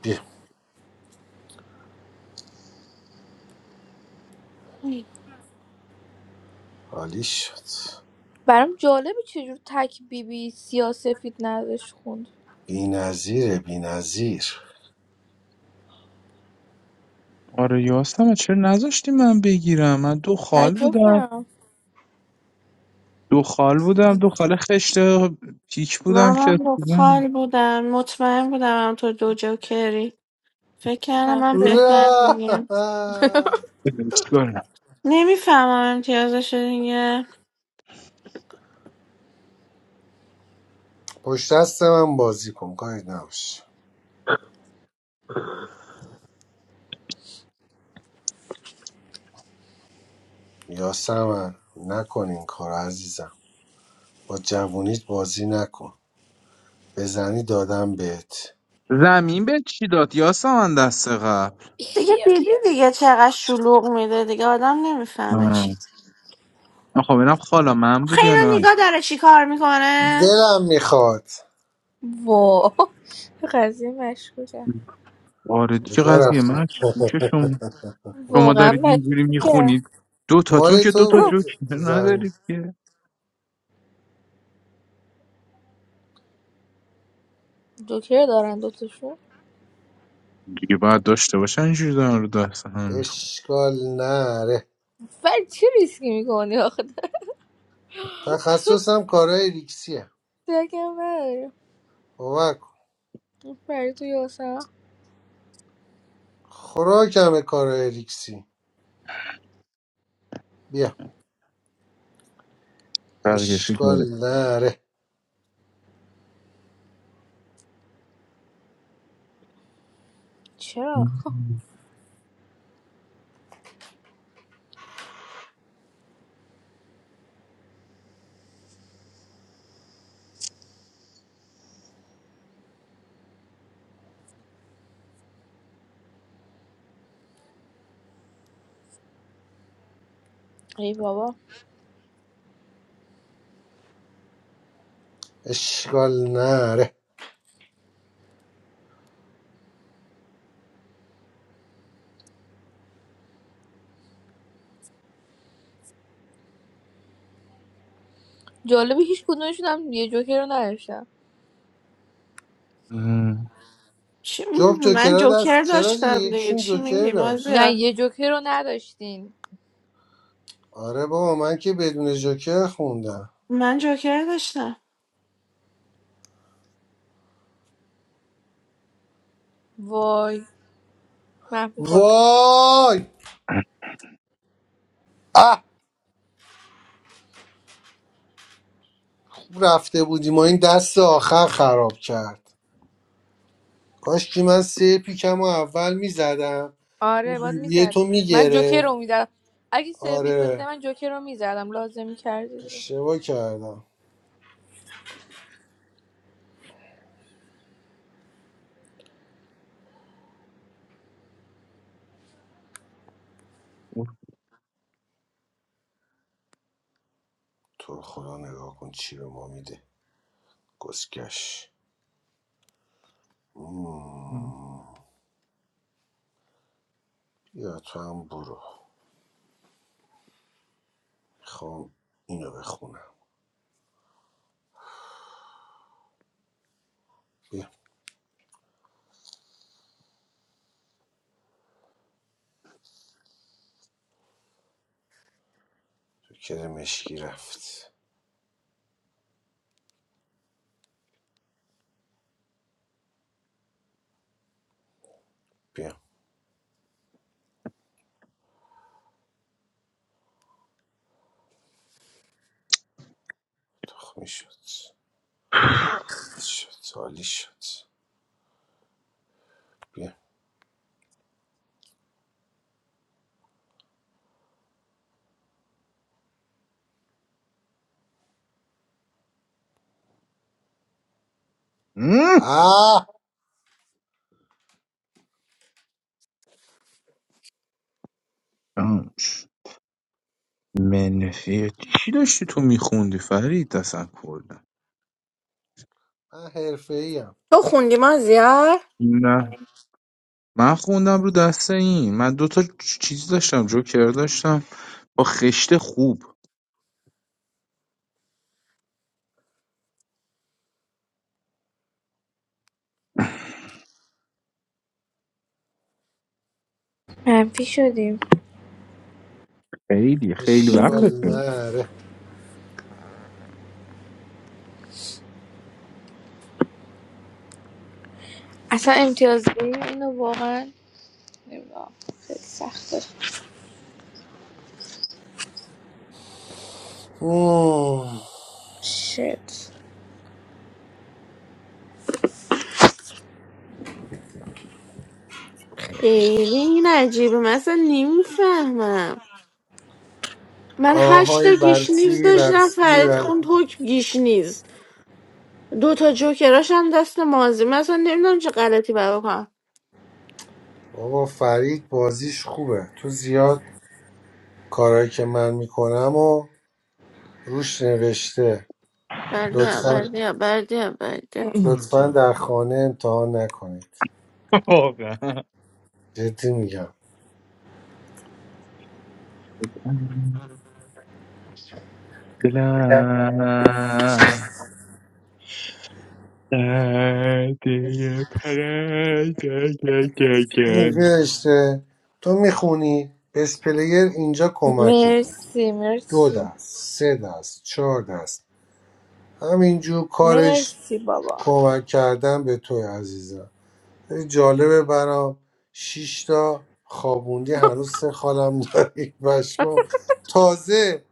Speaker 3: بیا عالی شد
Speaker 12: برام جالبه چجور تک بی بی سیاسفید نازش خوند
Speaker 3: بی نظیره بی نظیر
Speaker 2: آره یاستم چرا نذاشتی من بگیرم من دو خال
Speaker 12: تعجب
Speaker 2: بودم
Speaker 12: کردم
Speaker 2: دو خال بودم دو خال خشت پیک بودم که
Speaker 1: منم
Speaker 2: دیدم
Speaker 1: بخار بودم مطمئن بودم هم تو دو جوکری فکر کردم
Speaker 12: منفی
Speaker 1: من
Speaker 12: خورد
Speaker 1: بهتر میگم
Speaker 2: چیکار
Speaker 1: نمیفهمم امتیازش دیگه
Speaker 3: پشت دست من بازی کن کاری نباشه یاسمن نکن این کار عزیزم با جوونیت بازی نکن بزنی دادم بهت
Speaker 2: زمین به چی داد یاسمن دست قبل
Speaker 1: دیگه
Speaker 12: خیال.
Speaker 1: دیدی دیگه چقدر شلوغ میده دیگه آدم نمیفهمه چی
Speaker 2: آه. خب اینم خالا من
Speaker 1: آخه
Speaker 2: بود یا
Speaker 1: اینو
Speaker 2: نه
Speaker 1: نگاه داره چی کار میکنه
Speaker 3: دلم میخواد
Speaker 12: وا قضیه مشکوکه
Speaker 2: آره دیگه
Speaker 3: بگاه
Speaker 2: قضیه
Speaker 3: رفتی
Speaker 2: من چی گوشه شما شما
Speaker 12: واقعا
Speaker 2: دارید اینجوری
Speaker 12: مشکوکه
Speaker 2: میخونید دو تاتون
Speaker 3: مال
Speaker 2: که دو
Speaker 3: تو
Speaker 2: تا
Speaker 3: بود
Speaker 2: جوک
Speaker 3: زمین
Speaker 2: ندارید که
Speaker 12: جوکر دارن دوتاشون
Speaker 2: دیگه باید داشته باشن اینجوری دارن رو دست هم میخون
Speaker 3: اشکال نره
Speaker 12: ولی چی ریسکی میکنی آخه
Speaker 3: تخصصم کارهای ریکسیه
Speaker 12: دکم نداری
Speaker 3: باور کن
Speaker 12: برای تو یاسم
Speaker 3: خوراکم کارهای ریکسی بیا
Speaker 2: بقیهشو داره
Speaker 3: اشکال نره
Speaker 12: چرا ای بابا
Speaker 3: اشکال نره
Speaker 12: جالبه هیچ کدومشون هم یه جوکر رو نداشتم
Speaker 1: چی
Speaker 3: جفت
Speaker 1: من
Speaker 3: جوکرها
Speaker 1: جوکر
Speaker 3: دست چرا دیگه
Speaker 1: داشتم دیگه
Speaker 3: یکشون
Speaker 1: چی
Speaker 3: جوکر
Speaker 1: میگی
Speaker 3: داشت
Speaker 12: نه
Speaker 1: مازیا
Speaker 12: یه جوکر رو نداشتین
Speaker 3: آره بابا من که بدون جوکر خوندم
Speaker 1: من جوکر داشتم
Speaker 12: وای منفی خورد
Speaker 3: وای اه خوب رفته بودیم و این دست آخر خراب کرد کاش که من سه پیکم و اول میزدم
Speaker 12: آره
Speaker 3: اون
Speaker 12: باید
Speaker 3: بیبیه تو
Speaker 12: میزدی من جوکر رو
Speaker 3: میگرفت
Speaker 12: میزدم اگه سر پیک رو میزدم
Speaker 3: آره
Speaker 12: من جوکر رو میزدم لازم میکردی دیگه
Speaker 3: اشتباه کردم تو رو خدا نگاه کن چی به ما میده گسکش مم. بیا تو هم برو خب اینو بخونم بیا تو کرمشکی رفت بیا تخمی شد شد سالی شد بیا آه
Speaker 2: منفی چی داشتی تو میخوندی فرید اصلا کلا
Speaker 3: من حرفه ایم
Speaker 2: نه من خوندم رو دست این من دو تا چیز داشتم جوکر داشتم با خشته خوب
Speaker 12: منفی شدیم
Speaker 2: خیلی خیلی
Speaker 3: اشکال
Speaker 12: مم.
Speaker 2: وقتشون
Speaker 3: نره
Speaker 12: اصلا امتیاز بگیریم اینو واقعا نمیدونم خیلی سخته
Speaker 3: اوه.
Speaker 12: شت
Speaker 1: خیلی این عجیبه مثلا نمیفهمم من
Speaker 3: آهای
Speaker 1: هشتا گیش نیز
Speaker 3: برسی
Speaker 1: داشتم
Speaker 3: برسی
Speaker 1: فرید
Speaker 3: بر
Speaker 1: خوند حکم گیش نیز دو تا جوکراش هم دست مازی اصلا نمیدونم چه غلطی برا کنم
Speaker 3: بابا فرید بازیش خوبه تو زیاد کارایی که من میکنم و روش نوشته
Speaker 1: بردیا
Speaker 3: لطفا
Speaker 1: بردیا بردیا بردیا
Speaker 3: لطفا در خانه امتحان نکنید
Speaker 2: واقعا
Speaker 3: جدی میگم
Speaker 2: دلم درد پرنگگگگگ.
Speaker 3: این نوشته تو میخونی بس اینجا کمکت میکنه
Speaker 12: مرسی
Speaker 3: دو
Speaker 12: مرسی
Speaker 3: دست سه دست چهار دست همینجور کارش
Speaker 12: مرسی بابا
Speaker 3: کمک کردن به توی عزیزم خیلی جالبه برام شیش تا خوابوندی هنوز سه خالم داری بشمام تازه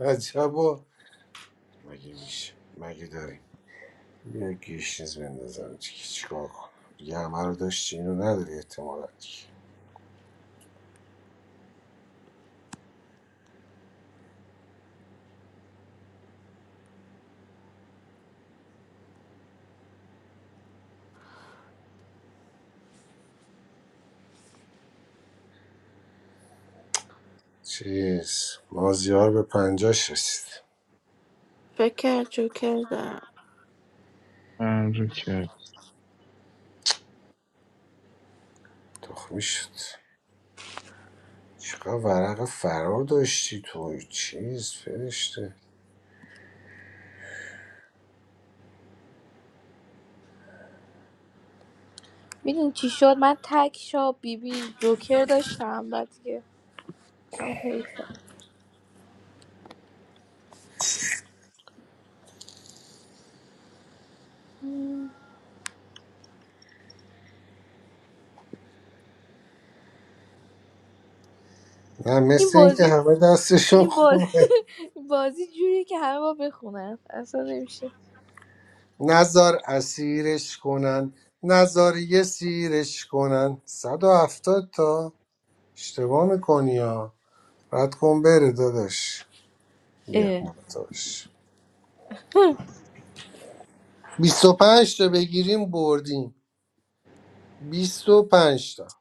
Speaker 3: عجبا مگه میشه مگه داریم بیا گیش نیز بندازم چی- چیکار کنم دیگه همه رو داشتی اینو نداری احتمالاً دیگه. چیز مازیار به پنجاش رسید
Speaker 1: فکر کرد جوکر دارم
Speaker 2: من رو که
Speaker 3: تخمی شد چقدر ورق فرار داشتی تو چیز فرشته
Speaker 12: ببین چی شد من تک شا بی بی جوکر داشتم بعد دیگه هم حیفه مم.
Speaker 3: نه
Speaker 12: این
Speaker 3: مثل اینکه
Speaker 12: بازی
Speaker 3: همه دستشون
Speaker 12: این بازی
Speaker 3: خوبه
Speaker 12: بازی جوریه که همه با بخونن اصلا نمیشه
Speaker 3: نزار اسیرش کنن نزار یه سیرش کنن 170 تا اشتباه میکنی ها رد کن بره داداش بیا
Speaker 12: اه
Speaker 3: مرتاش 25 تا بگیریم بردیم 25 تا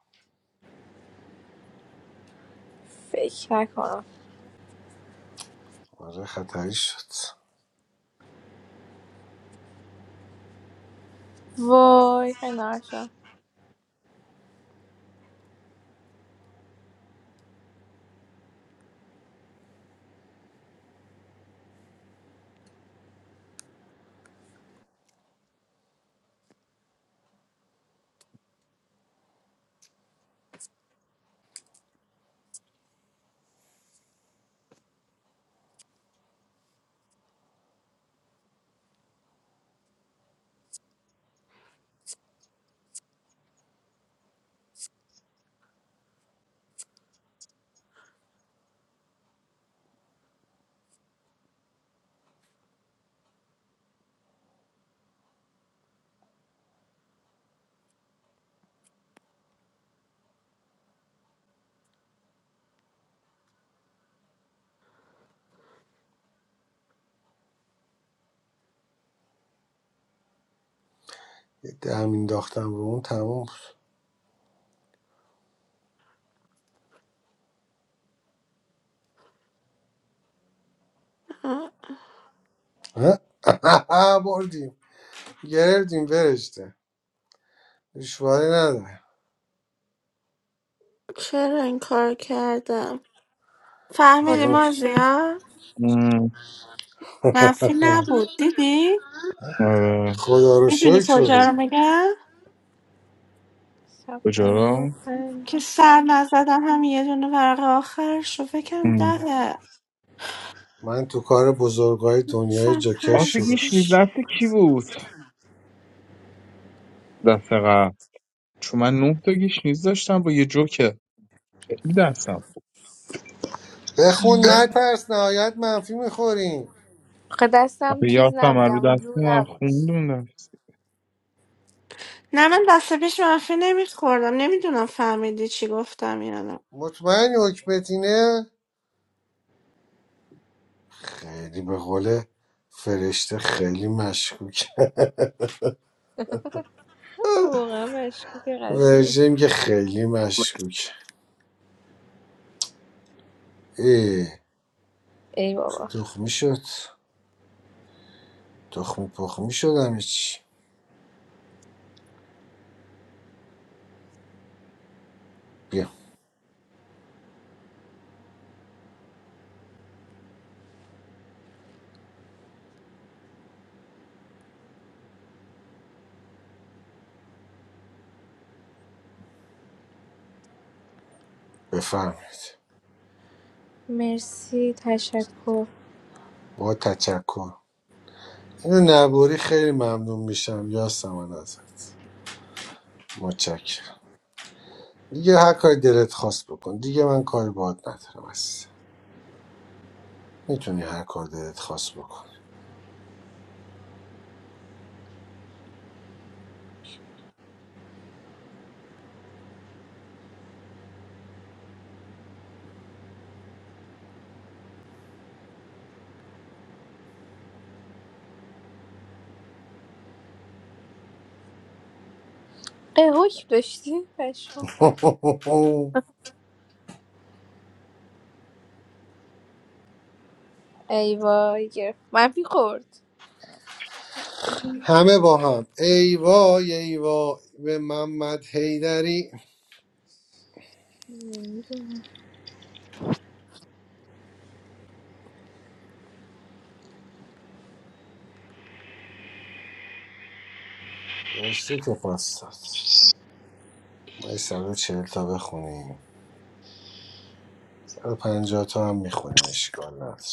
Speaker 12: فکر نکنم
Speaker 3: آره خطری شد
Speaker 12: وای خیلی ناشم
Speaker 3: یه دم انداختم رو اون تموم شد.
Speaker 1: آه،
Speaker 3: اه؟ بردیم گرفتیم برشته دشواری نداره
Speaker 1: چرا این کار کردم فهمیدی
Speaker 12: خدا رو
Speaker 3: گرفت.
Speaker 1: مازی
Speaker 12: شکر
Speaker 1: ها
Speaker 2: ام،
Speaker 1: منفی نبود دیدی
Speaker 2: آره
Speaker 3: خدا رو
Speaker 1: میدونی
Speaker 3: شکر رو بگو.
Speaker 1: کجا رو میگم
Speaker 12: صد
Speaker 2: کجا
Speaker 12: پنجاه و
Speaker 2: را
Speaker 1: که
Speaker 12: پنج
Speaker 1: سر نزدم هم یه دونه ورق آخرش رو فکرم
Speaker 2: ام.
Speaker 1: دهه
Speaker 3: من تو کار بزرگای دنیای
Speaker 1: سم
Speaker 3: جاکش
Speaker 2: آخه
Speaker 3: شروع
Speaker 2: گیشنیز
Speaker 3: شد
Speaker 1: هستش
Speaker 2: دست کی بود دست قبل چون من نه تا گیشنیز داشتم با یه جوکه خیلی دستم
Speaker 3: بخون نترس نهایت منفی میخوریم
Speaker 12: آخه دستم
Speaker 2: آخه
Speaker 12: چیز
Speaker 2: یاسم
Speaker 12: نبود
Speaker 2: من رو
Speaker 12: جمع
Speaker 2: دست
Speaker 12: جور
Speaker 2: من
Speaker 12: نبود
Speaker 2: خوندون دست
Speaker 1: نه من دست پیش منفی نمیخوردم نمیدونم فهمیدی چی گفتم یا نه
Speaker 3: مطمئن حکمتینه خیلی به قول فرشته خیلی مشکوک
Speaker 12: واقعا مشکوک قضیه
Speaker 3: ورژیم که خیلی مشکوک ای
Speaker 12: ای بابا
Speaker 3: تخمی شد تخمی پخمی شد همه چی بیا بفرمایید
Speaker 12: مرسی تشکر
Speaker 3: با تشکر اینو نبوری خیلی ممنون میشم یاسمن ازت متشکرم دیگه هر کاری دلت خواست بکن دیگه من کاری باهات ندارم عزیزم میتونی هر کار دلت خواست بکن
Speaker 12: ای حکم داشتی پشم ای وای گرفت منفی خورد
Speaker 3: همه با هم ای وای ای وای به محمد حیدری
Speaker 12: نمی‌دونم.
Speaker 3: رشته که پاس داد ما یه صد و چهل تا بخونیم صد و پنجاه تا هم میخونیم اشکال نداره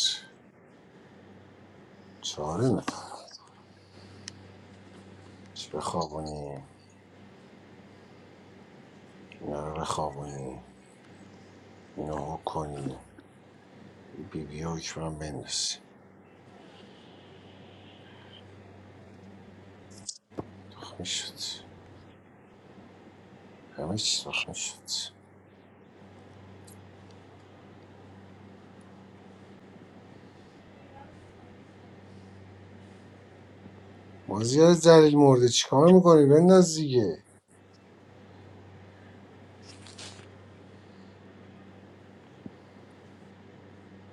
Speaker 3: چاره نداره چی بخوابونیم اینا رو بخوابونیم اینا کنیم یه بی بی که من بندازیم تخ شد همه چی تخ شد مازیار زلیل مرده چیکار میکنی بنداز دیگه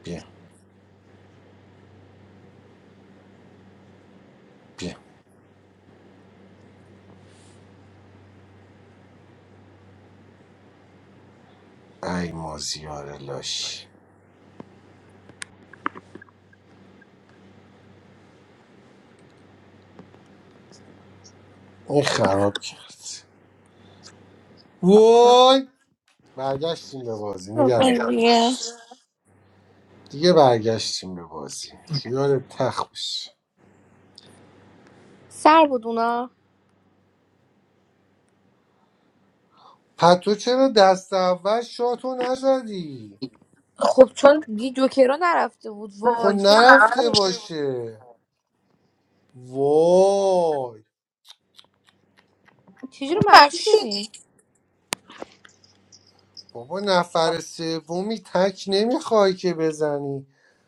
Speaker 3: بیا بیا ای مازیار لاشی این خراب کرد وای برگشتیم به بازی
Speaker 1: خب،
Speaker 3: نگران نباش.
Speaker 1: دیگه.
Speaker 3: دیگه برگشتیم به بازی خیال تخ بشه
Speaker 12: سر بود اونا
Speaker 3: پتو چرا دست اول شاتو نزدی
Speaker 12: خب چون دی جوکرا نرفته بود
Speaker 3: خب
Speaker 12: وای چرا منفی
Speaker 3: نرفته
Speaker 12: شدیم
Speaker 3: باشه وای
Speaker 12: چجوری منفی شدیم
Speaker 3: بابا نفر سومی تک نمیخوای که بزنی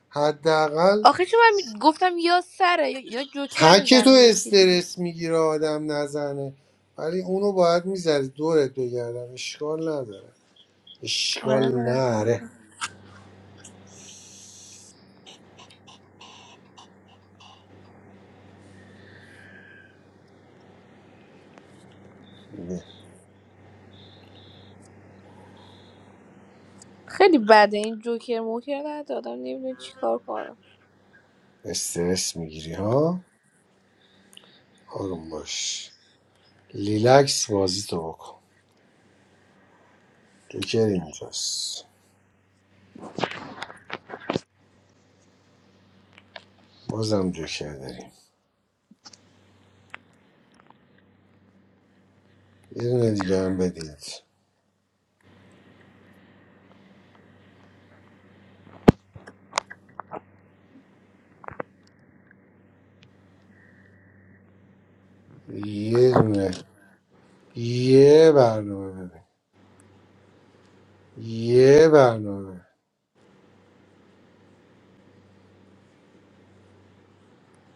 Speaker 3: حداقل
Speaker 12: آخه چون من می- گفتم یا سره یا, یا جوکر
Speaker 3: تک تو
Speaker 12: میزنه یکی دیگه
Speaker 3: استرس میگیره آدم نزنه ولی اونو باید میزدی دورت بگردم اشکال نداره اشکال
Speaker 12: آره
Speaker 3: نره
Speaker 12: خیلی بده این جوکر موکر ندادم نمیدونم چیکار کنم
Speaker 3: استرس میگیری ها آروم باش لیلکس بازی تو بکن جوکر اینجاست بازم جوکر داریم یه دونه دیگه هم بدید یه دونه یه برنامه ببین یه برنامه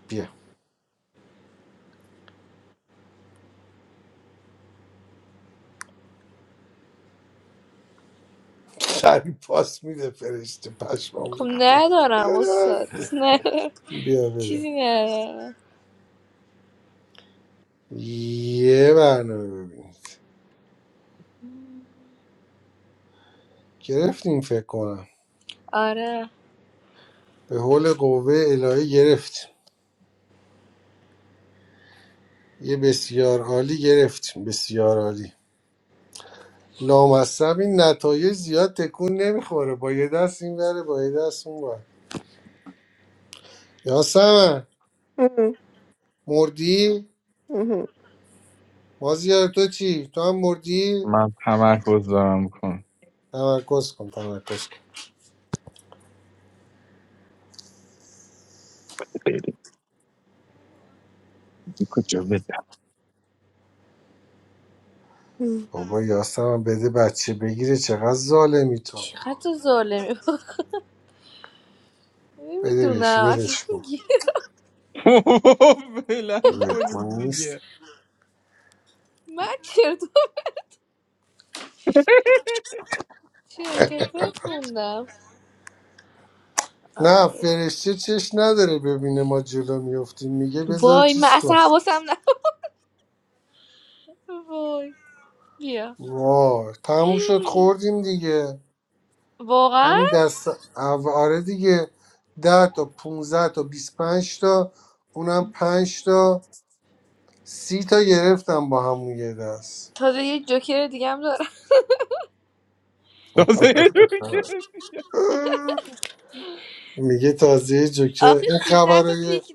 Speaker 3: بیا سری پاس میده فرشته پشمام
Speaker 12: خب
Speaker 3: ریخته
Speaker 12: ندارم استاد ندارم
Speaker 3: بیا بده
Speaker 12: چیزی ندارم
Speaker 3: یه برنامه ببینید گرفتیم فکر کنم
Speaker 12: آره
Speaker 3: به حول قوه الهی گرفت یه بسیار عالی گرفت بسیار عالی لامصب این نتایج زیاد تکون نمیخوره با یه دست این بره با یه دست اون بره یاسمن
Speaker 1: ام، ام،
Speaker 3: مردی
Speaker 1: مم مم.
Speaker 3: مازیار تو چی تو هم مردی
Speaker 2: من تمرکز دارم میکنم
Speaker 3: تمرکز کن تمرکز کن
Speaker 2: کجا
Speaker 1: ام
Speaker 3: بابا یاسمن بده بچه بگیره چقدر ظالمی تو
Speaker 12: چقدر ظالمی بود.
Speaker 3: بدهش
Speaker 12: نمیدونم اصلا
Speaker 3: ولش کن
Speaker 12: گی
Speaker 2: ولم
Speaker 3: ولکن
Speaker 2: کنید
Speaker 3: نیست
Speaker 2: دیگه
Speaker 12: من چرت و چرت و پرت خوندم
Speaker 3: نه
Speaker 12: آو.
Speaker 3: فرشته چش نداره ببینه ما جلو میفتیم میگه بذار
Speaker 12: وای من
Speaker 3: چیز
Speaker 12: اصلا
Speaker 3: کن
Speaker 12: حواسم نه وای بیا
Speaker 3: وای تموم شد خوردیم دیگه
Speaker 12: واقعا
Speaker 3: همین دست اول- آره دیگه ده تا 15 تا بیست پنج تا اونم پنج تا سی تا گرفتم با همون یه دست
Speaker 12: تازه یه جوکر دیگه هم دارم
Speaker 2: تازه یه جوری که-
Speaker 3: میگه تازه یه جوکر
Speaker 12: آخه
Speaker 3: این
Speaker 12: سیزده تا
Speaker 3: خبرای
Speaker 12: پیک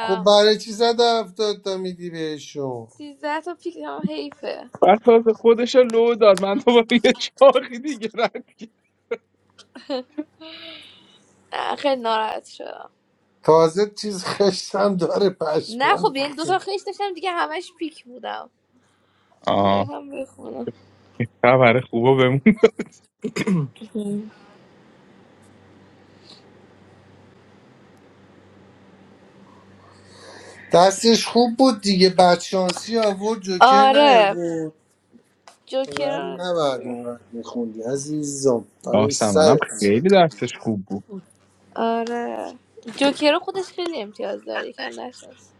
Speaker 3: خب برای چی زده هفتاد تا میدی بهشون
Speaker 12: سیزده تا پیک هم حیفه
Speaker 2: بعد تازه خودش رو لو داد من دوباره یه چاقی دیگه رد کردم.
Speaker 12: آه، خیلی ناراحت شدم
Speaker 3: تازه چیز خشتم داره
Speaker 12: نه
Speaker 3: پشمام
Speaker 12: خب یعنی
Speaker 3: ریخته.
Speaker 12: دوتا خیش داشتم دیگه همش پیک بودم یه
Speaker 2: آه
Speaker 12: هم بخونم
Speaker 2: این خبر خوبه بمون داد
Speaker 3: دستش خوب بود دیگه بدشانسی آورد جوکر
Speaker 12: آره
Speaker 3: نیاورد
Speaker 12: جوکر
Speaker 3: ولی نباید اونقدر میخوندی عزیزم فدای
Speaker 2: یاسمنم
Speaker 3: سرت
Speaker 2: خیلی درسش خوب بود
Speaker 12: آره جوکر رو خودش خیلی امتیاز داره یکم نشست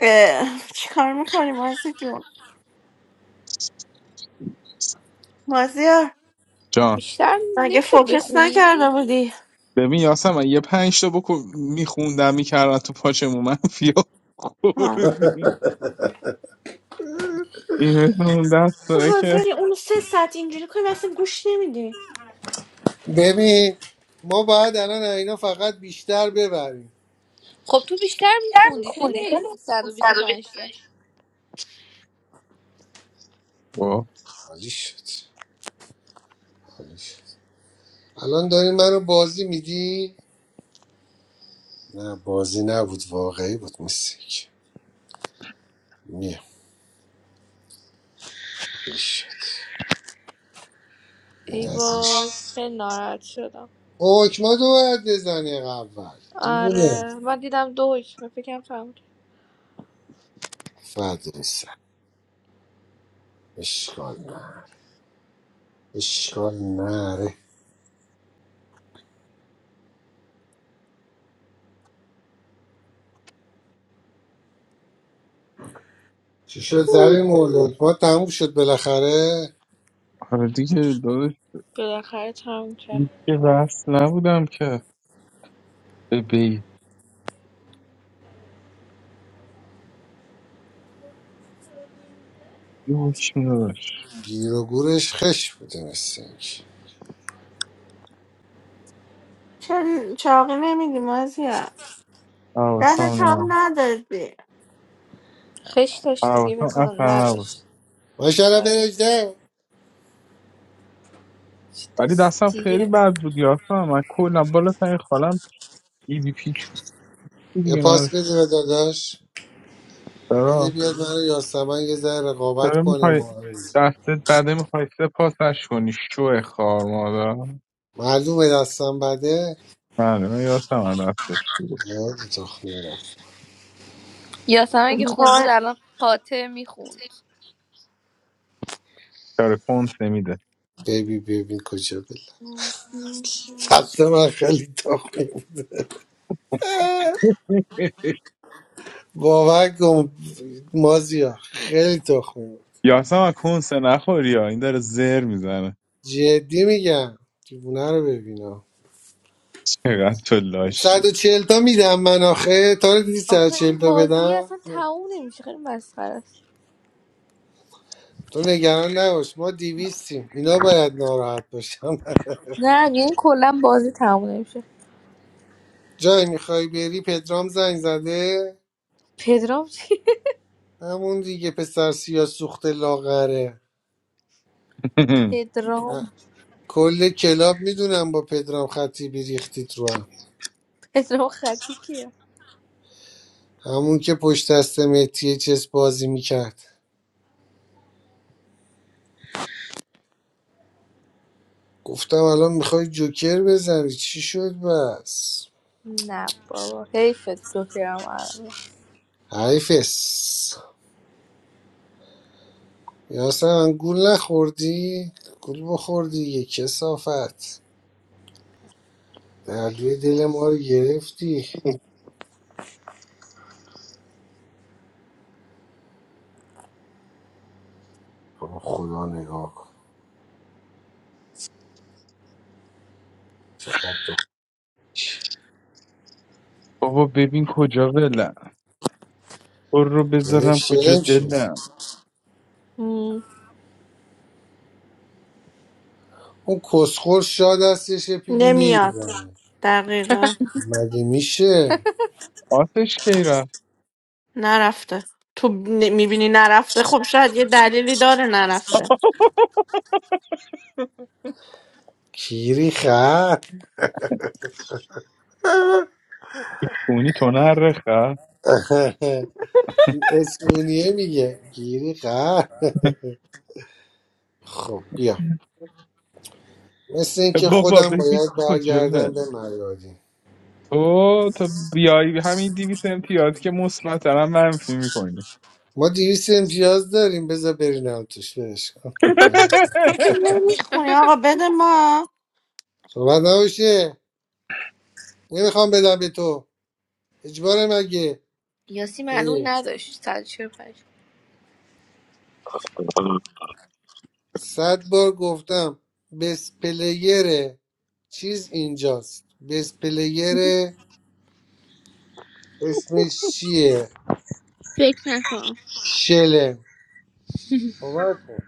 Speaker 1: اه چیکار میکنی مازی جون مازیار
Speaker 2: جان
Speaker 12: بیشتر
Speaker 1: مگه
Speaker 12: نمیشد
Speaker 1: فوکس
Speaker 12: بخونی
Speaker 1: نکرده بودی
Speaker 2: ببین یاسمن یه پنج تا بکو میخوندم میکردن تو پاچمون من فیا
Speaker 1: آه.
Speaker 2: خورد این مثل اون
Speaker 1: تو
Speaker 2: دستایی که
Speaker 1: حاضری اونو سه ساعت اینجوری کنی و اصلا گوش نمیدی
Speaker 3: ببین ما باید الان اینا فقط بیشتر ببریم
Speaker 12: خب تو بیشتر میخوندی خیلی حیف بود 125 تا
Speaker 2: واه.
Speaker 3: حالی شد حالی شد الان داری منو بازی میدی نه بازی نبود واقعی بود میسیک میم حالی شد این
Speaker 12: ای
Speaker 3: از این
Speaker 12: وای
Speaker 3: شد
Speaker 12: خیلی ناراحت شدم
Speaker 3: حکما تو باید بزنی اول دیوونه
Speaker 12: آره من دیدم دو حکمه فکرم تموم شد.
Speaker 3: فدای سر اشکال نه اشکال نره چی شد زمین مورد ما تموم شد بالاخره
Speaker 2: آره دیگه داداش
Speaker 12: بالاخره تموم
Speaker 2: هیچ
Speaker 12: کرد
Speaker 2: که وصل نبودم که به بیتی حکم داشت
Speaker 3: گیر و گورش خش بوده مثل اینکه
Speaker 1: چرا چاقی نمیدی مازیار ده تام
Speaker 2: حواسم
Speaker 1: ندادی
Speaker 12: خش داشت دیگه
Speaker 2: حواسم
Speaker 12: بکنم
Speaker 2: اصلا نبود
Speaker 12: نداشت
Speaker 3: ماشاءالله
Speaker 12: آره
Speaker 3: بنجده
Speaker 12: چه
Speaker 2: ولی دستم خیلی
Speaker 12: دستیه
Speaker 2: بد بود یاسم من کلا بالا سر خالم ای بی پیک بود
Speaker 3: یه
Speaker 2: دیگه
Speaker 3: پاس
Speaker 2: من
Speaker 3: بده به داداش بده
Speaker 2: چرا
Speaker 3: بیاد من یاسمن یه ذره رقابت
Speaker 2: چرا
Speaker 3: کنیم
Speaker 2: میخوای
Speaker 3: ما
Speaker 2: دستت بده میخوای سپاسش کنی شو خار مادر
Speaker 3: معلومه دستم بده
Speaker 2: معلومه یاسم دستش بود
Speaker 3: یاد تخمی رفت
Speaker 12: یاسم اگه خوب بود
Speaker 1: وای،
Speaker 12: الان قاطع میخوند
Speaker 2: چرا کنسه میده
Speaker 3: ببین ببین کجا بله دست من خیلی تخمی بود. باور کن مازیا خیلی تخمی بود.
Speaker 2: یاسم کنسه نخوری ها این داره زر میزنه
Speaker 3: جدی میگم دیوونه رو ببینم
Speaker 2: چقدر تو لاشی
Speaker 3: 140 تا میدم من آخه تا رو دیدی
Speaker 12: آخه
Speaker 3: 140
Speaker 12: این
Speaker 3: تا
Speaker 12: بازی
Speaker 3: بدم
Speaker 12: اصلا
Speaker 3: نه.
Speaker 12: تموم نمیشه خیلی مسخره است
Speaker 3: تو نگران نباش ما 200 ایم اینا باید ناراحت باشم
Speaker 12: نه میگه این کلا بازی تموم نمیشه
Speaker 3: جای میخوای بری پدرام زنگ زده
Speaker 12: پدرام چی
Speaker 3: همون دیگه پسر سیاه سوخت لاغره
Speaker 12: پدرام
Speaker 3: اه. کل کلاب میدونم با پدرام خطی بیریختید رو هم
Speaker 12: پدرام خطی کیه
Speaker 3: همون که پشت دست مهدی چس بازی میکرد گفتم الان میخوای جوکر بزنی چی شد بس
Speaker 12: نه بابا حیفت گفتم عربی.
Speaker 3: حیفس یاسم گول نخوردی؟ گول بخوردی یه کسافت دردوی دل ما رو گرفتی آه، خدا نگاه کن چقدر تو
Speaker 2: بابا ببین کجا ولم برو
Speaker 3: گرفت
Speaker 2: بذارم کجا
Speaker 3: شلم شد
Speaker 2: دلم
Speaker 12: هم.
Speaker 3: اون کسخور شاد دستش یه پیک
Speaker 1: نمیاد
Speaker 3: نمیزنه
Speaker 1: دقیقا
Speaker 3: مگه میشه
Speaker 2: آتش کی رفت
Speaker 1: نرفته تو میبینی نرفته خب شاید یه دلیلی داره نرفته
Speaker 3: گیری خط
Speaker 2: تو کونی تو نرخه
Speaker 3: این اسپونیه میگه گیری خط خب بیا مثل اینکه
Speaker 2: بابا
Speaker 3: خودم
Speaker 2: ببین
Speaker 3: باید
Speaker 2: کجا
Speaker 3: برگردم به
Speaker 2: بند
Speaker 3: مریادی
Speaker 2: تو تا بیای همین دیویس امتیاز که مثبت دارم منفی میکنی
Speaker 3: ما دیویس امتیاز داریم بذار برینم توش برش کن.
Speaker 1: تو که اینو میخونی آقا بده ما
Speaker 3: صحبت نباشه نمیخوام بدم به تو اجبار مگه
Speaker 12: یاسی معلوم
Speaker 3: اه،
Speaker 12: نداشت 145
Speaker 3: صد بار گفتم بس پلیر چیز اینجاست بس پلیر اسمش چیه
Speaker 12: فکر نکنم
Speaker 3: شلم صحبت کن.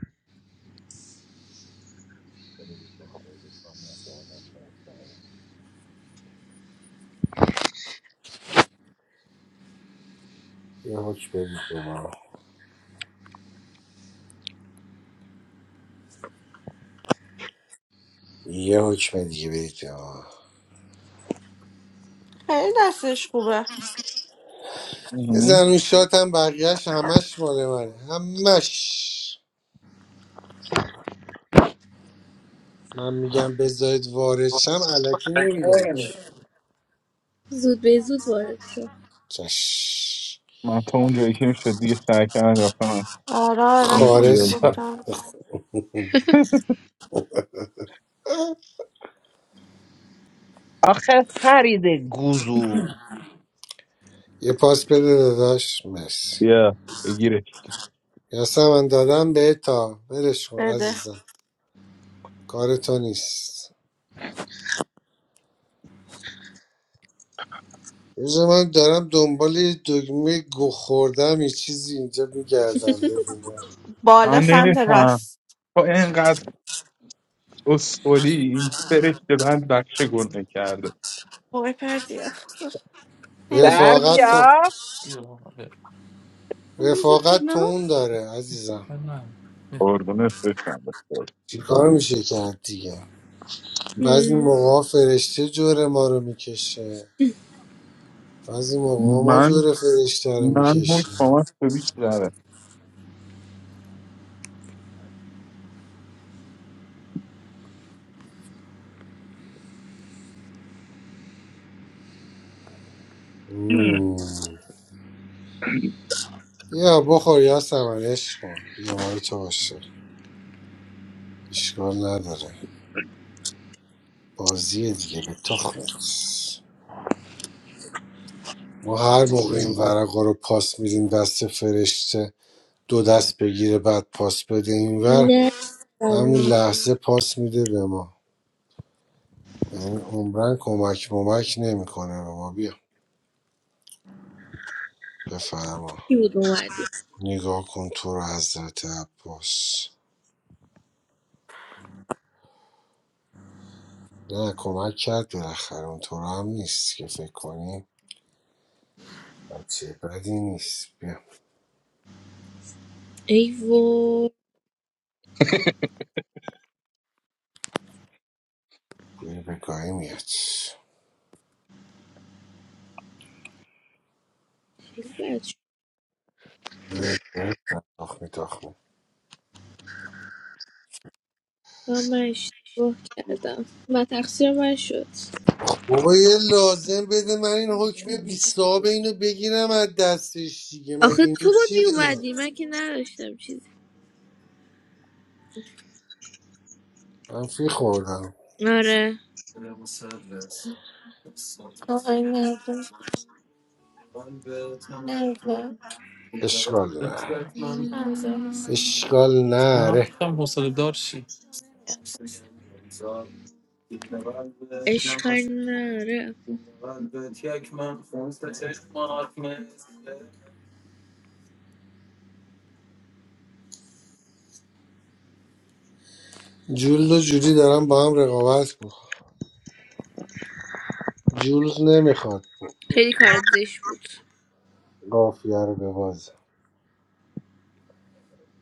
Speaker 3: یه حکم بدید به ما یه حکم دیگه بدید به ما
Speaker 1: خیلی دستش خوبه
Speaker 3: بزن اون شات هم بقیهش همش مال منه همش من میگم بذارید وارد شم علکی نمیگم که.
Speaker 12: زود به زود وارد شد
Speaker 3: چش
Speaker 2: من تا اون جایی که میشد دیگه سعی کردم رفتم
Speaker 1: آره آره
Speaker 2: این
Speaker 1: خیلی
Speaker 3: خارج
Speaker 1: خوب
Speaker 2: پیازه
Speaker 1: جان.
Speaker 2: آخه فرید گوزو
Speaker 3: یه پاس بده داداش مرسی
Speaker 2: بیا بگیرش
Speaker 3: یاسمن دادم به تا ولش کن
Speaker 1: بده
Speaker 3: عزیزم کار تو نیست روز من دارم دنبال یه دگمه گو خوردم یه چیزی اینجا میگردم ببینم
Speaker 1: بالا
Speaker 2: من
Speaker 1: سمت
Speaker 2: نمیفهم
Speaker 1: راست
Speaker 2: تا اینقدر اسکلی فرشته بند بخش گنده کرده
Speaker 1: وای پردی
Speaker 2: در
Speaker 3: رفاقت
Speaker 1: نمیکنی
Speaker 3: تو
Speaker 2: بیا
Speaker 1: بذار
Speaker 3: رفاقت تو
Speaker 1: کنار
Speaker 3: اون داره عزیزم
Speaker 2: قربونت بشم بسیار
Speaker 3: چیکار میشه کرد دیگه بعضی
Speaker 12: هم.
Speaker 3: موقع فرشته جور ما رو میکشه بعضی موقع ما
Speaker 2: من
Speaker 3: جور فرشته رو
Speaker 2: من حکم
Speaker 3: میکشیم
Speaker 2: از تو بیشتره
Speaker 3: یا بخور یا سمنش کن بیمار تو باشه اشکال نداره بازی دیگه به تخمت ما هر موقع این ورقا رو پاس میدیم دست فرشته دو دست بگیره بعد پاس بده اینور
Speaker 12: نه
Speaker 3: همون
Speaker 12: ام،
Speaker 3: لحظه پاس میده به ما یعنی عمرن کمک ممک نمیکنه به ما بیا بفرما
Speaker 12: کی بود اومدی
Speaker 3: نگاه کن تو رو حضرت عباس نه کمک کرد بالاخره اون تو رو هم نیست که فکر کنی بچه بدی نیست بیا
Speaker 12: ای وای
Speaker 3: بوی بگاهی میاد
Speaker 12: خیلی بد
Speaker 3: میتاخ
Speaker 12: و من اشتباه کردم و تقصیر من شد
Speaker 3: بابا یه لازم بده من این حکم بیستاب اینو بگیرم از دستش دیگه مگه
Speaker 12: آخه
Speaker 3: این
Speaker 12: تو بود
Speaker 3: چیه
Speaker 12: میومدی من که نداشتم چیزی
Speaker 3: منفی خوردم
Speaker 12: آره
Speaker 1: آقای نظر نظر
Speaker 3: اشکال نره
Speaker 12: مم،
Speaker 3: اشکال نره
Speaker 12: اشکال نره
Speaker 3: جولد و جولی دارم با هم رقابت کن جولز نمیخواد
Speaker 12: خیلی کار زش بود
Speaker 3: قافیه رو ببازه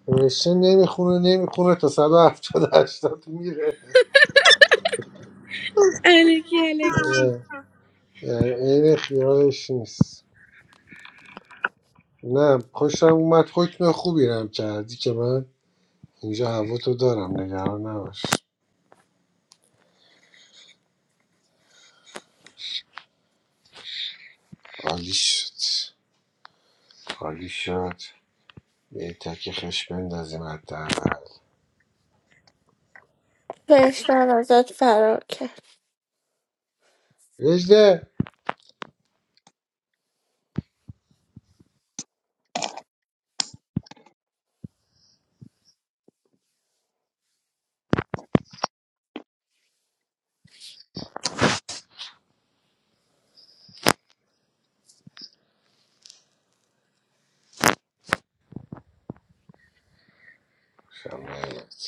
Speaker 3: نوشته نمیخونه نمیخونه تا 170 80 میره
Speaker 12: الکی الکی
Speaker 3: اه، یعنی عین خیالش نیست نه خوشم اومد حکم خوبی رم کردی که من اینجا هوا تو دارم نگران نباش عالی شد عالی شد به یه تک خش بندازیم حداقل
Speaker 1: فرشتن ازت فرار کرد
Speaker 3: وجده شمایت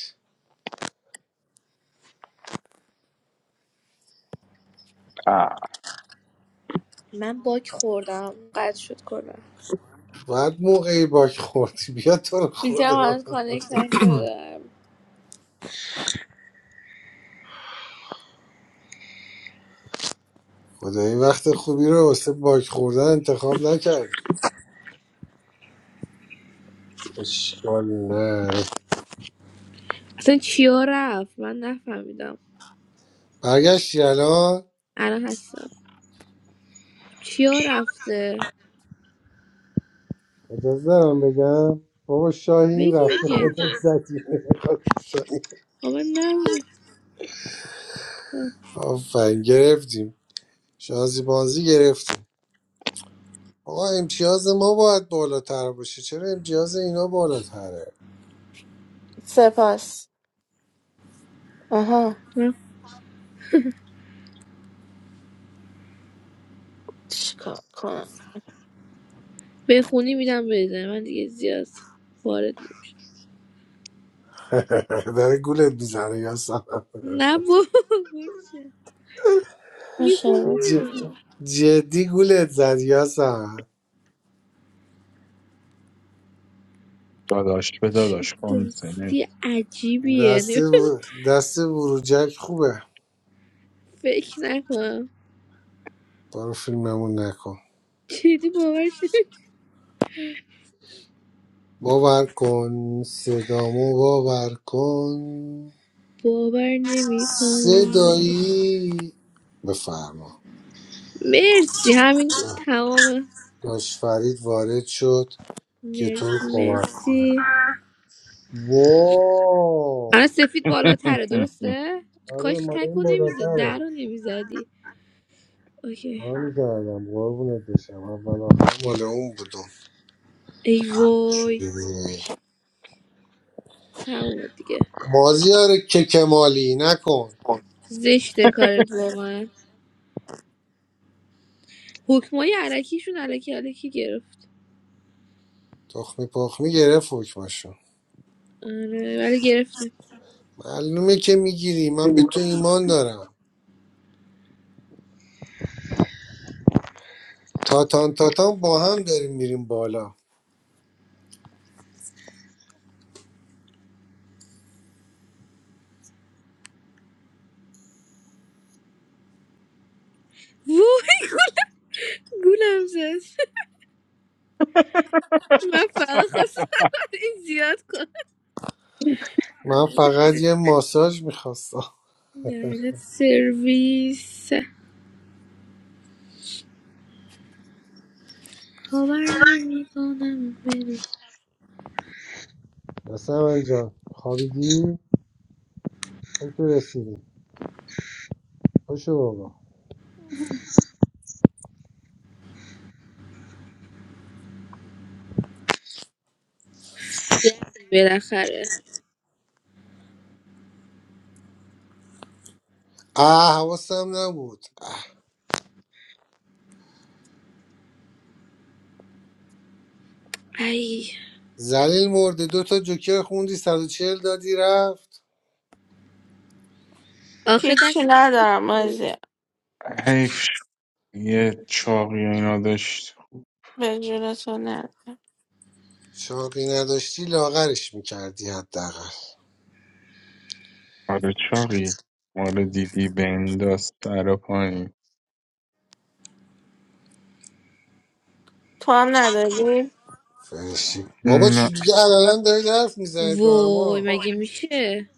Speaker 12: من باک خوردم قطع شد کنم
Speaker 3: بعد موقعی باک خوردی بیا تو رو
Speaker 12: فیلترم
Speaker 3: خدا
Speaker 12: هنوز کانکت نشدم
Speaker 3: خدایی وقت خوبی رو واسه باک خوردن انتخاب نکردی اشکال نه
Speaker 12: اصلا چیا رفت من نفهمیدم
Speaker 3: برگشتی الان
Speaker 12: الان هستم چیا رفته
Speaker 3: اجازه دارم بگم بابا شاهین
Speaker 12: بگین
Speaker 3: رفته
Speaker 12: جد
Speaker 3: خودت زدی
Speaker 12: آه، من نبودم آه،
Speaker 3: آفرین گرفتیم شانزی بانزی گرفتیم آقا امتیاز ما باید بالاتر باشه چرا امتیاز اینا بالاتره
Speaker 1: سپاس آها
Speaker 12: من
Speaker 1: چیکار کنم
Speaker 12: بخونی میدم بزنی من دیگه زیاد وارد نمیشم
Speaker 3: داره گولت میزنه یا
Speaker 12: نه بابا میخونی
Speaker 1: میشه
Speaker 3: ج...
Speaker 12: میدم
Speaker 3: جدی گولت زد یا سن.
Speaker 2: داداش به
Speaker 12: چه
Speaker 2: داداش کن سنه
Speaker 12: دستی عجیبیه
Speaker 3: دست
Speaker 12: نمی-
Speaker 3: و... دست بروجک خوبه
Speaker 12: فکر نکنم
Speaker 3: برو فیلممون نکن
Speaker 12: جدی باورش نمی-
Speaker 3: باور کن صدامو باور کن
Speaker 12: باور نمیکنم
Speaker 3: صدایی بفرما
Speaker 12: مرسی همین تمام
Speaker 3: داش فرید وارد شد که تو رو
Speaker 12: مرسی
Speaker 3: کمک کنه
Speaker 12: مرسی الان
Speaker 3: وای
Speaker 12: سفید بالاتره درسته
Speaker 3: آره
Speaker 12: کاش
Speaker 3: ما این
Speaker 12: تکو نمیزد در
Speaker 3: بالاتره
Speaker 12: رو نمیزدی اوکی
Speaker 3: حال کردم قربونت بشم اول آخر مال اون بودم
Speaker 12: ای
Speaker 3: چی
Speaker 12: وای
Speaker 3: ببینی؟
Speaker 12: تموم دیگه
Speaker 3: مازیار که کمالی نکن
Speaker 12: زشته کارت واقعا حکمای علکیشون علکی علکی گرفت
Speaker 3: تخمی پخمی گرفت حکمشون
Speaker 12: آره ولی گرفتیم
Speaker 3: معلومه که میگیری من به تو ایمان دارم تاتان تاتان با هم داریم میریم بالا
Speaker 12: وای گولم زد من فقط خواستم این زیاد کنم
Speaker 3: من فقط یه ماساژ میخواستم
Speaker 12: لعنت سرویس خبر نمیکنم بری
Speaker 3: مثلا من جان خوابیدی؟ من تو رسیدی خوشو بابا
Speaker 12: زدی بالاخره
Speaker 3: اه حواسم نبود
Speaker 12: ای
Speaker 3: زلیل مرده دو تا جوکر خوندی صد و چهل دادی رفت
Speaker 12: آخه
Speaker 1: هیچی
Speaker 12: دستم خوب
Speaker 1: ندارم
Speaker 12: بود
Speaker 1: ازی
Speaker 2: حیف شد. یه چاقی و اینا داشت
Speaker 1: به جون تو نه
Speaker 3: چاقی نداشتی لاغرش میکردی حداقل
Speaker 2: آره چاقی آره دیدی بنداز سر و پایین
Speaker 1: تو هم نداری
Speaker 3: فرشی بابا
Speaker 2: نه.
Speaker 3: چی دیگه الان دارید حرف میزنید با
Speaker 12: وای
Speaker 3: اما
Speaker 12: مگه میشه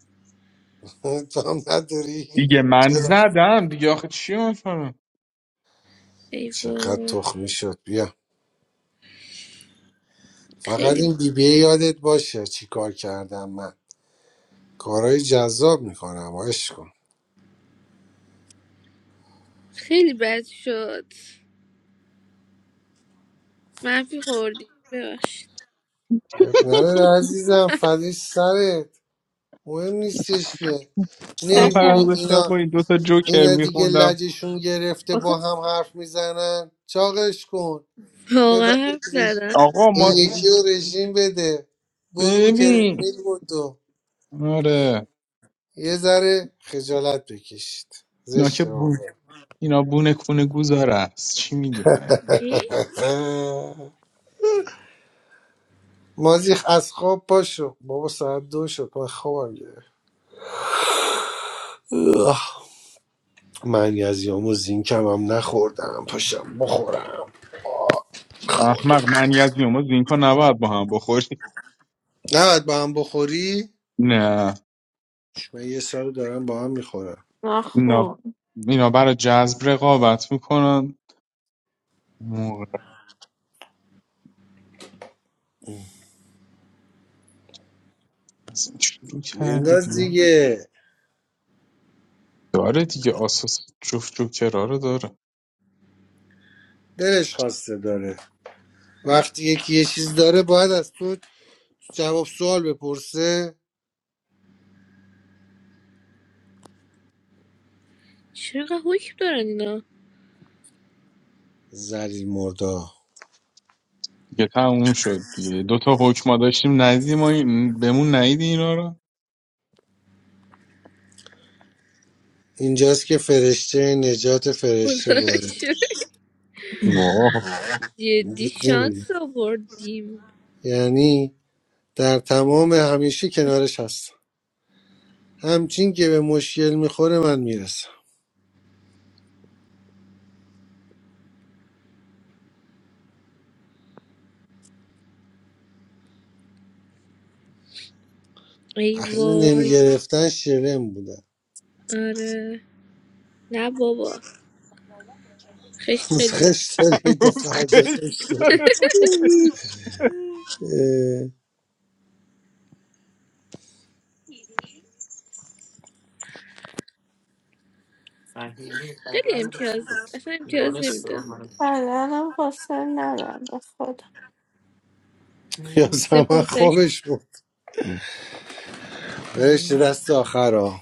Speaker 3: تو هم نداری
Speaker 2: دیگه من زدم دیگه آخه چی مثلا
Speaker 12: ای
Speaker 3: چقدر
Speaker 12: وای
Speaker 3: تخمی شد بیا فقط
Speaker 12: خیلی
Speaker 3: این
Speaker 12: بد
Speaker 3: بی بی یادت باشه چی کار کردم من کارهای جذاب میکنم عشق کن
Speaker 12: خیلی بد شد منفی خوردیم ببخشید
Speaker 3: اب نداره عزیزم فدای سرت مهم نیستش که
Speaker 2: من فقط
Speaker 3: نمیبینی
Speaker 1: سپاس
Speaker 2: داشتم
Speaker 3: اینا
Speaker 2: با این دوتا جوکر
Speaker 3: اینا دیگه
Speaker 2: میخوندم
Speaker 3: لجشون گرفته
Speaker 12: آخه
Speaker 3: با هم حرف میزنن چاقش کن
Speaker 12: واقعا حرف
Speaker 3: ببرش
Speaker 12: زدم
Speaker 2: آقا ما
Speaker 3: این یکی رو رژیم بده برو رو
Speaker 2: ببین
Speaker 3: ترمیل بودو
Speaker 2: آره
Speaker 3: یه ذره خجالت بکشید
Speaker 2: اینا که
Speaker 3: زشته
Speaker 2: بو...
Speaker 3: واقعا
Speaker 2: اینا بونه کونه گوزار است چی میگی فرید
Speaker 12: چی؟
Speaker 3: اه. مازی از خواب پاشو بابا ساعت دو شد من خوابم گرفت اه. من یزیامو زینکم هم نخوردم پاشم بخورم
Speaker 2: احمق من از زینکا نباید با هم بخوری
Speaker 3: نباید با هم بخوری
Speaker 2: نه
Speaker 3: من یه سال دارم با هم میخورم
Speaker 2: اینا
Speaker 1: نخون
Speaker 2: اینا برای جذب رقابت میکنن موقع از این شروع کردی
Speaker 3: بنداز
Speaker 2: بیا
Speaker 3: دیگه
Speaker 2: داره دیگه آساس جفت جوکرا رو داره
Speaker 3: دلش خواسته داره وقتی یکی یه چیز داره باید از تو جواب سوال بپرسه
Speaker 12: چرا حکم دارن اینا
Speaker 3: زلیل مردا
Speaker 2: دیگه تموم شد دیگه دو تا حکما داشتیم ندیدیم ما این- بهمون ندیدی اینا رو
Speaker 3: اینجاست که فرشته نجات فرشته
Speaker 12: خدا رو
Speaker 3: وارد
Speaker 12: شکر.
Speaker 2: واه
Speaker 12: جدی
Speaker 3: وجود
Speaker 12: شانس آوردیم
Speaker 3: یعنی در تمام همیشه کنارش هستم همچین که به مشکل میخوره من میرسم
Speaker 12: ای
Speaker 3: اینو
Speaker 12: وای
Speaker 3: نمیگرفتن شرم بودن
Speaker 12: آره نه بابا خشت خیلی
Speaker 3: خش
Speaker 12: داشتم
Speaker 3: داری تا
Speaker 2: هنوز
Speaker 3: فردا
Speaker 2: خشت.
Speaker 3: خش داری
Speaker 12: مم.
Speaker 3: اه،
Speaker 12: خیلی امتیاز اصلا امتیاز نمیده
Speaker 1: بدنم حاصل ندارم به خدا
Speaker 3: یا زمان
Speaker 12: سپاسش
Speaker 3: خوابش بود فرشته دست آخر ها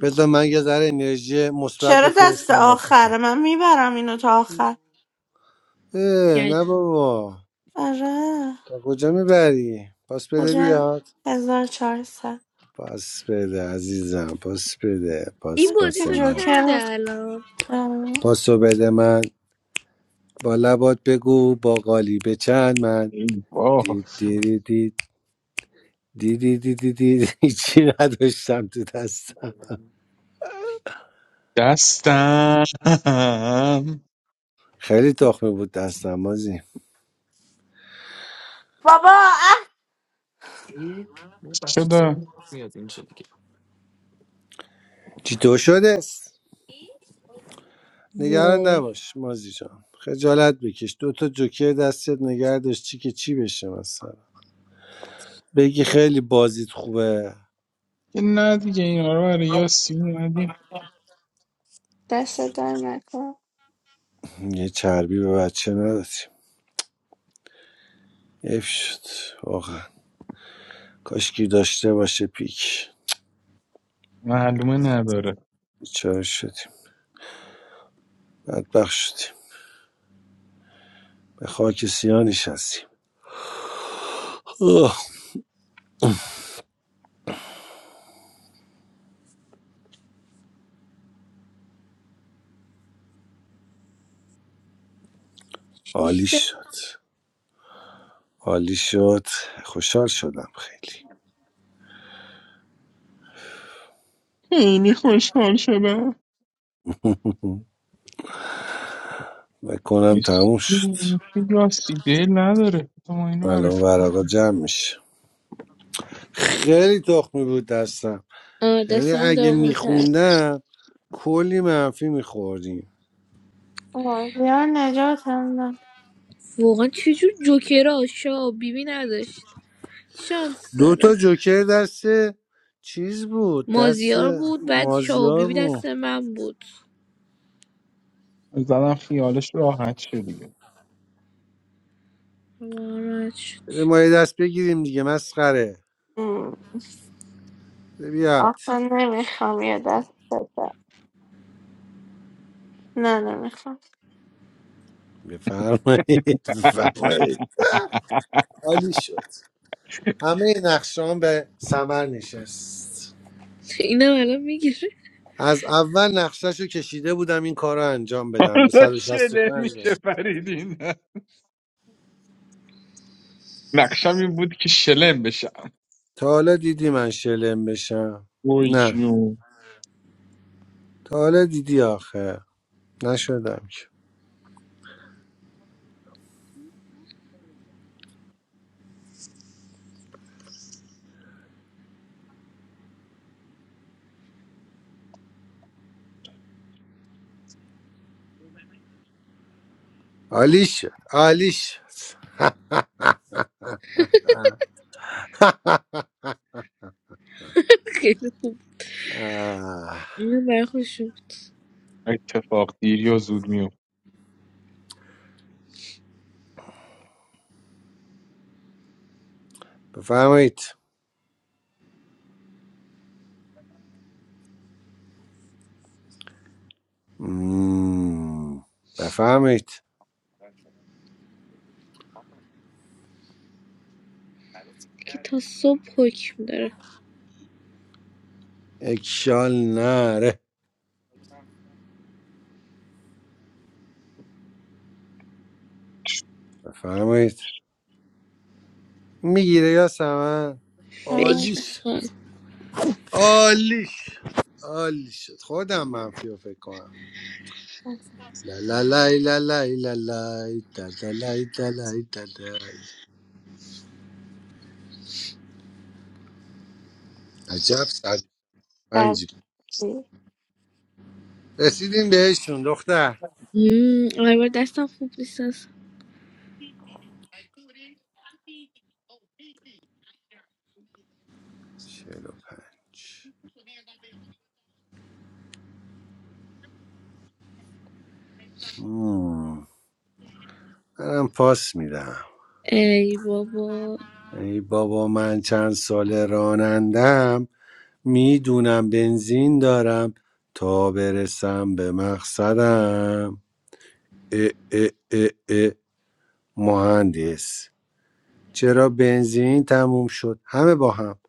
Speaker 3: بذار من یه ذره انرژی مثبت
Speaker 1: چرا دست
Speaker 3: بفرستم واسه تو
Speaker 1: آخره من میبرم اینو تا آخر
Speaker 3: اه،
Speaker 12: یعنی
Speaker 3: نه بابا
Speaker 1: آره
Speaker 3: تا کجا میبری پاس بده
Speaker 1: کجا
Speaker 3: بیاد
Speaker 1: هزار چهارصد
Speaker 3: پاس بده عزیزم پاس بده
Speaker 12: این
Speaker 3: پاس
Speaker 1: من
Speaker 12: بازی
Speaker 3: پاس
Speaker 1: که
Speaker 12: تا
Speaker 3: من
Speaker 1: جوکر
Speaker 12: چنده الان
Speaker 1: هستم
Speaker 3: پاسو بده من با لبات بگو با قالی به چند من
Speaker 2: ای وای
Speaker 3: دی دی دی دی دی دی دی دی دی دی. هیچی نداشتم تو دستم
Speaker 2: دستم
Speaker 3: خیلی تخمه بود دستم مازی
Speaker 2: چی شده
Speaker 3: چی تو شده است نگران
Speaker 12: وای
Speaker 3: نباش مازی جان خجالت بکش دو تا جوکر دستت نگه داشت چی که چی بشه مثلا بگی خیلی بازیت خوبه
Speaker 2: که نه دیگه اینا رو برای یاسی اومدیم
Speaker 1: دست در نکن
Speaker 3: یه چربی به بچه ندادیم اف شد آخ. کاشکی داشته باشه پیک
Speaker 2: معلومه نداره
Speaker 3: بیچاره شدیم بدبخ شدیم به خاک سیاه نشستیم اوه،
Speaker 12: شیش
Speaker 3: عالی
Speaker 12: سر
Speaker 3: شد عالی شد خوشحال شدم خیلی
Speaker 2: خیلی خوشحال شدم
Speaker 3: بکنم
Speaker 2: نیست
Speaker 3: تموم شد
Speaker 2: که راستی دل نداره تو ما اینو
Speaker 3: الان
Speaker 2: برش
Speaker 3: ورقا جمع میشه خیلی تخمی بود دستم
Speaker 12: آه
Speaker 3: یعنی
Speaker 12: دست من
Speaker 3: اگه
Speaker 12: داغون تر
Speaker 3: میخوندم کلی منفی میخوردیم
Speaker 1: بازیار نجات هم نه
Speaker 12: واقعا چجور جوکرها شاه و بیبی نداشت شانس
Speaker 3: دو تا
Speaker 12: داره
Speaker 3: جوکر دست چیز بود دست
Speaker 12: مازیار بود بعد شاه و
Speaker 3: مازیار
Speaker 12: بیبی
Speaker 3: بود
Speaker 12: دست من بود
Speaker 2: زدم خیالش راحت شه دیگه
Speaker 12: راحت شد
Speaker 3: بده ما یه دست بگیریم دیگه مسخره بده بیاد
Speaker 1: آخه نمیخوام یه دست بدم نه نمیخوام
Speaker 3: بفرمایید بفرمایید عالی شد همه نقشان به ثمر نشست
Speaker 12: اینم الان میگیره
Speaker 3: از اول نقشهشو کشیده بودم این کار رو انجام بدم
Speaker 2: حالا شلم
Speaker 3: 165
Speaker 2: میشه
Speaker 3: برم.
Speaker 2: فریدین نقشم این بود که شلم بشم
Speaker 3: تا حالا دیدی من شلم بشم
Speaker 2: وای
Speaker 3: نه
Speaker 2: جون
Speaker 3: تا حالا دیدی آخه نشدم که عالی شد عالی شد
Speaker 12: خیلی خوب
Speaker 3: آه.
Speaker 12: اینم برای
Speaker 2: اتفاق دیر یا زود میوم
Speaker 3: بفرمایید مم. بفرمایید
Speaker 12: که تا صبح حکم داره
Speaker 3: اکشال نره بفرمایید میگیره یا سمن
Speaker 1: اه،
Speaker 12: فکر
Speaker 3: عالیش
Speaker 12: نکن
Speaker 3: عالیش عالیش شد. خودم منفی رو فکر کنم لا لا لا لا لا لا لا دا دا لا دا لا دا دا. عجب صد
Speaker 1: بعد
Speaker 3: پنجی
Speaker 1: چی؟
Speaker 3: رسیدیم بهشون دختر
Speaker 12: مم، آره، دستم خوب نیست از-
Speaker 3: چهل و پنج مم. منم پاس میدم
Speaker 12: ای بابا
Speaker 3: ای بابا من چند سال رانندم میدونم بنزین دارم تا برسم به مقصدم اه اه اه اه. مهندس چرا بنزین تموم شد همه با هم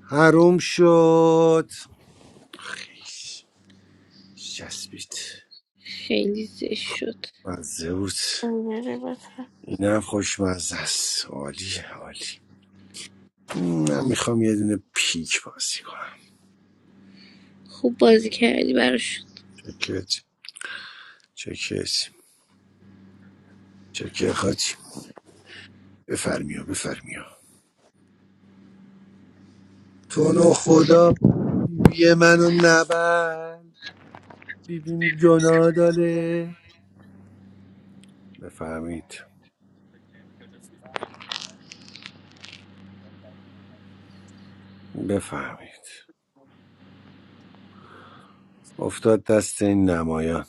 Speaker 3: حروم شد خیش. چسبید
Speaker 12: خیلی زشت شد
Speaker 3: مزه بود
Speaker 1: اینجوری بشه
Speaker 3: اینم خوشمزه است عالی عالی من میخوام یه دونه پیک بازی کنم
Speaker 12: خوب بازی کردی براش
Speaker 3: چکت چکت چکه خاطی بفرمیا بفرمیا تو نو خدا بیه منو نبر بیبیم گناه داره بفهمید بفهمید افتاد دست این نمایان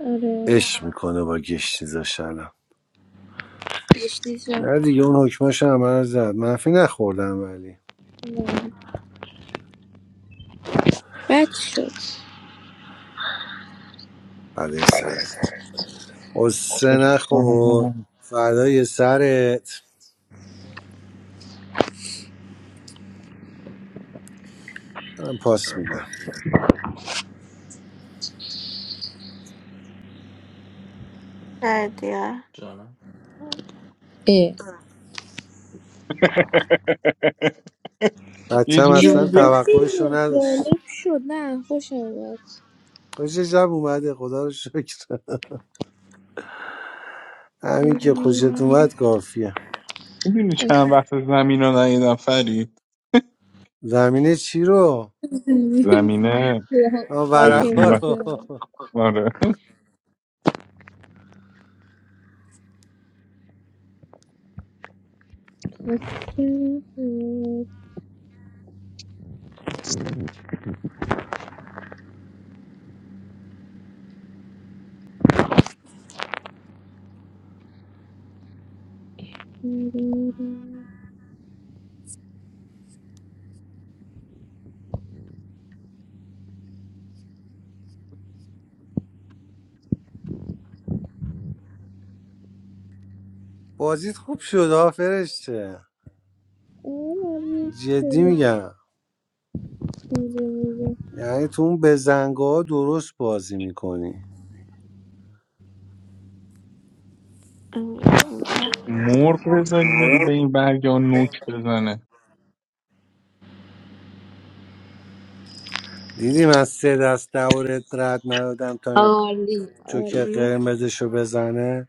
Speaker 12: آره
Speaker 3: عشق میکنه با گشتیزا شلم
Speaker 12: بهش جان
Speaker 3: نه دیگه اون حکماش هم من زد منفی نخوردم ولی
Speaker 12: بد شد
Speaker 3: فدای سرت قصه نخور فدای سرت من پاس میدم
Speaker 1: بعد یا
Speaker 12: اه.
Speaker 2: یه
Speaker 3: بچم
Speaker 2: جوری
Speaker 3: اصلا
Speaker 12: جالب
Speaker 2: میگه
Speaker 3: توقعش رو
Speaker 12: بود،
Speaker 3: نداشت
Speaker 12: جالب شد نه خوش آمد
Speaker 3: خوش جب اومده خدا رو شکر همین که خوشت اومد
Speaker 12: مم.
Speaker 3: کافیه
Speaker 2: میدونی چند وقت زمین رو ندیدم فرید
Speaker 3: زمینه چی رو؟
Speaker 2: زمینه
Speaker 3: آه،
Speaker 2: که
Speaker 12: خاکم
Speaker 2: اون
Speaker 3: ورقا
Speaker 2: وقت-
Speaker 3: رو
Speaker 12: بشه
Speaker 2: آره
Speaker 12: عالی
Speaker 3: بازیت خوب شد آه فرشته جدی
Speaker 12: شروع
Speaker 3: میگم
Speaker 12: شده
Speaker 3: یعنی تو اون بزنگاه درست بازی میکنی
Speaker 1: اینجا اینجا
Speaker 2: مرغ بزنی به این برگ ها نوک بزنه
Speaker 3: دیدی من سه دست دورت رد ندادم تا این جوکر
Speaker 12: عالی
Speaker 3: قرمزشو بزنه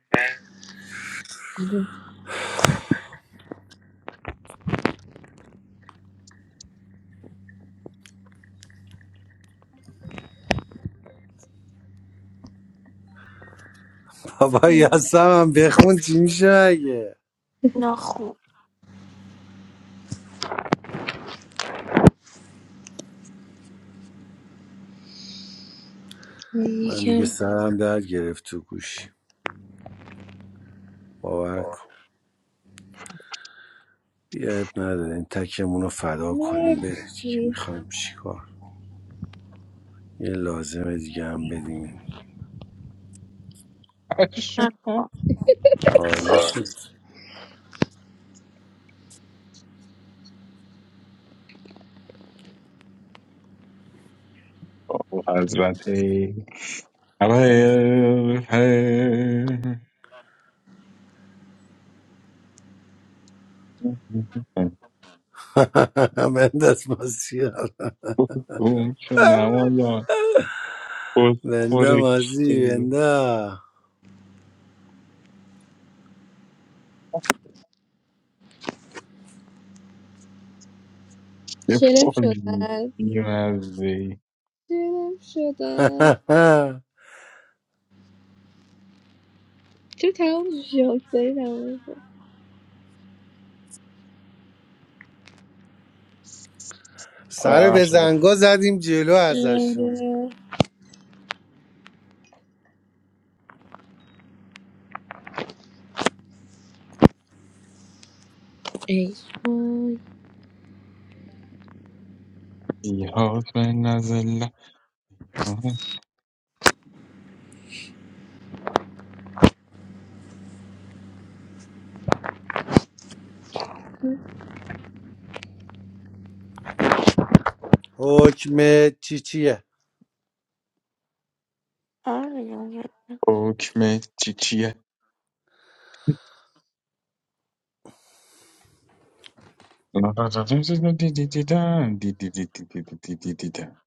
Speaker 3: بابا یاسم هم بخون چی میشه مگه
Speaker 1: نخو
Speaker 3: من
Speaker 12: یکم
Speaker 3: دیگه سرم در گرفت تو گوشی باور کن بیا اب نداره این تکمون رو فدا کنیم بره دیگه
Speaker 12: مرسی
Speaker 3: میخوایم چیکار یه لازمه دیگه هم بدیم
Speaker 2: پشمام.
Speaker 1: نکن
Speaker 3: عالی شد
Speaker 2: او حضرت گمشو
Speaker 3: بنداز مازی
Speaker 2: نمایان بزخور
Speaker 3: بنده
Speaker 2: کیه
Speaker 3: مازی بنده
Speaker 2: یه
Speaker 12: شلم
Speaker 2: بازی
Speaker 12: شدن
Speaker 2: بیمزه
Speaker 12: شلم شدن چرا تمام جاک داری تمام شد؟
Speaker 3: سر به زنگا زدیم جلو ازشون
Speaker 12: آره ای وای
Speaker 2: ای یاد من نزله
Speaker 3: حکم چی چیه
Speaker 1: آره دیگه.
Speaker 2: حکم چی چیه دیدیدن دیدیدیدیدن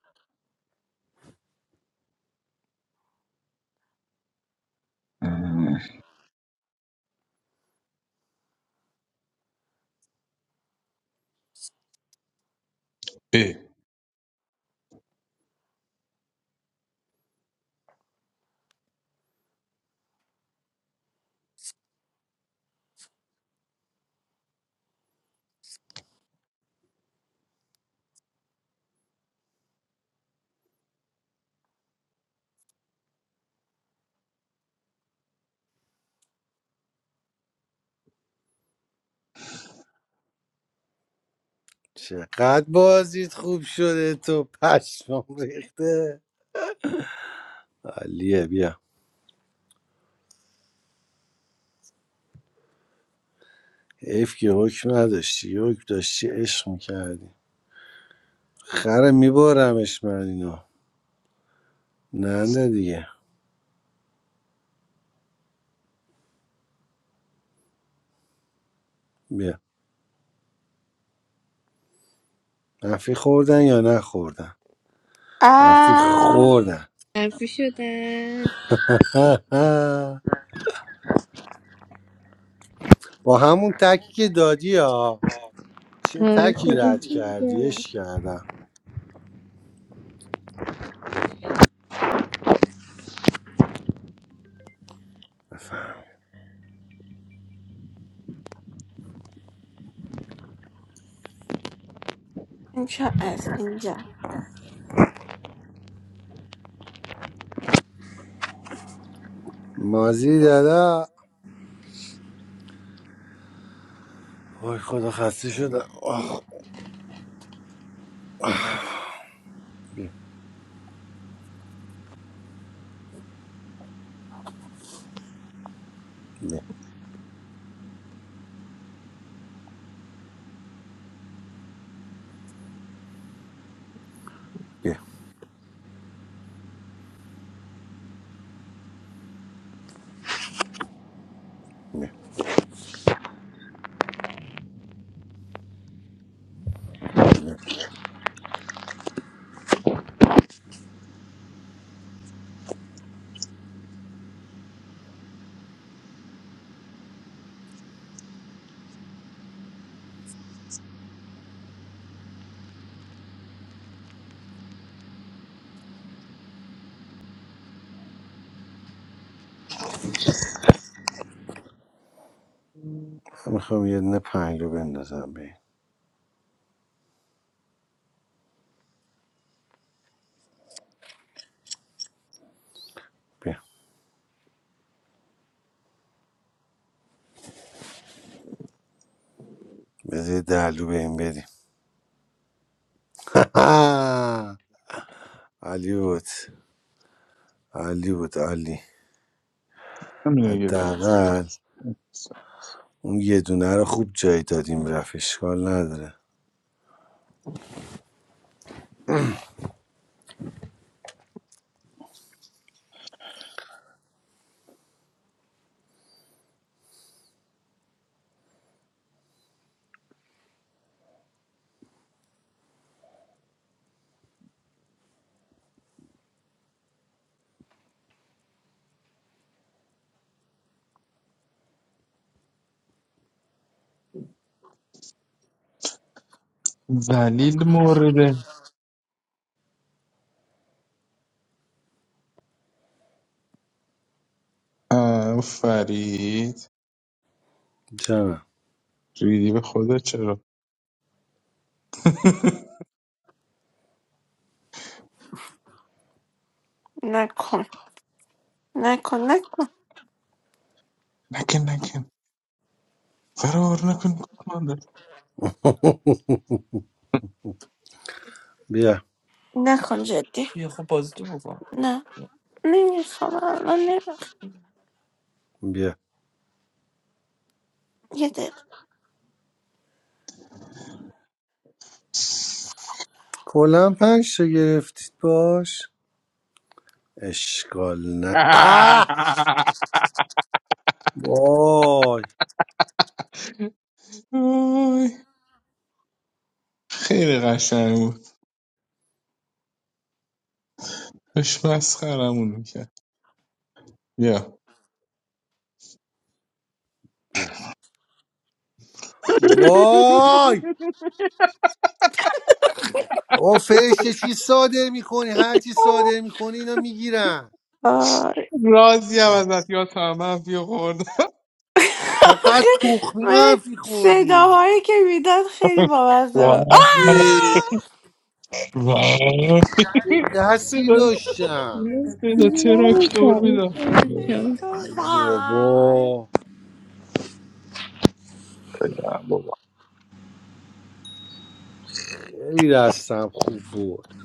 Speaker 2: ای
Speaker 3: چقدر بازیت خوب شده تو پشمام ریخته علیه بیا حیف که حکم نداشتی یه حکم داشتی عشق میکردی خره میبارمش من اینو نه نه دیگه بیا منفی خوردن یا نخوردن منفی
Speaker 1: آه
Speaker 3: خوردن
Speaker 12: منفی شدن
Speaker 3: با همون تکی که دادی ها چه
Speaker 12: آره
Speaker 3: تکی
Speaker 12: خودم
Speaker 3: رد کردی
Speaker 12: دیگه
Speaker 3: عشق کردم بفهم.
Speaker 1: اینجا از اینجا
Speaker 3: مازی دادا وای خدا خسته شدم آخ بیا بیا بیا بیا بیا. میخوام یه دونه پنج رو بندازم به این. بیا بذار یه ده رو به این بدیم آه! علی بود علی بود علی
Speaker 2: همینه یه دفعه.
Speaker 3: حداقل اون یه دونه رو خوب جای دادیم رفت اشکال نداره
Speaker 2: زلیل مورده آه، فرید
Speaker 3: جانم
Speaker 2: ریدی به خدا چرا
Speaker 1: نکن نکن نکن
Speaker 2: نکن نکن فرار نکن کماندر
Speaker 3: بیا
Speaker 1: نکن جدی نه نمیخوام الان نمیخوام
Speaker 3: بیا
Speaker 1: یه دقیقه
Speaker 3: کلا پنج تا گرفتید باش اشکال نه آه! وای
Speaker 2: آی، خیلی قشنگ بود داشت مسخرمون میکرد بیا
Speaker 3: بیا وای او فرشته چی صادر میکنی هر چی صادر میکنی اینا میگیرن
Speaker 1: آه.
Speaker 2: راضی هم ازت یا تمام بیا خوردم
Speaker 3: چقدر تخمی
Speaker 1: من
Speaker 3: منفی خوردیم
Speaker 1: صداهایی که میداد خیلی بامزه بود
Speaker 2: وای،
Speaker 3: اه،
Speaker 1: آه!
Speaker 2: وای.
Speaker 3: چه دستی
Speaker 2: صدا
Speaker 3: داشتم
Speaker 12: دیگه چیزی
Speaker 2: صدا تراکتور
Speaker 12: نباشم
Speaker 2: میدم
Speaker 3: ای
Speaker 1: وای.
Speaker 3: بابا
Speaker 2: بگم بابا
Speaker 3: خیلی دستم خوب بود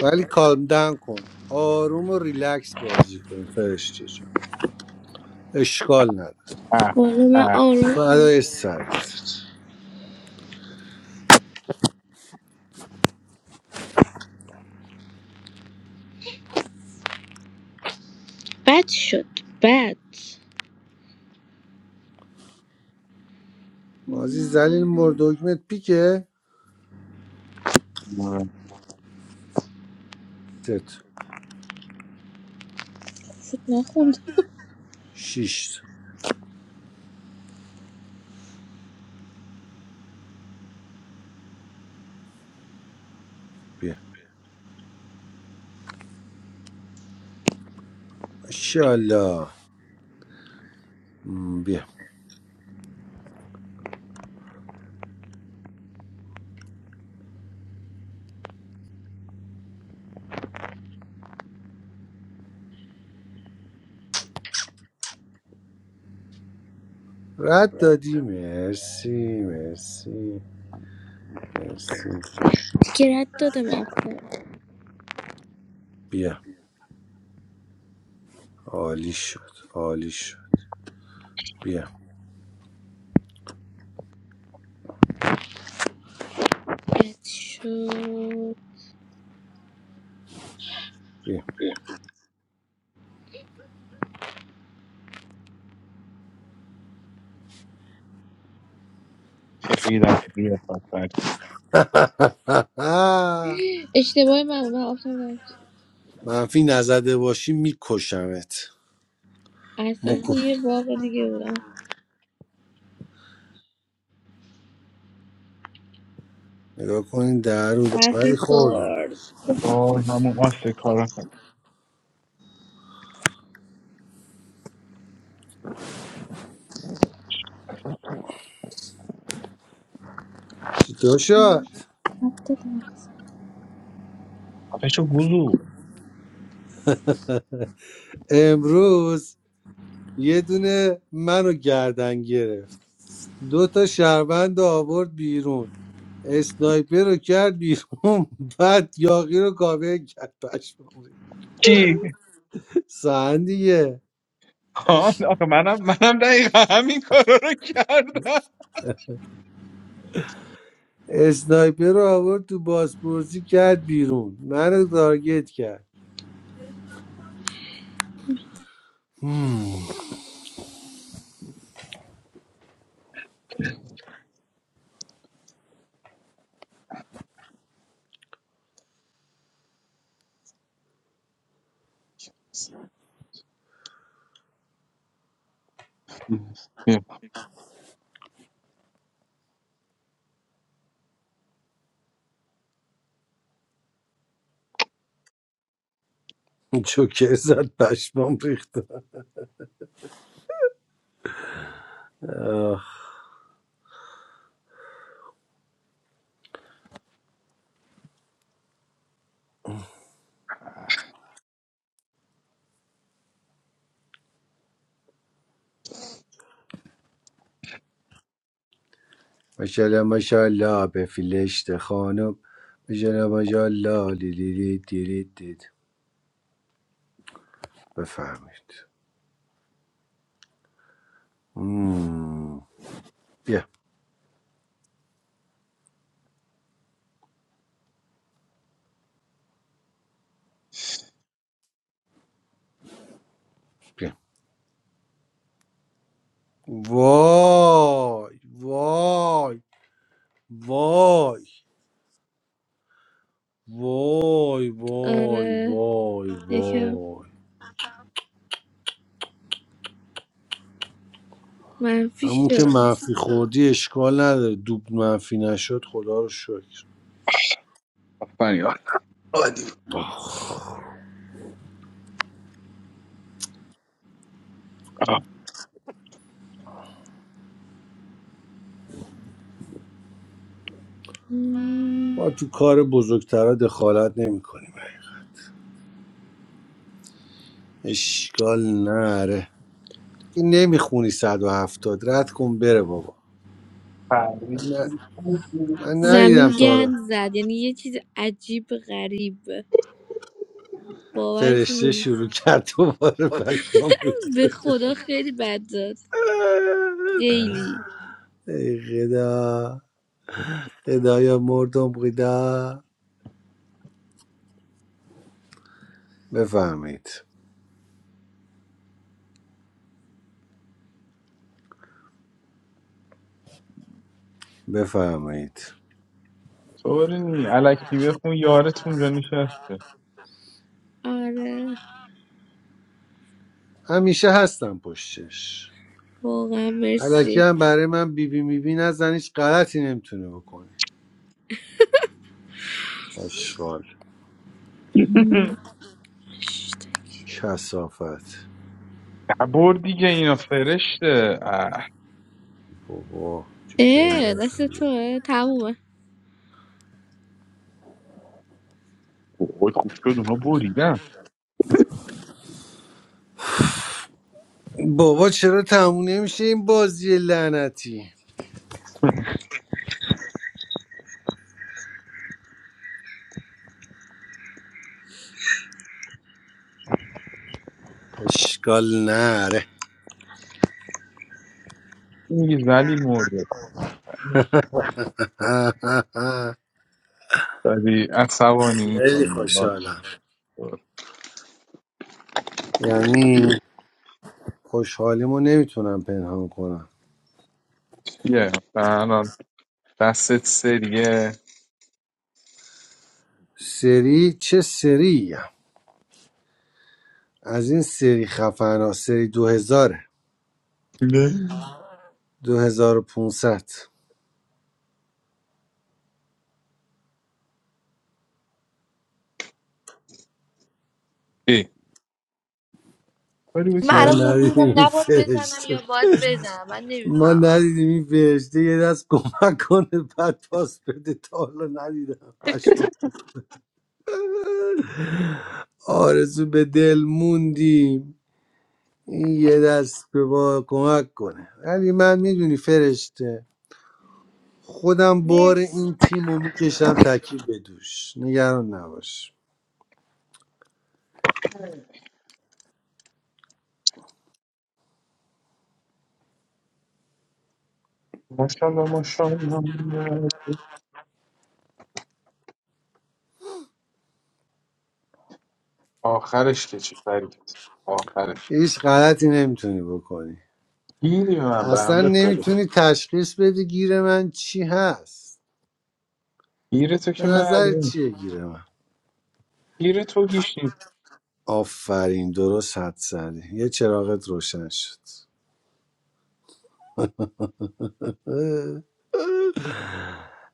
Speaker 3: ولی کالم دن کن آروم و ریلکس بازی کن فرشته جان اشکال نداره
Speaker 2: اه،
Speaker 12: بالا من
Speaker 2: اه.
Speaker 12: آروم
Speaker 3: فدای سرت
Speaker 12: بد شد بد
Speaker 3: بازی زلیل مرد دکمت پیکه
Speaker 2: اه.
Speaker 3: ست
Speaker 12: شد نخوندم
Speaker 3: شیشت بیا ماشاءالله. م، بیا رد دادی مرسی مرسی مرسی
Speaker 12: که رد دادم اصلا
Speaker 3: بیا عالی شد عالی شد بیا
Speaker 12: رد شد
Speaker 3: بیا
Speaker 2: ریدم تو قیافت بعد.
Speaker 3: آه.
Speaker 12: اشتباه من بود. من آفتم نرفت
Speaker 3: منفی نزده باشی میکشمت
Speaker 12: اصلا
Speaker 3: مکن
Speaker 12: توی یه باغ دیگه بودم
Speaker 3: نگاه کنین در رو ولی
Speaker 12: حرفی
Speaker 3: خوردن
Speaker 12: کرد
Speaker 2: وای همون آسه کارا کرد
Speaker 3: داشا
Speaker 12: رد دادم اصلا.
Speaker 2: آتشو گلو
Speaker 3: امروز یه دونه منو گردن گرفت دو تا شهروند رو آورد بیرون اسنایپر رو کرد بیرون بعد یاقی رو کاور کرد پشمام ریخت.
Speaker 2: کی
Speaker 3: سهن دیگه
Speaker 2: آه، آخه منم منم دقیقا همین کارا رو کردم
Speaker 3: اسنایپر رو آورد تو بازپرسی کرد بیرون منو تارگت کرد جوکر زد پشمام ریخته آخ ماشاءالله ماشاءالله به فیلشت خانم ماشاءالله ماشاءالله لیلیلی دیرید دید بفهمید مم. بیا بیا وای وای وای وای وای
Speaker 12: آره
Speaker 3: وای
Speaker 12: یکم
Speaker 3: وای
Speaker 12: منفی
Speaker 3: همون که
Speaker 12: شد
Speaker 3: منفی خوردی اشکال نداره دوب منفی نشد خدا رو شکر
Speaker 2: آفرین عادی
Speaker 3: آخ. ما
Speaker 12: مم.
Speaker 3: تو کار بزرگترا دخالت نمیکنیم اشکال نره دیگه نمیخونی 170 رد کن بره بابا
Speaker 2: آفرین.
Speaker 3: من, ن- من ندیدم
Speaker 12: زمین
Speaker 3: تا حالا
Speaker 12: گند زد یعنی یه چیز عجیب غریب باورتون
Speaker 3: فرشته
Speaker 12: نمیشه
Speaker 3: شروع کرد دوباره پشمام ریخت.
Speaker 12: به خدا خیلی بد داد خیلی
Speaker 3: ای خدا خدایا مردم خدا بفهمید بفهمید
Speaker 2: طوری نی الکی بخون یارت اونجا نشسته
Speaker 12: آره
Speaker 3: همیشه هستم پشتش
Speaker 12: واقعا
Speaker 3: الکی
Speaker 12: مرسی
Speaker 3: هم برای من بیبی میبی نزن هیچ غلطی نمیتونه بکنه اشغال
Speaker 12: مم.
Speaker 3: کسافت
Speaker 2: ببر دیگه اینا فرشته اه،
Speaker 3: بابا تو که
Speaker 12: اه دست
Speaker 3: من-
Speaker 12: توه تمومه
Speaker 2: وای خوب شد اونا بریدن
Speaker 3: بابا چرا تموم نمیشه این بازی لعنتی اشکال نره
Speaker 2: میگه زلیل مرده داری عصبانی
Speaker 3: خیلی
Speaker 2: میکنی باش
Speaker 3: خوشحالم یعنی خوشحالیمو نمیتونم پنهان کنم
Speaker 2: یه الان دستت سریه
Speaker 3: سری چه سریم از این سری خفن ها سری دو هزاره
Speaker 2: نه
Speaker 3: دو هزار و پونست
Speaker 2: ای کاری بود
Speaker 12: من
Speaker 2: که
Speaker 3: ما
Speaker 12: الان مونده بودم
Speaker 3: ندیدیم این
Speaker 12: نباید بزنم
Speaker 3: فرشته
Speaker 12: یا باید بزنم من
Speaker 3: ما
Speaker 12: نمیفهمم
Speaker 3: ندیدیم این فرشته یه دست کمک کنه بعد پاس بده تا حالا ندیدم پشمان آرزو به دل موندیم این یه دست به ما کمک کنه ولی من میدونی فرشته خودم بار
Speaker 12: مرسی
Speaker 3: این تیم رو میکشم تکی به دوش نگران نباش
Speaker 2: ماشاءالله ماشاءالله آخرش که چی فرید آخرش
Speaker 3: هیچ غلطی نمیتونی بکنی
Speaker 2: گیری به من
Speaker 3: اصلا
Speaker 2: بنده خدا
Speaker 3: نمیتونی تشخیص بدی گیر من چی هست
Speaker 2: گیر تو
Speaker 3: به
Speaker 2: که
Speaker 3: نظر
Speaker 2: معلوم
Speaker 3: چیه گیر من
Speaker 2: گیر تو گیش نیست
Speaker 3: آفرین درست حد زدی یه چراغت روشن شد اه،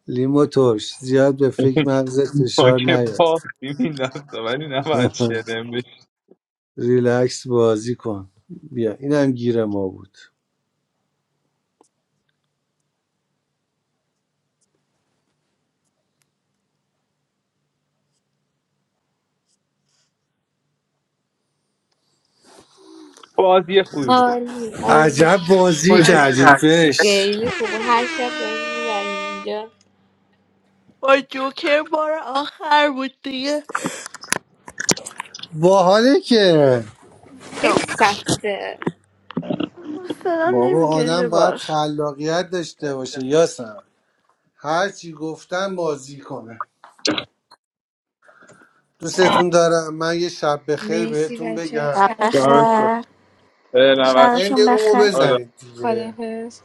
Speaker 3: لیمو ترش زیاد به فکر مغزت
Speaker 2: ما
Speaker 3: فشار
Speaker 2: که
Speaker 3: نیاد
Speaker 2: باختی میدست ولی نباید شلم بشی
Speaker 3: ریلکس بازی کن بیا اینم گیر ما بود
Speaker 2: بازی خوبی بودم
Speaker 12: عالی عالی
Speaker 3: عجب بازی کردیم فشت
Speaker 12: خیلی خوب هر شب داریم میبریم اینجا
Speaker 1: با جوکر بار آخر بود دیگه
Speaker 3: باحاله که
Speaker 12: خیلی
Speaker 1: نه
Speaker 12: سخته
Speaker 1: حسلا
Speaker 3: بابا
Speaker 1: نمیکشه
Speaker 3: آدم باید
Speaker 1: باش
Speaker 3: خلاقیت داشته باشه یاسم هرچی گفتم بازی کنه دوستتون دارم من یه شب بخیر
Speaker 12: مرسی
Speaker 3: بهتون
Speaker 12: بچه
Speaker 3: بگم
Speaker 1: شب
Speaker 12: شبتون
Speaker 2: دمت
Speaker 12: بخیر
Speaker 2: گرم.
Speaker 1: بخیر
Speaker 2: اه، نباید شد
Speaker 3: این
Speaker 1: شبتون
Speaker 3: رومو
Speaker 1: بخیر
Speaker 2: آره.
Speaker 3: بزنید دیگه
Speaker 12: خدافز